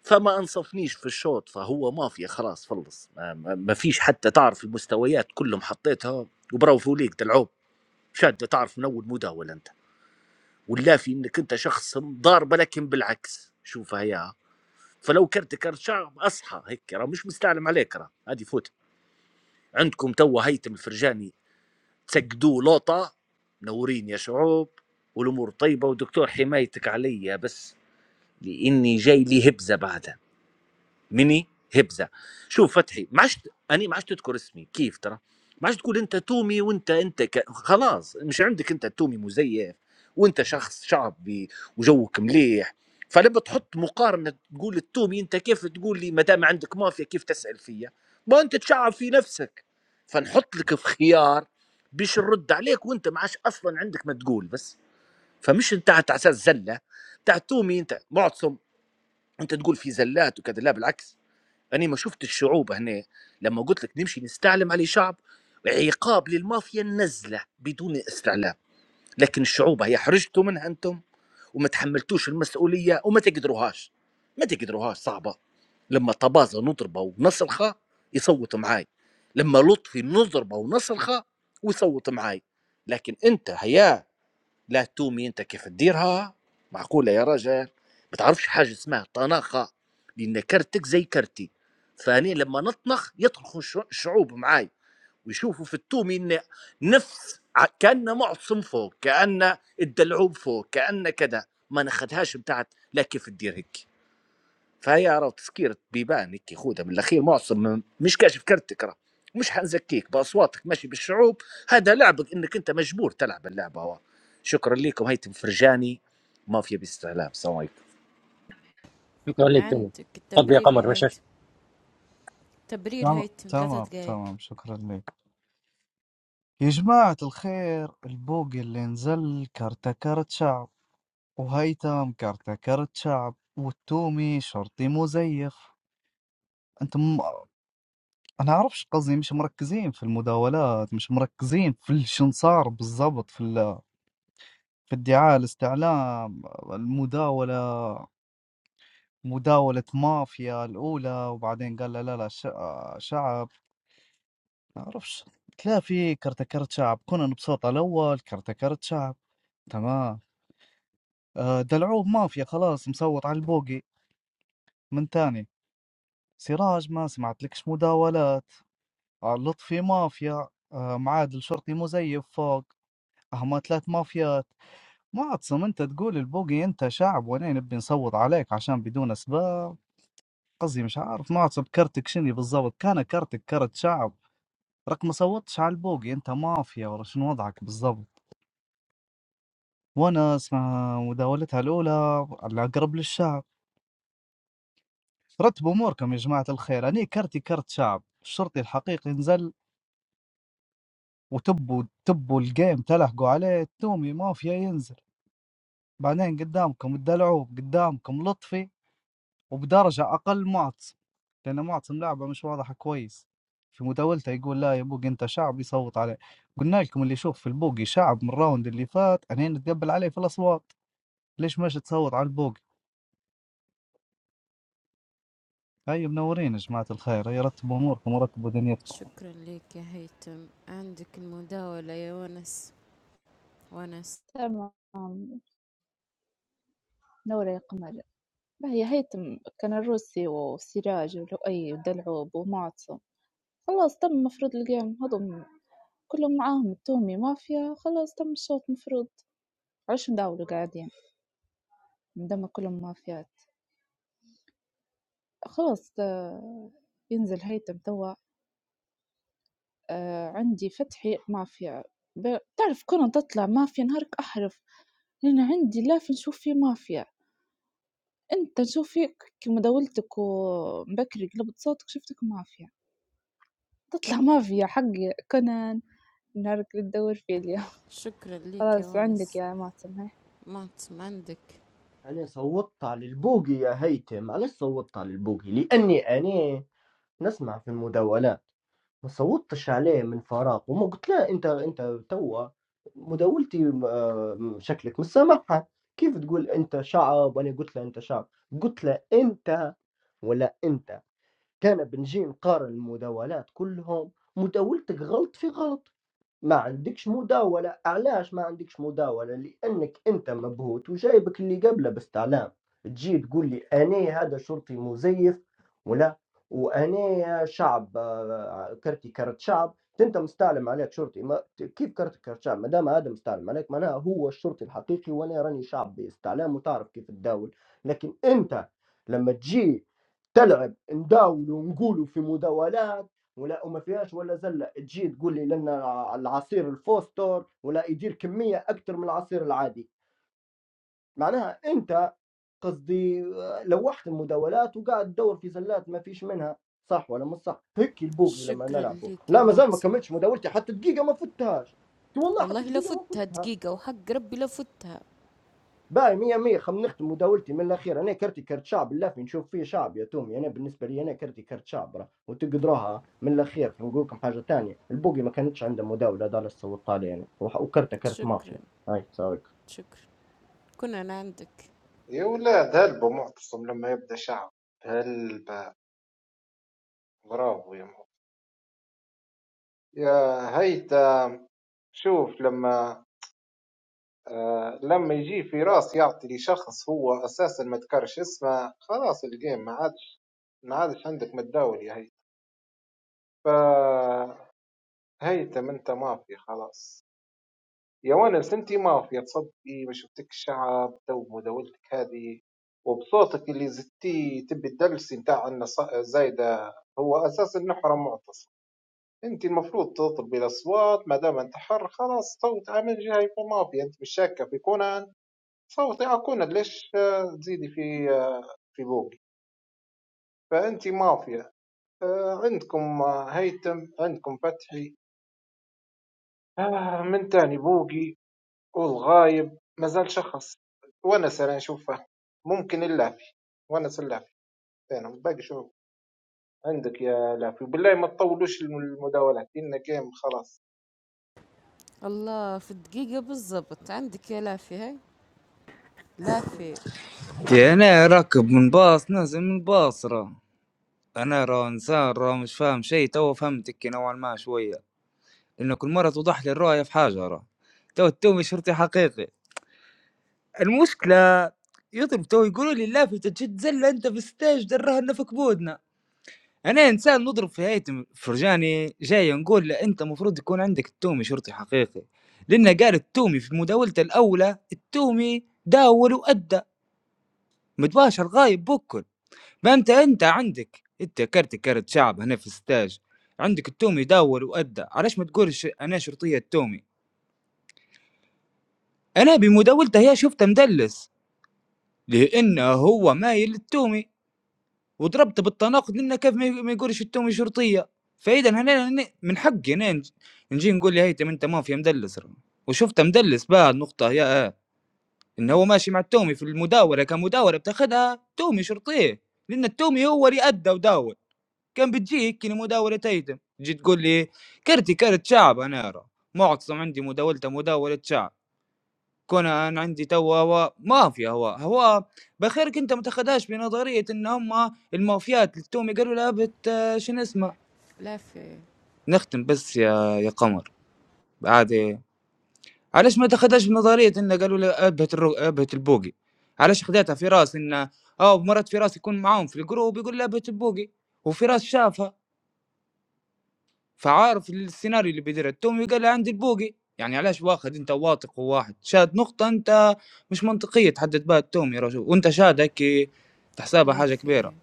Speaker 19: فما انصفنيش في الشوط فهو مافيا خلاص فلص ما, ما ما فيش حتى تعرف المستويات كلهم حطيتها وبرافو ليك تلعب شاد تعرف من اول مداوله انت واللافي انك انت شخص ضارب لكن بالعكس شوفها يا فلو كرت كرت شعب اصحى هيك راه مش مستعلم عليك راه هذه فوت عندكم توا هيثم الفرجاني سجدوه لقطة منورين يا شعوب والامور طيبه ودكتور حمايتك عليا بس لاني جاي لي هبزه بعدها مني هبزه شوف فتحي ما عادش اني ما عادش تذكر اسمي كيف ترى ما عادش تقول انت تومي وانت انت ك... خلاص مش عندك انت تومي مزيف وانت شخص شعبي وجوك مليح فلما تحط مقارنه تقول التومي انت كيف تقول لي ما دام عندك مافيا كيف تسال فيا ما انت تشعب في نفسك فنحط لك في خيار باش نرد عليك وانت ما عادش اصلا عندك ما تقول بس فمش انت على اساس زله تاع تومي انت معتصم انت تقول في زلات وكذا لا بالعكس أنا ما شفت الشعوب هنا لما قلت لك نمشي نستعلم على شعب عقاب للمافيا النزلة بدون استعلام لكن الشعوب هي حرجتوا منها أنتم وما تحملتوش المسؤولية وما تقدروهاش ما تقدروهاش صعبة لما طبازة نضربه ونصرخة يصوت معاي لما لطفي نضربه ونصرخة ويصوت معاي لكن أنت هيا لا تومي انت كيف تديرها معقوله يا رجل ما تعرفش حاجه اسمها طناخه لان كرتك زي كرتي فاني لما نطنخ يطرخوا الش- الشعوب معاي ويشوفوا في التومي ان نفس ع- كان معصم فوق كان الدلعوب فوق كان كذا ما ناخذهاش بتاعت لا كيف تدير هيك فهي راه تسكير بيبان هيك خودها من الاخير معصم من- مش كاشف كرتك راه مش حنزكيك باصواتك ماشي بالشعوب هذا لعبك انك انت مجبور تلعب اللعبه هو. شكرا لكم هيثم فرجاني مافيا باستعلام السلام عليكم
Speaker 1: شكرا ليك تومي
Speaker 7: عندك
Speaker 1: تفضل يا
Speaker 7: التبرير يا
Speaker 1: قمر مش مش
Speaker 7: هيتم تبرير
Speaker 18: تمام
Speaker 7: هيتم ثلاثة
Speaker 18: تمام
Speaker 7: دقايق
Speaker 18: تمام شكرا لك يا جماعة الخير البوقي اللي نزل كرتة كرت شعب وهيثم كرتة كرت شعب والتومي شرطي مزيف انتم انا اعرفش قصدي مش مركزين في المداولات مش مركزين في ال- شن صار بالضبط في ال- في الدعاية الاستعلام المداولة مداولة مافيا الأولى وبعدين قال لا لا لا شع- شعب ما أعرفش تلاقي في كرتكرت شعب كونان بصوت على الأول كرتكرت شعب تمام آه، دلعوه مافيا خلاص مصوت على البوقي من تاني سراج ما سمعت لكش مداولات آه، لطفي مافيا آه، معادل شرطي مزيف فوق هما ثلاث مافيات معتصم انت تقول البوقي انت شعب وانا نبي نصوت عليك عشان بدون اسباب قصدي مش عارف معتصم كرتك شني بالضبط كان كرتك كرت شعب رك ما صوتش على البوقي انت مافيا ولا شنو وضعك بالضبط وانا اسمها مداولتها الاولى على اقرب للشعب رتبوا اموركم يا جماعه الخير اني كرتي كرت شعب الشرطي الحقيقي نزل وتبوا تبوا الجيم تلحقوا عليه التومي مافيا ينزل بعدين قدامكم الدلعوب قدامكم لطفي وبدرجة أقل معتصم لأن معتصم لعبة مش واضحة كويس في مداولته يقول لا يا بوق أنت شعب يصوت عليه قلنا لكم اللي يشوف في البوقي شعب من الراوند اللي فات أنا نتقبل عليه في الأصوات ليش ماشي تصوت على البوقي هاي منورين يا جماعة الخير هاي رتبوا أموركم ورتبوا دنيتكم
Speaker 7: شكرا لك يا هيتم عندك المداولة يا ونس ونس
Speaker 12: تمام نورة يا قمر هي هيتم كان الروسي وسراج ولؤي ودلعوب ومعتصم خلاص تم مفروض القيام هضم كلهم معاهم التومي مافيا خلاص تم الشوط مفروض عش نداولوا قاعدين مدام كلهم مافيات خلاص آه، ينزل هيتم توا آآ عندي فتحي مافيا ب تعرف كون تطلع مافيا نهارك أحرف، لأن عندي لاف نشوف فيه مافيا، أنت نشوف فيك كيما داولتك وبكري قلبت صوتك شفتك مافيا، تطلع مافيا حقي كونان نهارك اللي تدور فيه اليوم
Speaker 7: شكرا لك يا
Speaker 12: خلاص عندك
Speaker 7: ونس
Speaker 12: يا ماسم هاي.
Speaker 7: معتصم عندك
Speaker 8: أنا صوتت على البوقي يا هيثم علاش صوتت على البوقي لأني أنا نسمع في المداولات ما صوتتش عليه من فراغ وما قلت له أنت أنت توا مداولتي آه، شكلك مش سامحها كيف تقول أنت شعب وأنا قلت له أنت شعب قلت له أنت ولا أنت كان بنجي نقارن المداولات كلهم مداولتك غلط في غلط ما عندكش مداولة علاش ما عندكش مداولة لأنك أنت مبهوت وجايبك اللي قبله باستعلام تجي تقول لي أنا هذا شرطي مزيف ولا وأنا شعب آه، كرتي كرت شعب أنت مستعلم عليك شرطي ما كيف كرتي كرت شعب ما دام هذا مستعلم عليك معناها هو الشرطي الحقيقي وأنا راني شعب باستعلام وتعرف كيف تداول لكن أنت لما تجي تلعب نداولوا ونقولوا في مداولات ولا وما فيهاش ولا زله تجي تقول لي لان العصير الفوستور ولا يدير كميه اكثر من العصير العادي معناها انت قصدي آه، لوحت المداولات وقاعد تدور في زلات ما فيش منها صح ولا مش صح هيك البوقي لما
Speaker 7: شكرا
Speaker 8: نلعبه
Speaker 7: لك يا
Speaker 8: لا مازال ما
Speaker 7: معتصم
Speaker 8: كملتش مداولتي حتى دقيقه ما فتهاش والله حتى
Speaker 7: والله
Speaker 8: دقيقه ما
Speaker 7: لفتها
Speaker 8: فتها
Speaker 7: دقيقة وحق ربي لفتها
Speaker 8: باهي مية مية خم نختم مداولتي من الأخير أنا كرتي كرت شعب اللافي نشوف فيه شعب يا تومي أنا بالنسبة لي أنا كرتي كرت شعب راه وتقدروها من الأخير نقول لكم حاجة تانية البوقي ما كانتش عنده مداولة هذا اللي صوت عليه يعني وح- وكرته كرت
Speaker 7: شكرا
Speaker 8: مافيا هاي ساويك
Speaker 7: شكرا كنا أنا عندك
Speaker 16: يا ولاد هلبة معتصم لما يبدا شعب هلبة برافو يا معتصم يا هيثم شوف لما آه لما يجي في راس يعطي لشخص هو اساسا ما ذكرش اسمه خلاص الجيم ما عادش ما عادش عندك متداول يا هيثم فهيثم انت مافيا خلاص يا ونس انت مافيا تصدقي ما شفتك الشعب تو مداولتك هذه وبصوتك اللي زدتيه تبي الدلسي نتاع ان ص- زايده هو اساسا نحرم معتصم انت المفروض تطلبي الاصوات ما دام انت حر خلاص صوت عامل جاي في مافيا انت مش شاكه في كونان صوتي أكون ليش آه، تزيدي في آه، في بوقي فأنت مافيا آه، عندكم آه، هيثم عندكم فتحي آه، من تاني بوقي والغايب مازال شخص ونس أنا أشوفه ممكن اللافي ونس اللافي أنا باقي شو عندك يا لافي وبالله ما تطولوش المداولات إن جيم خلاص
Speaker 7: الله في الدقيقة بالضبط عندك يا لافي هاي لافي
Speaker 11: يا انا راكب من باص نازل من باص را انا را انسان را مش فاهم شيء تو فهمتك نوعا ما شويه لانه كل مره توضح لي الرؤيه في حاجه را تو التومي شرطي حقيقي المشكله يطلب تو يقولوا لي لا في تجد زله انت في الستاج دراها لنا في كبودنا أنا إنسان نضرب في هاية م- فرجاني جاي نقول له أنت مفروض يكون عندك التومي شرطي حقيقي لأنه قال التومي في مداولته الأولى التومي داول وأدى متباشر غايب بكل ما أنت أنت عندك أنت كرت كرت شعب هنا في ستاج عندك التومي داول وأدى علاش ما تقولش أنا شرطية التومي أنا بمداولته هي شفته مدلس لأنه هو مايل للتومي وضربته بالتناقض لأنه كيف ما ما يقول التهمة شرطية فإذا هنا هنا من حقي هنا نجي نقول يا هيثم أنت مافيا مدلس راه. وشفته مدلس بعد نقطة يا آه. إن هو ماشي مع التومي في المداولة كمداولة بتاخدها تومي شرطية لأن التومي هو اللي أدى وداول كان بتجيك كني مداولة هيثم تجي تقول لي كرتي كرت شعب أنا أرى معتصم عندي مداولته مداولة شعب كونان، عندي توا و ما في هواه، هواه بخيرك أنت ما تاخدهاش بنظرية إن هم المافيات اللي توم يقالوا لها بت شنو اسمه،
Speaker 7: لافي
Speaker 11: نختم بس يا يا قمر عادي علاش ما تاخدهاش بنظرية إن قالوا لها أبهت الرو أبهت البوقي، علاش خديتها في راس إن آه مرات في راس يكون معاهم في الجروب يقول لها أبهت البوقي وفراس شافها. فعارف السيناريو اللي بيدير يقال عندي البوقي يعني علاش واخد انت واثق وواحد شاد نقطة انت مش منطقية تحدد بها التوم يا رجل وانت شاد هيك تحسبها حاجة كبيرة
Speaker 7: لافي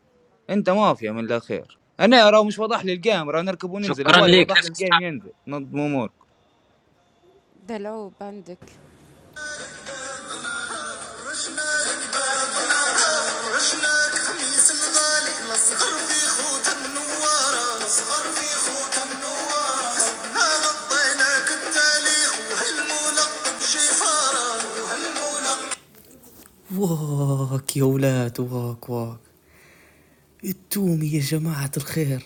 Speaker 11: انت مافيا من الاخير انا راه مش واضح لي الجيم راه نركب وننزل
Speaker 1: شكرا
Speaker 11: هوالي
Speaker 1: ليك
Speaker 11: واضح لي
Speaker 1: ليش
Speaker 11: الجيم
Speaker 1: تستعجل؟
Speaker 11: ينزل نظم امورك
Speaker 7: دلعوب عندك
Speaker 20: خميس الغالي نصغر في خوت النوارة نصغر في خوت النوارة هذا الطينك التاريخ وهالملقب جفارة وهالملقب واك يا ولاد واك واك التومي يا جماعة الخير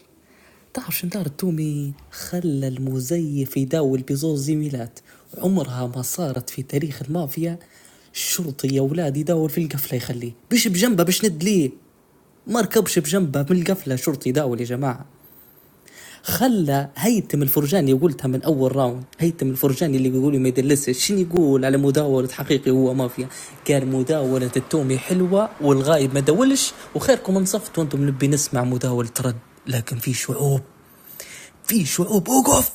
Speaker 20: تعرف شن دار التومي خلى المزيف يداول بزوز زميلات عمرها ما صارت في تاريخ المافيا الشرطي يا ولاد يداول في القفلة يخليه بش بجنبه بش ند ليه ما ركبش بجنبه من القفلة شرطي يداول يا جماعة خلى هيثم الفرجاني قلتها من اول راوند هيثم الفرجاني اللي يقولوا ما يدلسش شنو يقول على مداولة حقيقي هو مافيا قال مداولة التومي حلوة والغايب ما دولش وخيركم انصفتوا وانتم نبي نسمع مداولة رد لكن في شعوب في شوي اوقف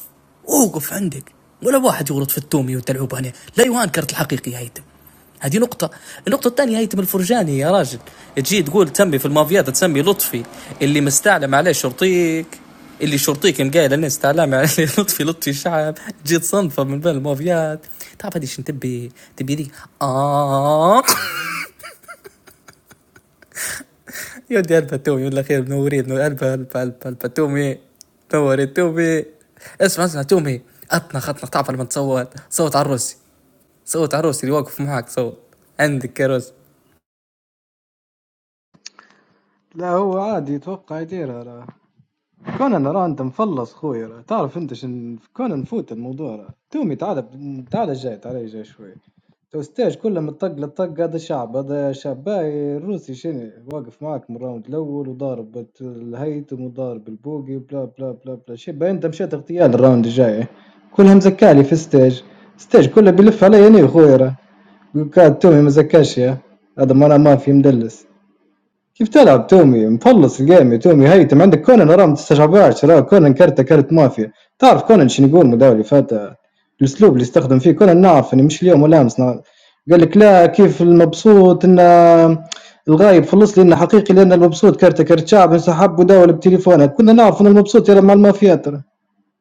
Speaker 20: اوقف عندك ولا واحد يورط في التومي وتلعب هنا لا يهان كرت الحقيقي هيتم هذه نقطة النقطة الثانية هيتم الفرجاني يا راجل تجي تقول تسمي في المافيات تسمي لطفي اللي مستعلم عليه شرطيك اللي شرطيك مقايل الناس استعلام عليه لطفي لطفي شعب جيت صنفه من بين المافيات تعرف هذه شنو تبي تبي ذي آه يودي هلبة تومي ولا خير منورين هلبة هلبة هلبة هلبة تومي نوري تومي اسمع اسمع تومي اطنخ اطنخ تعرف لما تصوت صوت على الروسي صوت على الروسي اللي واقف معاك صوت عندك يا روسي
Speaker 25: لا هو عادي يتوقع يديرها لا كونان راه انت مفلص خويا راه تعرف انت شن كونان نفوت الموضوع راه تومي تعال تعال جاي تعال جاي شوي تو ستاج كله من طق لطق هذا الشعب هذا شاب باي الروسي شنو واقف معاك من الراوند الاول وضارب بت- الهيثم وضارب البوقي وبلا بلا بلا بلا شي باين انت مشيت اغتيال الراوند الجاي كلها مزكالي في ستاج ستاج كله بيلف علي انا خويا راه يقول كاد تومي مزكاش يا هذا مرة ما في مدلس كيف تلعب تومي مفلص الجيم يا تومي هيتم عندك كونان راه ما تستشعبهاش راه كونان كرته كرت مافيا تعرف كونان شنو يقول المداوي اللي فات الاسلوب اللي استخدم فيه كونان نعرف اني مش اليوم ولا امس نعرف. قال لك لا كيف المبسوط ان الغايب خلص لي انه حقيقي لان المبسوط كارته كارت شعب انسحب وداول بتليفونه كنا نعرف ان المبسوط يلعب مع المافيات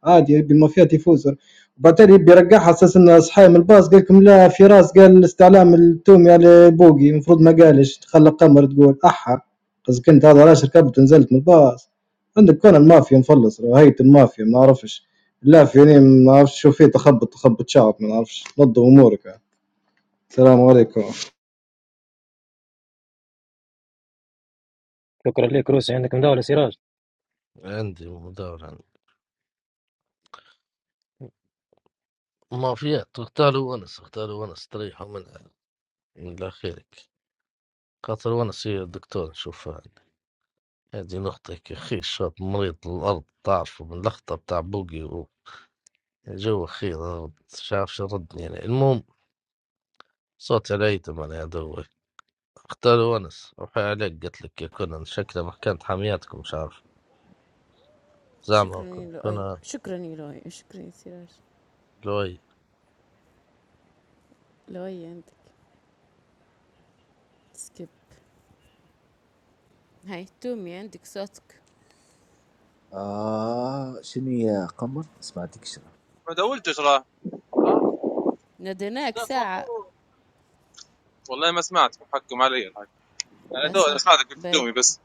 Speaker 25: عادي يبي المافيا تفوز وبعدين يبي يرقعها اساس انه صحي من الباص قال لكم لا فراس قال الاستعلام التومي على بوقي المفروض ما قالش خلى قمر تقول احا قصدك كنت هذا علاش ركبت نزلت من الباص عندك كون المافيا مفلص هيئة المافيا ما نعرفش لا فيني ما نعرفش شو فيه تخبط تخبط شعب ما نعرفش نظم امورك يعني. السلام عليكم
Speaker 1: شكرا ليك روسي عندك مداولة سراج
Speaker 5: عندي مداولة عندي. مافيات اغتالوا ونس اغتالوا ونس تريحوا منها إلى آخرك خاطر ونس هي الدكتور نشوفها عندي. هذه نقطة هيك خي شاب مريض الأرض تعرفوا من اللخطة بتاع بوقي وجو خير مش عارف شو ردني يعني المهم صوت على أيتم أنا هذا هو اختار ونس روحي عليك قلت لك يا كونان شكله محكمة حامياتكم مش عارف زعما
Speaker 7: شكرا يا
Speaker 5: كون-
Speaker 7: لؤي
Speaker 5: كونان
Speaker 7: شكرا يا لؤي شكرا يا سراج
Speaker 5: لوي
Speaker 7: لؤي عندك سكيب هاي تومي عندك صوتك
Speaker 19: آه شنو يا قمر سمعتك شنو
Speaker 23: ما دولتش راه
Speaker 7: ناديناك ساعة
Speaker 23: والله ما سمعت محكم علي الحاج انا دول أنا
Speaker 7: بصوت
Speaker 23: سمعتك قلت
Speaker 7: ب-
Speaker 23: دومي بس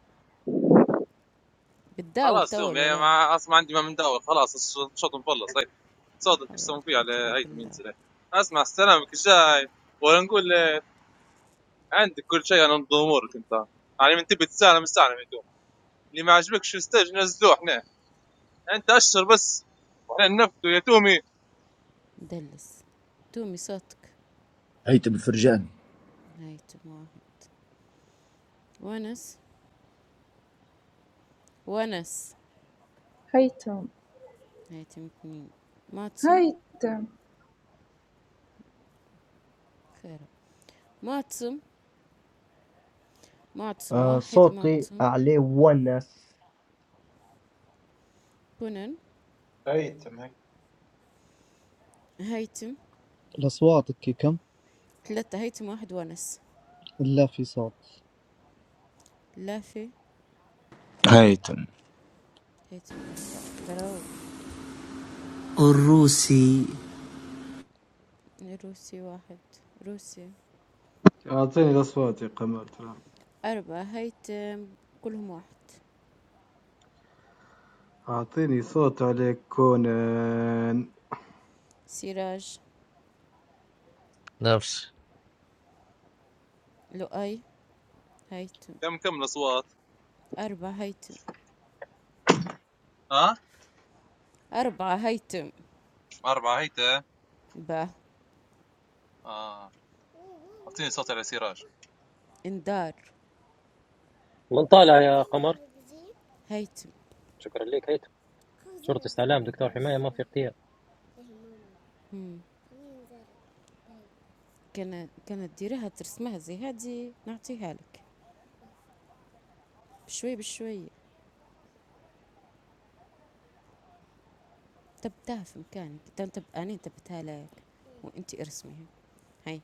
Speaker 7: بتداول
Speaker 23: خلاص
Speaker 7: تو
Speaker 23: دومي
Speaker 7: ولا
Speaker 23: يا
Speaker 7: لا
Speaker 23: ما اصلا عندي ما من دور خلاص الش- الشوط مخلص هاي
Speaker 7: لا
Speaker 23: صادق ايش
Speaker 7: حول ولا
Speaker 23: يسوون فيه
Speaker 7: قوة
Speaker 23: على
Speaker 7: إلا
Speaker 23: هاي
Speaker 7: بالله
Speaker 23: ينزل هاي. اسمع سلامك الجاي ولا نقول آه، عندك كل شيء انا نضم امورك انت يعني من تبي تسالم استعلم يا تومي اللي ما عجبكش الستيج نزلوه احنا انت اشر بس احنا ننفذوا يا تومي
Speaker 7: مدلس تومي صوتك
Speaker 19: هيثم الفرجاني
Speaker 7: هاي تم واحد ونس ونس
Speaker 12: هيتم
Speaker 7: هاي تم اثنين ماتسم
Speaker 12: هيتم
Speaker 7: خير ماتسم معتصم
Speaker 8: آه
Speaker 7: واحد
Speaker 8: صوتي
Speaker 7: معتصم
Speaker 8: عليه ونس
Speaker 7: كونان
Speaker 16: هيثم هي.
Speaker 7: هيتم
Speaker 18: الأصوات كي كم
Speaker 7: ثلاثة هيتم واحد ونس
Speaker 18: لا في صوت
Speaker 7: لافي
Speaker 11: هيتم
Speaker 7: هيتم أربعة دروب
Speaker 20: الروسي
Speaker 7: روسي واحد روسي
Speaker 25: أعطيني الأصوات يا قمر ترى
Speaker 7: أربعة هيتم كلهم واحد
Speaker 25: أعطيني صوت عليك كونان
Speaker 7: سراج
Speaker 5: نفسي
Speaker 7: لؤي هيتم
Speaker 23: كم كم الاصوات
Speaker 7: أربعة هيتم
Speaker 23: ها أه؟
Speaker 7: أربعة هيتم
Speaker 23: أربعة هيتا
Speaker 7: با
Speaker 23: اه اعطيني صوت على سراج
Speaker 7: إندار
Speaker 1: من طالع يا قمر
Speaker 7: هيتم
Speaker 1: شكرا ليك هيثم شرطة استعلام دكتور حماية ما في اغتيال
Speaker 7: كانت كانت ديريها ترسمها زي هادي نعطيها لك بشوي بشوي تبتها في مكانك انت تبقى اني تبتها لك وانت ارسميها هاي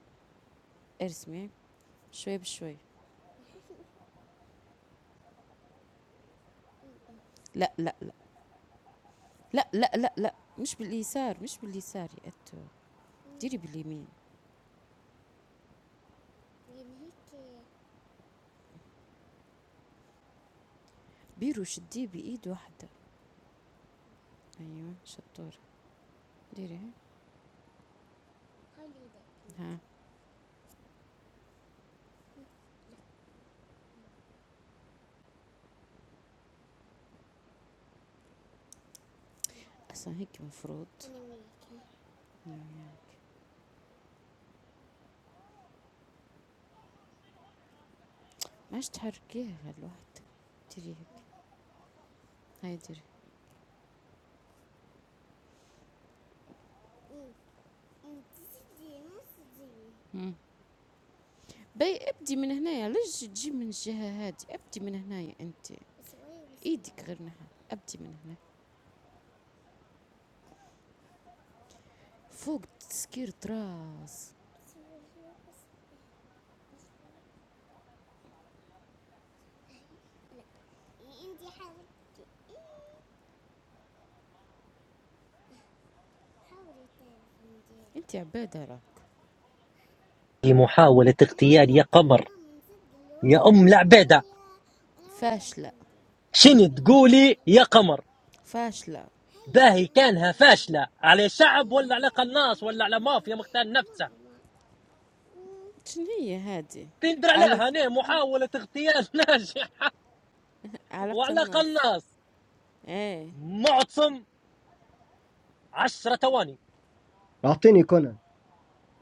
Speaker 7: ارسمي شوي بشوي لا لا لا لا لا لا لا مش باليسار مش باليسار يا أتو ديري باليمين بيرو شديه بإيد واحدة أيوة شطورة ديري ها أصلا هيك مفروض أنا وياك. ماش تحركيها لوحدك ديري هيك هاي ديري مم. بي ابدي من هنايا ليش تجي من الجهة هادي ابدي من هنايا انت ايدك غير نحن ابدي من هنا فوق تسكير راس انت عبادة راك
Speaker 1: في محاولة اغتيال يا قمر يا أم العبيدة
Speaker 7: فاشلة
Speaker 1: شنو تقولي يا قمر
Speaker 7: فاشلة
Speaker 1: باهي كانها فاشلة على شعب ولا على قناص ولا على مافيا مختال نفسها
Speaker 7: شنو هي هادي
Speaker 1: تندر
Speaker 7: على
Speaker 1: عليها هنا محاولة اغتيال ناجحة
Speaker 7: على
Speaker 1: وعلى
Speaker 7: قناص
Speaker 1: قناص
Speaker 7: ايه
Speaker 1: معتصم عشرة ثواني
Speaker 8: أعطيني كونان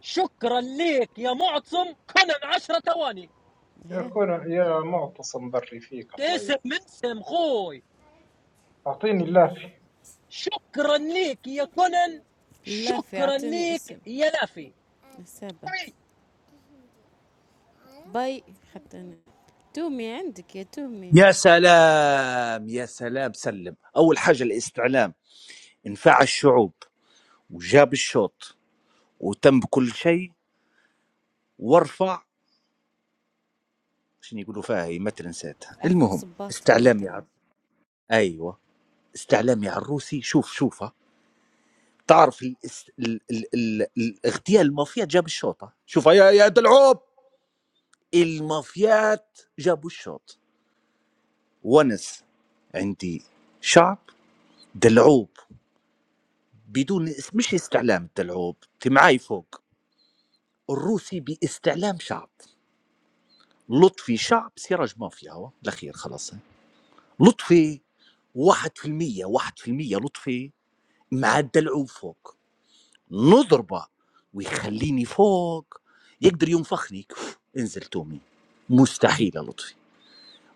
Speaker 1: شكرا ليك يا معتصم كونان عشرة ثواني
Speaker 16: يا
Speaker 7: هي
Speaker 16: كون يا معتصم بري فيك الله
Speaker 1: اسم
Speaker 16: يعين.
Speaker 1: من سم خوي
Speaker 16: أعطيني اللافي
Speaker 1: شكرا ليك يا كونان
Speaker 7: لا في
Speaker 1: شكرا
Speaker 7: اعطيني اسم
Speaker 1: ليك يا لافي
Speaker 7: حسابة باي حتى انا تومي عندك يا تومي
Speaker 19: يا سلام يا سلام سلم اول حاجه الاستعلام انفع الشعوب وجاب الشوط وتم بكل شيء وارفع شنو يقولوا فيها هي ما ترنساتها
Speaker 7: ارفع
Speaker 19: المهم
Speaker 7: صباطك
Speaker 19: استعلامي على
Speaker 7: مثلا
Speaker 19: ايوه استعلامي على الروسي شوف شوفها تعرف ال... ال... ال... ال... الاغتيال المافيا جاب الشوطه شوفها يا يا دلعوب المافيات جابوا الشوط ونس عندي شعب دلعوب بدون اس- مش استعلام الدلعوب انت معاي فوق الروسي باستعلام شعب لطفي شعب سراج مافيا هو الاخير خلاص لطفي 1% 1% لطفي مع الدلع فوق نضربه ويخليني فوق يقدر ينفخني كف، انزل تومي مستحيل يا لطفي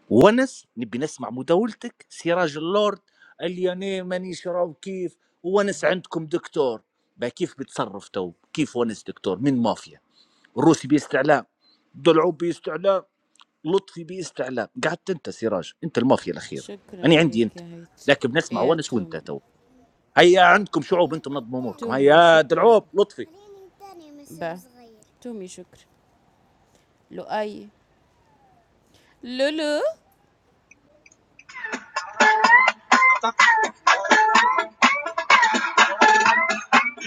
Speaker 19: ونس نبي نسمع مداولتك سراج اللورد الياني ماني شراب كيف ونس عندكم دكتور با كيف بتصرف تو كيف ونس دكتور من مافيا الروسي باستعلام ضلعوا باستعلام لطفي باستعلام قعدت انت سراج انت المافيا الاخيره
Speaker 7: شكرا
Speaker 19: انا عندي
Speaker 7: لك
Speaker 19: انت
Speaker 7: يا هيت
Speaker 19: لكن بنسمع
Speaker 7: يا
Speaker 19: ونس وانت تو
Speaker 7: تومي
Speaker 19: هيا عندكم شعوب انتم نظموا اموركم
Speaker 7: تومي
Speaker 19: هيا
Speaker 7: شكرا
Speaker 19: دلعوب لطفي
Speaker 7: با. تومي شكرا لؤي لولو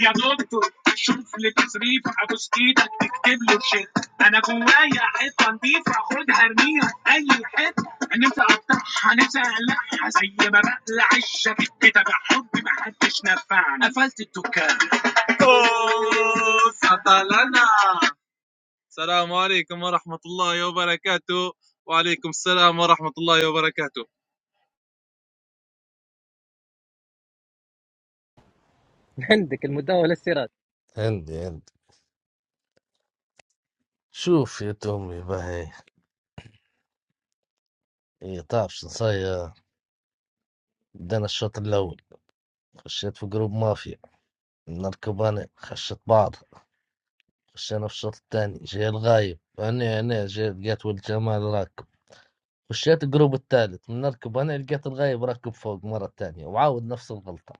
Speaker 23: يا دكتور شوف لي تصريف ابوس ايدك تكتب له تشيك انا جوايا حته نضيفه خدها ارميها اي حته نفسي اقطعها نفسي اقلعها زي ما بقلع الشبك كده بحب ما حدش نفعني قفلت الدكان اوه سطلنا السلام عليكم ورحمة الله وبركاته وعليكم السلام ورحمة الله وبركاته
Speaker 1: عندك المداولة السراج
Speaker 5: عندي عندي شوف يا تومي باهي إيه تعرف شو نصير بدينا الشوط الأول خشيت في جروب مافيا من الكوباني خشت بعض خشينا في الشوط الثاني جاي الغايب أنا أنا جاي لقيت ولد جمال راكب خشيت الجروب الثالث من نركب أنا لقيت الغايب راكب فوق مرة ثانية وعاود نفس الغلطة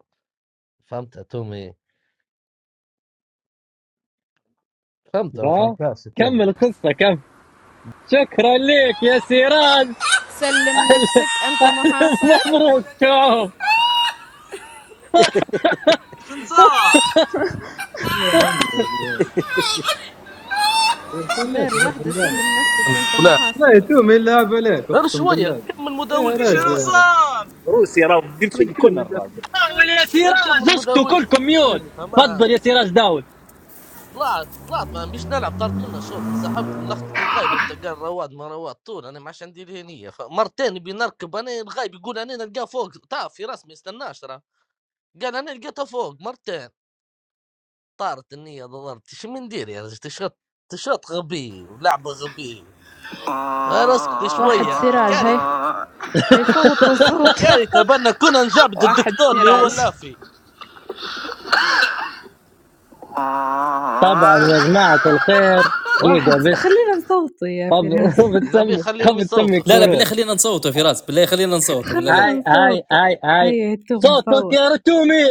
Speaker 5: فهمت يا تومي فهمت ولا
Speaker 1: با
Speaker 5: فهمتهاش يا
Speaker 1: كمل القصة كم شكرا ليك يا سراج
Speaker 7: سلم
Speaker 1: أهلا
Speaker 7: نفسك انت
Speaker 1: أهلا
Speaker 7: محاصر
Speaker 1: مبروك شوف
Speaker 23: شن صار؟
Speaker 25: لا لا
Speaker 7: دار واحدة
Speaker 25: رب
Speaker 7: سلم نفسك انت
Speaker 5: تومي
Speaker 25: لا
Speaker 7: محاصر
Speaker 25: يا توم
Speaker 7: والله
Speaker 25: يلعب عليك
Speaker 5: غير
Speaker 25: اقسم
Speaker 5: شويه
Speaker 25: بالله
Speaker 5: كمل
Speaker 25: يا
Speaker 5: مداولتي يا
Speaker 23: شنو
Speaker 25: رجل
Speaker 5: راجل
Speaker 23: صار؟
Speaker 19: روسي راه كل شيء
Speaker 25: حرقت
Speaker 19: يكون
Speaker 25: لنا
Speaker 19: الراجل
Speaker 1: حاول يا
Speaker 5: أه، نكمل
Speaker 1: سراج اسكتوا
Speaker 5: مداولتي
Speaker 1: كلكم ميوت
Speaker 25: الأخ-
Speaker 5: تمام
Speaker 1: تفضل يا سراج داول
Speaker 5: طلعت طلعت ما نبيش نلعب طارت منه الشوط انسحبت من لخطة الغايب نتاع قال رواد ما رواد طول انا ما عادش عندي الهنية فمرتين نبي نركب انا الغايب يقول انا نلقاه فوق تعرف في راس ما يستناش راه قال انا لقيته فوق مرتين طارت النية ضربت شو من ندير يا رجل تشغط تشغط غبي ولعبة غبي غير اسكت
Speaker 12: واحد
Speaker 5: شوية
Speaker 12: سراج
Speaker 5: الكاري
Speaker 12: هاي هاي صوتوا صوت وصوت.
Speaker 5: الكاري تبنى كنا نجابد
Speaker 12: واحد
Speaker 5: الدكتور اللي هو
Speaker 12: سراج
Speaker 5: اللافي
Speaker 1: طبعا يا جماعة الخير
Speaker 12: واحد
Speaker 1: دقيقة
Speaker 12: س...
Speaker 1: بس
Speaker 12: خلينا نصوتوا يا
Speaker 1: خب
Speaker 12: فراس
Speaker 1: خب
Speaker 5: النبي
Speaker 1: تسمي
Speaker 5: خليهم
Speaker 1: خب تسمي
Speaker 5: يصوتوا
Speaker 20: لا
Speaker 5: خليه
Speaker 20: لا بالله
Speaker 1: الكروت
Speaker 20: خلينا نصوتوا يا فراس بالله خلينا نصوتوا بالله
Speaker 12: خلينا
Speaker 20: عليك
Speaker 1: هاي هاي
Speaker 12: نصوتوا
Speaker 1: هاي هاي
Speaker 12: هيا هيتم
Speaker 1: صوتك
Speaker 12: يصوت
Speaker 1: يا رتومي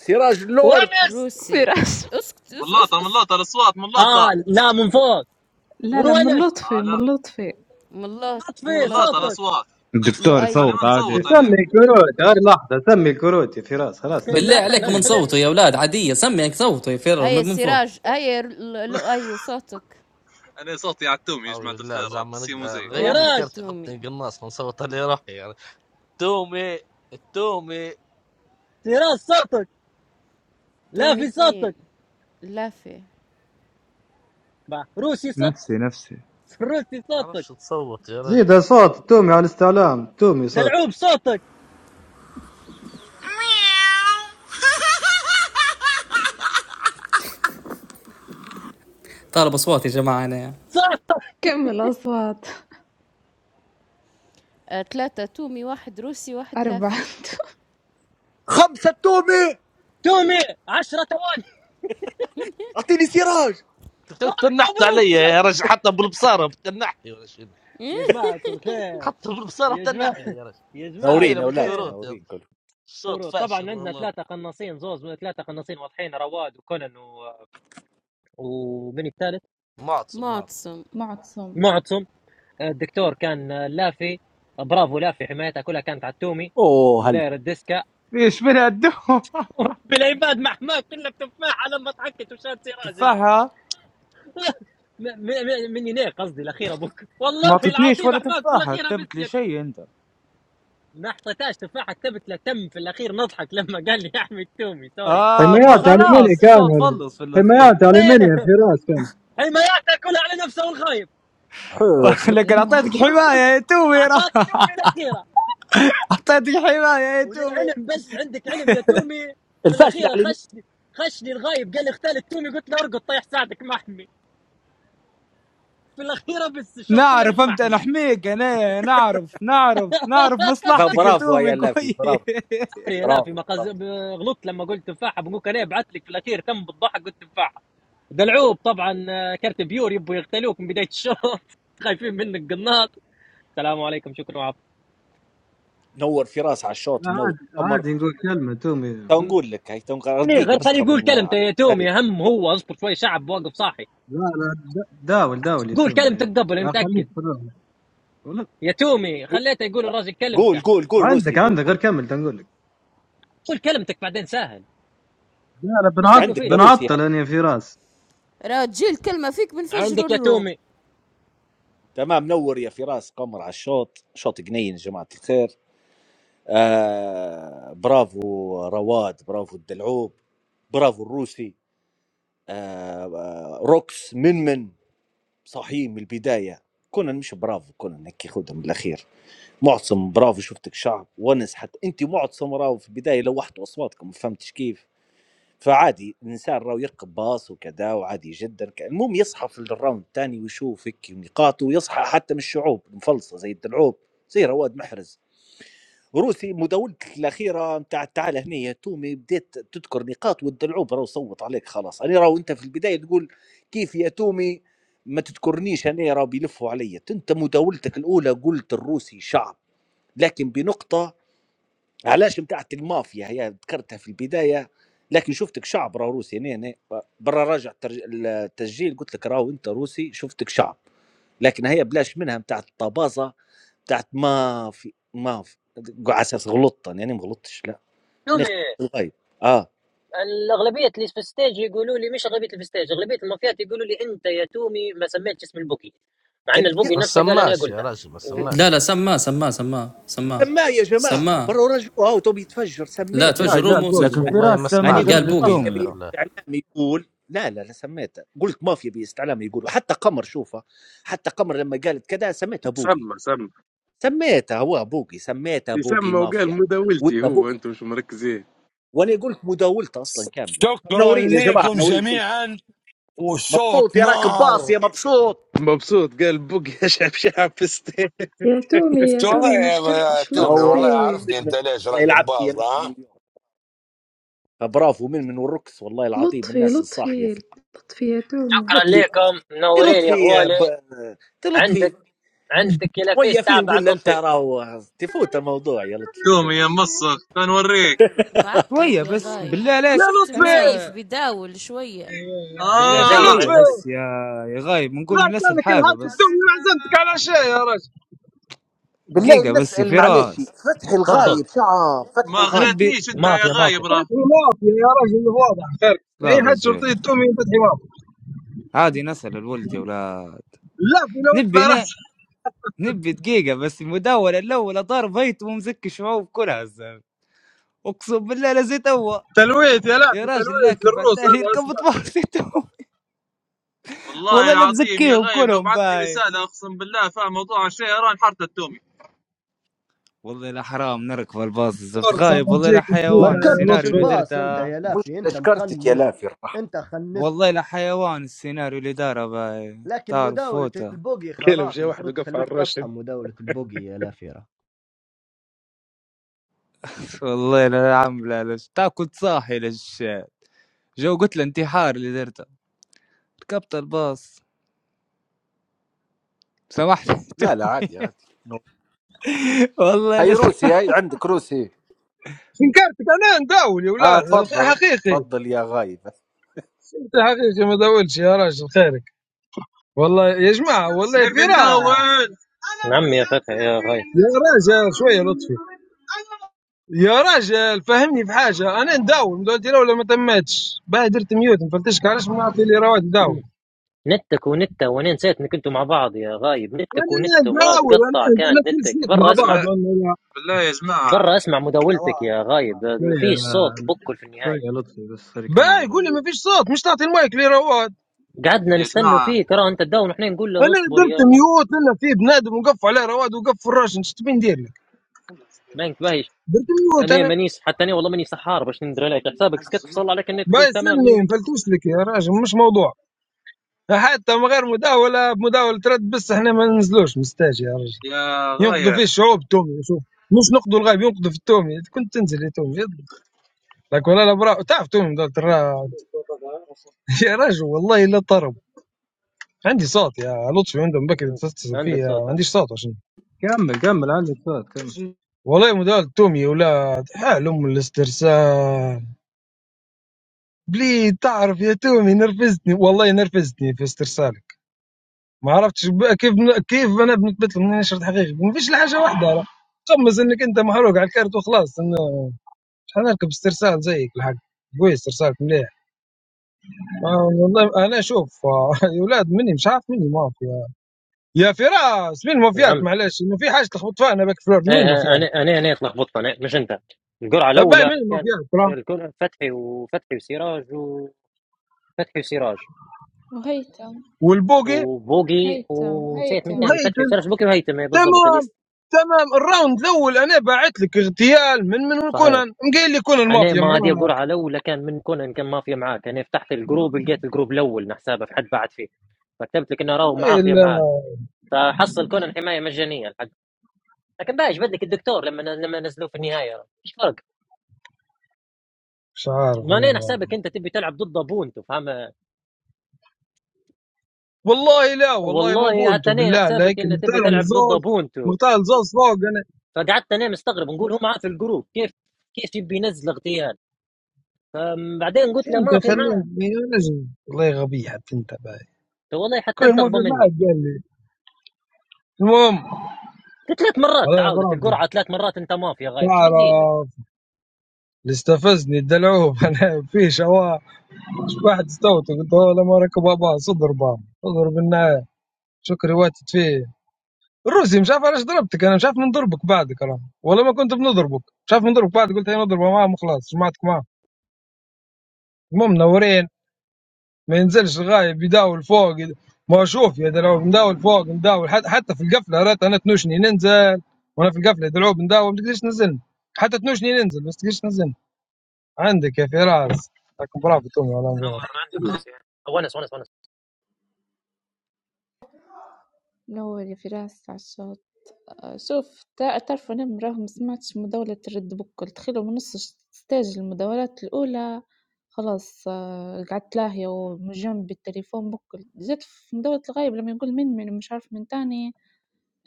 Speaker 19: سراج لورد
Speaker 1: ونس
Speaker 7: روسي
Speaker 12: سراج
Speaker 7: اسكت اس اس
Speaker 23: ملاطة
Speaker 7: اس
Speaker 23: ملاطة الأصوات ملاطة
Speaker 1: اه لا من فوق
Speaker 12: لا لا من
Speaker 1: ونس
Speaker 23: آه
Speaker 12: لطفي من
Speaker 23: لا
Speaker 12: لطفي
Speaker 7: ملاط
Speaker 1: اطفي
Speaker 23: ملاطة
Speaker 7: ملاطة
Speaker 1: صوتك
Speaker 23: الأصوات
Speaker 11: الدكتور
Speaker 23: انا
Speaker 7: لؤي
Speaker 11: يصوت
Speaker 23: ما
Speaker 11: عادي
Speaker 23: نصوت انا
Speaker 25: سمي الكروت هاي لحظة سمي الكروت يا فراس خلاص سمي
Speaker 20: بالله
Speaker 25: شو
Speaker 1: لا لا
Speaker 20: عليكم
Speaker 25: سمي؟
Speaker 1: خلي
Speaker 20: نصوتوا يا اولاد عاديه سمي صوتوا يا فراس
Speaker 7: هيا
Speaker 20: من من فوق
Speaker 7: سراج هيا ل- لؤي صوتك
Speaker 23: انا صوتي على التومي يا
Speaker 5: حول
Speaker 23: جماعه
Speaker 5: الله
Speaker 23: الخير
Speaker 5: زعما
Speaker 23: السيمو
Speaker 5: نقدر
Speaker 23: زي
Speaker 5: غير لي
Speaker 7: واحد
Speaker 1: سراج
Speaker 5: كرت
Speaker 7: تومي
Speaker 5: يحطني قناص نصوت عليه روحي يعني تومي التومي
Speaker 1: سراج صوتك لا
Speaker 7: تومي
Speaker 1: في
Speaker 7: اتنين
Speaker 1: صوتك
Speaker 7: لافي
Speaker 1: مع روسي صوت
Speaker 11: نفسي نفسي
Speaker 1: روسي صوتك
Speaker 5: تعرفش تصوت يا
Speaker 25: زيد
Speaker 5: رجل
Speaker 25: صوت تومي على الاستعلام تومي صوت
Speaker 1: دلعوب صوتك
Speaker 20: طالب اصوات يا جماعه انا يعني.
Speaker 1: صوتك
Speaker 12: كمل أصوات
Speaker 7: آه، ثلاثة تومي واحد روسي واحد
Speaker 12: أربعة
Speaker 7: لافي
Speaker 19: خمسة تومي
Speaker 1: تومي عشرة ثواني
Speaker 19: اعطيني سراج
Speaker 1: طيب،
Speaker 5: تنحت
Speaker 1: مبروك
Speaker 5: علي يا رجل حتى بالبصاره بتنحلي يا رجل
Speaker 1: يا جماعة الخير
Speaker 5: حتى بالبصاره
Speaker 1: يا
Speaker 5: بتنحلي
Speaker 1: جماعة
Speaker 5: يا رجل
Speaker 1: يا جماعة
Speaker 19: منورين
Speaker 5: سميله
Speaker 19: يا
Speaker 5: من
Speaker 19: اولاد
Speaker 1: الخير
Speaker 5: الكروت يا
Speaker 19: منورين
Speaker 5: رجل.
Speaker 19: كلكم
Speaker 5: الصوت
Speaker 1: كروت طبعا
Speaker 5: فاشل
Speaker 1: عندنا
Speaker 5: للارض
Speaker 1: ثلاثة قناصين زوز من ثلاثة قناصين واضحين رواد وكونان و... ومن الثالث
Speaker 5: معتصم معتصم
Speaker 7: معتصم
Speaker 12: معتصم
Speaker 1: معتصم الدكتور كان لافي برافو لافي حمايتها كلها كانت على التومي
Speaker 19: اوه هل
Speaker 1: مداير الديسكا
Speaker 11: ايش بلا الدم
Speaker 1: ورب العباد مع حماك كله بتفاحة لما ضحكت وشات سراج انت.
Speaker 11: تفاحة
Speaker 1: م- م- من يناير قصدي الاخير ابوك والله
Speaker 11: ما اعطتنيش
Speaker 1: العظيم
Speaker 11: ولا
Speaker 1: حماك في
Speaker 11: تفاحة
Speaker 1: الاخير
Speaker 11: كتبت لي
Speaker 1: بسيت
Speaker 11: شيء انت
Speaker 1: ما حطيتهاش تفاحة كتبت له تم في الاخير نضحك لما قال لي يا احمد تومي سوري
Speaker 11: اه ما
Speaker 25: حمايات
Speaker 1: تلخبطه
Speaker 25: ألمانيا
Speaker 11: خلاص
Speaker 25: كان
Speaker 11: الشوط فلص في الاخير
Speaker 25: حمايات
Speaker 11: يعني
Speaker 25: ألمانيا
Speaker 1: ايه
Speaker 25: يا فراس كان
Speaker 1: حماياتها كلها على نفسه والخايب
Speaker 19: حو- حو.
Speaker 11: لكن اعطيتك حمايه يا تومي
Speaker 1: اعطاك الاخيره
Speaker 11: اعطيتك حمايه يا تومي
Speaker 1: وللعلم بس عندك علم يا تومي في
Speaker 19: الفاشله
Speaker 1: الاخيره
Speaker 19: على اليمين
Speaker 1: خشني خشني الغايب قال لي اختار التومي قلت له ارقد طيح ساعدك محمي في الاخيره بس الشوط كله
Speaker 11: نعرف
Speaker 1: مش
Speaker 11: انت
Speaker 1: محمي
Speaker 11: نحميك انا نعرف نعرف نعرف مصلحتك يا
Speaker 19: برافو
Speaker 11: تومي
Speaker 19: يا لافي برافو
Speaker 11: كويس
Speaker 1: سوري، لا في
Speaker 19: برافو
Speaker 1: مقز
Speaker 19: برافو
Speaker 1: ب- غلطت لما قلت تفاحه بنقول انا بعت لك في الاخير تم بالضحك قلت تفاحه دلعوب طبعا آه، كرت بيور يبوا يغتالوك من بدايه الشوط خايفين منك قناط السلام عليكم شكرا وعفو
Speaker 19: نور في راس على الشوط
Speaker 25: لا
Speaker 19: منور
Speaker 25: عادي
Speaker 19: قمر
Speaker 25: عادي نقول كلمة تومي
Speaker 19: تو
Speaker 1: م-
Speaker 19: نقول لك هي تو نقول-
Speaker 1: ليه
Speaker 19: دقيقه
Speaker 1: غير
Speaker 19: بس
Speaker 1: خليه
Speaker 19: خب
Speaker 1: يقول
Speaker 19: من
Speaker 1: كلمته يا
Speaker 19: سريع
Speaker 1: تومي اهم هو اصبر شوي شعب واقف صاحي
Speaker 25: لا لا دا- داول داول يا
Speaker 1: قول
Speaker 25: تومي
Speaker 1: كلمتك قبل أنا
Speaker 25: لا خليك
Speaker 1: متاكد
Speaker 25: في الروح. ولا-
Speaker 1: يا تومي خليته يقول الراجل كلمته
Speaker 19: قول قول قول روسي
Speaker 25: عندك
Speaker 19: قول
Speaker 25: عندك غير
Speaker 19: قول
Speaker 25: كمل تنقول لك
Speaker 1: قول كلمتك بعدين سهل
Speaker 25: لا لا بنعط
Speaker 1: نستنوا
Speaker 19: عندك يا
Speaker 1: فيه
Speaker 19: روسي هي
Speaker 25: بنعطل انا يا فراس
Speaker 7: راجل كلمة فيك بنفجروا
Speaker 1: عندك يا
Speaker 7: الروم
Speaker 1: تومي
Speaker 19: تمام نور يا فراس قمر على الشوط شوط جنين يا جماعه الخير آه برافو رواد برافو الدلعوب برافو الروسي آه آه روكس من من صاحيين من البداية كنا مش برافو كنا هيك خدها من الأخير معتصم برافو شفتك شعب ونس حتى أنت معتصم راهو في البداية لوحتوا أصواتكم ما فهمتش كيف فعادي الإنسان راهو يركب باص وكذا وعادي جدا المهم يصحى في الراوند الثاني ويشوف هيك نقاطه ويصحى حتى من الشعوب المفلصة زي الدلعوب زي رواد محرز روسي مداولتك الاخيره نتاع تعال هنا يا تومي بديت تذكر نقاط والدلعوب راه صوت عليك خلاص انا راهو انت في البدايه تقول كيف يا تومي ما تذكرنيش انا راه بيلفوا عليا انت مداولتك الاولى قلت الروسي شعب لكن بنقطه علاش نتاعت المافيا هي ذكرتها في البدايه لكن شفتك شعب راه روسي هنا هنا برا راجع الترج- التسجيل قلت لك راهو انت روسي شفتك شعب لكن هي بلاش منها نتاع الطبازه بتاعة ما في ما في د على أساس غلطت أنا، أنا ما غلطتش لأ، أنا
Speaker 1: تومي
Speaker 19: اخترت الغايب آه،
Speaker 1: الاغلبيه اللي في الستيج يقولوا لي مش اغلبيه اللي في الستيج اغلبيه المافيات يقولوا لي انت يا تومي ما سميتش اسم البوكي مع ان
Speaker 19: كان لأ
Speaker 1: البوكي
Speaker 5: ما
Speaker 1: نفسه قال انا
Speaker 5: سماش يا
Speaker 1: قلته
Speaker 5: رجل ما
Speaker 1: وشكرا
Speaker 20: لا
Speaker 5: سماش
Speaker 20: لا سماه سماه سماه سماه
Speaker 19: سمّاه يا جماعة
Speaker 20: سماه
Speaker 19: برّا ورجعوه أوتو بيتفجر
Speaker 20: لا
Speaker 19: سميت
Speaker 20: توجه
Speaker 25: قاعد
Speaker 19: البوم
Speaker 25: قاعد
Speaker 20: روم
Speaker 25: فوق
Speaker 20: وسجل
Speaker 11: لكن
Speaker 19: أ
Speaker 5: والله ما
Speaker 11: فراس سمى
Speaker 19: أني
Speaker 5: سمعت
Speaker 19: قُلت
Speaker 20: قال
Speaker 11: قبل
Speaker 5: انا مش
Speaker 20: بوقي
Speaker 19: مافيا
Speaker 11: التومي
Speaker 5: هذا
Speaker 11: را.
Speaker 19: باستعلام يقول لا، لا، لا سميته، قُلت مافيا باستعلام يقول، وحتى قمر شوفه، حتى قمر لمّا قالت كذا سميتها بوقي،
Speaker 10: سمى سمى
Speaker 19: سميتها هو بوقي، سميتها بوقي
Speaker 10: يسمى وقال
Speaker 19: مافيا،
Speaker 10: مداولتي
Speaker 19: وأنت
Speaker 10: هو
Speaker 19: بوقي
Speaker 10: انتم مش مركزين
Speaker 19: وأنا قُلت مداولته أصلًا كاملة،
Speaker 26: شكرا
Speaker 19: منورين يا جماعة
Speaker 26: لكم
Speaker 19: منورين كلكم،
Speaker 26: جميعا والصوت
Speaker 19: مبسوط يا راكب باص
Speaker 26: نار
Speaker 19: يا مبسوط.
Speaker 10: مبسوط قال بوك يا شعب شعب فستان
Speaker 17: يا تومي يا
Speaker 26: شو والله
Speaker 17: تومي ما
Speaker 26: يا يا
Speaker 17: شكرتش
Speaker 26: تومي والله
Speaker 19: نوارة يا
Speaker 17: لطفي
Speaker 26: عرفني
Speaker 19: من
Speaker 26: انت
Speaker 19: من
Speaker 26: ليش
Speaker 19: والله
Speaker 26: راقب
Speaker 19: لعبت يا من
Speaker 26: باز
Speaker 19: من اليوم فبرافو من من والركس والله العظيم
Speaker 17: لطفي
Speaker 19: الناس الصاحية
Speaker 17: لطفي
Speaker 19: في
Speaker 17: لطفي يا تومي
Speaker 19: لطفي
Speaker 1: لكم
Speaker 19: إيه
Speaker 1: منورين يا
Speaker 19: لطفي ب...
Speaker 1: غوالي
Speaker 19: إيه
Speaker 1: عندك
Speaker 19: لطفي
Speaker 1: عندك يا لفيس
Speaker 19: شوية فيه
Speaker 1: تاع بعد
Speaker 19: نقول له أنت
Speaker 1: لطفي
Speaker 19: راهو تفوت الموضوع يا لطفي فوت.
Speaker 23: تومي يا مصخ تنوريك
Speaker 11: شويه
Speaker 7: بعتلك يا
Speaker 11: بس
Speaker 7: غايب
Speaker 11: بالله عليك
Speaker 7: شرطي
Speaker 11: انا
Speaker 7: مزيف بيداول شوية
Speaker 11: بالله عليك
Speaker 1: مزيف
Speaker 23: اه
Speaker 11: شويه
Speaker 1: عندنا بنت.
Speaker 11: بس يا يا غايب نقول
Speaker 24: لا
Speaker 11: من نسال
Speaker 24: كانك
Speaker 11: حاجه
Speaker 24: انهارت
Speaker 11: بس
Speaker 24: التومي ما عزمتك على شيء يا رجل
Speaker 19: بالله
Speaker 11: دقيقه بس يا
Speaker 19: بنسأل معلش
Speaker 11: فراس
Speaker 19: فتحي
Speaker 23: ما
Speaker 1: تفضل
Speaker 19: الغايب شعب
Speaker 23: ما
Speaker 19: فتحي الغايب
Speaker 11: نبي
Speaker 23: غريتنيش انت يا
Speaker 1: مافيا
Speaker 23: غايب
Speaker 1: مافيا
Speaker 23: راه
Speaker 24: مافيا يا رجل واضح خير
Speaker 11: لا
Speaker 24: اي حد
Speaker 11: رجع
Speaker 24: شرطي التومي فتحي واضح
Speaker 11: عادي نسال الولد يا ولاد
Speaker 24: لافي لو
Speaker 11: نبي
Speaker 24: يطلع
Speaker 11: انا
Speaker 24: راسك
Speaker 11: نبي دقيقة بس المداولة الأولى ضار بيت ومزكي شعوب كلها الزلمة أقسم بالله لزيت هو
Speaker 24: تلويت يا
Speaker 11: يا
Speaker 24: لافي
Speaker 11: راجل
Speaker 24: تلويت
Speaker 11: لكن بعد
Speaker 24: للروس
Speaker 11: تالي
Speaker 24: هذا
Speaker 11: يركب
Speaker 24: اسمه
Speaker 11: باصيتهم
Speaker 23: والله
Speaker 11: والله لا
Speaker 23: العظيم يا
Speaker 11: مزكيهم
Speaker 23: غايب لو
Speaker 11: كلهم
Speaker 23: بعثت لي
Speaker 11: باي
Speaker 23: رساله اقسم بالله فاهم موضوع الشيء راه انحرت التومي
Speaker 11: والله لا حرام نركب الباص الزفت
Speaker 24: فرصه
Speaker 11: غايب
Speaker 24: ما
Speaker 11: والله لا
Speaker 24: تجيك
Speaker 8: ما
Speaker 11: حيوان
Speaker 24: شتيمه يا
Speaker 8: ركبتش
Speaker 11: السيناريو اللي
Speaker 24: لطفي
Speaker 8: الباص
Speaker 11: درته
Speaker 8: أنت يا
Speaker 19: مش
Speaker 8: لافي أنت
Speaker 19: اشكرتك يا
Speaker 8: مخنس
Speaker 19: لافي الرحمة
Speaker 8: أنت خنس
Speaker 11: والله لا حيوان السيناريو اللي داره باي
Speaker 8: لكن
Speaker 11: تعرف
Speaker 8: مداولة
Speaker 11: فوته
Speaker 8: البوقي
Speaker 10: قال
Speaker 8: خلاص
Speaker 10: مشى واحد
Speaker 8: مفروض
Speaker 10: وقف على
Speaker 8: تخليك تصحى
Speaker 10: الراشد
Speaker 8: مداولة البوقي يا لافي راه.
Speaker 11: والله لا عامله لش تاكل صاحي لش جو قلت له انتحار اللي درته ركبت الباص سامحني
Speaker 19: لا لا عادي عادي
Speaker 11: والله
Speaker 19: هاي
Speaker 11: لا
Speaker 19: روسي هاي عندك روسي
Speaker 24: شنكرتك انا نداول يا
Speaker 19: اه
Speaker 24: ولاد
Speaker 19: تفضل
Speaker 24: حقيقي
Speaker 19: تفضل يا غايب
Speaker 24: انت حقيقي ما داولش يا راجل خيرك والله يا جماعه والله
Speaker 23: نبي
Speaker 24: فراس
Speaker 23: ندور
Speaker 1: نعم يا فتح يا غايب
Speaker 24: يا راجل شويه لطفي يا راجل فهمني في حاجه انا نداوم دلوقتي لو ما تمتش باهي درت ميوت ما فلتشك علاش ما نعطي لي رواد نداوم
Speaker 1: نتك ونتة وانا نسيت انك انتوا مع بعض يا غايب نتك
Speaker 24: انا
Speaker 1: ونت ومراد
Speaker 24: نداول انا
Speaker 1: قطع كان
Speaker 24: انا في
Speaker 1: نتك
Speaker 24: صوت مع
Speaker 1: برا
Speaker 24: بعض
Speaker 1: اسمع
Speaker 23: بالله
Speaker 24: ولا لا
Speaker 23: بالله يا جماعه
Speaker 1: برا اسمع مداولتك يا غايب مفيش
Speaker 25: فوق.
Speaker 1: صوت بكل في
Speaker 25: شوية
Speaker 1: النهاية
Speaker 25: لطفي بس خلي يكمل
Speaker 24: باهي يقول لي
Speaker 25: الغاية
Speaker 24: ما فيش صوت مش تعطي المايك لي رواد
Speaker 1: قعدنا
Speaker 23: يا
Speaker 1: نستنوا
Speaker 23: جماعه
Speaker 1: فيك ترى انت تداول ونحن نقول له
Speaker 24: انا
Speaker 1: اصبر يا
Speaker 24: درت
Speaker 1: نص
Speaker 24: ميوت لنا في بنادم وقف عليه رواد وقف في الراجل ايش تبي ندير لك
Speaker 1: بنك بايش
Speaker 24: درت ميوت
Speaker 1: انا
Speaker 24: انا
Speaker 1: مانيش حتى انا والله ماني سحار باش ندري عليك حسابك سكت فصل عليك النت
Speaker 24: باهي
Speaker 1: قلت تمام مية
Speaker 24: سلني
Speaker 1: مية
Speaker 24: مفلتوش لك يا راجل مش موضوع حتى من غير مداوله بمداوله رد بس احنا ما ننزلوش مستاجي يا راجل
Speaker 23: يا
Speaker 24: ينقذوا
Speaker 23: غايب
Speaker 24: فيه الشعوب تومي شوف مش نقدوا الغايب ينقذوا في التومي كنت تنزل يا تومي يضرب لكن انا برا تعرف تومي ده ترى يا رجل والله لا طرب عندي صوت يا لطفي عندهم بكري تتصل
Speaker 1: عندك
Speaker 24: فيه ما
Speaker 1: صوت
Speaker 24: عنديش
Speaker 1: عندك
Speaker 24: صوت عشان
Speaker 25: كمل كمل عندك سؤال كمل
Speaker 23: شنو
Speaker 24: والله مدال تومي يا ولاد حال ام الاسترسال بليد تعرف يا تومي نرفزتني والله نرفزتني في استرسالك ما عرفتش بقى كيف كيف انا بنثبت لك اني نشرت حقيقي ما فيش إلا حاجه واحده خمس انك انت محروق على الكارت وخلاص شحال نركب استرسال زيك الحق قوي استرسالك مليح آه، والله انا شوف آه، يا ولاد مني مش عارف مني مافيا يا فراس من المافيات
Speaker 1: نعم
Speaker 24: معلش انه في حاجه تلخبط فيها انا باك فلور
Speaker 1: ايه
Speaker 24: من
Speaker 1: إيه،
Speaker 24: المافيات
Speaker 1: انا انا انا تلخبطت انا مش انت القرعة
Speaker 24: باهي من
Speaker 1: الاولى كان
Speaker 24: المافيات ترى
Speaker 1: الكل فتحي وفتحي وسراج وفتحي وسراج
Speaker 12: وهيثم
Speaker 24: والبوقي
Speaker 1: وبوقي
Speaker 12: هيثم
Speaker 1: ونسيت من
Speaker 12: هيثم
Speaker 1: ثاني فتحي
Speaker 24: وهيتم
Speaker 1: وسراج بوقي وهيثم إيه، بالضبط
Speaker 24: تمام
Speaker 1: الليست
Speaker 24: تمام الراوند الاول انا باعت لك اغتيال من من
Speaker 1: صحيح
Speaker 24: كونان مقايل لي كونان
Speaker 1: انا
Speaker 24: مافيا
Speaker 1: ما هذه
Speaker 24: معاك
Speaker 1: قرعه الاولى كان من كونن كان ما في معاك انا فتحت الجروب لقيت الجروب الاول نحسابه في حد بعد فيه فكتبت لك انه راهو معاه
Speaker 24: والله
Speaker 1: في
Speaker 24: لا
Speaker 1: معاك فحصل كونن حمايه مجانيه الحق لكن بايش بدلك الدكتور لما لما نزلوه في النهايه ايش فرق؟
Speaker 24: مش عارف
Speaker 1: ما
Speaker 24: انا
Speaker 1: نين
Speaker 24: ما.
Speaker 1: حسابك انت تبي تلعب ضد ابونتو فاهم
Speaker 24: والله لا والله ما
Speaker 1: والله
Speaker 24: بونتو
Speaker 1: حتى نين
Speaker 24: بالله عليك
Speaker 1: حسابك انه تبي
Speaker 24: مقتال
Speaker 1: تلعب ضد
Speaker 24: زوز
Speaker 1: ابونتو
Speaker 24: مقتال زوز فوق انا
Speaker 1: فقعدت انا مستغرب نقول هو معاه في الجروب كيف كيف يبي ينزل اغتيال أم، بعدين قلت له
Speaker 24: انت
Speaker 1: ما في معاه
Speaker 24: خليتني يا نجم والله غبي حتى انت باي
Speaker 1: والله حتى
Speaker 24: كل
Speaker 1: انت
Speaker 24: ما في
Speaker 1: اغبى
Speaker 24: معك
Speaker 1: مني
Speaker 24: قال لي المهم
Speaker 1: ثلاث مرات
Speaker 24: والله
Speaker 1: تعاودت
Speaker 24: برافو
Speaker 1: القرعه ثلاث مرات انت ما في يا غايب شو بندير لك
Speaker 24: تعرف اللي استفزني الدلعوب انا في شواء واحد استوت قلت هو لما ركب باص اضرب اضرب النهايه شكري واتت فيه الروسي مش عارف علاش ضربتك انا مش عارف نضربك بعدك راه ولا ما كنت بنضربك مش عارف نضربك بعد قلت هي نضربه معاهم وخلاص جمعتك معاهم المهم منورين ما ينزلش الغايب يداول فوق ما شوف يا دلعوب نداول فوق نداول حتى, حتى في القفله رات انا تنوشني ننزل وانا في القفله دلعوب نداول ما تقدرش تنزلني حتى تنوشني ننزل بس تقدرش تنزلني عندك يا فراس لكن برافو تومي والله
Speaker 1: نور عندك روسيا ونس ونس ونس
Speaker 12: نوري في راسي على الصوت آه، شوف تا- تعرفوا أنا مراه ما سمعتش مداولة الرد بكل تخيلوا من نص ش- ستاج المداولات الأولى خلاص آه، قعدت لاهية ومن جنبي التليفون بكل جيت في مداولة الغايب لما يقول من من مش عارف من تاني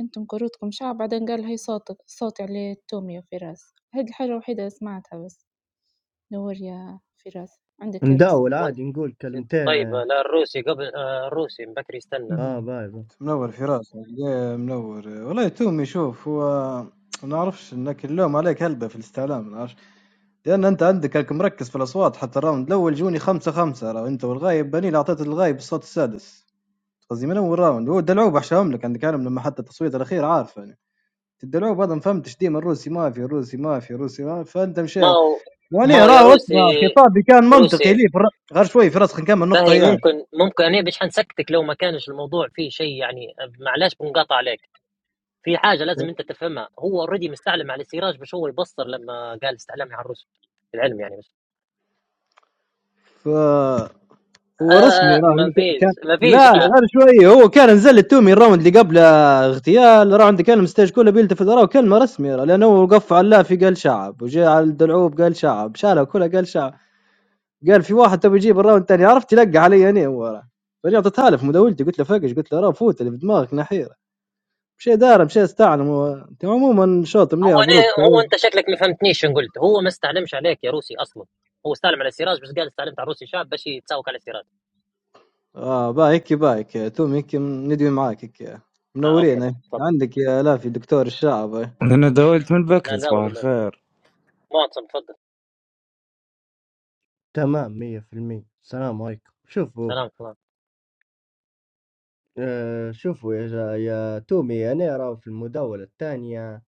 Speaker 12: انتم كروتكم شعب بعدين قال هي صوتك صوتي عليه التومية في راسي هاد الحاجة الوحيدة اللي سمعتها بس نور يا فراس عندك يا روسيا
Speaker 8: نداول
Speaker 1: وانت
Speaker 8: عادي نقول
Speaker 1: طيب
Speaker 8: كلمتين
Speaker 1: لا الروسي قبل آه، الروسي من بكري يستنى
Speaker 8: اه
Speaker 25: مم.
Speaker 8: باي باي
Speaker 25: منور فراس يا منور والله تومي شوف هو ما اعرفش انك اللوم عليك هلبة في الاستعلام ما اعرفش لان انت عندك هلك مركز في الاصوات حتى الراوند الاول جوني خمسة خمسة راه انت والغايب بني اللي اعطيت الغايب الصوت السادس قصدي من اول راوند هو الدلعوب احشاهم لك عندك عالم لما حتى التصويت الاخير عارف يعني الدلعوب هذا ما فهمتش ديما الروسي ما في الروسي ما في الروسي ما في فانت مشى
Speaker 1: ما هو
Speaker 25: يعني
Speaker 1: ما هو يا
Speaker 25: راه
Speaker 1: روسي
Speaker 25: اسمع خطابي كان منطقي
Speaker 1: روسي
Speaker 25: لي في الر- غير شوي في راسك نكمل النقطه
Speaker 1: باهي
Speaker 25: يا
Speaker 1: ممكن ممكن انا باش حنسكتك لو ما كانش الموضوع فيه شيء يعني معلش بنقاطع عليك في حاجه لازم انت تفهمها هو اوريدي مستعلم على السراج باش هو يبصر لما قال استعلامي على الروس العلم يعني بس
Speaker 25: ف هو رسمي
Speaker 1: آه
Speaker 25: راه
Speaker 1: ما فيش
Speaker 25: كان
Speaker 1: ما فيش
Speaker 25: لا لا غير
Speaker 1: آه
Speaker 25: شوي هو كان نزل التومي الراوند اللي قبل اغتيال راوند كان مستاج كله بيلتفت راه كلمه رسمي راه لانه وقف على اللافي قال شعب وجاء على الدلعوب قال شعب شالها كلها قال شعب قال في واحد تبي يجيب الراوند الثاني عرفت يلقى علي انا هو راه فاني اعطيتها له في مداولتي قلت له فقش قلت له راه فوت اللي في دماغك نحيره مشي دار مشي استعلم و- انت عموما شوط مليح
Speaker 1: هو أنا
Speaker 25: مبروك
Speaker 1: هو انت شكلك ما فهمتنيش شنو قلت هو ما استعلمش عليك يا روسي اصلا هو استعلم على السراج بس قال استعلمت على الروسي شاب باش يتساوك على السراج
Speaker 25: آه بايك بايك تومي هيك ندوي معاك هيك
Speaker 1: آه أوكي
Speaker 25: منورين هيك
Speaker 1: بقى تفضل
Speaker 25: عندك يا لافي دكتور الشعب
Speaker 11: أنا داولت من
Speaker 1: لا
Speaker 11: بكري
Speaker 1: لا
Speaker 11: صباح
Speaker 1: ولا لا
Speaker 11: الخير
Speaker 1: معتصم تفضل
Speaker 8: تمام مية في المية السلام عليكم شوفوا
Speaker 1: سلام سلام
Speaker 8: آه شوفوا يا, جا يا تومي أنا راه في المداولة الثانية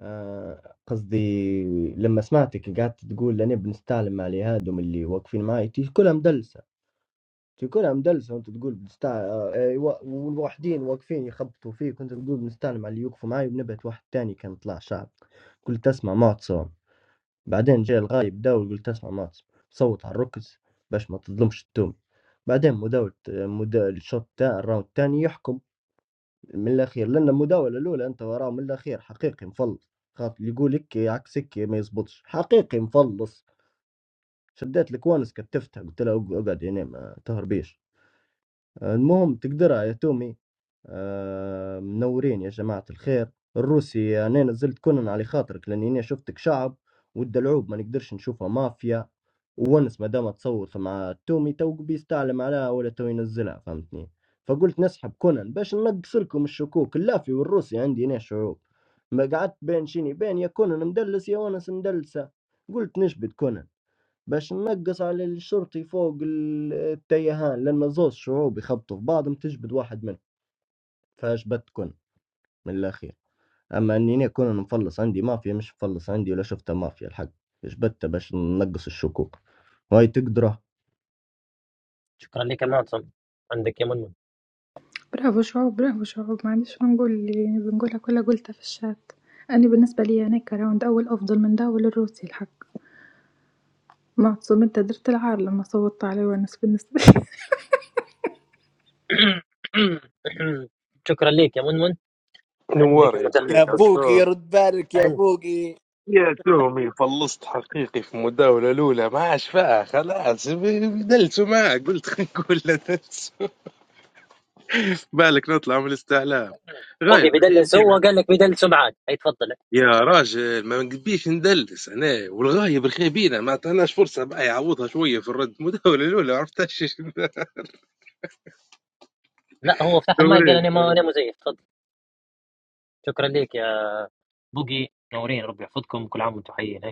Speaker 8: آه قصدي لما سمعتك قعدت تقول أنا بنستعلم على هادم اللي واقفين معي تي كلها مدلسة تي كلها مدلسة وأنت تقول بنستع آه آه، و- والوحدين واقفين يخبطوا فيك وأنت تقول بنستعلم على اللي يوقفوا معي وبنبعت واحد تاني كان طلع شعب قلت اسمع معتصم بعدين جا الغايب داول قلت اسمع ماس صوت على الركز باش ما تظلمش التومي بعدين مداولة مدا الشوط تاع الراوند التاني يحكم من الأخير لأن المداولة الأولى أنت وراه من الأخير حقيقي مفلص خاطر اللي يقولك عكسك ما يزبطش حقيقي مفلص شديت لك وانس كتفتها قلت له اقعد هنا ما تهربيش المهم تقدرها يا تومي آه، منورين يا جماعة الخير الروسي أنا نزلت كونن على خاطرك لأني أنا شفتك شعب والدلعوب ما نقدرش نشوفها مافيا وونس ما دام تصوت مع تومي تو بيستعلم عليها ولا تو ينزلها فهمتني فقلت نسحب كونن باش ننقص لكم الشكوك اللافي والروسي عندي أنا شعوب ما قعدت بين شيني بين يا كونن مدلس يا ونس مدلسة قلت نشبت كونن باش ننقّص على الشرطي فوق ال التيهان، لأن زوز شعوب يخبطوا في بعضهم تجبد واحد منهم، فأجبدت كون من الأخير، أما إني أنا كون نفلّص عندي مافيا مش مفلّص عندي ولا شفتها مافيا الحق، جبدتها باش ننقّص الشكوك، وهاي تقدره.
Speaker 1: شكرا لك يا معتصم عندك يا منمن
Speaker 17: برافو شعوب برافو شعوب ما عنديش ما نقول اللي بنقولها كلها قلتها في الشات أنا بالنسبة لي أنا كراوند أول أفضل من داول الروسي الحق معتصم أنت درت العار لما صوتت عليه وأنا بالنسبة
Speaker 1: شكرا لك يا منمن عندك
Speaker 10: نوار يا
Speaker 1: المداخلة
Speaker 19: يا
Speaker 10: شريك
Speaker 1: فوق
Speaker 19: بوقي
Speaker 10: عشتوك
Speaker 19: رد بالك يا
Speaker 1: عندك
Speaker 19: بوقي
Speaker 10: يا تومي فلصت حقيقي في المداولة الأولى ما عادش فيها خلاص دلسوا معك قلت خلينا نقول له دلسوا بالك نطلع من الاستعلام
Speaker 1: فوق بيدلس
Speaker 10: غايب
Speaker 1: هو قال لك بيدلس معاد أي تفضل
Speaker 10: يا راجل ما نبيش ندلس انا والغايب رخيبينا ما عطيناش فرصه بقى يعوضها شويه في الرد المداوله الاولى عرفتها
Speaker 1: لا هو فتح المايك قال
Speaker 10: شنو
Speaker 1: أنا ما أنا مزيف تفضل شكرا لك يا بوقي نورين ربي يحفظكم كل عام وأنتم حيين